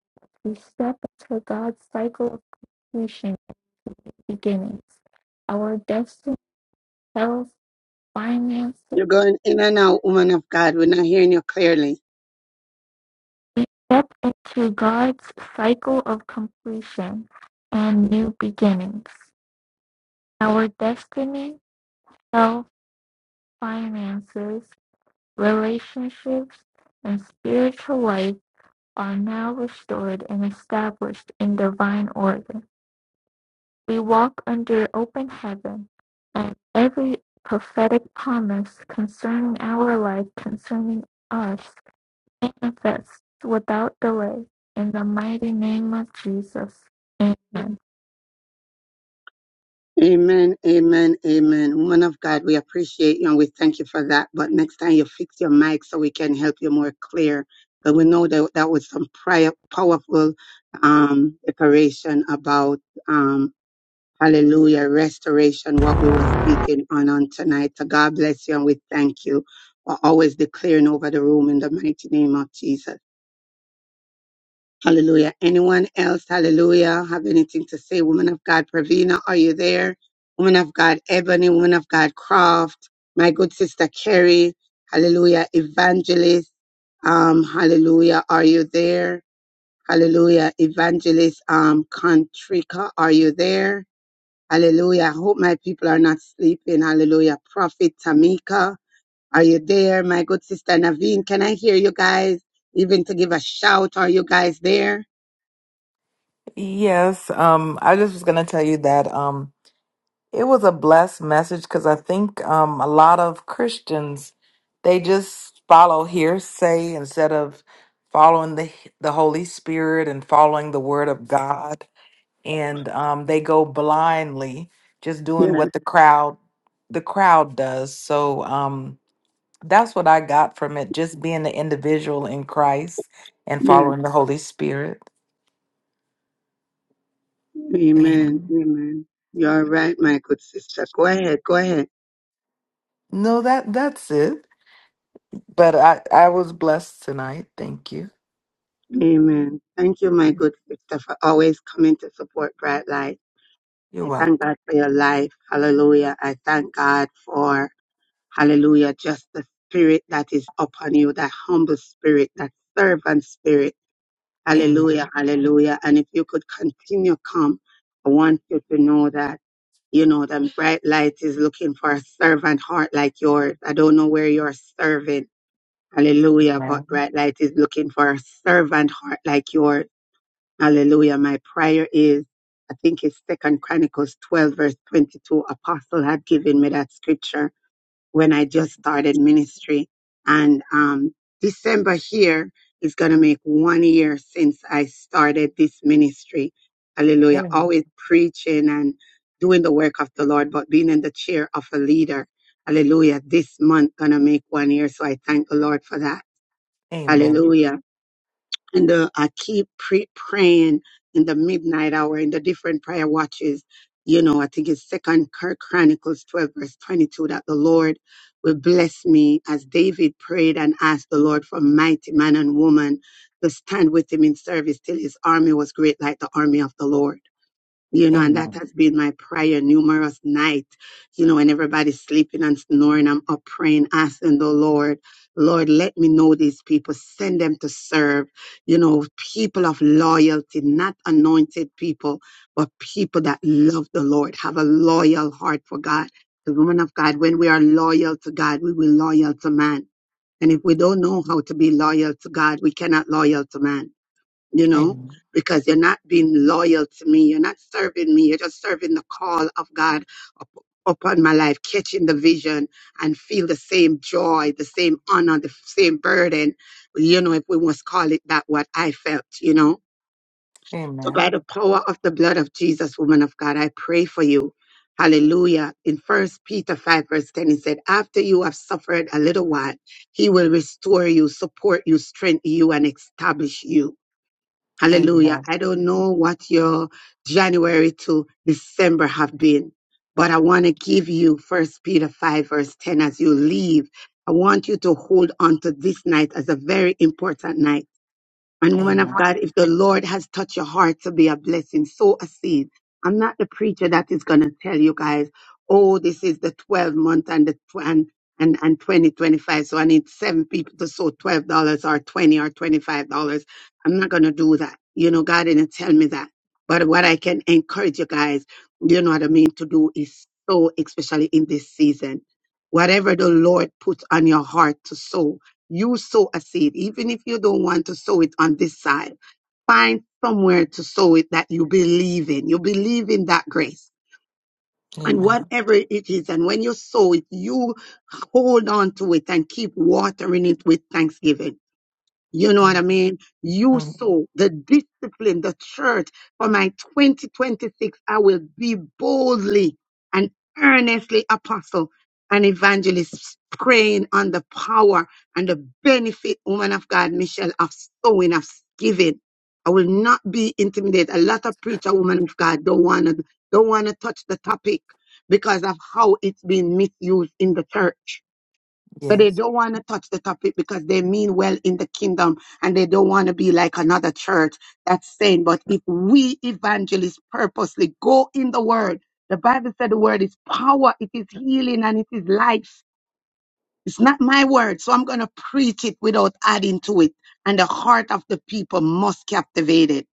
S15: we step into God's cycle of completion beginnings. Our destiny, health, finances.
S3: You're going in and out, woman of God. We're not hearing you clearly.
S15: We step into God's cycle of completion and new beginnings. Our destiny, health, finances, relationships, and spiritual life are now restored and established in divine order. We walk under open heaven, and every prophetic promise concerning our life, concerning us, manifests without delay. In the mighty name of Jesus. Amen.
S3: Amen, amen, amen. Woman of God, we appreciate you and we thank you for that. But next time you fix your mic so we can help you more clear. But we know that that was some prior powerful um declaration about um hallelujah restoration, what we were speaking on on tonight. So God bless you and we thank you for always declaring over the room in the mighty name of Jesus. Hallelujah. Anyone else? Hallelujah. Have anything to say? Woman of God, Pravina, are you there? Woman of God, Ebony, woman of God, Croft, my good sister, Carrie. Hallelujah. Evangelist, um, hallelujah. Are you there? Hallelujah. Evangelist, um, Contrica, are you there? Hallelujah. I hope my people are not sleeping. Hallelujah. Prophet Tamika, are you there? My good sister, Naveen, can I hear you guys? Even to give a shout, are you guys there?
S16: Yes, um, I just was going to tell you that um, it was a blessed message because I think um, a lot of Christians they just follow hearsay instead of following the the Holy Spirit and following the Word of God, and um, they go blindly, just doing what the crowd the crowd does. So um, that's what I got from it: just being the individual in Christ and
S3: Yes.
S16: following the Holy Spirit.
S3: Amen.
S16: Amen.
S3: Amen. You're right, my good sister. Go ahead. Go ahead.
S16: No, that that's it. But I, I was blessed tonight. Thank you.
S3: Amen. Thank you, my good sister, for always coming to support Bright Light.
S16: You're
S3: I thank
S16: welcome.
S3: God for your life. Hallelujah. I thank God for, hallelujah, just the spirit that is upon you, that humble spirit, that servant spirit. Hallelujah.
S16: Amen.
S3: Hallelujah. And if you could continue, come. I want you to know that. You know, that bright light is looking for a servant heart like yours. I don't know where you're serving. Hallelujah. But
S16: Amen.
S3: bright light is looking for a servant heart like yours. Hallelujah. My prayer is, I think it's Second Chronicles 12 verse 22. Apostle had given me that scripture when I just started ministry. And um, December here is going to make one year since I started this ministry. Hallelujah.
S16: Amen.
S3: Always preaching and doing the work of the Lord, but being in the chair of a leader. Hallelujah. This month going to make one year. So I thank the Lord for that.
S16: Amen.
S3: Hallelujah and uh, I keep pre- praying in the midnight hour in the different prayer watches. You know, I think it's Second Chronicles twelve verse twenty two that the Lord will bless me as David prayed and asked the Lord for mighty man and woman to stand with him in service till his army was great like the army of the Lord you know, and that
S16: Amen.
S3: has been my prayer numerous nights. You know, when everybody's sleeping and snoring, I'm up praying, asking the Lord, Lord, let me know these people, send them to serve, you know, people of loyalty, not anointed people, but people that love the Lord, have a loyal heart for God. The woman of God, when we are loyal to God, we will loyal to man. And if we don't know how to be loyal to God, we cannot loyal to man you know,
S16: Amen.
S3: because you're not being loyal to me. You're not serving me. You're just serving the call of God up, upon my life, catching the vision and feel the same joy, the same honor, the same burden, you know, if we must call it that, what I felt, you know. So by
S16: Amen.
S3: the power of the blood of Jesus, woman of God, I pray for you. Hallelujah. In First Peter 5, verse 10, he said, After you have suffered a little while, he will restore you, support you, strengthen you, and establish you. Hallelujah.
S16: Amen.
S3: I don't know what your January to December have been, but I want to give you First Peter 5, verse 10 as you leave. I want you to hold on to this night as a very important night and
S16: Amen.
S3: woman of
S16: Amen.
S3: God, if the Lord has touched your heart to be a blessing, sow a seed. I'm not the preacher that is going to tell you guys, oh, this is the 12 month and the tw- and and and 2025. So I need seven people to sow $12 or 20 or $25. I'm not going to do that. You know, God didn't tell me that. But what I can encourage you guys, you know what I mean, to do is sow, especially in this season. Whatever the Lord puts on your heart to sow, you sow a seed, even if you don't want to sow it on this side, find somewhere to sow it that you believe in. You believe in that grace. And
S16: Amen.
S3: whatever it is, and when you sow it, you hold on to it and keep watering it with thanksgiving. You know what I mean? You
S16: Mm.
S3: sow the discipline, the church for my 2026. I will be boldly and earnestly apostle and evangelist praying on the power and the benefit, woman of God, Michelle, of sowing, of giving. I will not be intimidated. A lot of preacher women of God don't want to don't want to touch the topic because of how it's been misused in the church so they
S16: Yes.
S3: don't want to touch the topic because they mean well in the kingdom and they don't want to be like another church that's saying, but if we evangelists purposely go in the word, the Bible said the word is power, it is healing, and it is life. It's not my word, so I'm going to preach it without adding to it. And the heart of the people must captivate it.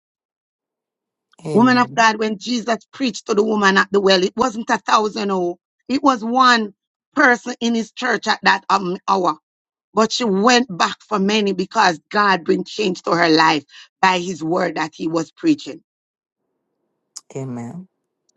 S3: Woman of
S16: Amen.
S3: God, when Jesus preached to the woman at the well, it wasn't a thousand, oh, it was one person in his church at that um, hour but she went back for many because God bring change to her life by his word that he was preaching.
S16: Amen.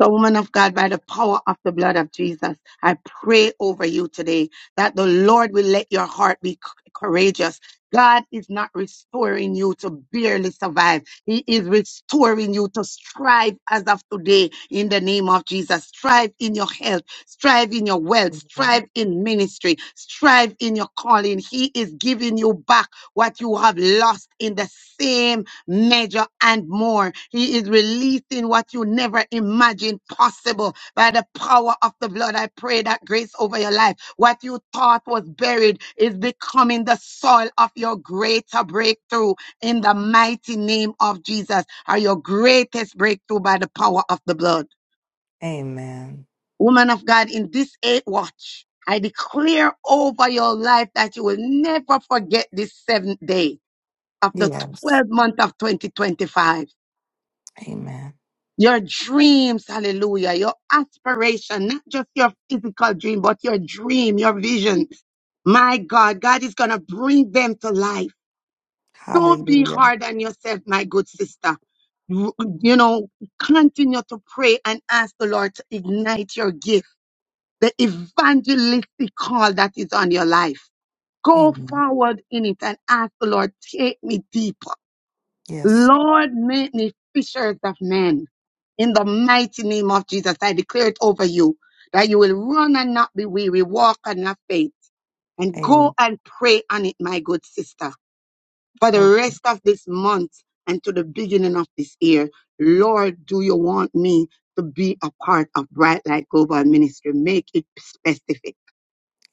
S3: So, woman of God, by the power of the blood of Jesus, I pray over you today that the Lord will let your heart be c- courageous. God is not restoring you to barely survive. He is restoring you to strive as of today in the name of Jesus. Strive in your health, strive in your wealth, strive
S16: Amen.
S3: in ministry, strive in your calling. He is giving you back what you have lost in the same measure, and more. He is releasing what you never imagined possible by the power of the blood. I pray that grace over your life. What you thought was buried is becoming the soil of your greater breakthrough in the mighty name of Jesus, or your greatest breakthrough by the power of the blood.
S16: Amen.
S3: Woman of God, in this eight watch, I declare over your life that you will never forget this seventh day of the
S16: Yes.
S3: 12th month of 2025.
S16: Amen.
S3: your dreams, hallelujah, your aspiration, not just your physical dream, but your dream, your vision. My God, God is going to bring them to life. Don't be
S16: Hallelujah.
S3: hard on yourself, my good sister. You you know, continue to pray and ask the Lord to ignite your gift, the evangelistic call that is on your life. Go
S16: Amen.
S3: forward in it and ask the Lord, take me deeper.
S16: Yes.
S3: Lord, make me fishers of men. In the mighty name of Jesus, I declare it over you that you will run and not be weary, walk and not faint, and
S16: Amen.
S3: go and pray on it, my good sister, for the
S16: Oh,
S3: rest of this month and to the beginning of this year. Lord, do you want me to be a part of Bright Light Global Ministry? Make it specific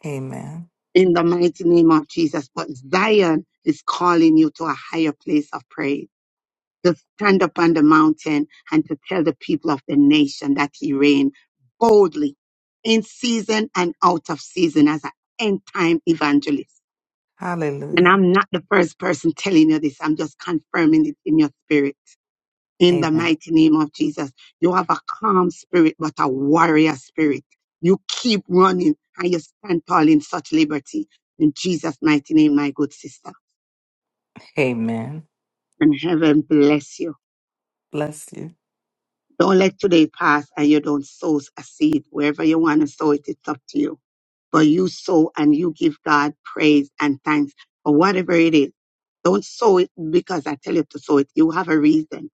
S16: amen.
S3: in the mighty name of Jesus. But Zion is calling you to a higher place of praise. to stand up on the mountain and to tell the people of the nation that he reigned boldly in season and out of season as an end time evangelist. And
S16: Hallelujah.
S3: I'm not the first person telling you this. I'm just confirming it in your spirit. In the
S16: Amen.
S3: mighty name of Jesus, you have a calm spirit, but a warrior spirit. You keep running and you stand tall in such liberty. In Jesus' mighty name, my good sister.
S16: Amen.
S3: And heaven bless you.
S16: Bless you.
S3: Don't let today pass and you don't sow a seed. Wherever you want to sow it, it's up to you. But you sow and you give God praise and thanks for whatever it is. Don't sow it because I tell you to sow it. You have a reason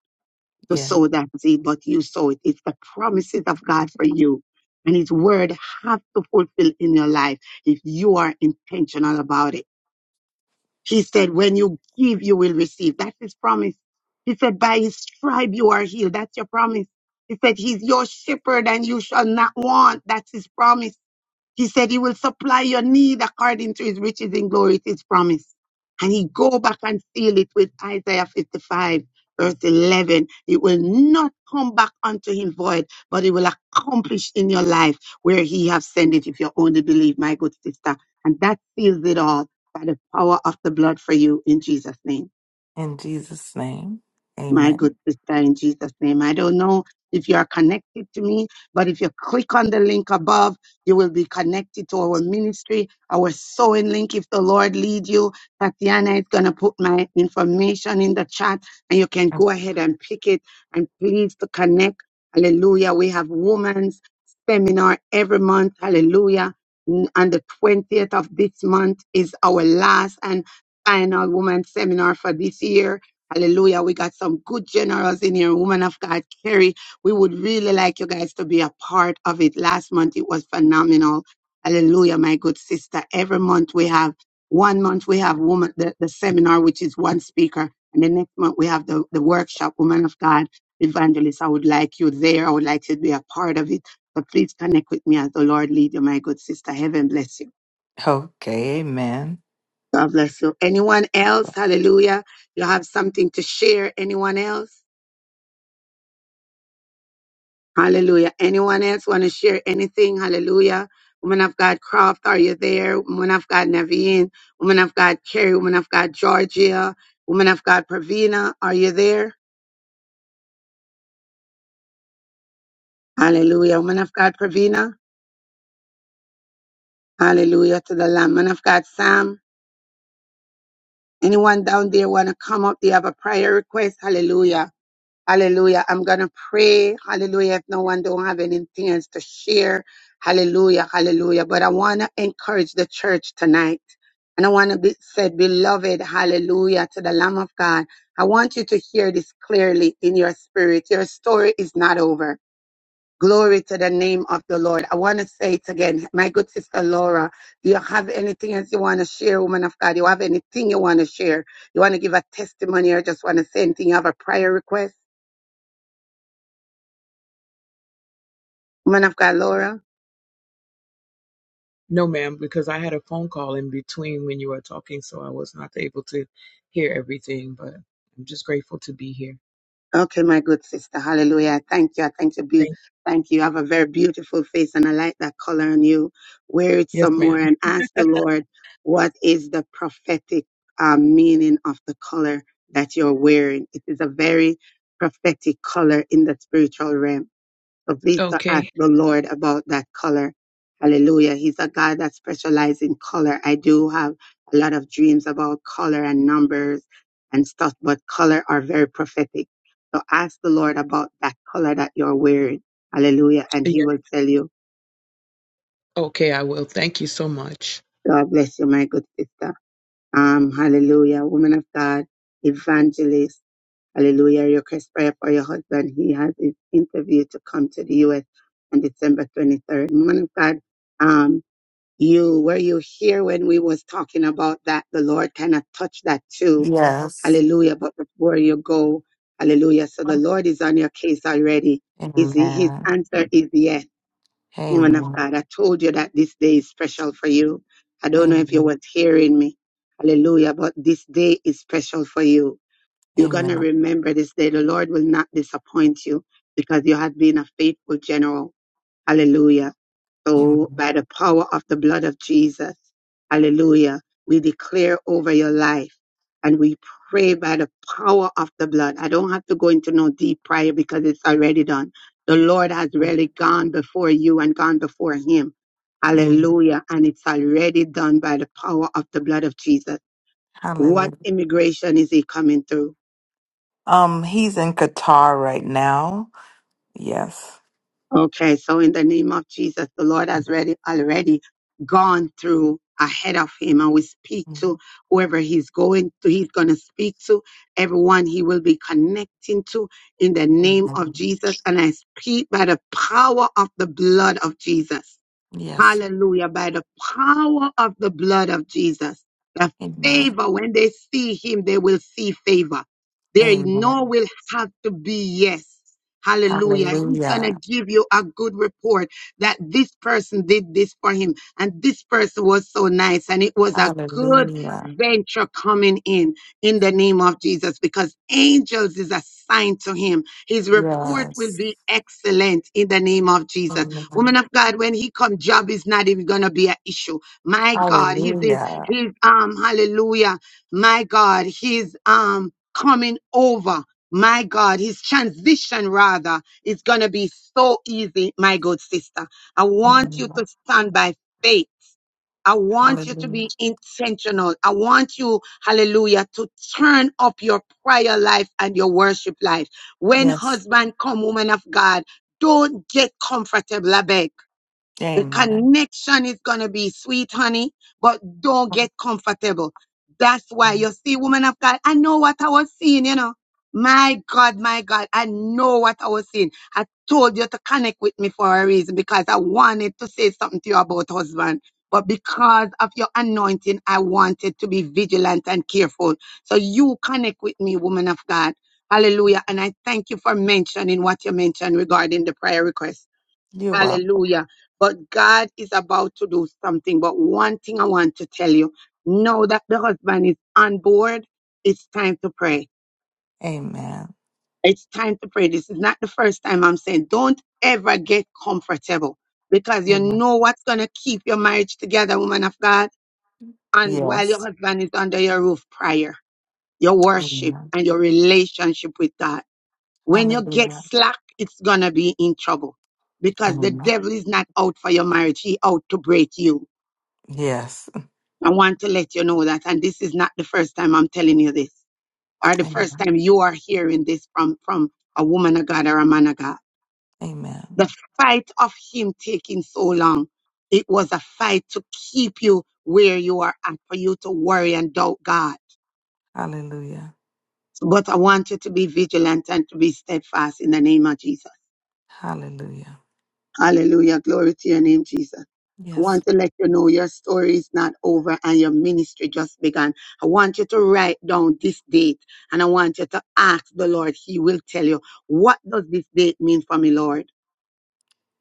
S3: to
S16: Yes.
S3: sow that seed, but you sow it. It's the promises of God for you. And his word have to fulfill in your life if you are intentional about it. He said, when you give, you will receive. That's his promise. He said, by his stripe you are healed. That's your promise. He said, he's your shepherd and you shall not want. That's his promise. He said he will supply your need according to his riches in glory, it is promised, And he go back and seal it with Isaiah 55 verse 11. It will not come back unto him void, but it will accomplish in your life where he have sent it if you only believe, my good sister. And that seals it all by the power of the blood for you in Jesus name
S16: In Jesus' name,
S3: my good
S16: amen.
S3: sister, in Jesus' name. I don't know if you are connected to me, but if you click on the link above, you will be connected to our ministry, our sewing link. If the Lord lead you, Tatiana is going to put my information in the chat and you can go ahead and pick it and please to connect. Hallelujah. We have women's seminar every month. Hallelujah. N- On the 20th of this month is our last and final women's seminar for this year Hallelujah. We got some good generals in here. Woman of God, Carrie. We would really like you guys to be a part of it. Last month it was phenomenal. Hallelujah, my good sister. Every month we have one month we have woman the, the seminar, which is one speaker, and the next month we have the, the workshop, Woman of God, Evangelist. I would like you there. I would like you to be a part of it. So please connect with me as the Lord lead you, my good sister. Heaven bless you.
S16: Okay, amen.
S3: God bless you. Anyone else? Hallelujah. You have something to share. Anyone else? Hallelujah. Anyone else want to share anything? Hallelujah. Woman of God, Croft, are you there? Woman of God, Naveen. Woman of God, Carrie. Woman of God, Georgia. Woman of God, Pravina, are you there? Hallelujah. Woman of God, Pravina. Hallelujah to the Lamb. Man of God, Sam. Anyone down there want to come up? They have a prayer request. Hallelujah. Hallelujah. I'm going to pray. Hallelujah. If no one don't have anything else to share. Hallelujah. Hallelujah. But I want to encourage the church tonight. And I want to be said, beloved, hallelujah to the Lamb of God. I want you to hear this clearly in your spirit. Your story is not over. Glory to the name of the Lord. I want to say it again. My good sister Laura, do you have anything else you want to share, woman of God? You have anything you want to share? You want to give a testimony or just want to say anything? You have a prayer request? Man of God, Laura.
S17: No, ma'am, because I had a phone call in between when you were talking, so I was not able to hear everything, but I'm just grateful to be here.
S3: Okay, my good sister. Hallelujah. I Thank you. I Thank you. beau-
S17: Thank
S3: Thank you. You have a very beautiful face and I like that color on you. Wear it
S17: Yes,
S3: some
S17: ma'am.
S3: more and ask the Lord what is the prophetic uh, meaning of the color that you're wearing. It is a very prophetic color in the spiritual realm. So please to ask
S17: Okay.
S3: the Lord about that color. Hallelujah. He's a God that specializes in color. I do have a lot of dreams about color and numbers and stuff, but color are very prophetic. So ask the Lord about that color that you're wearing. Hallelujah. And
S17: Yeah.
S3: he will tell you,
S17: Okay, I will. Thank you so much.
S3: God bless you, my good sister. Um, hallelujah. Woman of God, evangelist. Hallelujah. Your request prayer for your husband. He has his interview to come to the U.S. on December 23rd. Woman of God, um, You were you here when we was talking about that? The Lord kind of touched that too.
S16: Yes.
S3: Hallelujah. But before you go, hallelujah. So the Lord is on your case already. Is he, his
S16: Amen.
S3: answer is yes, woman of
S16: Amen.
S3: God. I told you that this day is special for you. I don't know if you
S16: Amen.
S3: was hearing me. Hallelujah. But this day is special for you. You're gonna
S16: Amen.
S3: remember this day. The Lord will not disappoint you because you have been a faithful general. Hallelujah. So by
S16: Amen.
S3: the power of the blood of Jesus. Hallelujah. We declare over your life and we pray by the power of the blood. I don't have to go into no deep prayer because it's already done. The Lord has really gone before you and gone before him.
S16: Amen.
S3: Hallelujah. And it's already done by the power of the blood of Jesus. What
S16: Hallelujah.
S3: immigration is he coming through?
S16: Um, he's in Qatar right now. Yes.
S3: Okay, so in the name of Jesus, the Lord has already already gone through ahead of him, and we speak
S16: Mm-hmm.
S3: to whoever he's going to, he's going to speak to, everyone he will be connecting to in the name of
S16: Amen.
S3: Jesus. And I speak by the power of the blood of Jesus.
S16: Yes.
S3: Hallelujah. By the power of the blood of Jesus, the
S16: Amen.
S3: favor, when they see him, they will see favor. There no
S16: Amen.
S3: will have to be yes. Hallelujah. He's going to
S16: Hallelujah.
S3: give you a good report that this person did this for him and this person was so nice and it was a good
S16: Hallelujah.
S3: venture coming in in the name of Jesus because angels is assigned to him. His report will
S16: Yes.
S3: be excellent in the name of Jesus Woman
S16: Amen.
S3: of God, when he come, job is not even gonna be an issue. My God, he's his
S16: Hallelujah.
S3: his um hallelujah. My God, he's um coming over. My God, his transition rather is gonna be so easy, my good sister. I want you
S16: Amen.
S3: to stand by faith. I want you to
S16: Hallelujah.
S3: be intentional. I want you, hallelujah, to turn up your prayer life and your worship life. When
S16: Yes.
S3: husband come, woman of God, don't get comfortable, I beg. The
S16: Amen.
S3: connection is going to be sweet, honey, but don't get comfortable. That's why
S16: Amen.
S3: you see, woman of God, I know what I was seeing, you know. My God, my God, I know what I was seeing. I told you to connect with me for a reason because I wanted to say something to you about husband. But because of your anointing, I wanted to be vigilant and careful. So you connect with me, woman of God. Hallelujah. And I thank you for mentioning what you mentioned regarding the prayer request.
S16: You're welcome.
S3: Hallelujah. But God is about to do something. But one thing I want to tell you now that the husband is on board, it's time to pray.
S16: Amen.
S3: It's time to pray. This is not the first time I'm saying, don't ever get comfortable because you
S16: Amen.
S3: know what's going to keep your marriage together, woman of God. And while your
S16: Yes.
S3: husband is under your roof, prayer, your worship,
S16: Amen.
S3: and your relationship with God. When you get
S16: Hallelujah.
S3: slack, it's gonna be in trouble because the
S16: Amen.
S3: devil is not out for your marriage. He out to break you.
S16: Yes.
S3: I want to let you know that, and this is not the first time I'm telling you this, or the first
S16: Amen.
S3: time you are hearing this from from a woman of God or a man of God.
S16: Amen.
S3: The fight of him taking so long, it was a fight to keep you where you are at, for you to worry and doubt God.
S16: Hallelujah.
S3: But I want you to be vigilant and to be steadfast in the name of Jesus.
S16: Hallelujah.
S3: Hallelujah. Glory to your name, Jesus. I
S16: Yes.
S3: want to let you know your story is not over and your ministry just began. I want you to write down this date and I want you to ask the Lord. He will tell you, what does this date mean for me, Lord?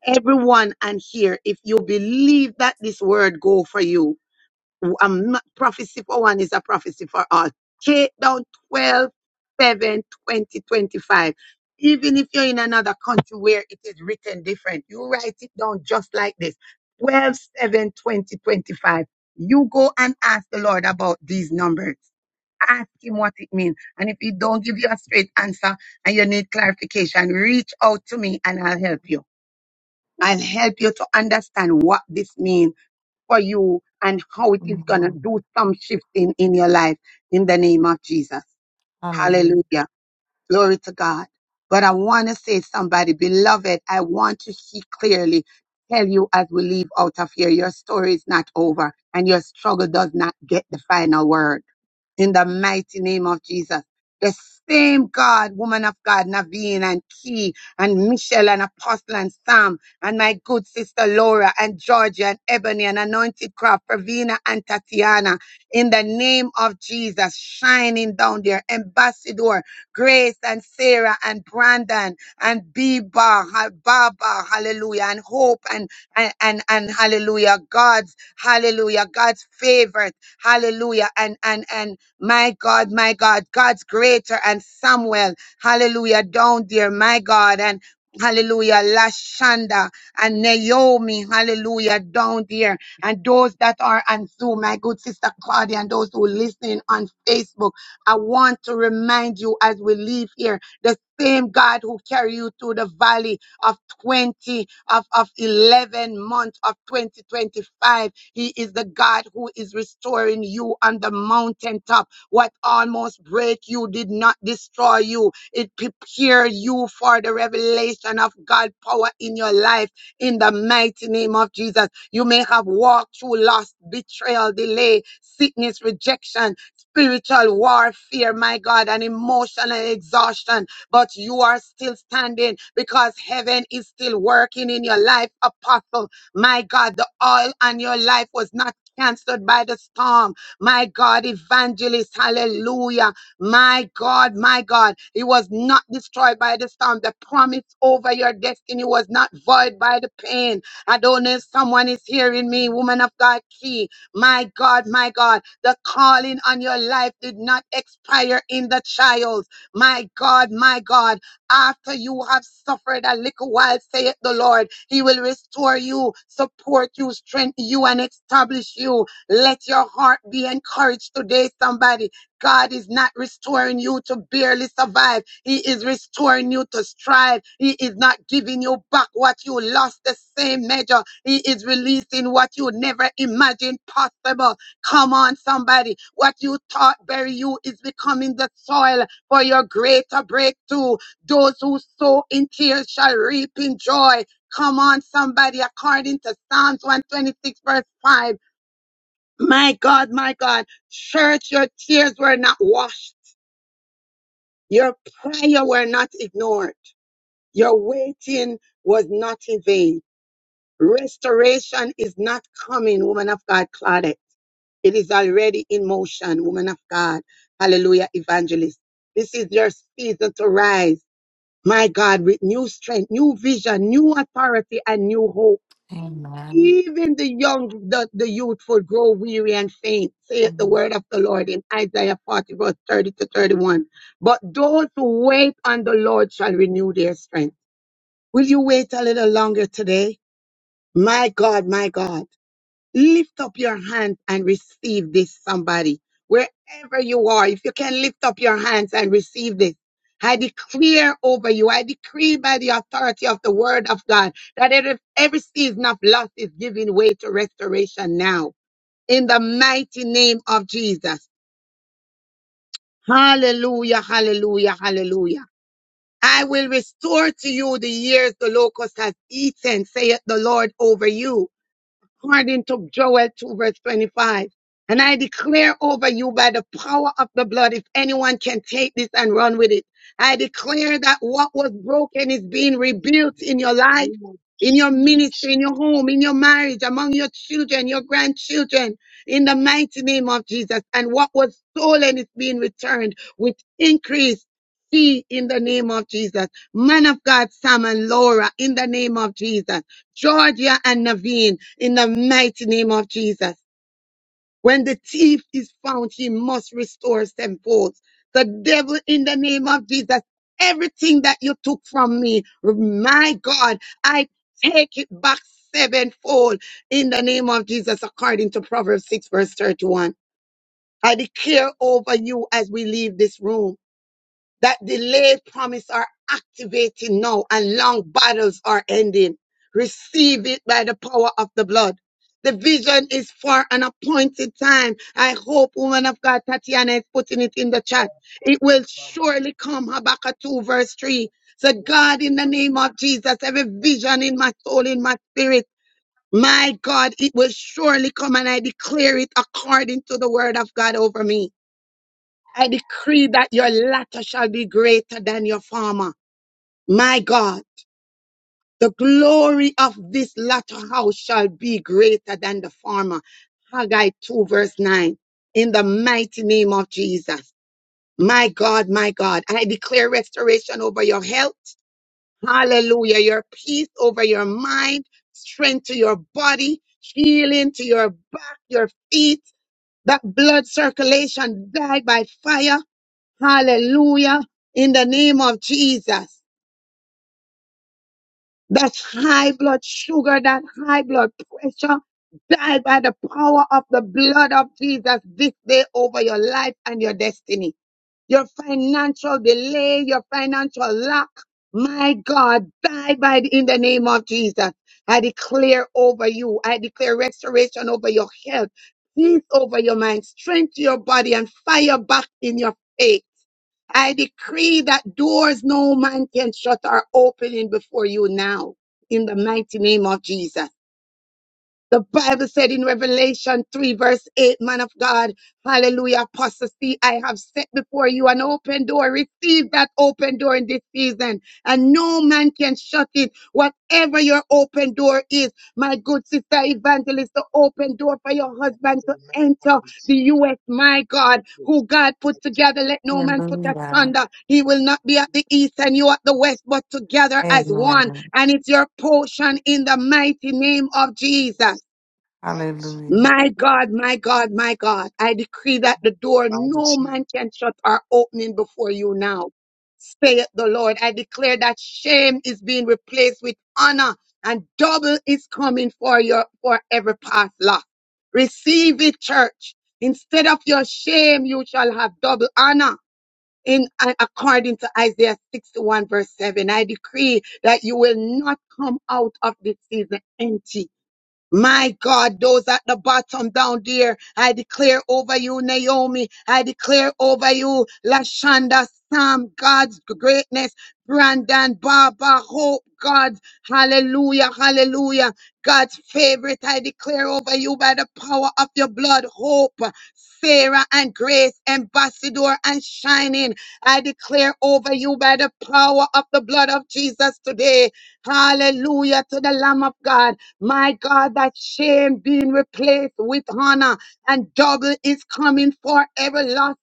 S3: Everyone and here, if you believe that this word go for you, I'm not prophecy for one is a prophecy for all. Take down 12, seven, twenty, twenty-five. Even if you're in another country where it is written different, you write it down just like this 12, seven, twenty, twenty-five. You go and ask the Lord about these numbers. Ask him what it means. And if he don't give you a straight answer and you need clarification, reach out to me and I'll help you. I'll help you to understand what this means for you and how it is going to
S16: Mhm.
S3: do some shifting in your life in the name of Jesus.
S16: Hallelujah.
S3: Hallelujah. Glory to God. But I want to say, somebody, beloved, I want to see clearly, tell you as we leave out of here, your story is not over and your struggle does not get the final word in the mighty name of Jesus. The same God, woman of God, Naveen and Key and Michelle and Apostle and Sam and my good sister Laura and Georgia and Ebony and Anointed Craft Pravina and Tatiana, in the name of Jesus, shining down there, Ambassador Grace and Sarah and Brandon and Biba, Ha- Baba, Hallelujah, and Hope and and and, and Hallelujah, God's Hallelujah, God's favorite, Hallelujah, and and and my God, my God, God's greater and Samuel. Hallelujah. Down there, my God. And Hallelujah, Lashanda and Naomi, hallelujah, down there. And those that are on Zoom, my good sister Claudia, and those who are listening on Facebook, I want to remind you as we leave here, the same God who carried you through the valley of 20, of, of 11 months of 2025, He is the God who is restoring you on the mountaintop. What almost break you did not destroy you. It prepared you for the revelation of God power in your life in the mighty name of Jesus. You may have walked through loss, betrayal, delay, sickness, rejection, spiritual warfare, my God, and emotional exhaustion, but you are still standing because heaven is still working in your life, apostle. My God, the oil on your life was not canceled by the storm my God, evangelist, hallelujah. My God, my God, it was not destroyed by the storm. The promise over your destiny was not void by the pain. I don't know if someone is hearing me, woman of God, key. My God, my God, the calling on your life did not expire in the child. My God, my God, after you have suffered a little while, saith the Lord, He will restore you, support you, strengthen you, and establish you. Let your heart be encouraged today, somebody. God is not restoring you to barely survive. He is restoring you to strive. He is not giving you back what you lost the same measure. He is releasing what you never imagined possible. Come on, somebody. What you thought bury you is becoming the soil for your greater breakthrough. Those who sow in tears shall reap in joy. Come on, somebody, according to Psalms 126, verse 5. My God, my God, church, your tears were not washed. Your prayer were not ignored. Your waiting was not in vain. Restoration is not coming, woman of God, Claudette. It is already in motion, woman of God. Hallelujah, evangelist. This is your season to rise. My God, with new strength, new vision, new authority, and new hope.
S16: Amen.
S3: even the young, the, the youthful grow weary and faint, saith the word of the Lord in Isaiah 40, verse 30 to 31. But those who wait on the Lord shall renew their strength. Will you wait a little longer today? My God, my God. Lift up your hands and receive this, somebody. Wherever you are, if you can lift up your hands and receive this. I declare over you, I decree by the authority of the word of God that every every season of loss is giving way to restoration now. In the mighty name of Jesus. Hallelujah, hallelujah, hallelujah. I will restore to you the years the locust has eaten, saith the Lord over you according to Joel 2, verse 25. And I declare over you by the power of the blood, if anyone can take this and run with it, I declare that what was broken is being rebuilt in your life, in your ministry, in your home, in your marriage, among your children, your grandchildren, in the mighty name of Jesus. And what was stolen is being returned with increase. See in the name of Jesus. Man of God, Sam and Laura, in the name of Jesus. Georgia and Naveen in the mighty name of Jesus. When the thief is found, he must restore sevenfold. The devil in the name of Jesus, everything that you took from me, my God, I take it back sevenfold in the name of Jesus, according to Proverbs 6 verse 31. I declare over you as we leave this room that delayed promise are activating now and long battles are ending. Receive it by the power of the blood. The vision is for an appointed time. I hope woman of God Tatiana is putting it in the chat. It will surely come. Habakkuk 2 verse 3. So God, in the name of Jesus, every vision in my soul, in my spirit, my God, it will surely come and I declare it according to the word of God over me. I decree that your latter shall be greater than your former. My God, the glory of this latter house shall be greater than the former. Haggai 2 verse 9. In the mighty name of Jesus. My God, my God, I declare restoration over your health. Hallelujah. Your peace over your mind, strength to your body, healing to your back, your feet, that blood circulation die by fire Hallelujah. In the name of Jesus. That high blood sugar, that high blood pressure, die by the power of the blood of Jesus this day over your life and your destiny. Your financial delay, your financial lack, my God, die by the, in the name of Jesus. I declare over you, I declare restoration over your health, peace over your mind, strength to your body, and fire back in your faith I decree that doors no man can shut are opening before you now in the mighty name of Jesus. The Bible said in Revelation 3, verse 8, man of God, hallelujah, apostasy, I have set before you an open door. Receive that open door in this season, and no man can shut it. Whatever your open door is, my good sister evangelist, the open door for your husband to enter the U.S., my God, who God put together, let no man put
S16: Hallelujah.
S3: asunder. He will not be at the east and you at the west, but together as one.
S16: Amen.
S3: And it's your portion in the mighty name of Jesus.
S16: Hallelujah.
S3: My God, my God, my God, I decree that the door no man can shut are opening before you now. Saith the Lord. I declare that shame is being replaced with honor and double is coming for your, for every past loss. Receive it, church. Instead of your shame, you shall have double honor. In uh, according to Isaiah 61 verse 7, I decree that you will not come out of this season empty my God, those at the bottom down there, I declare over you, Naomi. I declare over you, Lashonda, Sam, God's greatness, Brandon, Baba, Hope, God, hallelujah, hallelujah. God's favorite, I declare over you by the power of your blood, Hope, Sarah, and Grace, Ambassador, and Shining. I declare over you by the power of the blood of Jesus today. Hallelujah to the Lamb of God. My God, that shame being replaced with honor and double is coming for every lost,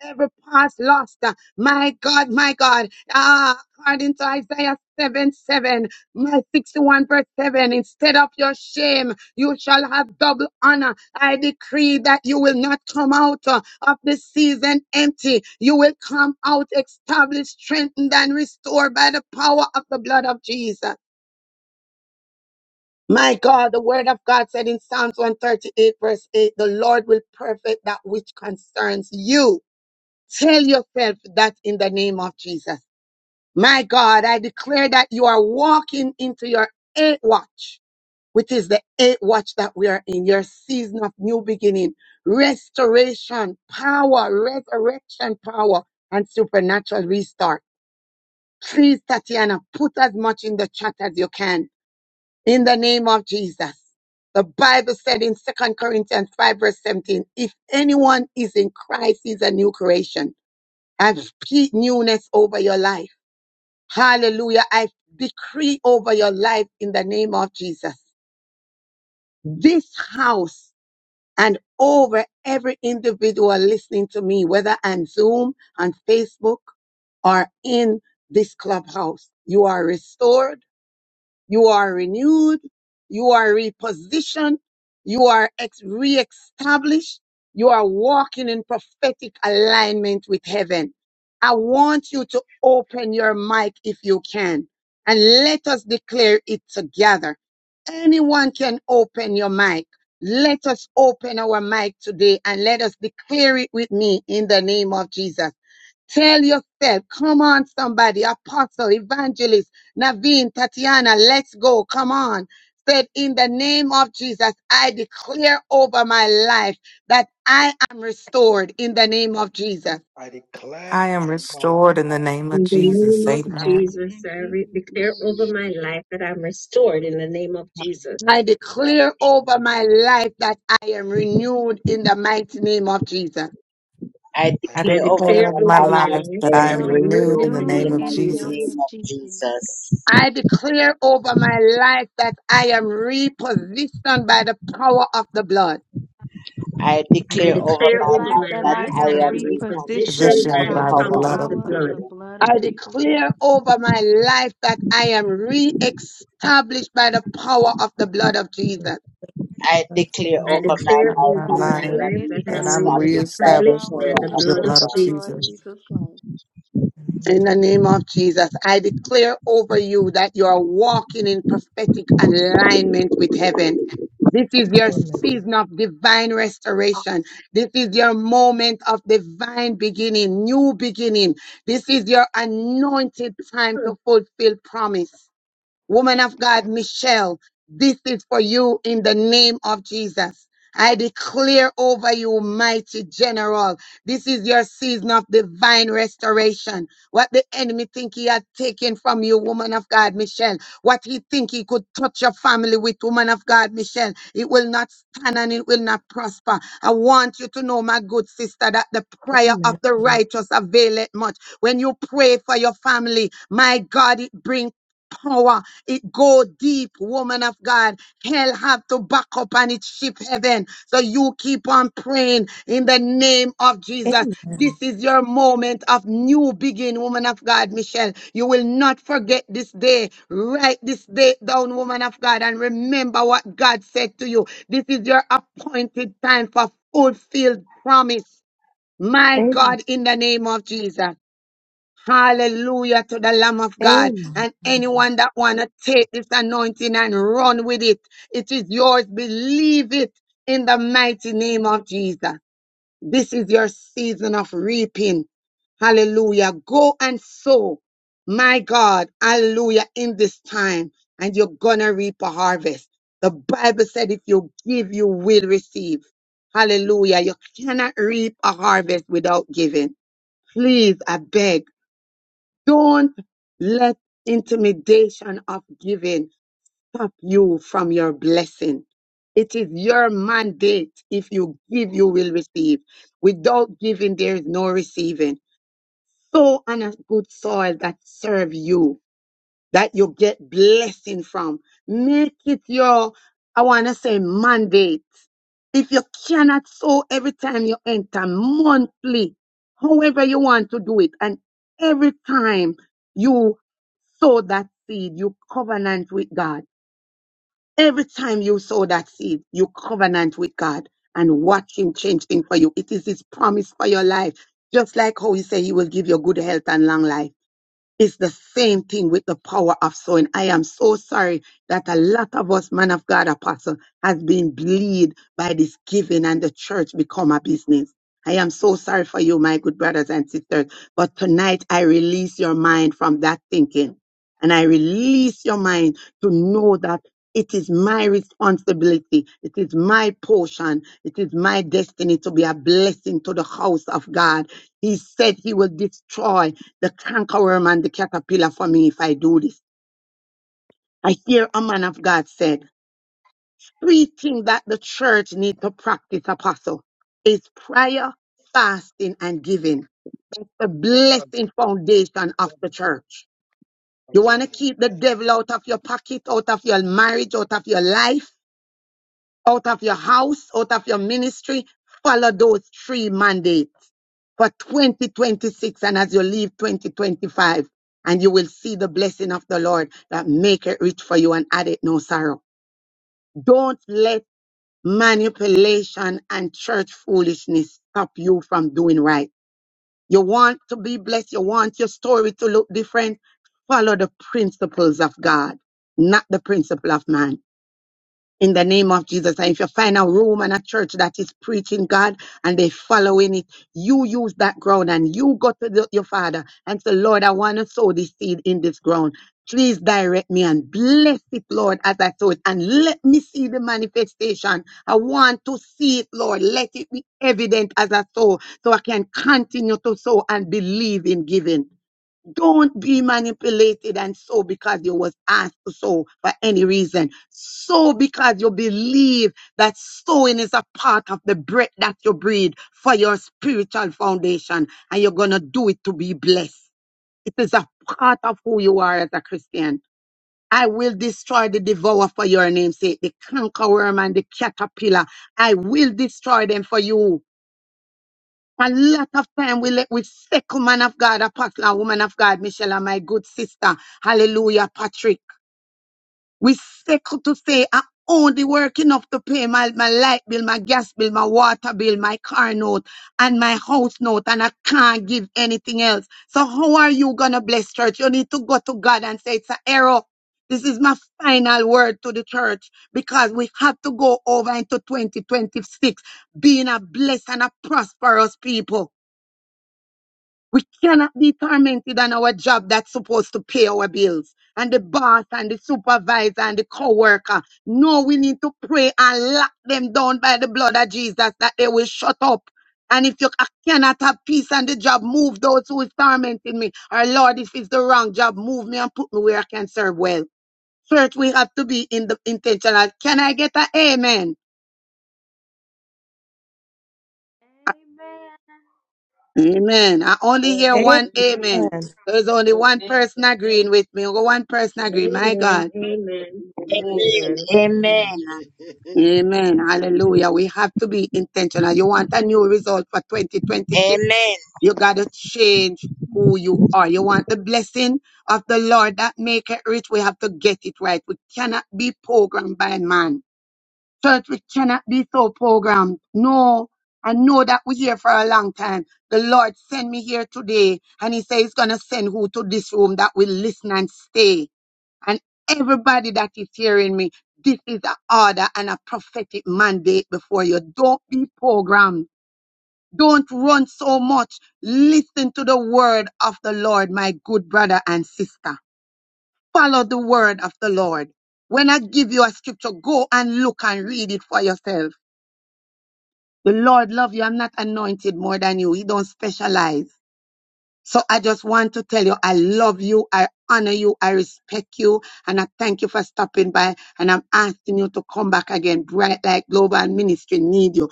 S3: every past lost. My God, my God. Ah, according to Isaiah 7 7, my 61 verse 7, instead of your shame, you shall have double honor. I decree that you will not come out uh, of the season empty. You will come out established, strengthened, and restored by the power of the blood of Jesus. My God, the word of God said in Psalms 138, verse 8, the Lord will perfect that which concerns you. Tell yourself that in the name of Jesus. My God, I declare that you are walking into your eighth watch, which is the eighth watch that we are in, your season of new beginning, restoration, power, resurrection power, and supernatural restart. Please, Tatiana, put as much in the chat as you can in the name of Jesus. The Bible said in Second Corinthians 5, verse 17, if anyone is in Christ, he's a new creation. I've speak newness over your life. Hallelujah. I decree over your life in the name of Jesus. This house and over every individual listening to me, whether on Zoom, on Facebook, or in this clubhouse, you are restored You are renewed. You are repositioned. You are ex- reestablished. You are walking in prophetic alignment with heaven. I want you to open your mic if you can and let us declare it together. Anyone can open your mic. Let us open our mic today and let us declare it with me in the name of Jesus. Tell yourself, come on, somebody, apostle, evangelist, Naveen, Tatiana, let's go, come on. Said, in the name of Jesus, I declare over my life that I am restored in the name of Jesus.
S18: declare
S16: I am
S18: over
S16: restored in the name of
S3: In the
S18: every
S16: Jesus.
S3: name
S19: Jesus,
S3: of
S19: I
S18: thorn
S16: Amen.
S3: Jesus,
S18: in
S3: I re-
S18: Jesus'
S3: declare
S18: name.
S3: over my life that I'm restored in the name of
S19: have
S3: Jesus. I declare over my life that I am renewed in the mighty name of Jesus.
S7: I
S16: I
S3: I
S7: declare over
S16: declare
S3: declare
S7: my
S16: over my
S3: over
S7: life
S3: my
S7: that
S16: life
S3: life
S7: I
S16: that
S3: that
S16: I am
S3: I'm
S7: am
S18: Am
S3: renewed
S16: renewed
S7: renewed
S16: in
S3: in
S16: the
S3: the
S7: in the
S18: renewed
S3: name
S16: name
S3: of
S16: of
S18: in the
S7: mighty
S18: name
S3: Jesus.
S18: of
S16: Jesus,
S7: name of
S18: Jesus.
S7: Jesus.
S3: I declare over my life that I am repositioned by the power of the blood.
S7: I
S3: I
S7: declare over
S3: declare
S18: My
S7: my
S3: over
S18: life
S7: life
S3: my
S18: that
S7: that
S18: I
S3: life
S7: I
S18: am
S3: that
S19: declared
S3: I am
S7: am
S18: repositioned
S7: reconditioned
S3: repositioned
S7: by
S3: by
S16: positioned
S7: the
S3: the
S18: by
S16: by
S13: Amen.
S16: the
S18: the
S7: power
S3: power
S7: of
S16: blood
S3: of
S16: of
S3: the
S7: the
S18: power
S16: my
S18: of the
S3: blood.
S7: Word.
S18: blood of
S3: I
S18: Jesus Christ.
S3: declare over my life that I am re-established by the power of the blood of Jesus.
S7: I declare
S3: I
S7: over my
S3: declare
S7: life
S3: over
S18: That
S16: my
S7: that
S18: I
S3: my
S18: am
S16: life,
S7: I
S3: life
S7: am
S3: that I
S16: that
S3: am
S16: I'm
S18: reestablished by
S7: reestablished
S18: the
S7: by the
S16: reestablished
S3: reestablished by
S18: power
S7: power
S18: of
S3: the
S18: the
S16: through
S7: of
S16: the
S3: blood
S7: the
S18: blood
S3: of
S16: blood
S18: of
S16: of
S7: God.
S18: the Lord
S16: Jesus.
S3: Jesus.
S18: Jesus Christ.
S3: In the name of Jesus, I declare over you that you are walking in prophetic alignment with heaven. This is your
S13: Amen.
S3: season of divine restoration. This is your moment of divine beginning, new beginning. This is your anointed time to fulfill promise. Woman of God, Michelle, this is for you in the name of Jesus. I declare over you, mighty general, this is your season of divine restoration. What the enemy think he had taken from you, woman of God, Michelle, what he think he could touch your family with, woman of God, Michelle, it will not stand and it will not prosper. I want you to know, my good sister, that the prayer of
S13: Amen.
S3: the righteous availeth much. When you pray for your family, my God, it brings power it go deep, woman of God. Hell have to back up and it shift heaven. So you keep on praying in the name of Jesus.
S13: Amen.
S3: This is your moment of new beginning, woman of God, Michelle. You will not forget this day. Write this day down, woman of God, and remember what God said to you. This is your appointed time for fulfilled promise. My God, in the name of Jesus. Hallelujah to the Lamb of God. And anyone that want to take this anointing and run with it, it is yours. Believe it in the mighty name of Jesus. This is your season of reaping. Hallelujah. Go and sow. My God. Hallelujah. In this time. And you're going to reap a harvest. The Bible said if you give, you will receive. Hallelujah. You cannot reap a harvest without giving. Please, I beg. Don't let intimidation of giving stop you from your blessing. It is your mandate. If you give, you will receive. Without giving, there is no receiving. Sow on a good soil that serve you that you get blessing from. Make it your, I want to say, mandate. If you cannot sow every time you enter monthly, however you want to do it, and every time you sow that seed, you covenant with God. Every time you sow that seed, you covenant with God and watch Him change things for you. It is His promise for your life. Just like how He said He will give you good health and long life. It's the same thing with the power of sowing. I am so sorry that a lot of us, man of God, apostle, has been bleed by this giving and the church become a business. I am so sorry for you, my good brothers and sisters. But tonight I release your mind from that thinking. And I release your mind to know that it is my responsibility. It is my portion. It is my destiny to be a blessing to the house of God. He said he will destroy the cankerworm and the caterpillar for me if I do this. I hear a man of God said, three things that the church need to practice, apostle, is prayer, fasting, and giving. The blessing foundation of the church. You want to keep the devil out of your pocket, out of your marriage, out of your life? out of your house, out of your ministry, follow those three mandates for 2026 and as you leave 2025 and you will see the blessing of the Lord that make it rich for you and add it no sorrow. Don't let manipulation and church foolishness stop you from doing right. You want to be blessed. You want your story to look different. Follow the principles of God, not the principle of man in the name of Jesus. And if you find a room and a church that is preaching God and they following it, you use that ground and you go to the- your father and say, Lord, I want to sow this seed in this ground. Please direct me and bless it, Lord, as I sow it. And let me see the manifestation. I want to see it, Lord. Let it be evident as I sow so I can continue to sow and believe in giving. Don't be manipulated and sow because you was asked to sow for any reason. Sow because you believe that sowing is a part of the bread that you breathe for your spiritual foundation, and you're gonna do it to be blessed. It is a part of who you are as a Christian. I will destroy the devourer for your name's sake, the cankerworm and the caterpillar. I will destroy them for you a lot of time we let we second man of God, apostle and woman of God, Michelle and my good sister. Hallelujah, Patrick. We second to say I only work enough to pay my, my light bill, my gas bill, my water bill, my car note, and my house note, and I can't give anything else. So how are you gonna bless church? You need to go to God and say it's an error. This is my final word to the church because we have to go over into 2026 being a blessed and a prosperous people. We cannot be tormented on our job that's supposed to pay our bills. And the boss and the supervisor and the coworker. No, we need to pray and lock them down by the blood of Jesus that they will shut up. And if you ca- cannot have peace on the job, move those who is tormenting me. Or Lord, if it's the wrong job, move me and put me where I can serve well. Church, we have to be in the intentional. Can I get an amen?
S18: Amen.
S3: Amen. I only hear one amen.
S13: Amen.
S3: There's only one Amen. person agreeing with me. Only One person agreeing. My Amen. God. Amen.
S7: Amen.
S3: Amen.
S7: Amen.
S3: Amen. Hallelujah. We have to be intentional. You want a new result for 2026.
S7: Amen.
S3: You got to change who you are. You want the blessing of the Lord that make it rich. We have to get it right. We cannot be programmed by man. Church, we cannot be so programmed. No. I know that we're here for a long time. The Lord sent me here today, and He says He's going to send who to this room that will listen and stay. And everybody that is hearing me, this is an order and a prophetic mandate before you. Don't be programmed. Don't run so much. Listen to the word of the Lord, my good brother and sister. Follow the word of the Lord. When I give you a scripture, go and look and read it for yourself the Lord love you. I'm not anointed more than you. He don't specialize. So I just want to tell you, I love you, I honor you, I respect you, and I thank you for stopping by. And I'm asking you to come back again. Bright Light Global Ministry need you.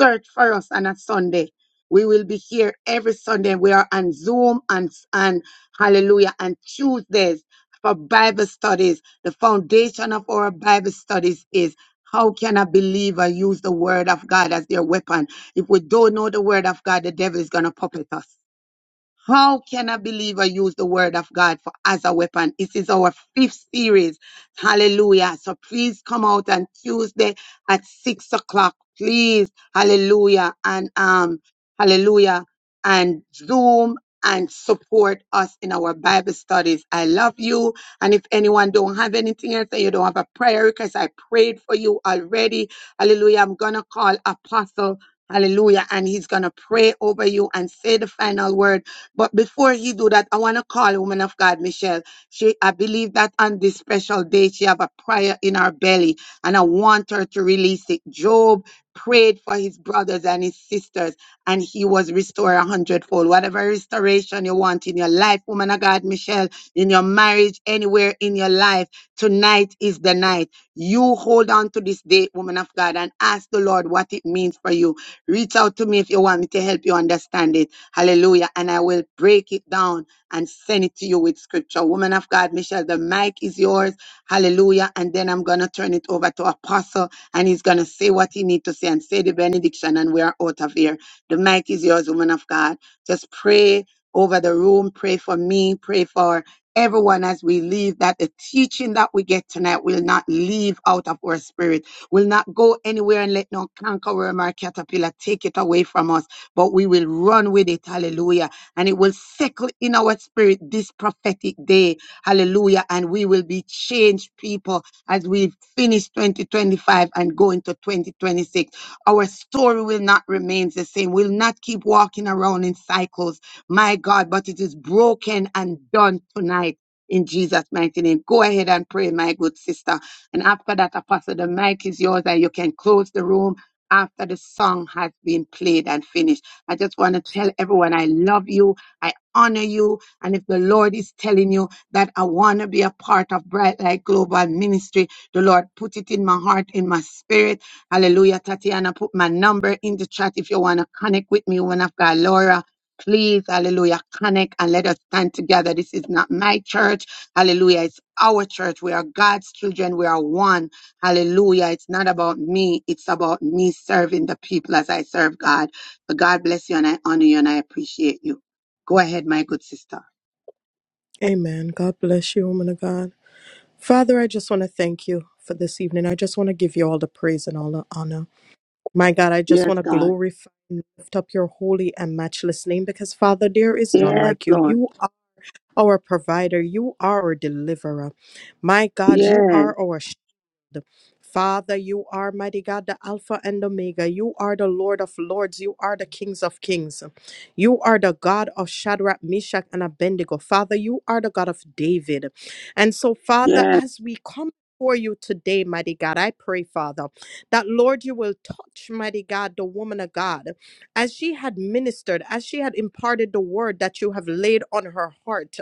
S3: Search for us on a Sunday. We will be here every Sunday. We are on Zoom and and Hallelujah and Tuesdays for Bible studies. The foundation of our Bible studies is. How can a believer use the word of God as their weapon? If we don't know the word of God, the devil is going to puppet us. How can a believer use the word of God for as a weapon? This is our fifth series. Hallelujah. So please come out on Tuesday at six o'clock. Please. Hallelujah. And um, hallelujah. And Zoom and support us in our Bible studies. I love you. And if anyone don't have anything else and you don't have a prayer request, I prayed for you already. Hallelujah. I'm gonna call Apostle. Hallelujah. And he's gonna pray over you and say the final word but before you do that, I want to call woman of God, Michelle. She, I believe that on this special day, she have a prayer in her belly, and I want her to release it. Job prayed for his brothers and his sisters, and he was restored a hundredfold. Whatever restoration you want in your life, woman of God, Michelle, in your marriage, anywhere in your life, tonight is the night. You hold on to this day, woman of God, and ask the Lord what it means for you. Reach out to me if you want me to help you understand it. Hallelujah. And I will break it down and send it to you with scripture. Woman of God, Michelle, the mic is yours. Hallelujah. And then I'm going to turn it over to Apostle and he's going to say what he need to say and say the benediction and we are out of here. The mic is yours, woman of God. Just pray over the room. Pray for me. Pray for everyone as we leave that the teaching that we get tonight will not leave out of our spirit, will not go anywhere and let no cankerworm or caterpillar take it away from us but we will run with it. Hallelujah. And it will settle in our spirit this prophetic day. Hallelujah. And we will be changed people as we finish 2025 and go into 2026. Our story will not remain the same. We'll not keep walking around in cycles. My God, but it is broken and done tonight. In Jesus' mighty name. Go ahead and pray, my good sister. And after that, Apostle, the mic is yours and you can close the room after the song has been played and finished. I just want to tell everyone I love you. I honor you. And if the Lord is telling you that I want to be a part of Bright Light Global Ministry, the Lord put it in my heart, in my spirit. Hallelujah. Tatiana, put my number in the chat if you want to connect with me, one of God, Laura. Please, hallelujah, connect and let us stand together. This is not my church. Hallelujah. It's our church. We are God's children. We are one. Hallelujah. It's not about me. It's about me serving the people as I serve God. But God bless you and I honor you and I appreciate you. Go ahead, my good sister.
S13: Amen. God bless you, woman of God. Father, I just want to thank you for this evening. I just want to give you all the praise and all the honor. My God, I just
S3: Yes,
S13: want to
S3: God.
S13: glorify and lift up your holy and matchless name because, Father, there is none
S3: Yes,
S13: like you.
S3: Lord.
S13: You are our provider, you are our deliverer. My God, you
S3: Yes,
S13: are our Father, you are mighty God, the Alpha and Omega. You are the Lord of Lords. You are the Kings of Kings. You are the God of Shadrach, Meshach, and Abednego. Father, you are the God of David. And so, Father,
S3: yes,
S13: as we come for you today, mighty God, I pray, Father, that Lord, you will touch, mighty God, the woman of God, as she had ministered, as she had imparted the word that you have laid on her heart.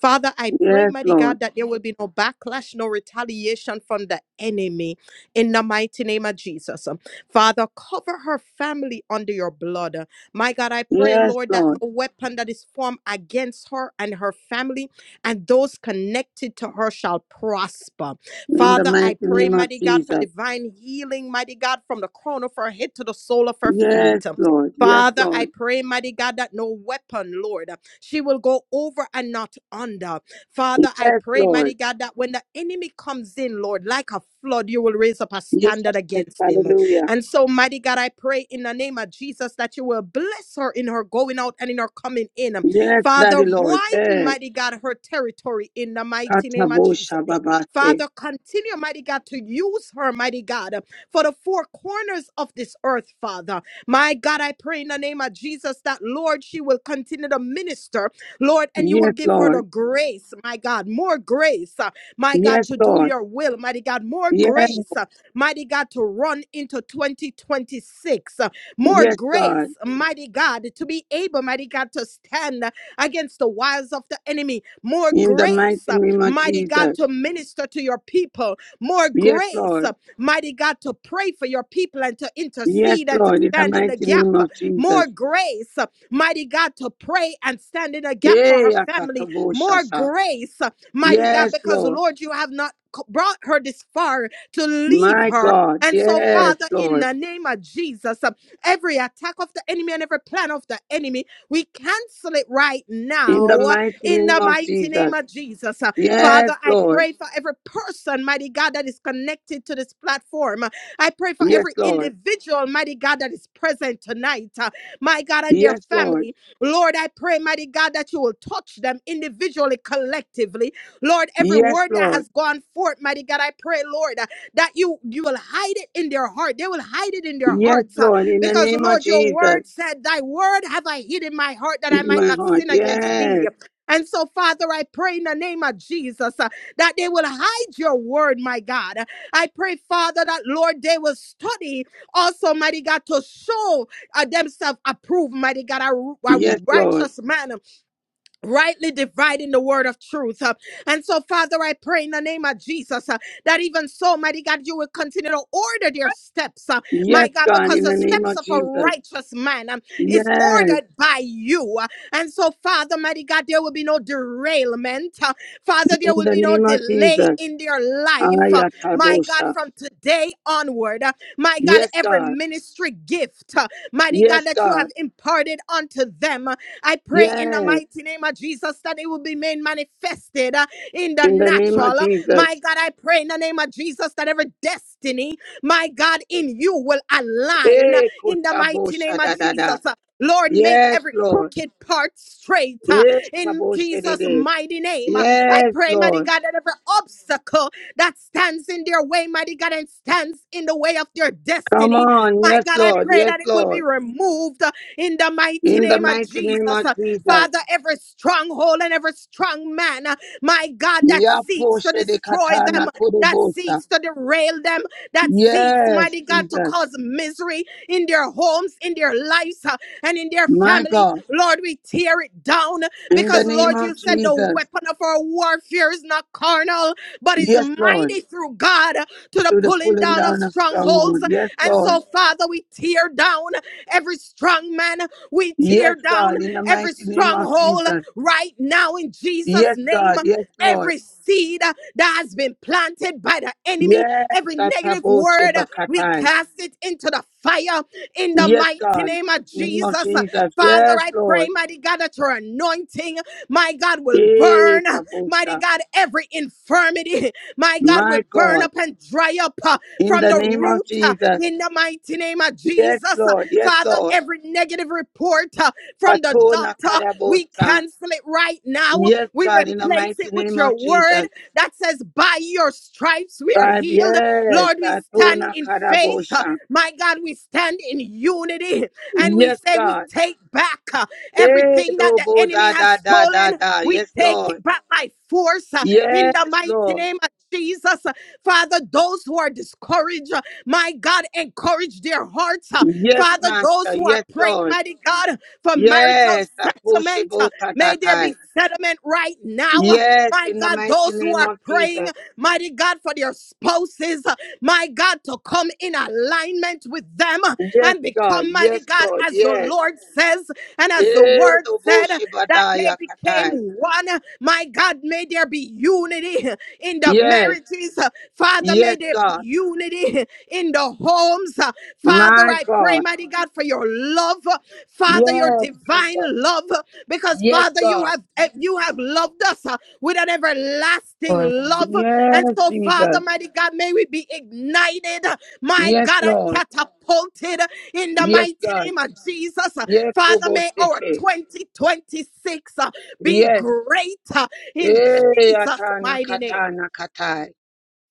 S13: Father, I pray,
S3: yes,
S13: mighty
S3: Lord.
S13: God, that there will be no backlash, no retaliation from the enemy in the mighty name of Jesus. Father, cover her family under your blood. My God, I pray,
S3: Yes,
S13: Lord, that
S3: Lord.
S13: no weapon that is formed against her and her family and those connected to her shall prosper.
S3: In the
S13: Father,
S3: mighty
S13: I pray,
S3: name of
S13: mighty God, for
S3: Jesus.
S13: divine healing, mighty God, from the crown of her head to the sole of her
S3: Yes,
S13: feet.
S3: Lord. Yes,
S13: Father, I
S3: Lord.
S13: pray, mighty God, that no weapon, Lord, she will go over and not under. Father, I
S3: Yes,
S13: pray, mighty
S3: Lord.
S13: God, that when the enemy comes in, Lord, like a flood, you will raise up a
S3: Yes,
S13: standard against him.
S3: hallelujah.
S13: And so, mighty God, I pray in the name of Jesus that you will bless her in her going out and in her coming in.
S3: Yes,
S13: Father,
S3: Daddy Lord.
S13: widen,
S3: Eh,
S13: mighty God, her territory in the mighty name of Jesus.
S3: katabosha babase.
S13: Father, continue, mighty God, to use her, mighty God, for the four corners of this earth, Father. My God, I pray in the name of Jesus that, Lord, she will continue to minister Lord, and you will
S3: Yes,
S13: give her the
S3: Lord.
S13: grace, my God, more grace, uh, my God,
S3: Yes,
S13: to do
S3: Lord.
S13: your will, mighty God, more
S3: Yes,
S13: grace, uh, mighty God, to run into 2026, uh, more
S3: yes, God.
S13: grace, mighty God, to be able, mighty God, to stand uh, against the wiles of the enemy, more
S3: In the mighty
S13: grace, uh,
S3: name of
S13: mighty God,
S3: Jesus.
S13: to minister to your people, more
S3: Yes,
S13: grace,
S3: Lord.
S13: uh, mighty God, to pray for your people and to
S3: Yes,
S13: intercede and to
S3: Lord, in the
S13: stand in
S3: mighty
S13: the
S3: name
S13: gap,
S3: of
S13: more
S3: Jesus.
S13: grace, mighty God, to pray and stand in a gap for
S3: Yea,
S13: her family. More
S3: Akataboshasa.
S13: grace, uh, mighty God,
S3: Yes,
S13: because
S3: Lord.
S13: Lord, you have not c- brought her this far to leave
S3: My
S13: her.
S3: God.
S13: And so,
S3: Yes,
S13: Father, in
S3: Lord.
S13: the name of Jesus, uh, every attack of the enemy and every plan of the enemy, we cancel it right
S3: In
S13: now
S3: the
S13: uh,
S3: mighty
S13: in
S3: name
S13: the
S3: of
S13: mighty
S3: Jesus.
S13: name of Jesus. Uh,
S3: Yes,
S13: Father, I
S3: Lord.
S13: pray for every person, mighty God, that is connected to this platform. I pray for
S3: Yes,
S13: every
S3: Lord.
S13: individual, mighty God, that is present tonight. uh, my God, and their
S3: Yes, Lord.
S13: family. Lord, I pray, mighty God, that you will touch them individually, collectively. Lord, every
S3: Yes,
S13: word that
S3: Lord.
S13: has gone forth, mighty God, I pray, Lord, uh, that you you will hide it in their heart. They will hide it in their
S3: Yes,
S13: hearts. uh,
S3: Lord. In the
S13: because
S3: name of
S13: Lord, your
S3: Jesus
S13: word said, Thy word have I hid in my heart that
S3: is
S13: I might
S3: my
S13: not
S3: heart.
S13: sin against
S3: Yes.
S13: thee. And so, Father, I pray in the name of Jesus uh, that they will hide your word, my God. I pray, Father, that Lord, they will study also, mighty God, to show. I themselves approve, mighty God, a, a
S3: Yes, Lord.
S13: righteous man rightly dividing the word of truth. uh, And so, Father, I pray in the name of Jesus uh, that even so, mighty God, you will continue to order their steps, uh,
S3: Yes,
S13: my God,
S3: God.
S13: because
S3: In
S13: the
S3: the name
S13: steps
S3: of
S13: of a
S3: Jesus.
S13: righteous man um, is
S3: Yes.
S13: ordered by you. uh, And so, Father, mighty God, there will be no derailment. uh, Father,
S3: In
S13: there will
S3: the
S13: be no
S3: name of
S13: delay
S3: Jesus.
S13: in their life, uh, my God,
S3: Ayakabosha.
S13: from today onward. uh, My God,
S3: Yes,
S13: every
S3: God.
S13: ministry gift, uh, mighty God,
S3: Yes,
S13: that you
S3: God.
S13: have imparted unto them. I pray in the
S3: Yes,
S13: mighty name of Jesus that it will be made manifested uh, in the
S3: in the name of
S13: natural. Uh,
S3: Jesus.
S13: My God, I pray in the name of Jesus that every destiny, my God, in you will align uh,
S3: Eh,
S13: in the
S3: kutabo
S13: mighty name of
S3: shadadada.
S13: Jesus. Uh, Lord, make
S3: Yes,
S13: every
S3: Lord.
S13: crooked part straight uh,
S3: Yes,
S13: in
S3: kutabo
S13: Jesus'
S3: shadede.
S13: mighty name. Uh, I
S3: Yes,
S13: pray, mighty
S3: Lord.
S13: God, that every obstacle that stands in their way, mighty God, and stands in the way of their
S3: Come
S13: destiny,
S3: on.
S13: my
S3: Yes,
S13: God, I
S3: Lord.
S13: pray
S3: Yes,
S13: that it will be
S3: Lord.
S13: removed in the mighty
S3: In the
S13: name of
S3: mighty name of
S13: Jesus. Uh,
S3: Jesus.
S13: Father, every stronghold and every strong man, uh, my God, that
S3: Yapo
S13: seeks to
S3: shede
S13: destroy them,
S3: katana
S13: that
S3: kurebosa.
S13: seeks to derail them, that seeks,
S3: Yes,
S13: mighty God, to
S3: Jesus.
S13: cause misery in their homes, in their lives, uh, and in their
S3: My
S13: family.
S3: God.
S13: Lord, we tear it down
S3: In the
S13: because,
S3: name
S13: Lord,
S3: of
S13: you said the
S3: Jesus.
S13: weapon of our warfare is not carnal, but is
S3: Yes, Lord.
S13: mighty through God to the
S3: To the
S13: pulling
S3: pulling
S13: down of
S3: down of
S13: strongholds.
S3: strongholds. Yes,
S13: And
S3: Lord.
S13: so, Father, we tear down every strong man. We
S3: Yes,
S13: tear down
S3: God. In the mighty
S13: every
S3: name of
S13: stronghold
S3: Jesus.
S13: right now in Jesus'
S3: Yes,
S13: name.
S3: God. Yes, Lord.
S13: Every seed that has been planted by the enemy,
S3: Yes,
S13: every negative
S3: Ataboche
S13: word, we
S3: Bakatai.
S13: cast it into the fire in the
S3: Yes,
S13: mighty
S3: God.
S13: name of
S3: In the name of
S13: Jesus.
S3: Jesus.
S13: Father,
S3: Yes,
S13: I pray,
S3: Lord.
S13: mighty God, that your anointing, my God, will
S3: Eh,
S13: burn, mighty
S3: Tabosha.
S13: God, every infirmity, my God, will
S3: My
S13: burn
S3: God.
S13: up and dry up uh,
S3: In
S13: from
S3: the
S13: the
S3: name of
S13: root uh,
S3: Jesus.
S13: in the mighty name of
S3: Yes,
S13: Jesus.
S3: Lord. Yes,
S13: Father,
S3: Lord.
S13: every negative report uh, from the
S3: Patona
S13: doctor, we
S3: Karabosha.
S13: cancel it right now.
S3: Yes,
S13: We
S3: God. In the
S13: replace
S3: mighty
S13: it with
S3: name
S13: your
S3: of
S13: word
S3: Jesus.
S13: that says, By your stripes we are
S3: Right.
S13: healed.
S3: Yes.
S13: Lord, we stand
S3: Patona
S13: in faith. uh,
S3: Karabosha.
S13: My God, we stand in unity and we
S3: Yes,
S13: say, We
S3: God.
S13: take back uh,
S3: Eh,
S13: everything that the
S3: Dobo
S13: enemy
S3: da
S13: has
S3: da da da
S13: stolen.
S3: da.
S13: We
S3: Yes,
S13: take it
S3: Lord.
S13: back by force uh, in
S3: Yes,
S13: the mighty
S3: Lord.
S13: name of Jesus. Uh, Father, those who are discouraged, uh, my God, encourage their hearts. uh,
S3: Yes,
S13: Father, those
S3: Master.
S13: who are
S3: Yes,
S13: praying,
S3: Lord.
S13: mighty God, for marital
S3: Yes,
S13: settlement, uh, may there
S3: Akushibutatatai.
S13: be settlement right now. Uh,
S3: Yes,
S13: My
S3: in the
S13: God,
S3: mighty
S13: those who
S3: name
S13: are
S3: of
S13: praying,
S3: Jesus.
S13: mighty God, for their spouses, uh, my God, to come in alignment with them uh,
S3: Yes,
S13: and
S3: God.
S13: become, mighty
S3: Yes,
S13: God,
S3: Lord.
S13: as the
S3: Yes.
S13: Lord says and as the word said, uh, that they became
S3: Edoboshibadayakatai.
S13: one. Uh, My God, may there be unity uh, in the
S3: Yes.
S13: marriages. Uh, Father, may
S3: Yes,
S13: there be
S3: God.
S13: unity in the homes. Father,
S3: My
S13: I pray,
S3: God.
S13: mighty God, for your love, Father, your
S3: Yes,
S13: divine
S3: Jesus.
S13: love, because
S3: Yes,
S13: Father, you
S3: God.
S13: have eh, you have loved us uh, with an everlasting
S15: Lord.
S13: love, and
S3: Yes,
S13: so Father,
S3: Jesus.
S13: mighty God, may we be ignited, my
S3: Yes,
S13: God, and
S3: Lord.
S13: catapulted in the
S3: Yes,
S13: mighty
S3: God.
S13: name of Jesus,
S3: Yes,
S13: Father. May our
S3: Kuboshiche.
S13: 2026 uh, be
S3: Yes.
S13: greater in
S3: Eh,
S13: Jesus'
S3: atana
S13: mighty name.
S3: katana katai.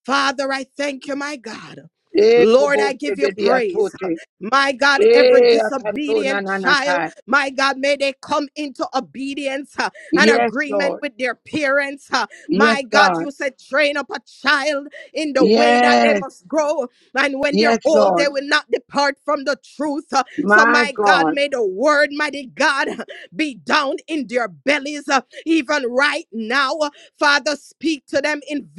S13: Father, I thank you, my God.
S3: Eh,
S13: Lord, I give you praise.
S3: kuboshibediatote.
S13: My God, every
S3: Eh, I can do na
S13: disobedient
S3: na na
S13: child,
S3: kai.
S13: my God, may they come into obedience uh, and
S3: Yes,
S13: agreement
S3: Lord.
S13: with their parents. uh.
S3: Yes,
S13: My God,
S3: God.
S13: you said train up a child in
S3: Yes,
S13: grow, and when they're
S3: yes,
S13: old, they
S3: Lord.
S13: will not depart from the truth. uh. So,
S3: My
S13: my God,
S3: God.
S13: may the word, mighty God, be down is uh, even right now. uh, Father, spam in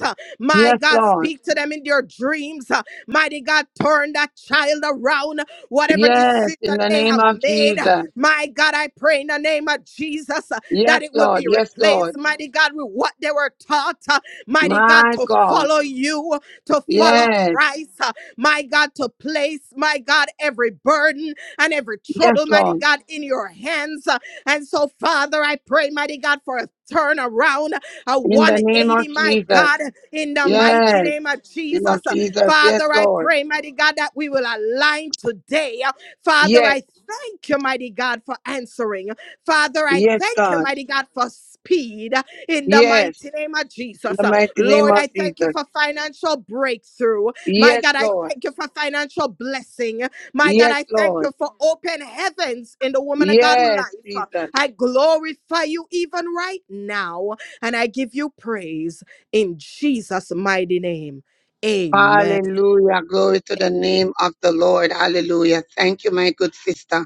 S13: uh, my
S3: Yes,
S13: God.
S3: Lord.
S13: them in their dreams. Uh, Mighty God, turn that child around. Whatever
S3: Yes,
S13: decision
S3: in the
S13: they
S3: name
S13: have
S3: of
S13: made, uh,
S3: Jesus.
S13: my God, I pray in the name of Jesus uh,
S3: Yes,
S13: that it will
S3: Lord.
S13: be
S3: Yes, Lord.
S13: replaced, mighty God, with what they were taught, uh, mighty God,
S3: My
S13: to
S3: God.
S13: follow you, to follow
S3: Yes,
S13: Christ, uh, my God, to place, my God, every burden and every
S3: yes,
S13: trouble, mighty
S3: Lord.
S13: God, in your hands. Uh, And so, Father, I pray, mighty God, for a turnaround, a
S3: In the name of
S13: 180, my
S3: Jesus.
S13: God in the mighty
S3: Yes,
S13: name of
S3: name of
S13: Jesus. Uh,
S3: Jesus. Yes,
S13: Father, I
S3: Lord.
S13: pray, mighty God, that we will align today. Uh, Father,
S3: Yes,
S13: I thank you, mighty God, for answering. Father, I
S3: yes,
S13: thank you,
S3: God.
S13: mighty God, for speed uh, in the
S3: Yes,
S13: mighty name of
S3: in
S13: Jesus.
S3: the
S13: Uh,
S3: mighty name
S13: Lord,
S3: of
S13: I thank you for
S3: Jesus.
S13: financial breakthrough. My
S3: Yes,
S13: God, I
S3: Lord.
S13: thank you for financial blessing. My God,
S3: Yes,
S13: I thank
S3: Lord.
S13: you for open heavens in the woman of God
S3: Yes,
S13: life.
S3: Jesus.
S13: I glorify you even right now, and I give you praise in Jesus. Jesus' mighty name. Amen.
S3: Hallelujah. Glory to the name of the Lord. Hallelujah. Thank you, my good sister.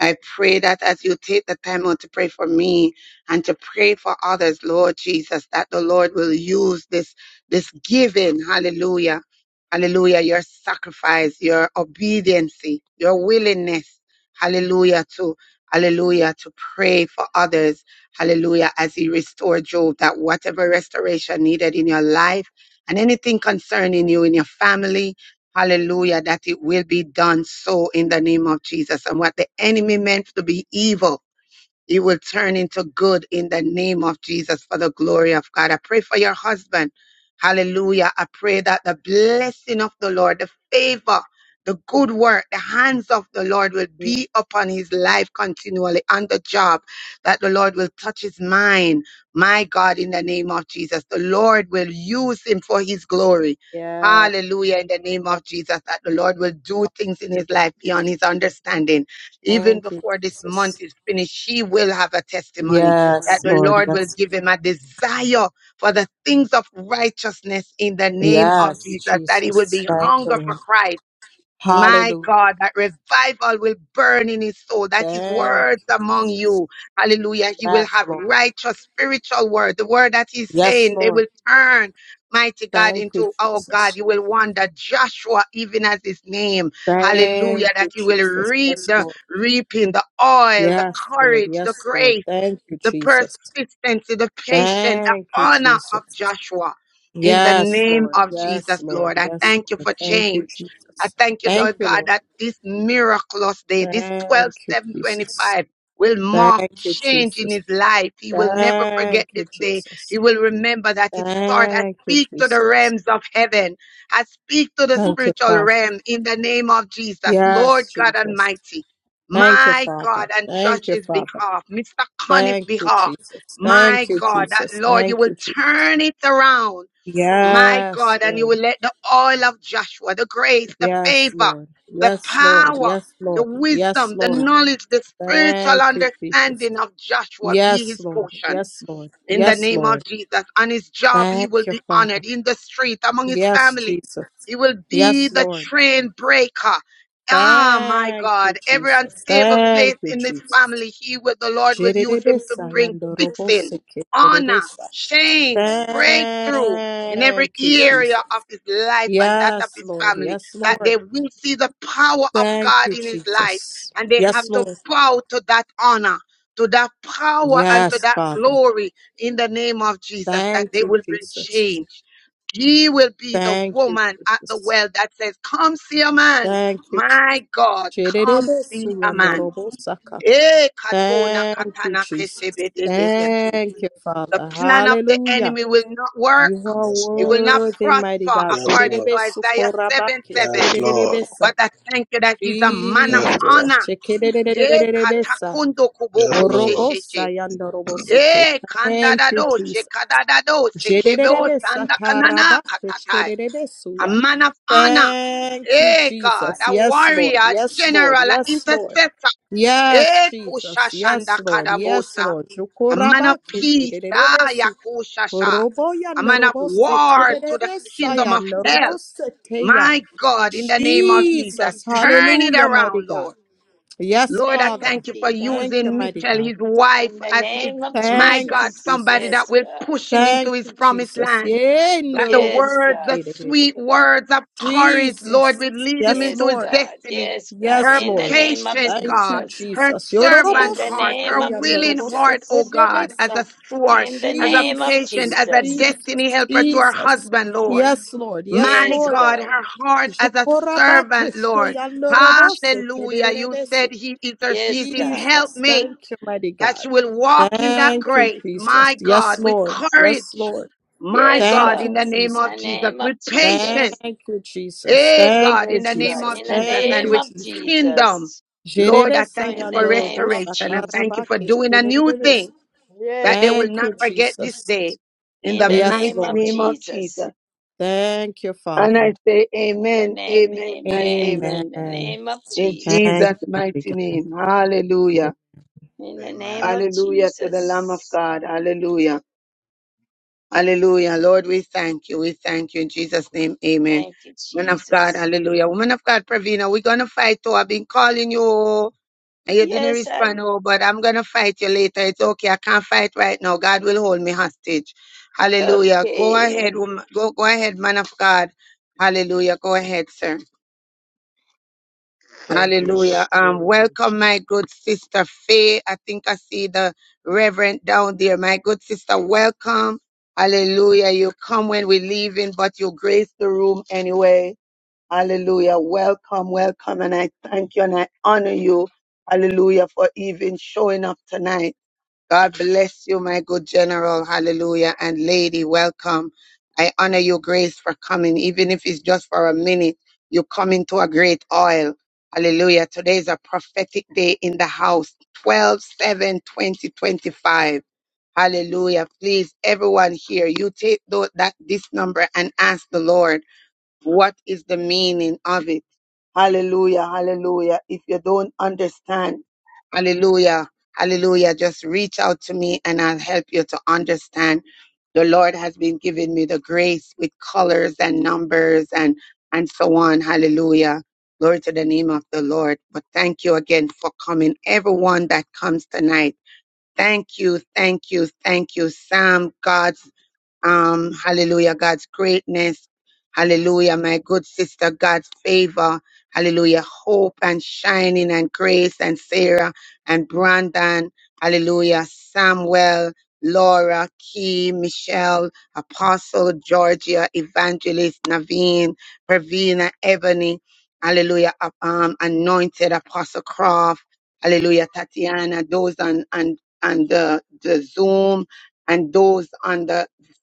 S3: I pray that as you take the time out to pray for me and to pray for others, Lord Jesus, that the Lord will use this, this giving, hallelujah, hallelujah, your sacrifice, your obedience, your willingness, hallelujah, to, hallelujah, to pray for others, hallelujah, as he restored Job, that whatever restoration needed in your life and anything concerning you, in your family, Hallelujah, that it will be done so in the name of Jesus. And what the enemy meant to be evil, it will turn into good in the name of Jesus for the glory of God. I pray for your husband. Hallelujah. I pray that the blessing of the Lord, the favor, the good work, the hands of the Lord will be upon his life continually on the job, that the Lord will touch his mind. My God, in the name of Jesus, the Lord will use him for his glory.
S13: Yes.
S3: Hallelujah, in the name of Jesus, that the Lord will do things in his life beyond his understanding even
S13: Thank you,
S3: before this
S13: Jesus.
S3: month is finished, she will have a testimony that
S13: Yes,
S3: the
S13: Lord.
S3: Lord will
S13: Yes.
S3: give him a desire for the things of righteousness in the name of
S13: Yes,
S3: Jesus, that he will
S13: Jesus.
S3: be
S13: Thank you,
S3: hunger for
S13: Lord.
S3: Christ my
S13: Hallelujah.
S3: God, that revival will burn in his soul. That his
S13: Thank
S3: words
S13: you,
S3: among
S13: Jesus.
S3: you. Hallelujah. He will
S13: Yes,
S3: have
S13: Lord.
S3: righteous spiritual word. The word that he's
S13: Yes,
S3: saying, they
S13: Lord.
S3: will turn mighty God
S13: Thank you,
S3: into, oh God,
S13: Jesus.
S3: you will wonder Joshua, even as his name. Hallelujah.
S13: Thank
S3: That
S13: you,
S3: he will
S13: Jesus.
S3: reap
S13: Yes,
S3: the
S13: Lord.
S3: reaping, the oil, the
S13: Yes, Lord.
S3: courage, the
S13: Yes,
S3: grace
S13: Lord. Thank you,
S3: the
S13: Jesus.
S3: persistency, the patience, the
S13: Thank you,
S3: honor of
S13: Jesus.
S3: Joshua. In the
S13: Yes,
S3: name
S13: Lord.
S3: of
S13: Yes,
S3: Jesus,
S13: Lord.
S3: Lord, I
S13: Yes,
S3: thank you
S13: Lord.
S3: for
S13: Thank you,
S3: change. I
S13: Jesus.
S3: thank you,
S13: Thank
S3: Lord
S13: you,
S3: God,
S13: Lord.
S3: that this miraculous day, this twelve
S13: Thank you,
S3: seven
S13: Jesus.
S3: twenty-five, will mark
S13: Thank you,
S3: change in
S13: Jesus.
S3: his life. He will never forget
S13: Thank you,
S3: this day.
S13: Jesus.
S3: He will remember that it started. I
S13: Thank you,
S3: speak to the
S13: Jesus.
S3: realms of heaven. I speak to the
S13: Thank you,
S3: spiritual
S13: Father.
S3: realm in the name of Jesus, Lord
S13: Yes,
S3: God
S13: Jesus.
S3: Almighty.
S13: Thank you,
S3: My
S13: Father.
S3: God, on
S13: Thank you,
S3: Josh's
S13: Father.
S3: behalf, Mr. Conniff's
S13: Thank you,
S3: behalf,
S13: Jesus. Thank
S3: my
S13: you,
S3: God, that
S13: Jesus.
S3: Lord, you
S13: Thank
S3: will
S13: you, Jesus.
S3: turn it around, my
S13: Yes,
S3: God, and you
S13: Lord.
S3: will let the oil of Joshua, the grace, the
S13: Yes,
S3: favor,
S13: Lord.
S3: the
S13: Yes, Lord.
S3: power,
S13: Yes,
S3: the
S13: Lord. Yes,
S3: wisdom, the
S13: Lord.
S3: knowledge, the spiritual
S13: Thank you, Jesus.
S3: understanding of Joshua be
S13: Yes,
S3: his
S13: Lord.
S3: portion
S13: Yes, Lord.
S3: in the
S13: Yes,
S3: name of
S13: Lord.
S3: Jesus. On his job, he will
S13: Thank you,
S3: be
S13: Father.
S3: honored in the street, among his
S13: Yes,
S3: family.
S13: Jesus.
S3: He will be
S13: Yes,
S3: the
S13: Lord.
S3: train breaker. Ah, my
S13: Thank you,
S3: God. Every
S13: Jesus.
S3: unstable place
S13: Thank you,
S3: in this
S13: Jesus.
S3: family, he will, the Lord will use him to
S13: Jerebesa
S3: bring fixing,
S13: yandorobose
S3: honor,
S13: kerebesa.
S3: change, breakthrough in every
S13: Thank you,
S3: area
S13: Jesus.
S3: of his life and that of
S13: Yes,
S3: his
S13: Lord.
S3: family.
S13: Yes,
S3: That they
S13: Lord.
S3: will see the power of
S13: Thank
S3: God
S13: you,
S3: in his life
S13: Jesus.
S3: and they have
S13: Yes,
S3: to
S13: Lord.
S3: bow to that honor to that power and to
S13: Yes,
S3: that
S13: Father.
S3: glory in the name of Jesus that
S13: Thank
S3: they
S13: you,
S3: will bring
S13: Jesus.
S3: change. She will be the
S13: Thank you,
S3: woman at the
S13: Jesus.
S3: well that says, Come see a man.
S13: Thank you,
S3: My God, come
S13: Jesus.
S3: see a man. Eh, katona
S13: Thank you,
S3: katana
S13: Jesus.
S3: kesebedebeketa.
S13: Thank you,
S3: The
S13: Father.
S3: plan of the
S13: Hallelujah.
S3: enemy will not work.
S13: You are
S4: yes
S3: It will
S4: lord
S3: not
S13: worthy, mighty
S3: prosper
S13: God.
S4: yes
S3: according
S4: lord
S3: to Isaiah 7
S13: Dededebesukorabakis,
S3: 7.
S4: yes lord
S13: dedededebesa.
S3: But I thank you that he's a man of
S4: yes lord
S13: Jesus.
S3: honor. Eh,
S13: Shekedededededebesa.
S3: katakundo
S4: yes
S3: kuboko
S4: lord
S13: Orobosa
S3: shesheshe.
S13: yandoroboseke.
S3: Eh,
S13: Thank
S3: kandadado,
S13: you,
S3: shekadadado, sekebo,
S13: Jererebe
S3: sandakanana,
S13: sataraba
S3: katatai.
S13: feshterebe
S3: A
S13: suya.
S3: man of honor.
S13: Thank you,
S3: Eh, God,
S13: Jesus.
S3: a
S13: Yes,
S3: warrior,
S13: Lord.
S3: a
S13: Yes, Lord.
S3: general, an
S13: Yes, Lord.
S3: intercessor.
S13: Yes,
S3: Eh,
S13: Jesus.
S3: kusha shanda
S13: Yes, Lord. Yes,
S3: kadabosa.
S13: Lord.
S3: A man of
S13: Shukuraba
S3: peace.
S13: keshterebe
S3: Ah,
S13: su.
S3: yakusha sha.
S13: Roboya
S3: A man of
S13: norobo
S3: war to the
S13: seterebe
S3: kingdom
S13: saya
S3: of hell.
S13: norobo seteya.
S3: My God, in the name of Jesus,
S13: Jesus.
S3: turn it
S13: Hallelujah, mighty
S3: around, Lord.
S13: God.
S2: In the
S13: Yes,
S3: Lord, I
S2: name of
S13: Father.
S3: thank you for
S2: Jesus.
S13: Thank you,
S3: using
S13: mighty
S3: Mitchell,
S13: God.
S3: his
S2: In
S3: wife,
S2: the
S3: as his,
S2: name of
S3: my
S13: Thank
S3: God,
S13: you,
S2: Jesus.
S3: somebody
S13: Jesus.
S3: that
S2: Yes,
S3: will
S2: God.
S3: push him into
S13: Thank
S3: his
S13: you,
S3: promised
S13: Jesus.
S3: land.
S13: Yeah,
S3: Like the
S13: Norobo
S2: Yes,
S3: words, the
S2: God.
S13: Sekerebe.
S3: sweet words of courage, Lord,
S13: Jesus.
S3: will lead him
S13: Yes,
S3: into
S2: Yes,
S3: his
S13: Lord.
S2: God.
S3: destiny.
S2: Yes, God.
S13: Yes,
S3: Her
S2: In the
S13: Lord.
S2: name of
S3: patient
S13: Thank you,
S3: God,
S2: Jesus.
S3: her
S13: Jesus.
S3: servant
S13: Yororobo
S2: In the
S3: heart, her
S2: name of
S13: Sukoya
S3: willing
S13: Norobo
S3: heart, oh
S2: Jesus.
S3: God, as a
S13: Sekerebesa.
S3: sword,
S2: In the
S3: as a
S2: name of
S3: patient,
S13: Jesus.
S3: as a
S2: Jesus.
S13: Jesus.
S3: destiny helper to her
S13: Jesus.
S3: husband, Lord.
S13: Yes, Lord. Yes,
S3: My
S2: Yes,
S13: Lord.
S3: God,
S2: God.
S3: her heart as a
S13: Jukoraba
S3: servant, Lord.
S13: Kesheya Norobo
S3: Hallelujah. You
S13: Sekerebesu.
S3: said he is or
S2: Yes,
S3: she's his
S2: God.
S13: Jesus.
S3: helpmate,
S13: Thank you, mighty
S3: that
S13: God.
S3: she will walk in that
S13: Thank you,
S3: grace,
S13: Jesus.
S3: my
S13: Yes,
S3: God, with
S13: Lord. Yes,
S3: courage,
S13: Lord.
S3: my
S2: Yes,
S3: God,
S13: Thank you,
S3: in
S2: God.
S3: the name
S13: Jesus.
S2: In
S3: of
S2: the
S3: Jesus,
S2: name of
S3: with patience,
S2: Jesus.
S13: Thank you, Jesus.
S3: hey
S13: Thank
S3: God,
S13: you,
S3: in
S2: Yes,
S3: the name
S2: God.
S13: Jesus.
S3: of
S2: In the
S3: Jesus,
S13: Thank
S3: and
S2: name
S13: you,
S3: with
S2: of
S13: Jesus.
S3: kingdom.
S2: Jesus.
S3: Lord,
S13: Jerebe
S3: I thank you
S2: In the
S3: for
S13: sayandorobo
S2: name of
S3: restoration. I
S2: Jesus.
S3: thank you
S13: sakaraba
S3: for doing a new
S13: keshterebe.
S3: thing that they will
S13: Thank
S3: not
S13: you,
S3: forget this
S13: Jesus.
S3: day. In
S2: In
S3: the
S2: the
S13: Yes,
S2: name
S3: mighty
S2: of
S13: Lord.
S3: name of Jesus.
S2: Jesus.
S13: Thank you,
S3: And
S13: Father.
S3: I say
S2: In the
S3: amen,
S2: name,
S3: amen, and
S2: amen.
S13: Amen.
S3: amen.
S2: In the name of
S3: In
S13: Thank
S2: Jesus.
S3: Jesus'
S13: you, mighty
S3: mighty
S13: God.
S3: name. Hallelujah.
S2: In the name
S4: amen
S2: of
S3: Hallelujah to the Lamb of
S2: Jesus.
S3: God. Hallelujah. Hallelujah. Lord, we thank you. We thank you in Jesus' name. Amen.
S2: Thank you,
S3: Man of God,
S2: Jesus.
S3: hallelujah. Woman of God, Pravina, we're going to fight. Oh, I've been calling you oh, and you didn't
S2: Yes, I,
S3: respond. Oh, but I'm going to fight you later. It's okay. I can't fight right now. God will hold me hostage. Hallelujah. Go ahead,
S2: okay.
S3: woman. Go, go ahead, man of God. Hallelujah. Go ahead, sir.
S4: thank you
S3: Hallelujah. Um, welcome, my good sister Faye. I think I see the reverend down there. My good sister, welcome. Hallelujah. You come when we're leaving, but you grace the room anyway. Hallelujah. Welcome, welcome. And I thank you and I honor you. Hallelujah for even showing up tonight. God bless you, my good general. Hallelujah. And lady, welcome. I honor your grace for coming, even if it's just for a minute. You come into a great oil. Hallelujah. Today is a prophetic day in the house. 12 7 2025. Hallelujah. Please, everyone here, you take tho- that this number and ask the Lord. What is the meaning of it? Hallelujah, hallelujah. If you don't understand, hallelujah, hallelujah, just reach out to me and I'll help you to understand. The Lord has been giving me the grace with colors and numbers and and so on. Hallelujah. Glory to the name of the Lord. But thank you again for coming. Everyone that comes tonight. Thank you, thank you, thank you. Sam, God's um, hallelujah, God's greatness, hallelujah, my good sister, God's favor, hallelujah, hope and shining and grace and Sarah and Brandon, hallelujah, Samuel, Laura, Key, Michelle, Apostle, Georgia, Evangelist, Naveen, Pravina, Ebony, hallelujah, uh, um, anointed Apostle Croft, hallelujah, Tatiana, those on, on, on the, the Zoom, and those on the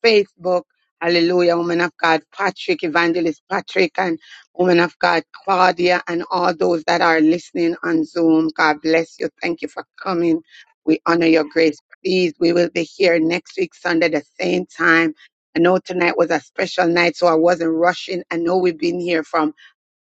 S3: Facebook. Hallelujah, woman of God, Patrick, Evangelist Patrick, and woman of God, Claudia, and all those that are listening on Zoom. God bless you. Thank you for coming. We honor your grace. Please, we will be here next week, Sunday, the same time. I know tonight was a special night, so I wasn't rushing. I know we've been here from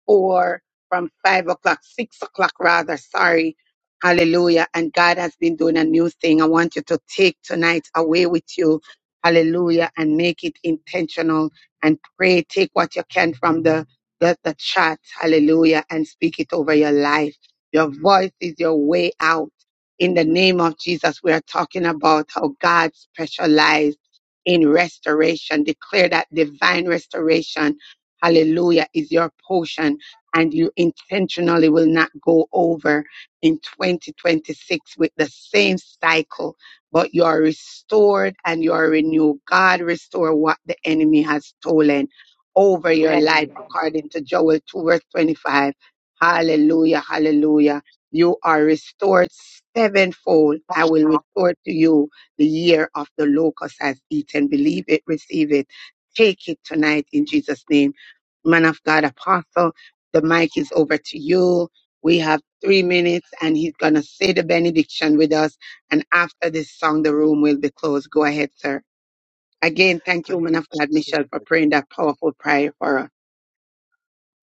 S3: or from five o'clock, six o'clock rather, sorry. Hallelujah. And God has been doing a new thing. I want you to take tonight away with you. Hallelujah. And make it intentional and pray. Take what you can from the, the, the chat. Hallelujah. And speak it over your life. Your voice is your way out. In the name of Jesus, we are talking about how God specialized in restoration. Declare that divine restoration hallelujah, is your portion and you intentionally will not go over in 2026 with the same cycle, but you are restored and you are renewed. God restore what the enemy has stolen over your life
S2: Amen.
S3: according to Joel 2 verse 25. Hallelujah, hallelujah. You are restored sevenfold. I will restore to you the year of the locust has eaten. Believe it, receive it. Take it tonight in Jesus' name man of God, apostle. The mic is over to you. We have three minutes and he's going to say the benediction with us. And after this song, the room will be closed. Go ahead, sir. Again, thank you,
S4: thank,
S3: woman of God, Michelle, for praying that powerful prayer for us.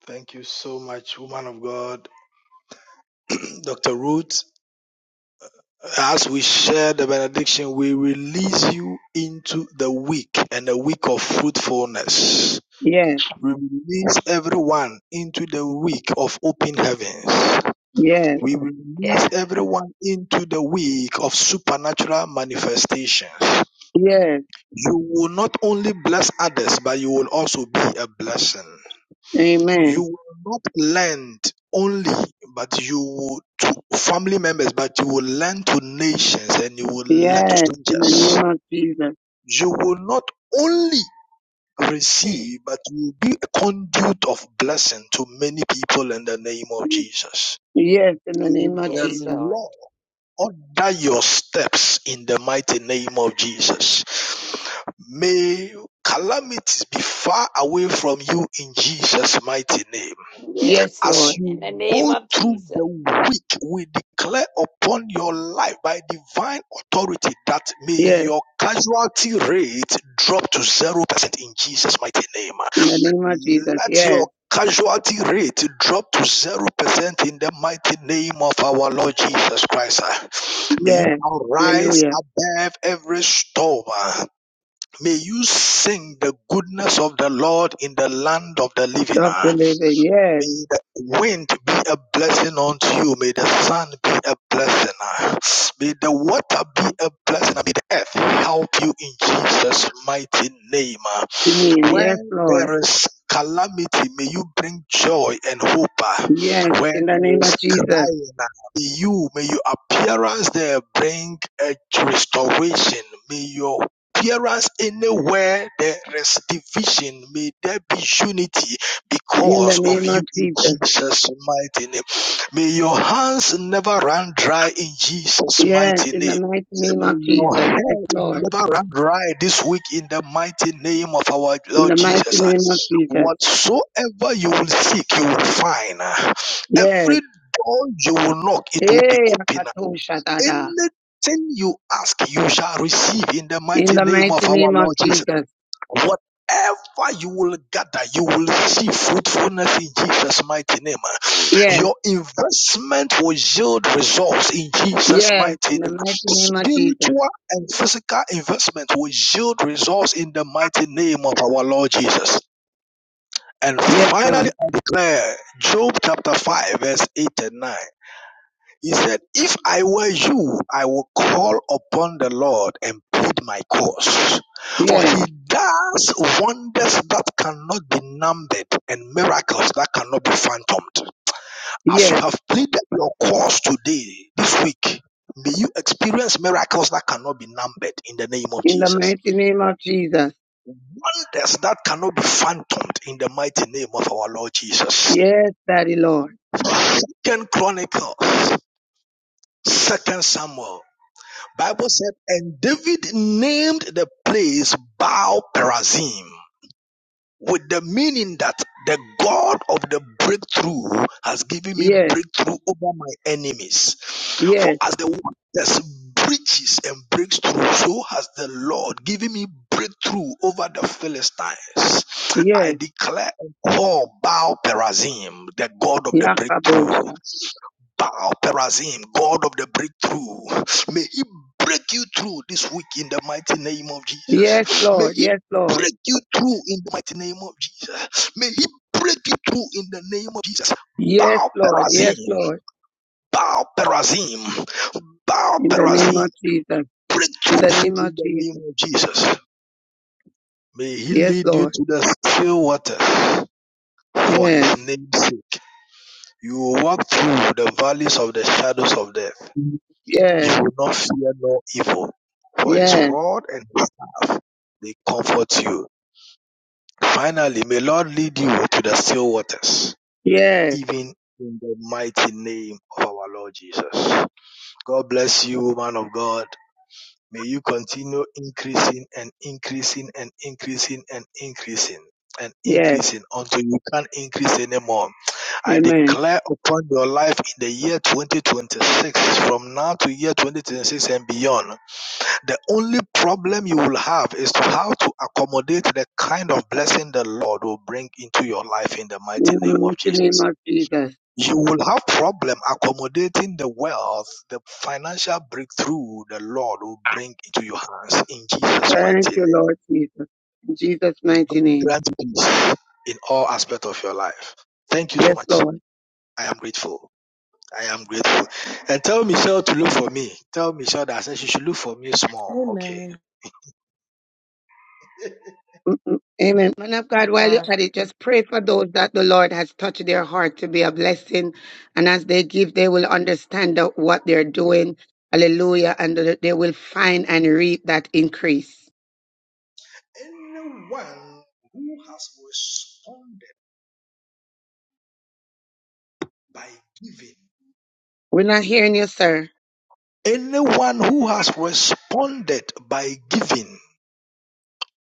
S4: thank you so much woman of god dr ruth As we share the benediction, we release you into the week and the week of fruitfulness.
S3: Yes,
S4: We release everyone into the week of open heavens.
S3: yes,
S4: We release
S2: Yes,
S4: everyone into the week of supernatural manifestations.
S3: yes.
S4: You will not only bless others, but you will also be a blessing. You
S3: Amen.
S4: will not lend only, but you will to family members, but you will lend to nations and you will lend to
S3: Yes, in the
S4: strangers.
S3: name of Jesus.
S4: You will not only receive, but you will be a conduit of blessing to many people in the name of Jesus.
S3: Yes, in the
S4: May
S3: name of
S4: the
S2: yes,
S3: Jesus.
S2: Lord.
S4: Lord order your steps in the mighty name of Jesus. May calamities be far away from you in Jesus' mighty name.
S3: Yes,
S2: Yes,
S4: As
S3: Lord.
S2: Lord.
S4: you
S2: In the name
S4: go
S2: of
S4: through
S2: Jesus.
S4: the week, we declare upon your life by divine authority that may
S3: Yes,
S4: your casualty rate drop to 0% in Jesus' mighty name.
S3: in the name of Jesus.
S4: Let
S3: Yes,
S4: your casualty rate drop to 0% in the mighty name of our Lord Jesus Christ. May you
S3: yes.
S4: arise
S3: Hallelujah.
S4: above every storm. May you sing the goodness of the Lord in the land of the
S3: Of
S4: living.
S3: the living. Yes,
S4: May the wind be a blessing unto you. May the sun be a blessing. May the water be a blessing. May the earth help you in Jesus' mighty name.
S3: in the name.
S4: Where
S3: Yes, Lord.
S4: there is calamity, may you bring joy and hope.
S3: Yes,
S4: Where
S3: in the
S4: there
S3: name
S4: is
S3: of Jesus.
S4: crying, may you, may your appearance there bring a restoration. May your appearance anywhere there is division may there be unity
S3: In the
S4: because of
S3: name
S4: you
S3: of
S4: in
S3: Jesus.
S4: Jesus' mighty name. May your hands never run dry in Jesus'
S3: Yes,
S4: mighty
S3: in the
S4: name.
S3: mighty name of
S4: May your
S3: Jesus. Yes,
S4: head
S3: Lord.
S4: never run dry this week in the mighty name of our
S3: In
S4: Lord
S3: the mighty
S4: Jesus.
S3: name of Jesus.
S4: Whatsoever you will seek, you will find.
S3: Yes.
S4: Every door you will knock, it will be
S3: Hey,
S4: open.
S3: Akatosha Dada.
S4: Anything you ask, you shall receive in the
S3: In
S4: mighty
S3: the
S4: name of
S3: mighty
S4: our
S3: name of
S4: Lord Jesus.
S3: Jesus.
S4: Whatever you will gather, you will see fruitfulness in Jesus' mighty name.
S3: Yes.
S4: Your investment will yield results in Jesus'
S3: Yes.
S4: mighty
S3: In the
S4: name.
S3: mighty name of Jesus.
S4: Spiritual and physical investment will yield results in the mighty name of our Lord Jesus. And
S3: Yes,
S4: finally,
S3: Lord.
S4: I declare Job chapter 5, verse 8 and 9. He said, If I were you, I would call upon the Lord and plead my cause. For
S3: Yes.
S4: he does wonders that cannot be numbered and miracles that cannot be phantomed. As you
S3: Yes.
S4: have pleaded your cause today, this week, may you experience miracles that cannot be numbered in the name of
S3: In the
S4: Jesus.
S3: mighty name of Jesus.
S4: Wonders that cannot be phantomed in the mighty name of our Lord Jesus.
S3: Yes, Daddy Lord.
S4: Second Chronicles, Second Samuel. Bible said, and David named the place Baal Perazim, with the meaning that the God of the breakthrough has given me
S3: Yes.
S4: breakthrough over my enemies. For
S3: Yes.
S4: as the waters breaches and breaks through, so has the Lord given me breakthrough over the Philistines. I
S3: Yes.
S4: declare and call Baal Perazim, the God of the breakthrough.
S3: Yakabosha.
S4: Baal Perazim, God of the breakthrough. May He break you through this week in the mighty name of
S3: Yes,
S4: Jesus. May
S3: Lord.
S4: He
S3: Yes, Lord.
S4: break you through in the mighty name of Jesus. May He break you through in the name of Jesus.
S3: Yes,
S4: Baal
S3: Lord.
S4: Perazim,
S3: Yes, Lord.
S4: Baal Perazim, Baal
S3: In the name
S4: Perazim,
S3: of Jesus.
S4: break through
S3: In the name of
S4: in the name
S3: Jesus.
S4: of Jesus. May He
S3: Yes,
S4: lead you
S3: Lord.
S4: to the still waters for His
S3: Yes.
S4: name's sake. You will walk through the valleys of the shadows of death. You
S3: Yes.
S4: will not fear evil for his
S3: Yes.
S4: rod and his staff. They comfort you. Finally, may Lord lead you to the still waters,
S3: Yes.
S4: even in the mighty name of our Lord Jesus. God bless you, man of God. May you continue increasing and increasing and increasing and increasing and
S3: Yes.
S4: increasing until you can't increase anymore. I
S3: Amen.
S4: declare upon your life in the year 2026, from now to year 2026 and beyond, The only problem you will have is to how to accommodate the kind of blessing the Lord will bring into your life in the
S3: In
S4: mighty
S3: the
S4: name of
S3: mighty name
S4: Jesus.
S3: of Jesus.
S4: You will have problem accommodating the wealth, the financial breakthrough the Lord will bring into your hands in Jesus'
S3: Thank
S4: mighty
S3: you,
S4: name.
S3: Lord Jesus. In Jesus'
S4: May
S3: mighty
S4: God
S3: name.
S4: grant you in all aspect of your life. Thank you so
S3: Yes,
S4: much.
S3: Lord.
S4: I am grateful. I am grateful. And tell Michelle to look for me. Tell Michelle that I said she should look for me small. Okay.
S13: Amen.
S3: Mm-mm. Amen. Man of God, while
S13: God.
S3: you're at it, just pray for those that the Lord has touched their heart to be a blessing. And as they give, they will understand the- what they're doing. Hallelujah. And they they will find and reap that increase.
S4: Anyone who has responded by giving,
S3: We're not hearing you, sir.
S4: anyone who has responded by giving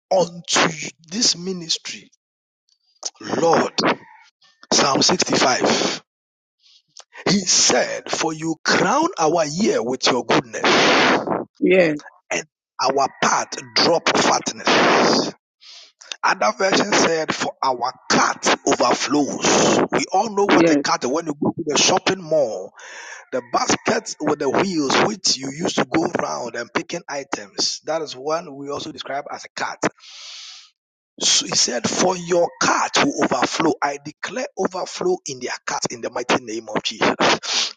S4: unto this ministry, Lord, Psalm 65, he said, For you crown our year with your goodness,
S3: Yes,
S4: and our path drop fatness. Other version said, For our cart overflows. We all know what a
S3: yes,
S4: cart when you go to the shopping mall The basket with the wheels, which you use to go round and picking items, that is one we also describe as a cart. So he said, For your cart will overflow. I declare overflow in their cart in the mighty name of Jesus.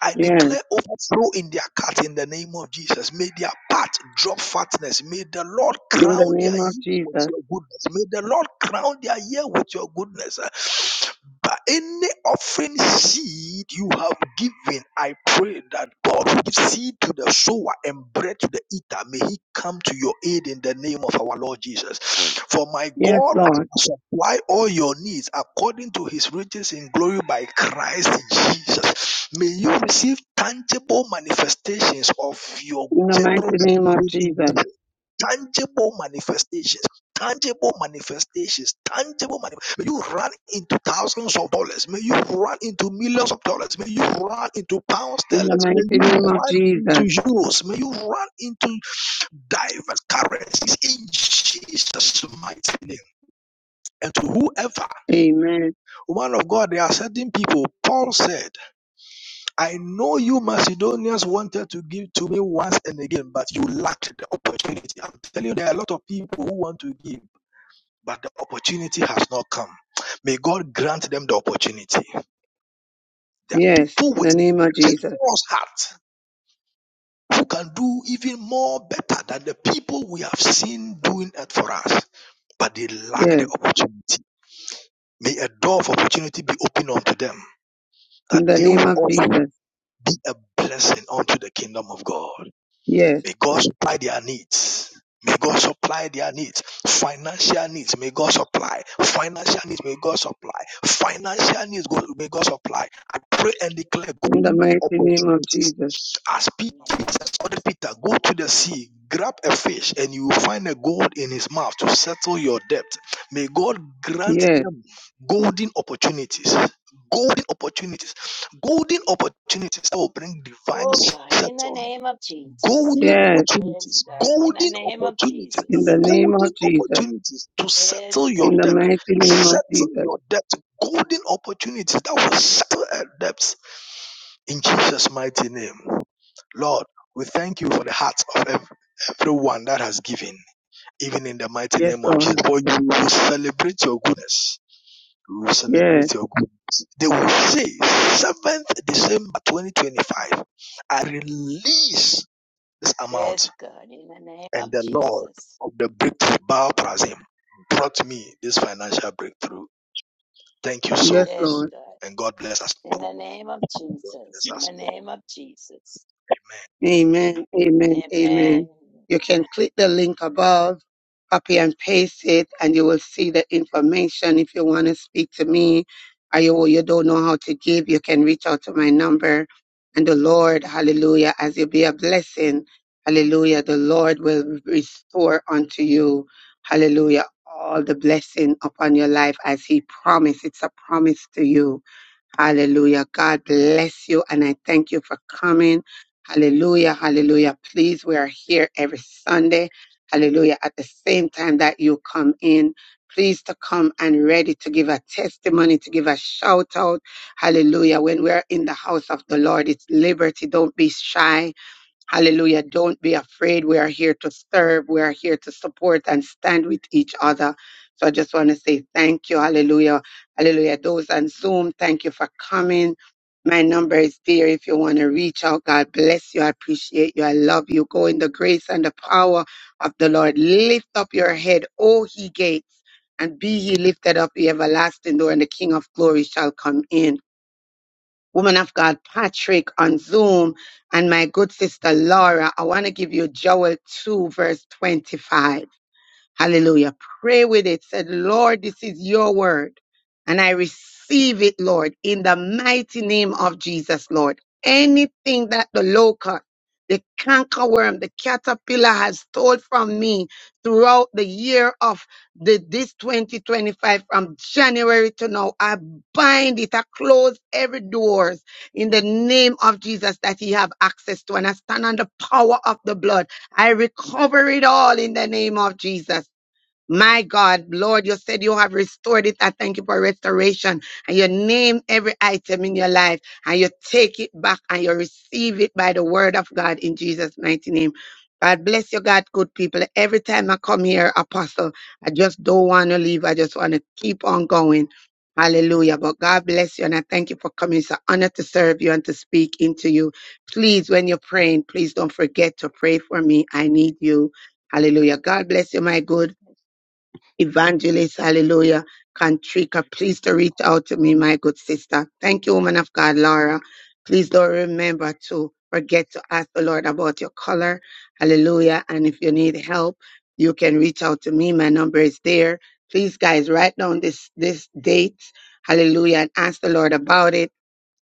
S4: I
S3: yes.
S4: declare overflow in their cart in the name of Jesus. May their path drop fatness. May the Lord
S3: In the
S4: crown their
S3: name of
S4: year with
S3: Jesus.
S4: your goodness. May the Lord crown their year with your goodness. But any offering seed you have given, I pray that God will give seed to the sower and bread to the eater. May He come to your aid in the name of our Lord Jesus. For my
S3: Yes,
S4: God
S3: Lord.
S4: supply all your needs according to his riches in glory by Christ Jesus. May you receive tangible manifestations of your
S3: In the mighty
S4: generous
S3: name of
S4: giving in
S3: Jesus.
S4: Jesus. Tangible manifestations, tangible manifestations, tangible manifestations. May you run into thousands of dollars. May you run into millions of dollars. May you run into pounds,
S3: In
S4: sterling.
S3: the mighty
S4: May
S3: name
S4: you
S3: of
S4: run
S3: Jesus.
S4: into euros. May you run into diverse currencies in Jesus' mighty name and to whoever
S3: Amen.
S4: Woman of God, there are certain people. Paul said, I know you Macedonians wanted to give to me once and again, but you lacked the opportunity. I'm telling you, there are a lot of people who want to give, but the opportunity has not come. May God grant them the opportunity. There are
S3: Yes,
S4: people
S3: in
S4: with
S3: the name of Jesus.
S4: generous heart who can do even more better than the people we have seen doing it for us, but they lack
S3: Yes,
S4: the opportunity. May a door of opportunity be opened unto them that
S3: in the
S4: they
S3: name
S4: will
S3: of
S4: also
S3: Jesus.
S4: be a blessing unto the kingdom of God.
S3: Yes,
S4: May God supply their needs. May God supply their needs, financial needs. May God supply financial needs. May God supply financial needs. May God supply. I pray and declare
S3: in the
S4: good
S3: mighty name of
S4: opportunities
S3: Jesus.
S4: as Peter,
S2: In the name of Je-
S4: Jesus ordered Peter, go to the sea, grab a fish, and you will find a gold in his mouth to settle your debt. May God grant
S3: Yes,
S4: them golden opportunities. Golden opportunities. Golden opportunities that will bring divine
S2: Oh, God. In the
S4: settlement.
S2: name of Jesus.
S4: Golden
S3: yes,
S2: Yes,
S4: opportunities.
S2: God. In the
S4: Golden
S2: name of
S4: opportunities.
S3: in the
S2: Jesus.
S3: name
S4: Golden
S3: of Jesus.
S4: opportunities to settle
S2: Yes,
S4: your
S3: In
S2: God.
S3: the
S4: debt.
S3: mighty name of
S4: Settle
S3: Jesus.
S4: your debt. Golden opportunities that will settle our debts. In Jesus' mighty name. Lord, we thank you for the hearts of every everyone that has given, even in the mighty
S3: Yes,
S4: name of Jesus.
S3: Lord.
S4: For you will celebrate your goodness. We will
S3: Yes,
S4: celebrate your goodness. They will say, 7th December 2025, I release this amount,
S2: Yes, God, in the name
S4: and
S2: of
S4: the Lord
S2: Jesus.
S4: of the breakthrough, Baal Prazim, brought me this financial breakthrough. Thank you so,
S3: yes,
S2: Yes,
S3: Lord.
S2: God,
S4: and God bless us
S2: in the
S4: all.
S2: name of Jesus.
S4: Bless
S2: In
S4: us
S2: the name of Jesus.
S3: Amen, amen, amen.
S2: Amen.
S3: You can click the link above, copy and paste it, and you will see the information. If you want to speak to me or you, you don't know how to give, you can reach out to my number. And the Lord, hallelujah, as you be a blessing, hallelujah, the Lord will restore unto you, hallelujah, all the blessing upon your life as He promised. It's a promise to you. Hallelujah. God bless you. And I thank you for coming. Hallelujah. Hallelujah. Please, we are here every Sunday. Hallelujah. At the same time that you come in, please to come and ready to give a testimony, to give a shout out. Hallelujah. When we're in the house of the Lord, it's liberty. Don't be shy. Hallelujah. Don't be afraid. We are here to serve. We are here to support and stand with each other. So I just want to say thank you. Hallelujah. Hallelujah. Those on Zoom, thank you for coming. My number is there if you want to reach out. God bless you. I appreciate you. I love you. Go in the grace and the power of the Lord. Lift up your head, O ye gates, and be ye lifted up, the everlasting door, and the King of glory shall come in woman of God Patrick on Zoom and my good sister Laura. I want to give you Joel 2, verse 25. Hallelujah. Pray with it. Said, Lord, this is your word. And I receive it, Lord, in the mighty name of Jesus, Lord. Anything that the locust, the cankerworm, the caterpillar has stole from me throughout the year of the, this 2025 from January to now, I bind it. I close every doors in the name of Jesus that he have access to. And I stand on the power of the blood I recover it all in the name of Jesus. My God, Lord, you said you have restored it. I thank you for restoration. And you name every item in your life and you take it back and you receive it by the word of God in Jesus' mighty name. God bless you, God, good people. Every time I come here, Apostle, I just don't want to leave. I just want to keep on going. Hallelujah. But God bless you and I thank you for coming. It's an honor to serve you and to speak into you. Please, when you're praying, please don't forget to pray for me. I need you. Hallelujah. God bless you, my good. Evangelist, hallelujah. Kantrika, please to reach out to me, my good sister. Thank you, woman of God, Laura. Please don't remember to forget to ask the Lord about your color. Hallelujah. And if you need help, you can reach out to me. My number is there. Please, guys, write down this, this date. Hallelujah. And ask the Lord about it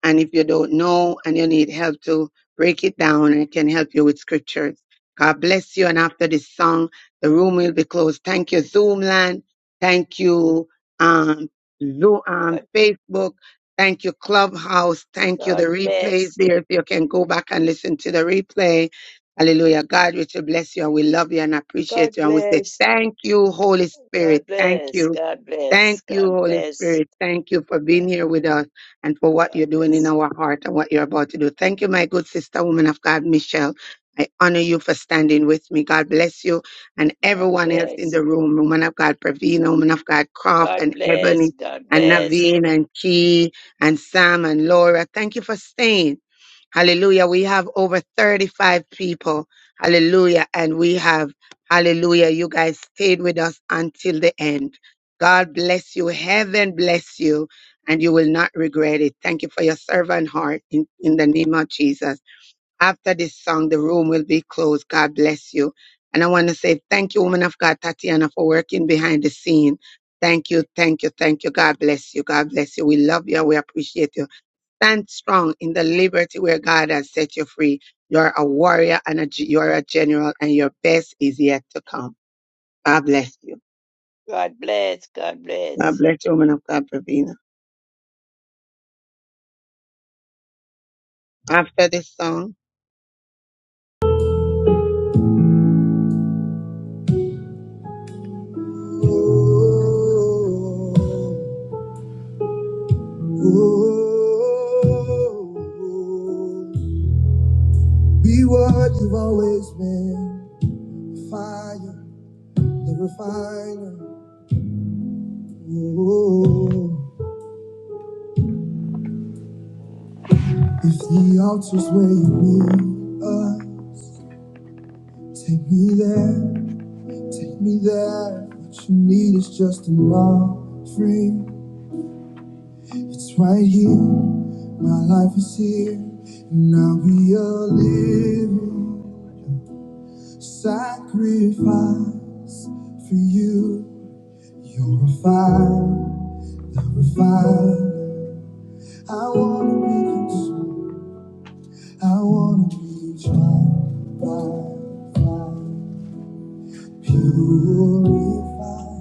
S3: and if you don't know and you need help to break it down, I can help you with scriptures. God bless you. And after this song, the room will be closed. Thank you, Zoomland. Thank you, um, Zoom, um,
S2: God,
S3: Facebook. Thank you, Clubhouse. Thank you, the
S2: God
S3: replays
S2: bless.
S3: there. If you can go back and listen to the replay. Hallelujah. God, we will bless you and we love you and
S2: God
S3: appreciate you. And we say,
S2: bless.
S3: thank you, Holy Spirit.
S2: God
S3: Thank
S2: bless.
S3: you.
S2: God
S3: Thank
S2: bless.
S3: you,
S2: God
S3: Holy
S2: bless.
S3: Spirit. Thank you for being here with us and for what
S2: God
S3: you're doing in
S2: bless you.
S3: our heart and what you're about to do. Thank you, my good sister, woman of God, Michelle. I honor you for standing with me. God bless you and
S2: God
S3: everyone else in
S2: bless.
S3: the room, woman of God, Pravina, woman of God, Croft
S2: God
S3: and Ebony
S2: bless. God
S3: and
S2: bless.
S3: Naveen and Key and Sam and Laura. Thank you for staying. Hallelujah. We have over 35 people. Hallelujah. And we have, hallelujah, you guys stayed with us until the end. God bless you. Heaven bless you. And you will not regret it. Thank you for your servant heart in, in the name of Jesus. After this song, the room will be closed. God bless you. And I want to say thank you, woman of God, Tatiana, for working behind the scene. Thank you, thank you, thank you. God bless you. God bless you. We love you. We appreciate you stand strong in the liberty where God has set you free. You're a warrior and a, g- you're a general, and your best is yet to come. God bless you.
S2: God bless. God bless.
S3: God bless you, woman of God, Pravina. After this song,
S1: Oh, oh, oh. Be what you've always been. Fire, the refiner. Oh, if the altar's where you need us, take me there. Take me there. What you need is just an offering. It's right here. My life is here, and I'll be a living sacrifice for you. You're a fire, the refiner. I wanna be consumed. I wanna be tried by fire. Purify,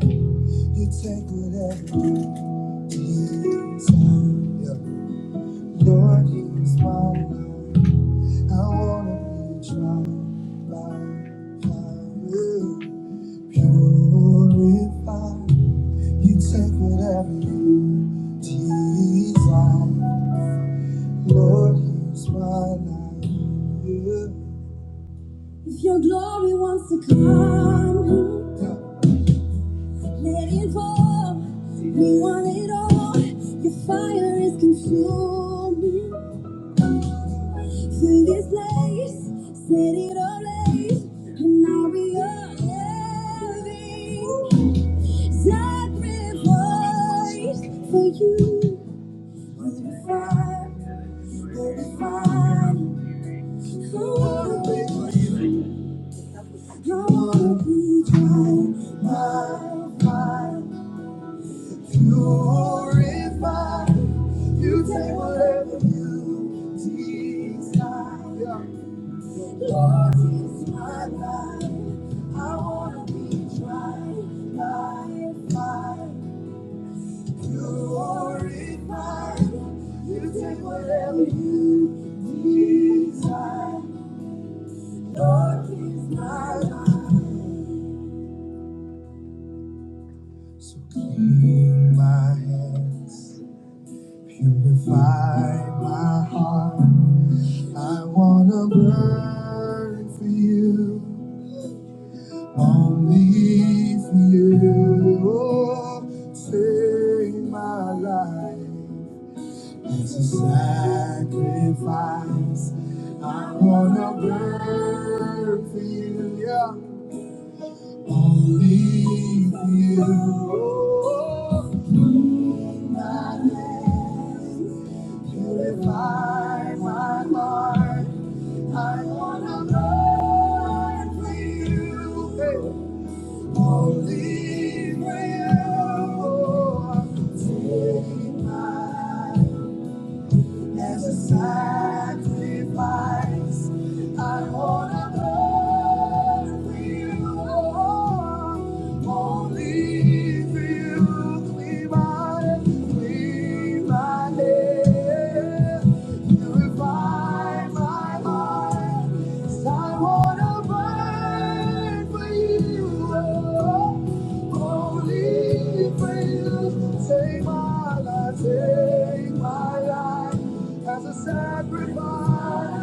S1: you take whatever you desire. Lord, use my life. I wanna be tried by fire. Purify, you take whatever you desire. Lord, use my life. Yeah. If your glory wants to come. Let it roll. We want it all. Your fire is consuming. Fill this place. Set it ablaze. And now we are living sacrifice for you. Holy fire, holy fire. I wanna be, I wanna be tried by fire. Purify. You take whatever you desire. Yeah. Lord, it's my life. I wanna be tried by fire. Purify. You take whatever you desire. Lord, it's my life. So clean my hands. Purify my heart. I wanna burn for you, only for you. Oh, save my life as a sacrifice. I wanna burn for you, yeah. Only you. move My hands, purify my heart. I wanna burn for you. Hey. Only for you. Take my as a sacrifice, I wanna burn for you, oh, only for you. Clean my, clean my name, purify my heart. 'Cause I wanna burn for you, oh, only me praise. Take my life, take my life as a sacrifice.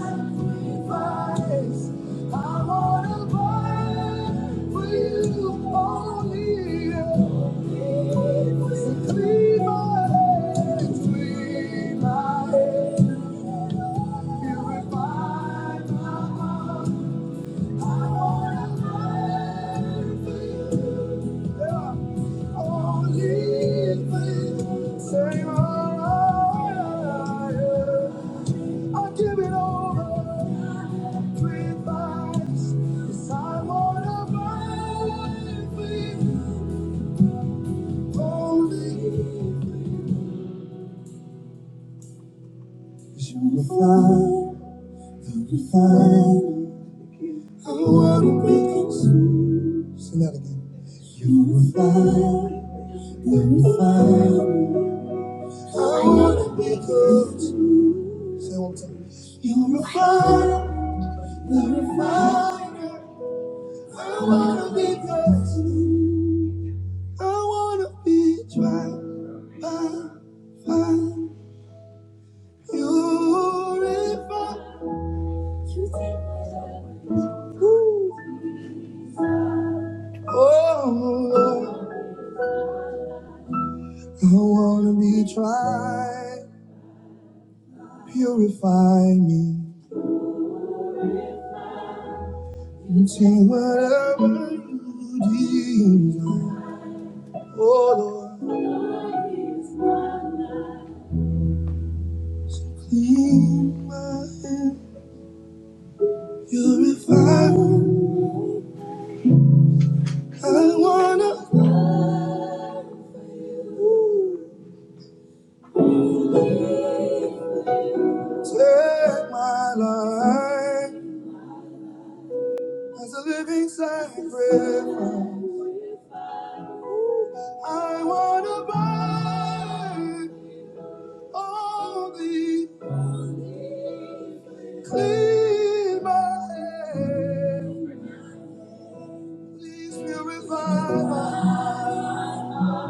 S1: sacrifice. I wanna burn for you only. So clean my hands, clean my hands, purify my heart. Sing that again. You're a fire, you're a fire. I wanna be good. Say one time. You're a fire, the refiner. I wanna be good. I wanna be dry by fire. Purify. Ooh. Oh, Lord. I wanna be tried. Purify me. Take whatever you desire. Oh Lord. You are purified. I wanna take my life as a living sacrifice. I wanna burn only clean my hands. Please purify my heart.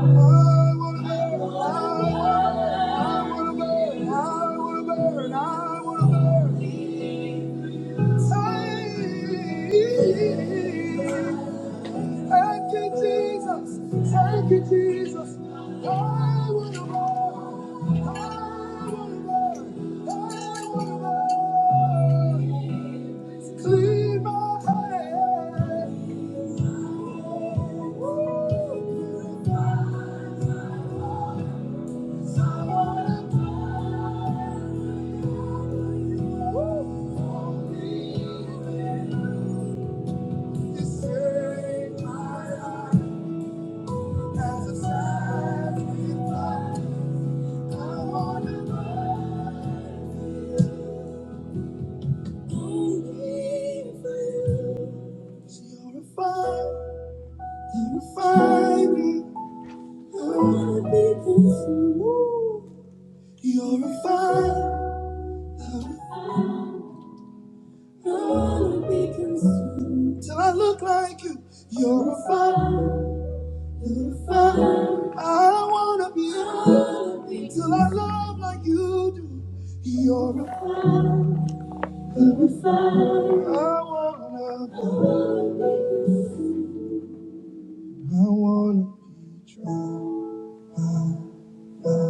S1: I wanna burn, I wanna burn, I wanna burn, I wanna burn. Thank you, Jesus. Thank you, Jesus. I want to burn. I want to burn. I want to burn. Clean my heart. Woo. You're a fire, gonna be consumed. Till I look like you, you're a fire, you're a fire. I don't wanna be, Gonna be till I love like you do. You're a fire, you're a fire. I wanna, I wanna be drowned by,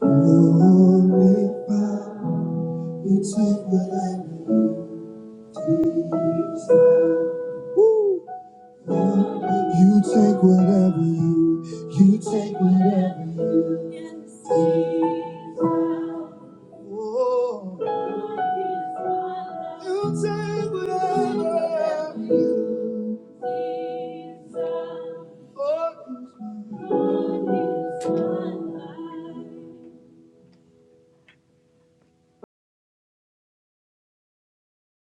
S1: glory by your fire. You take what I need, Jesus. Woo! You take whatever you, you take whatever you. can see. Oh, you take whatever you. Oh,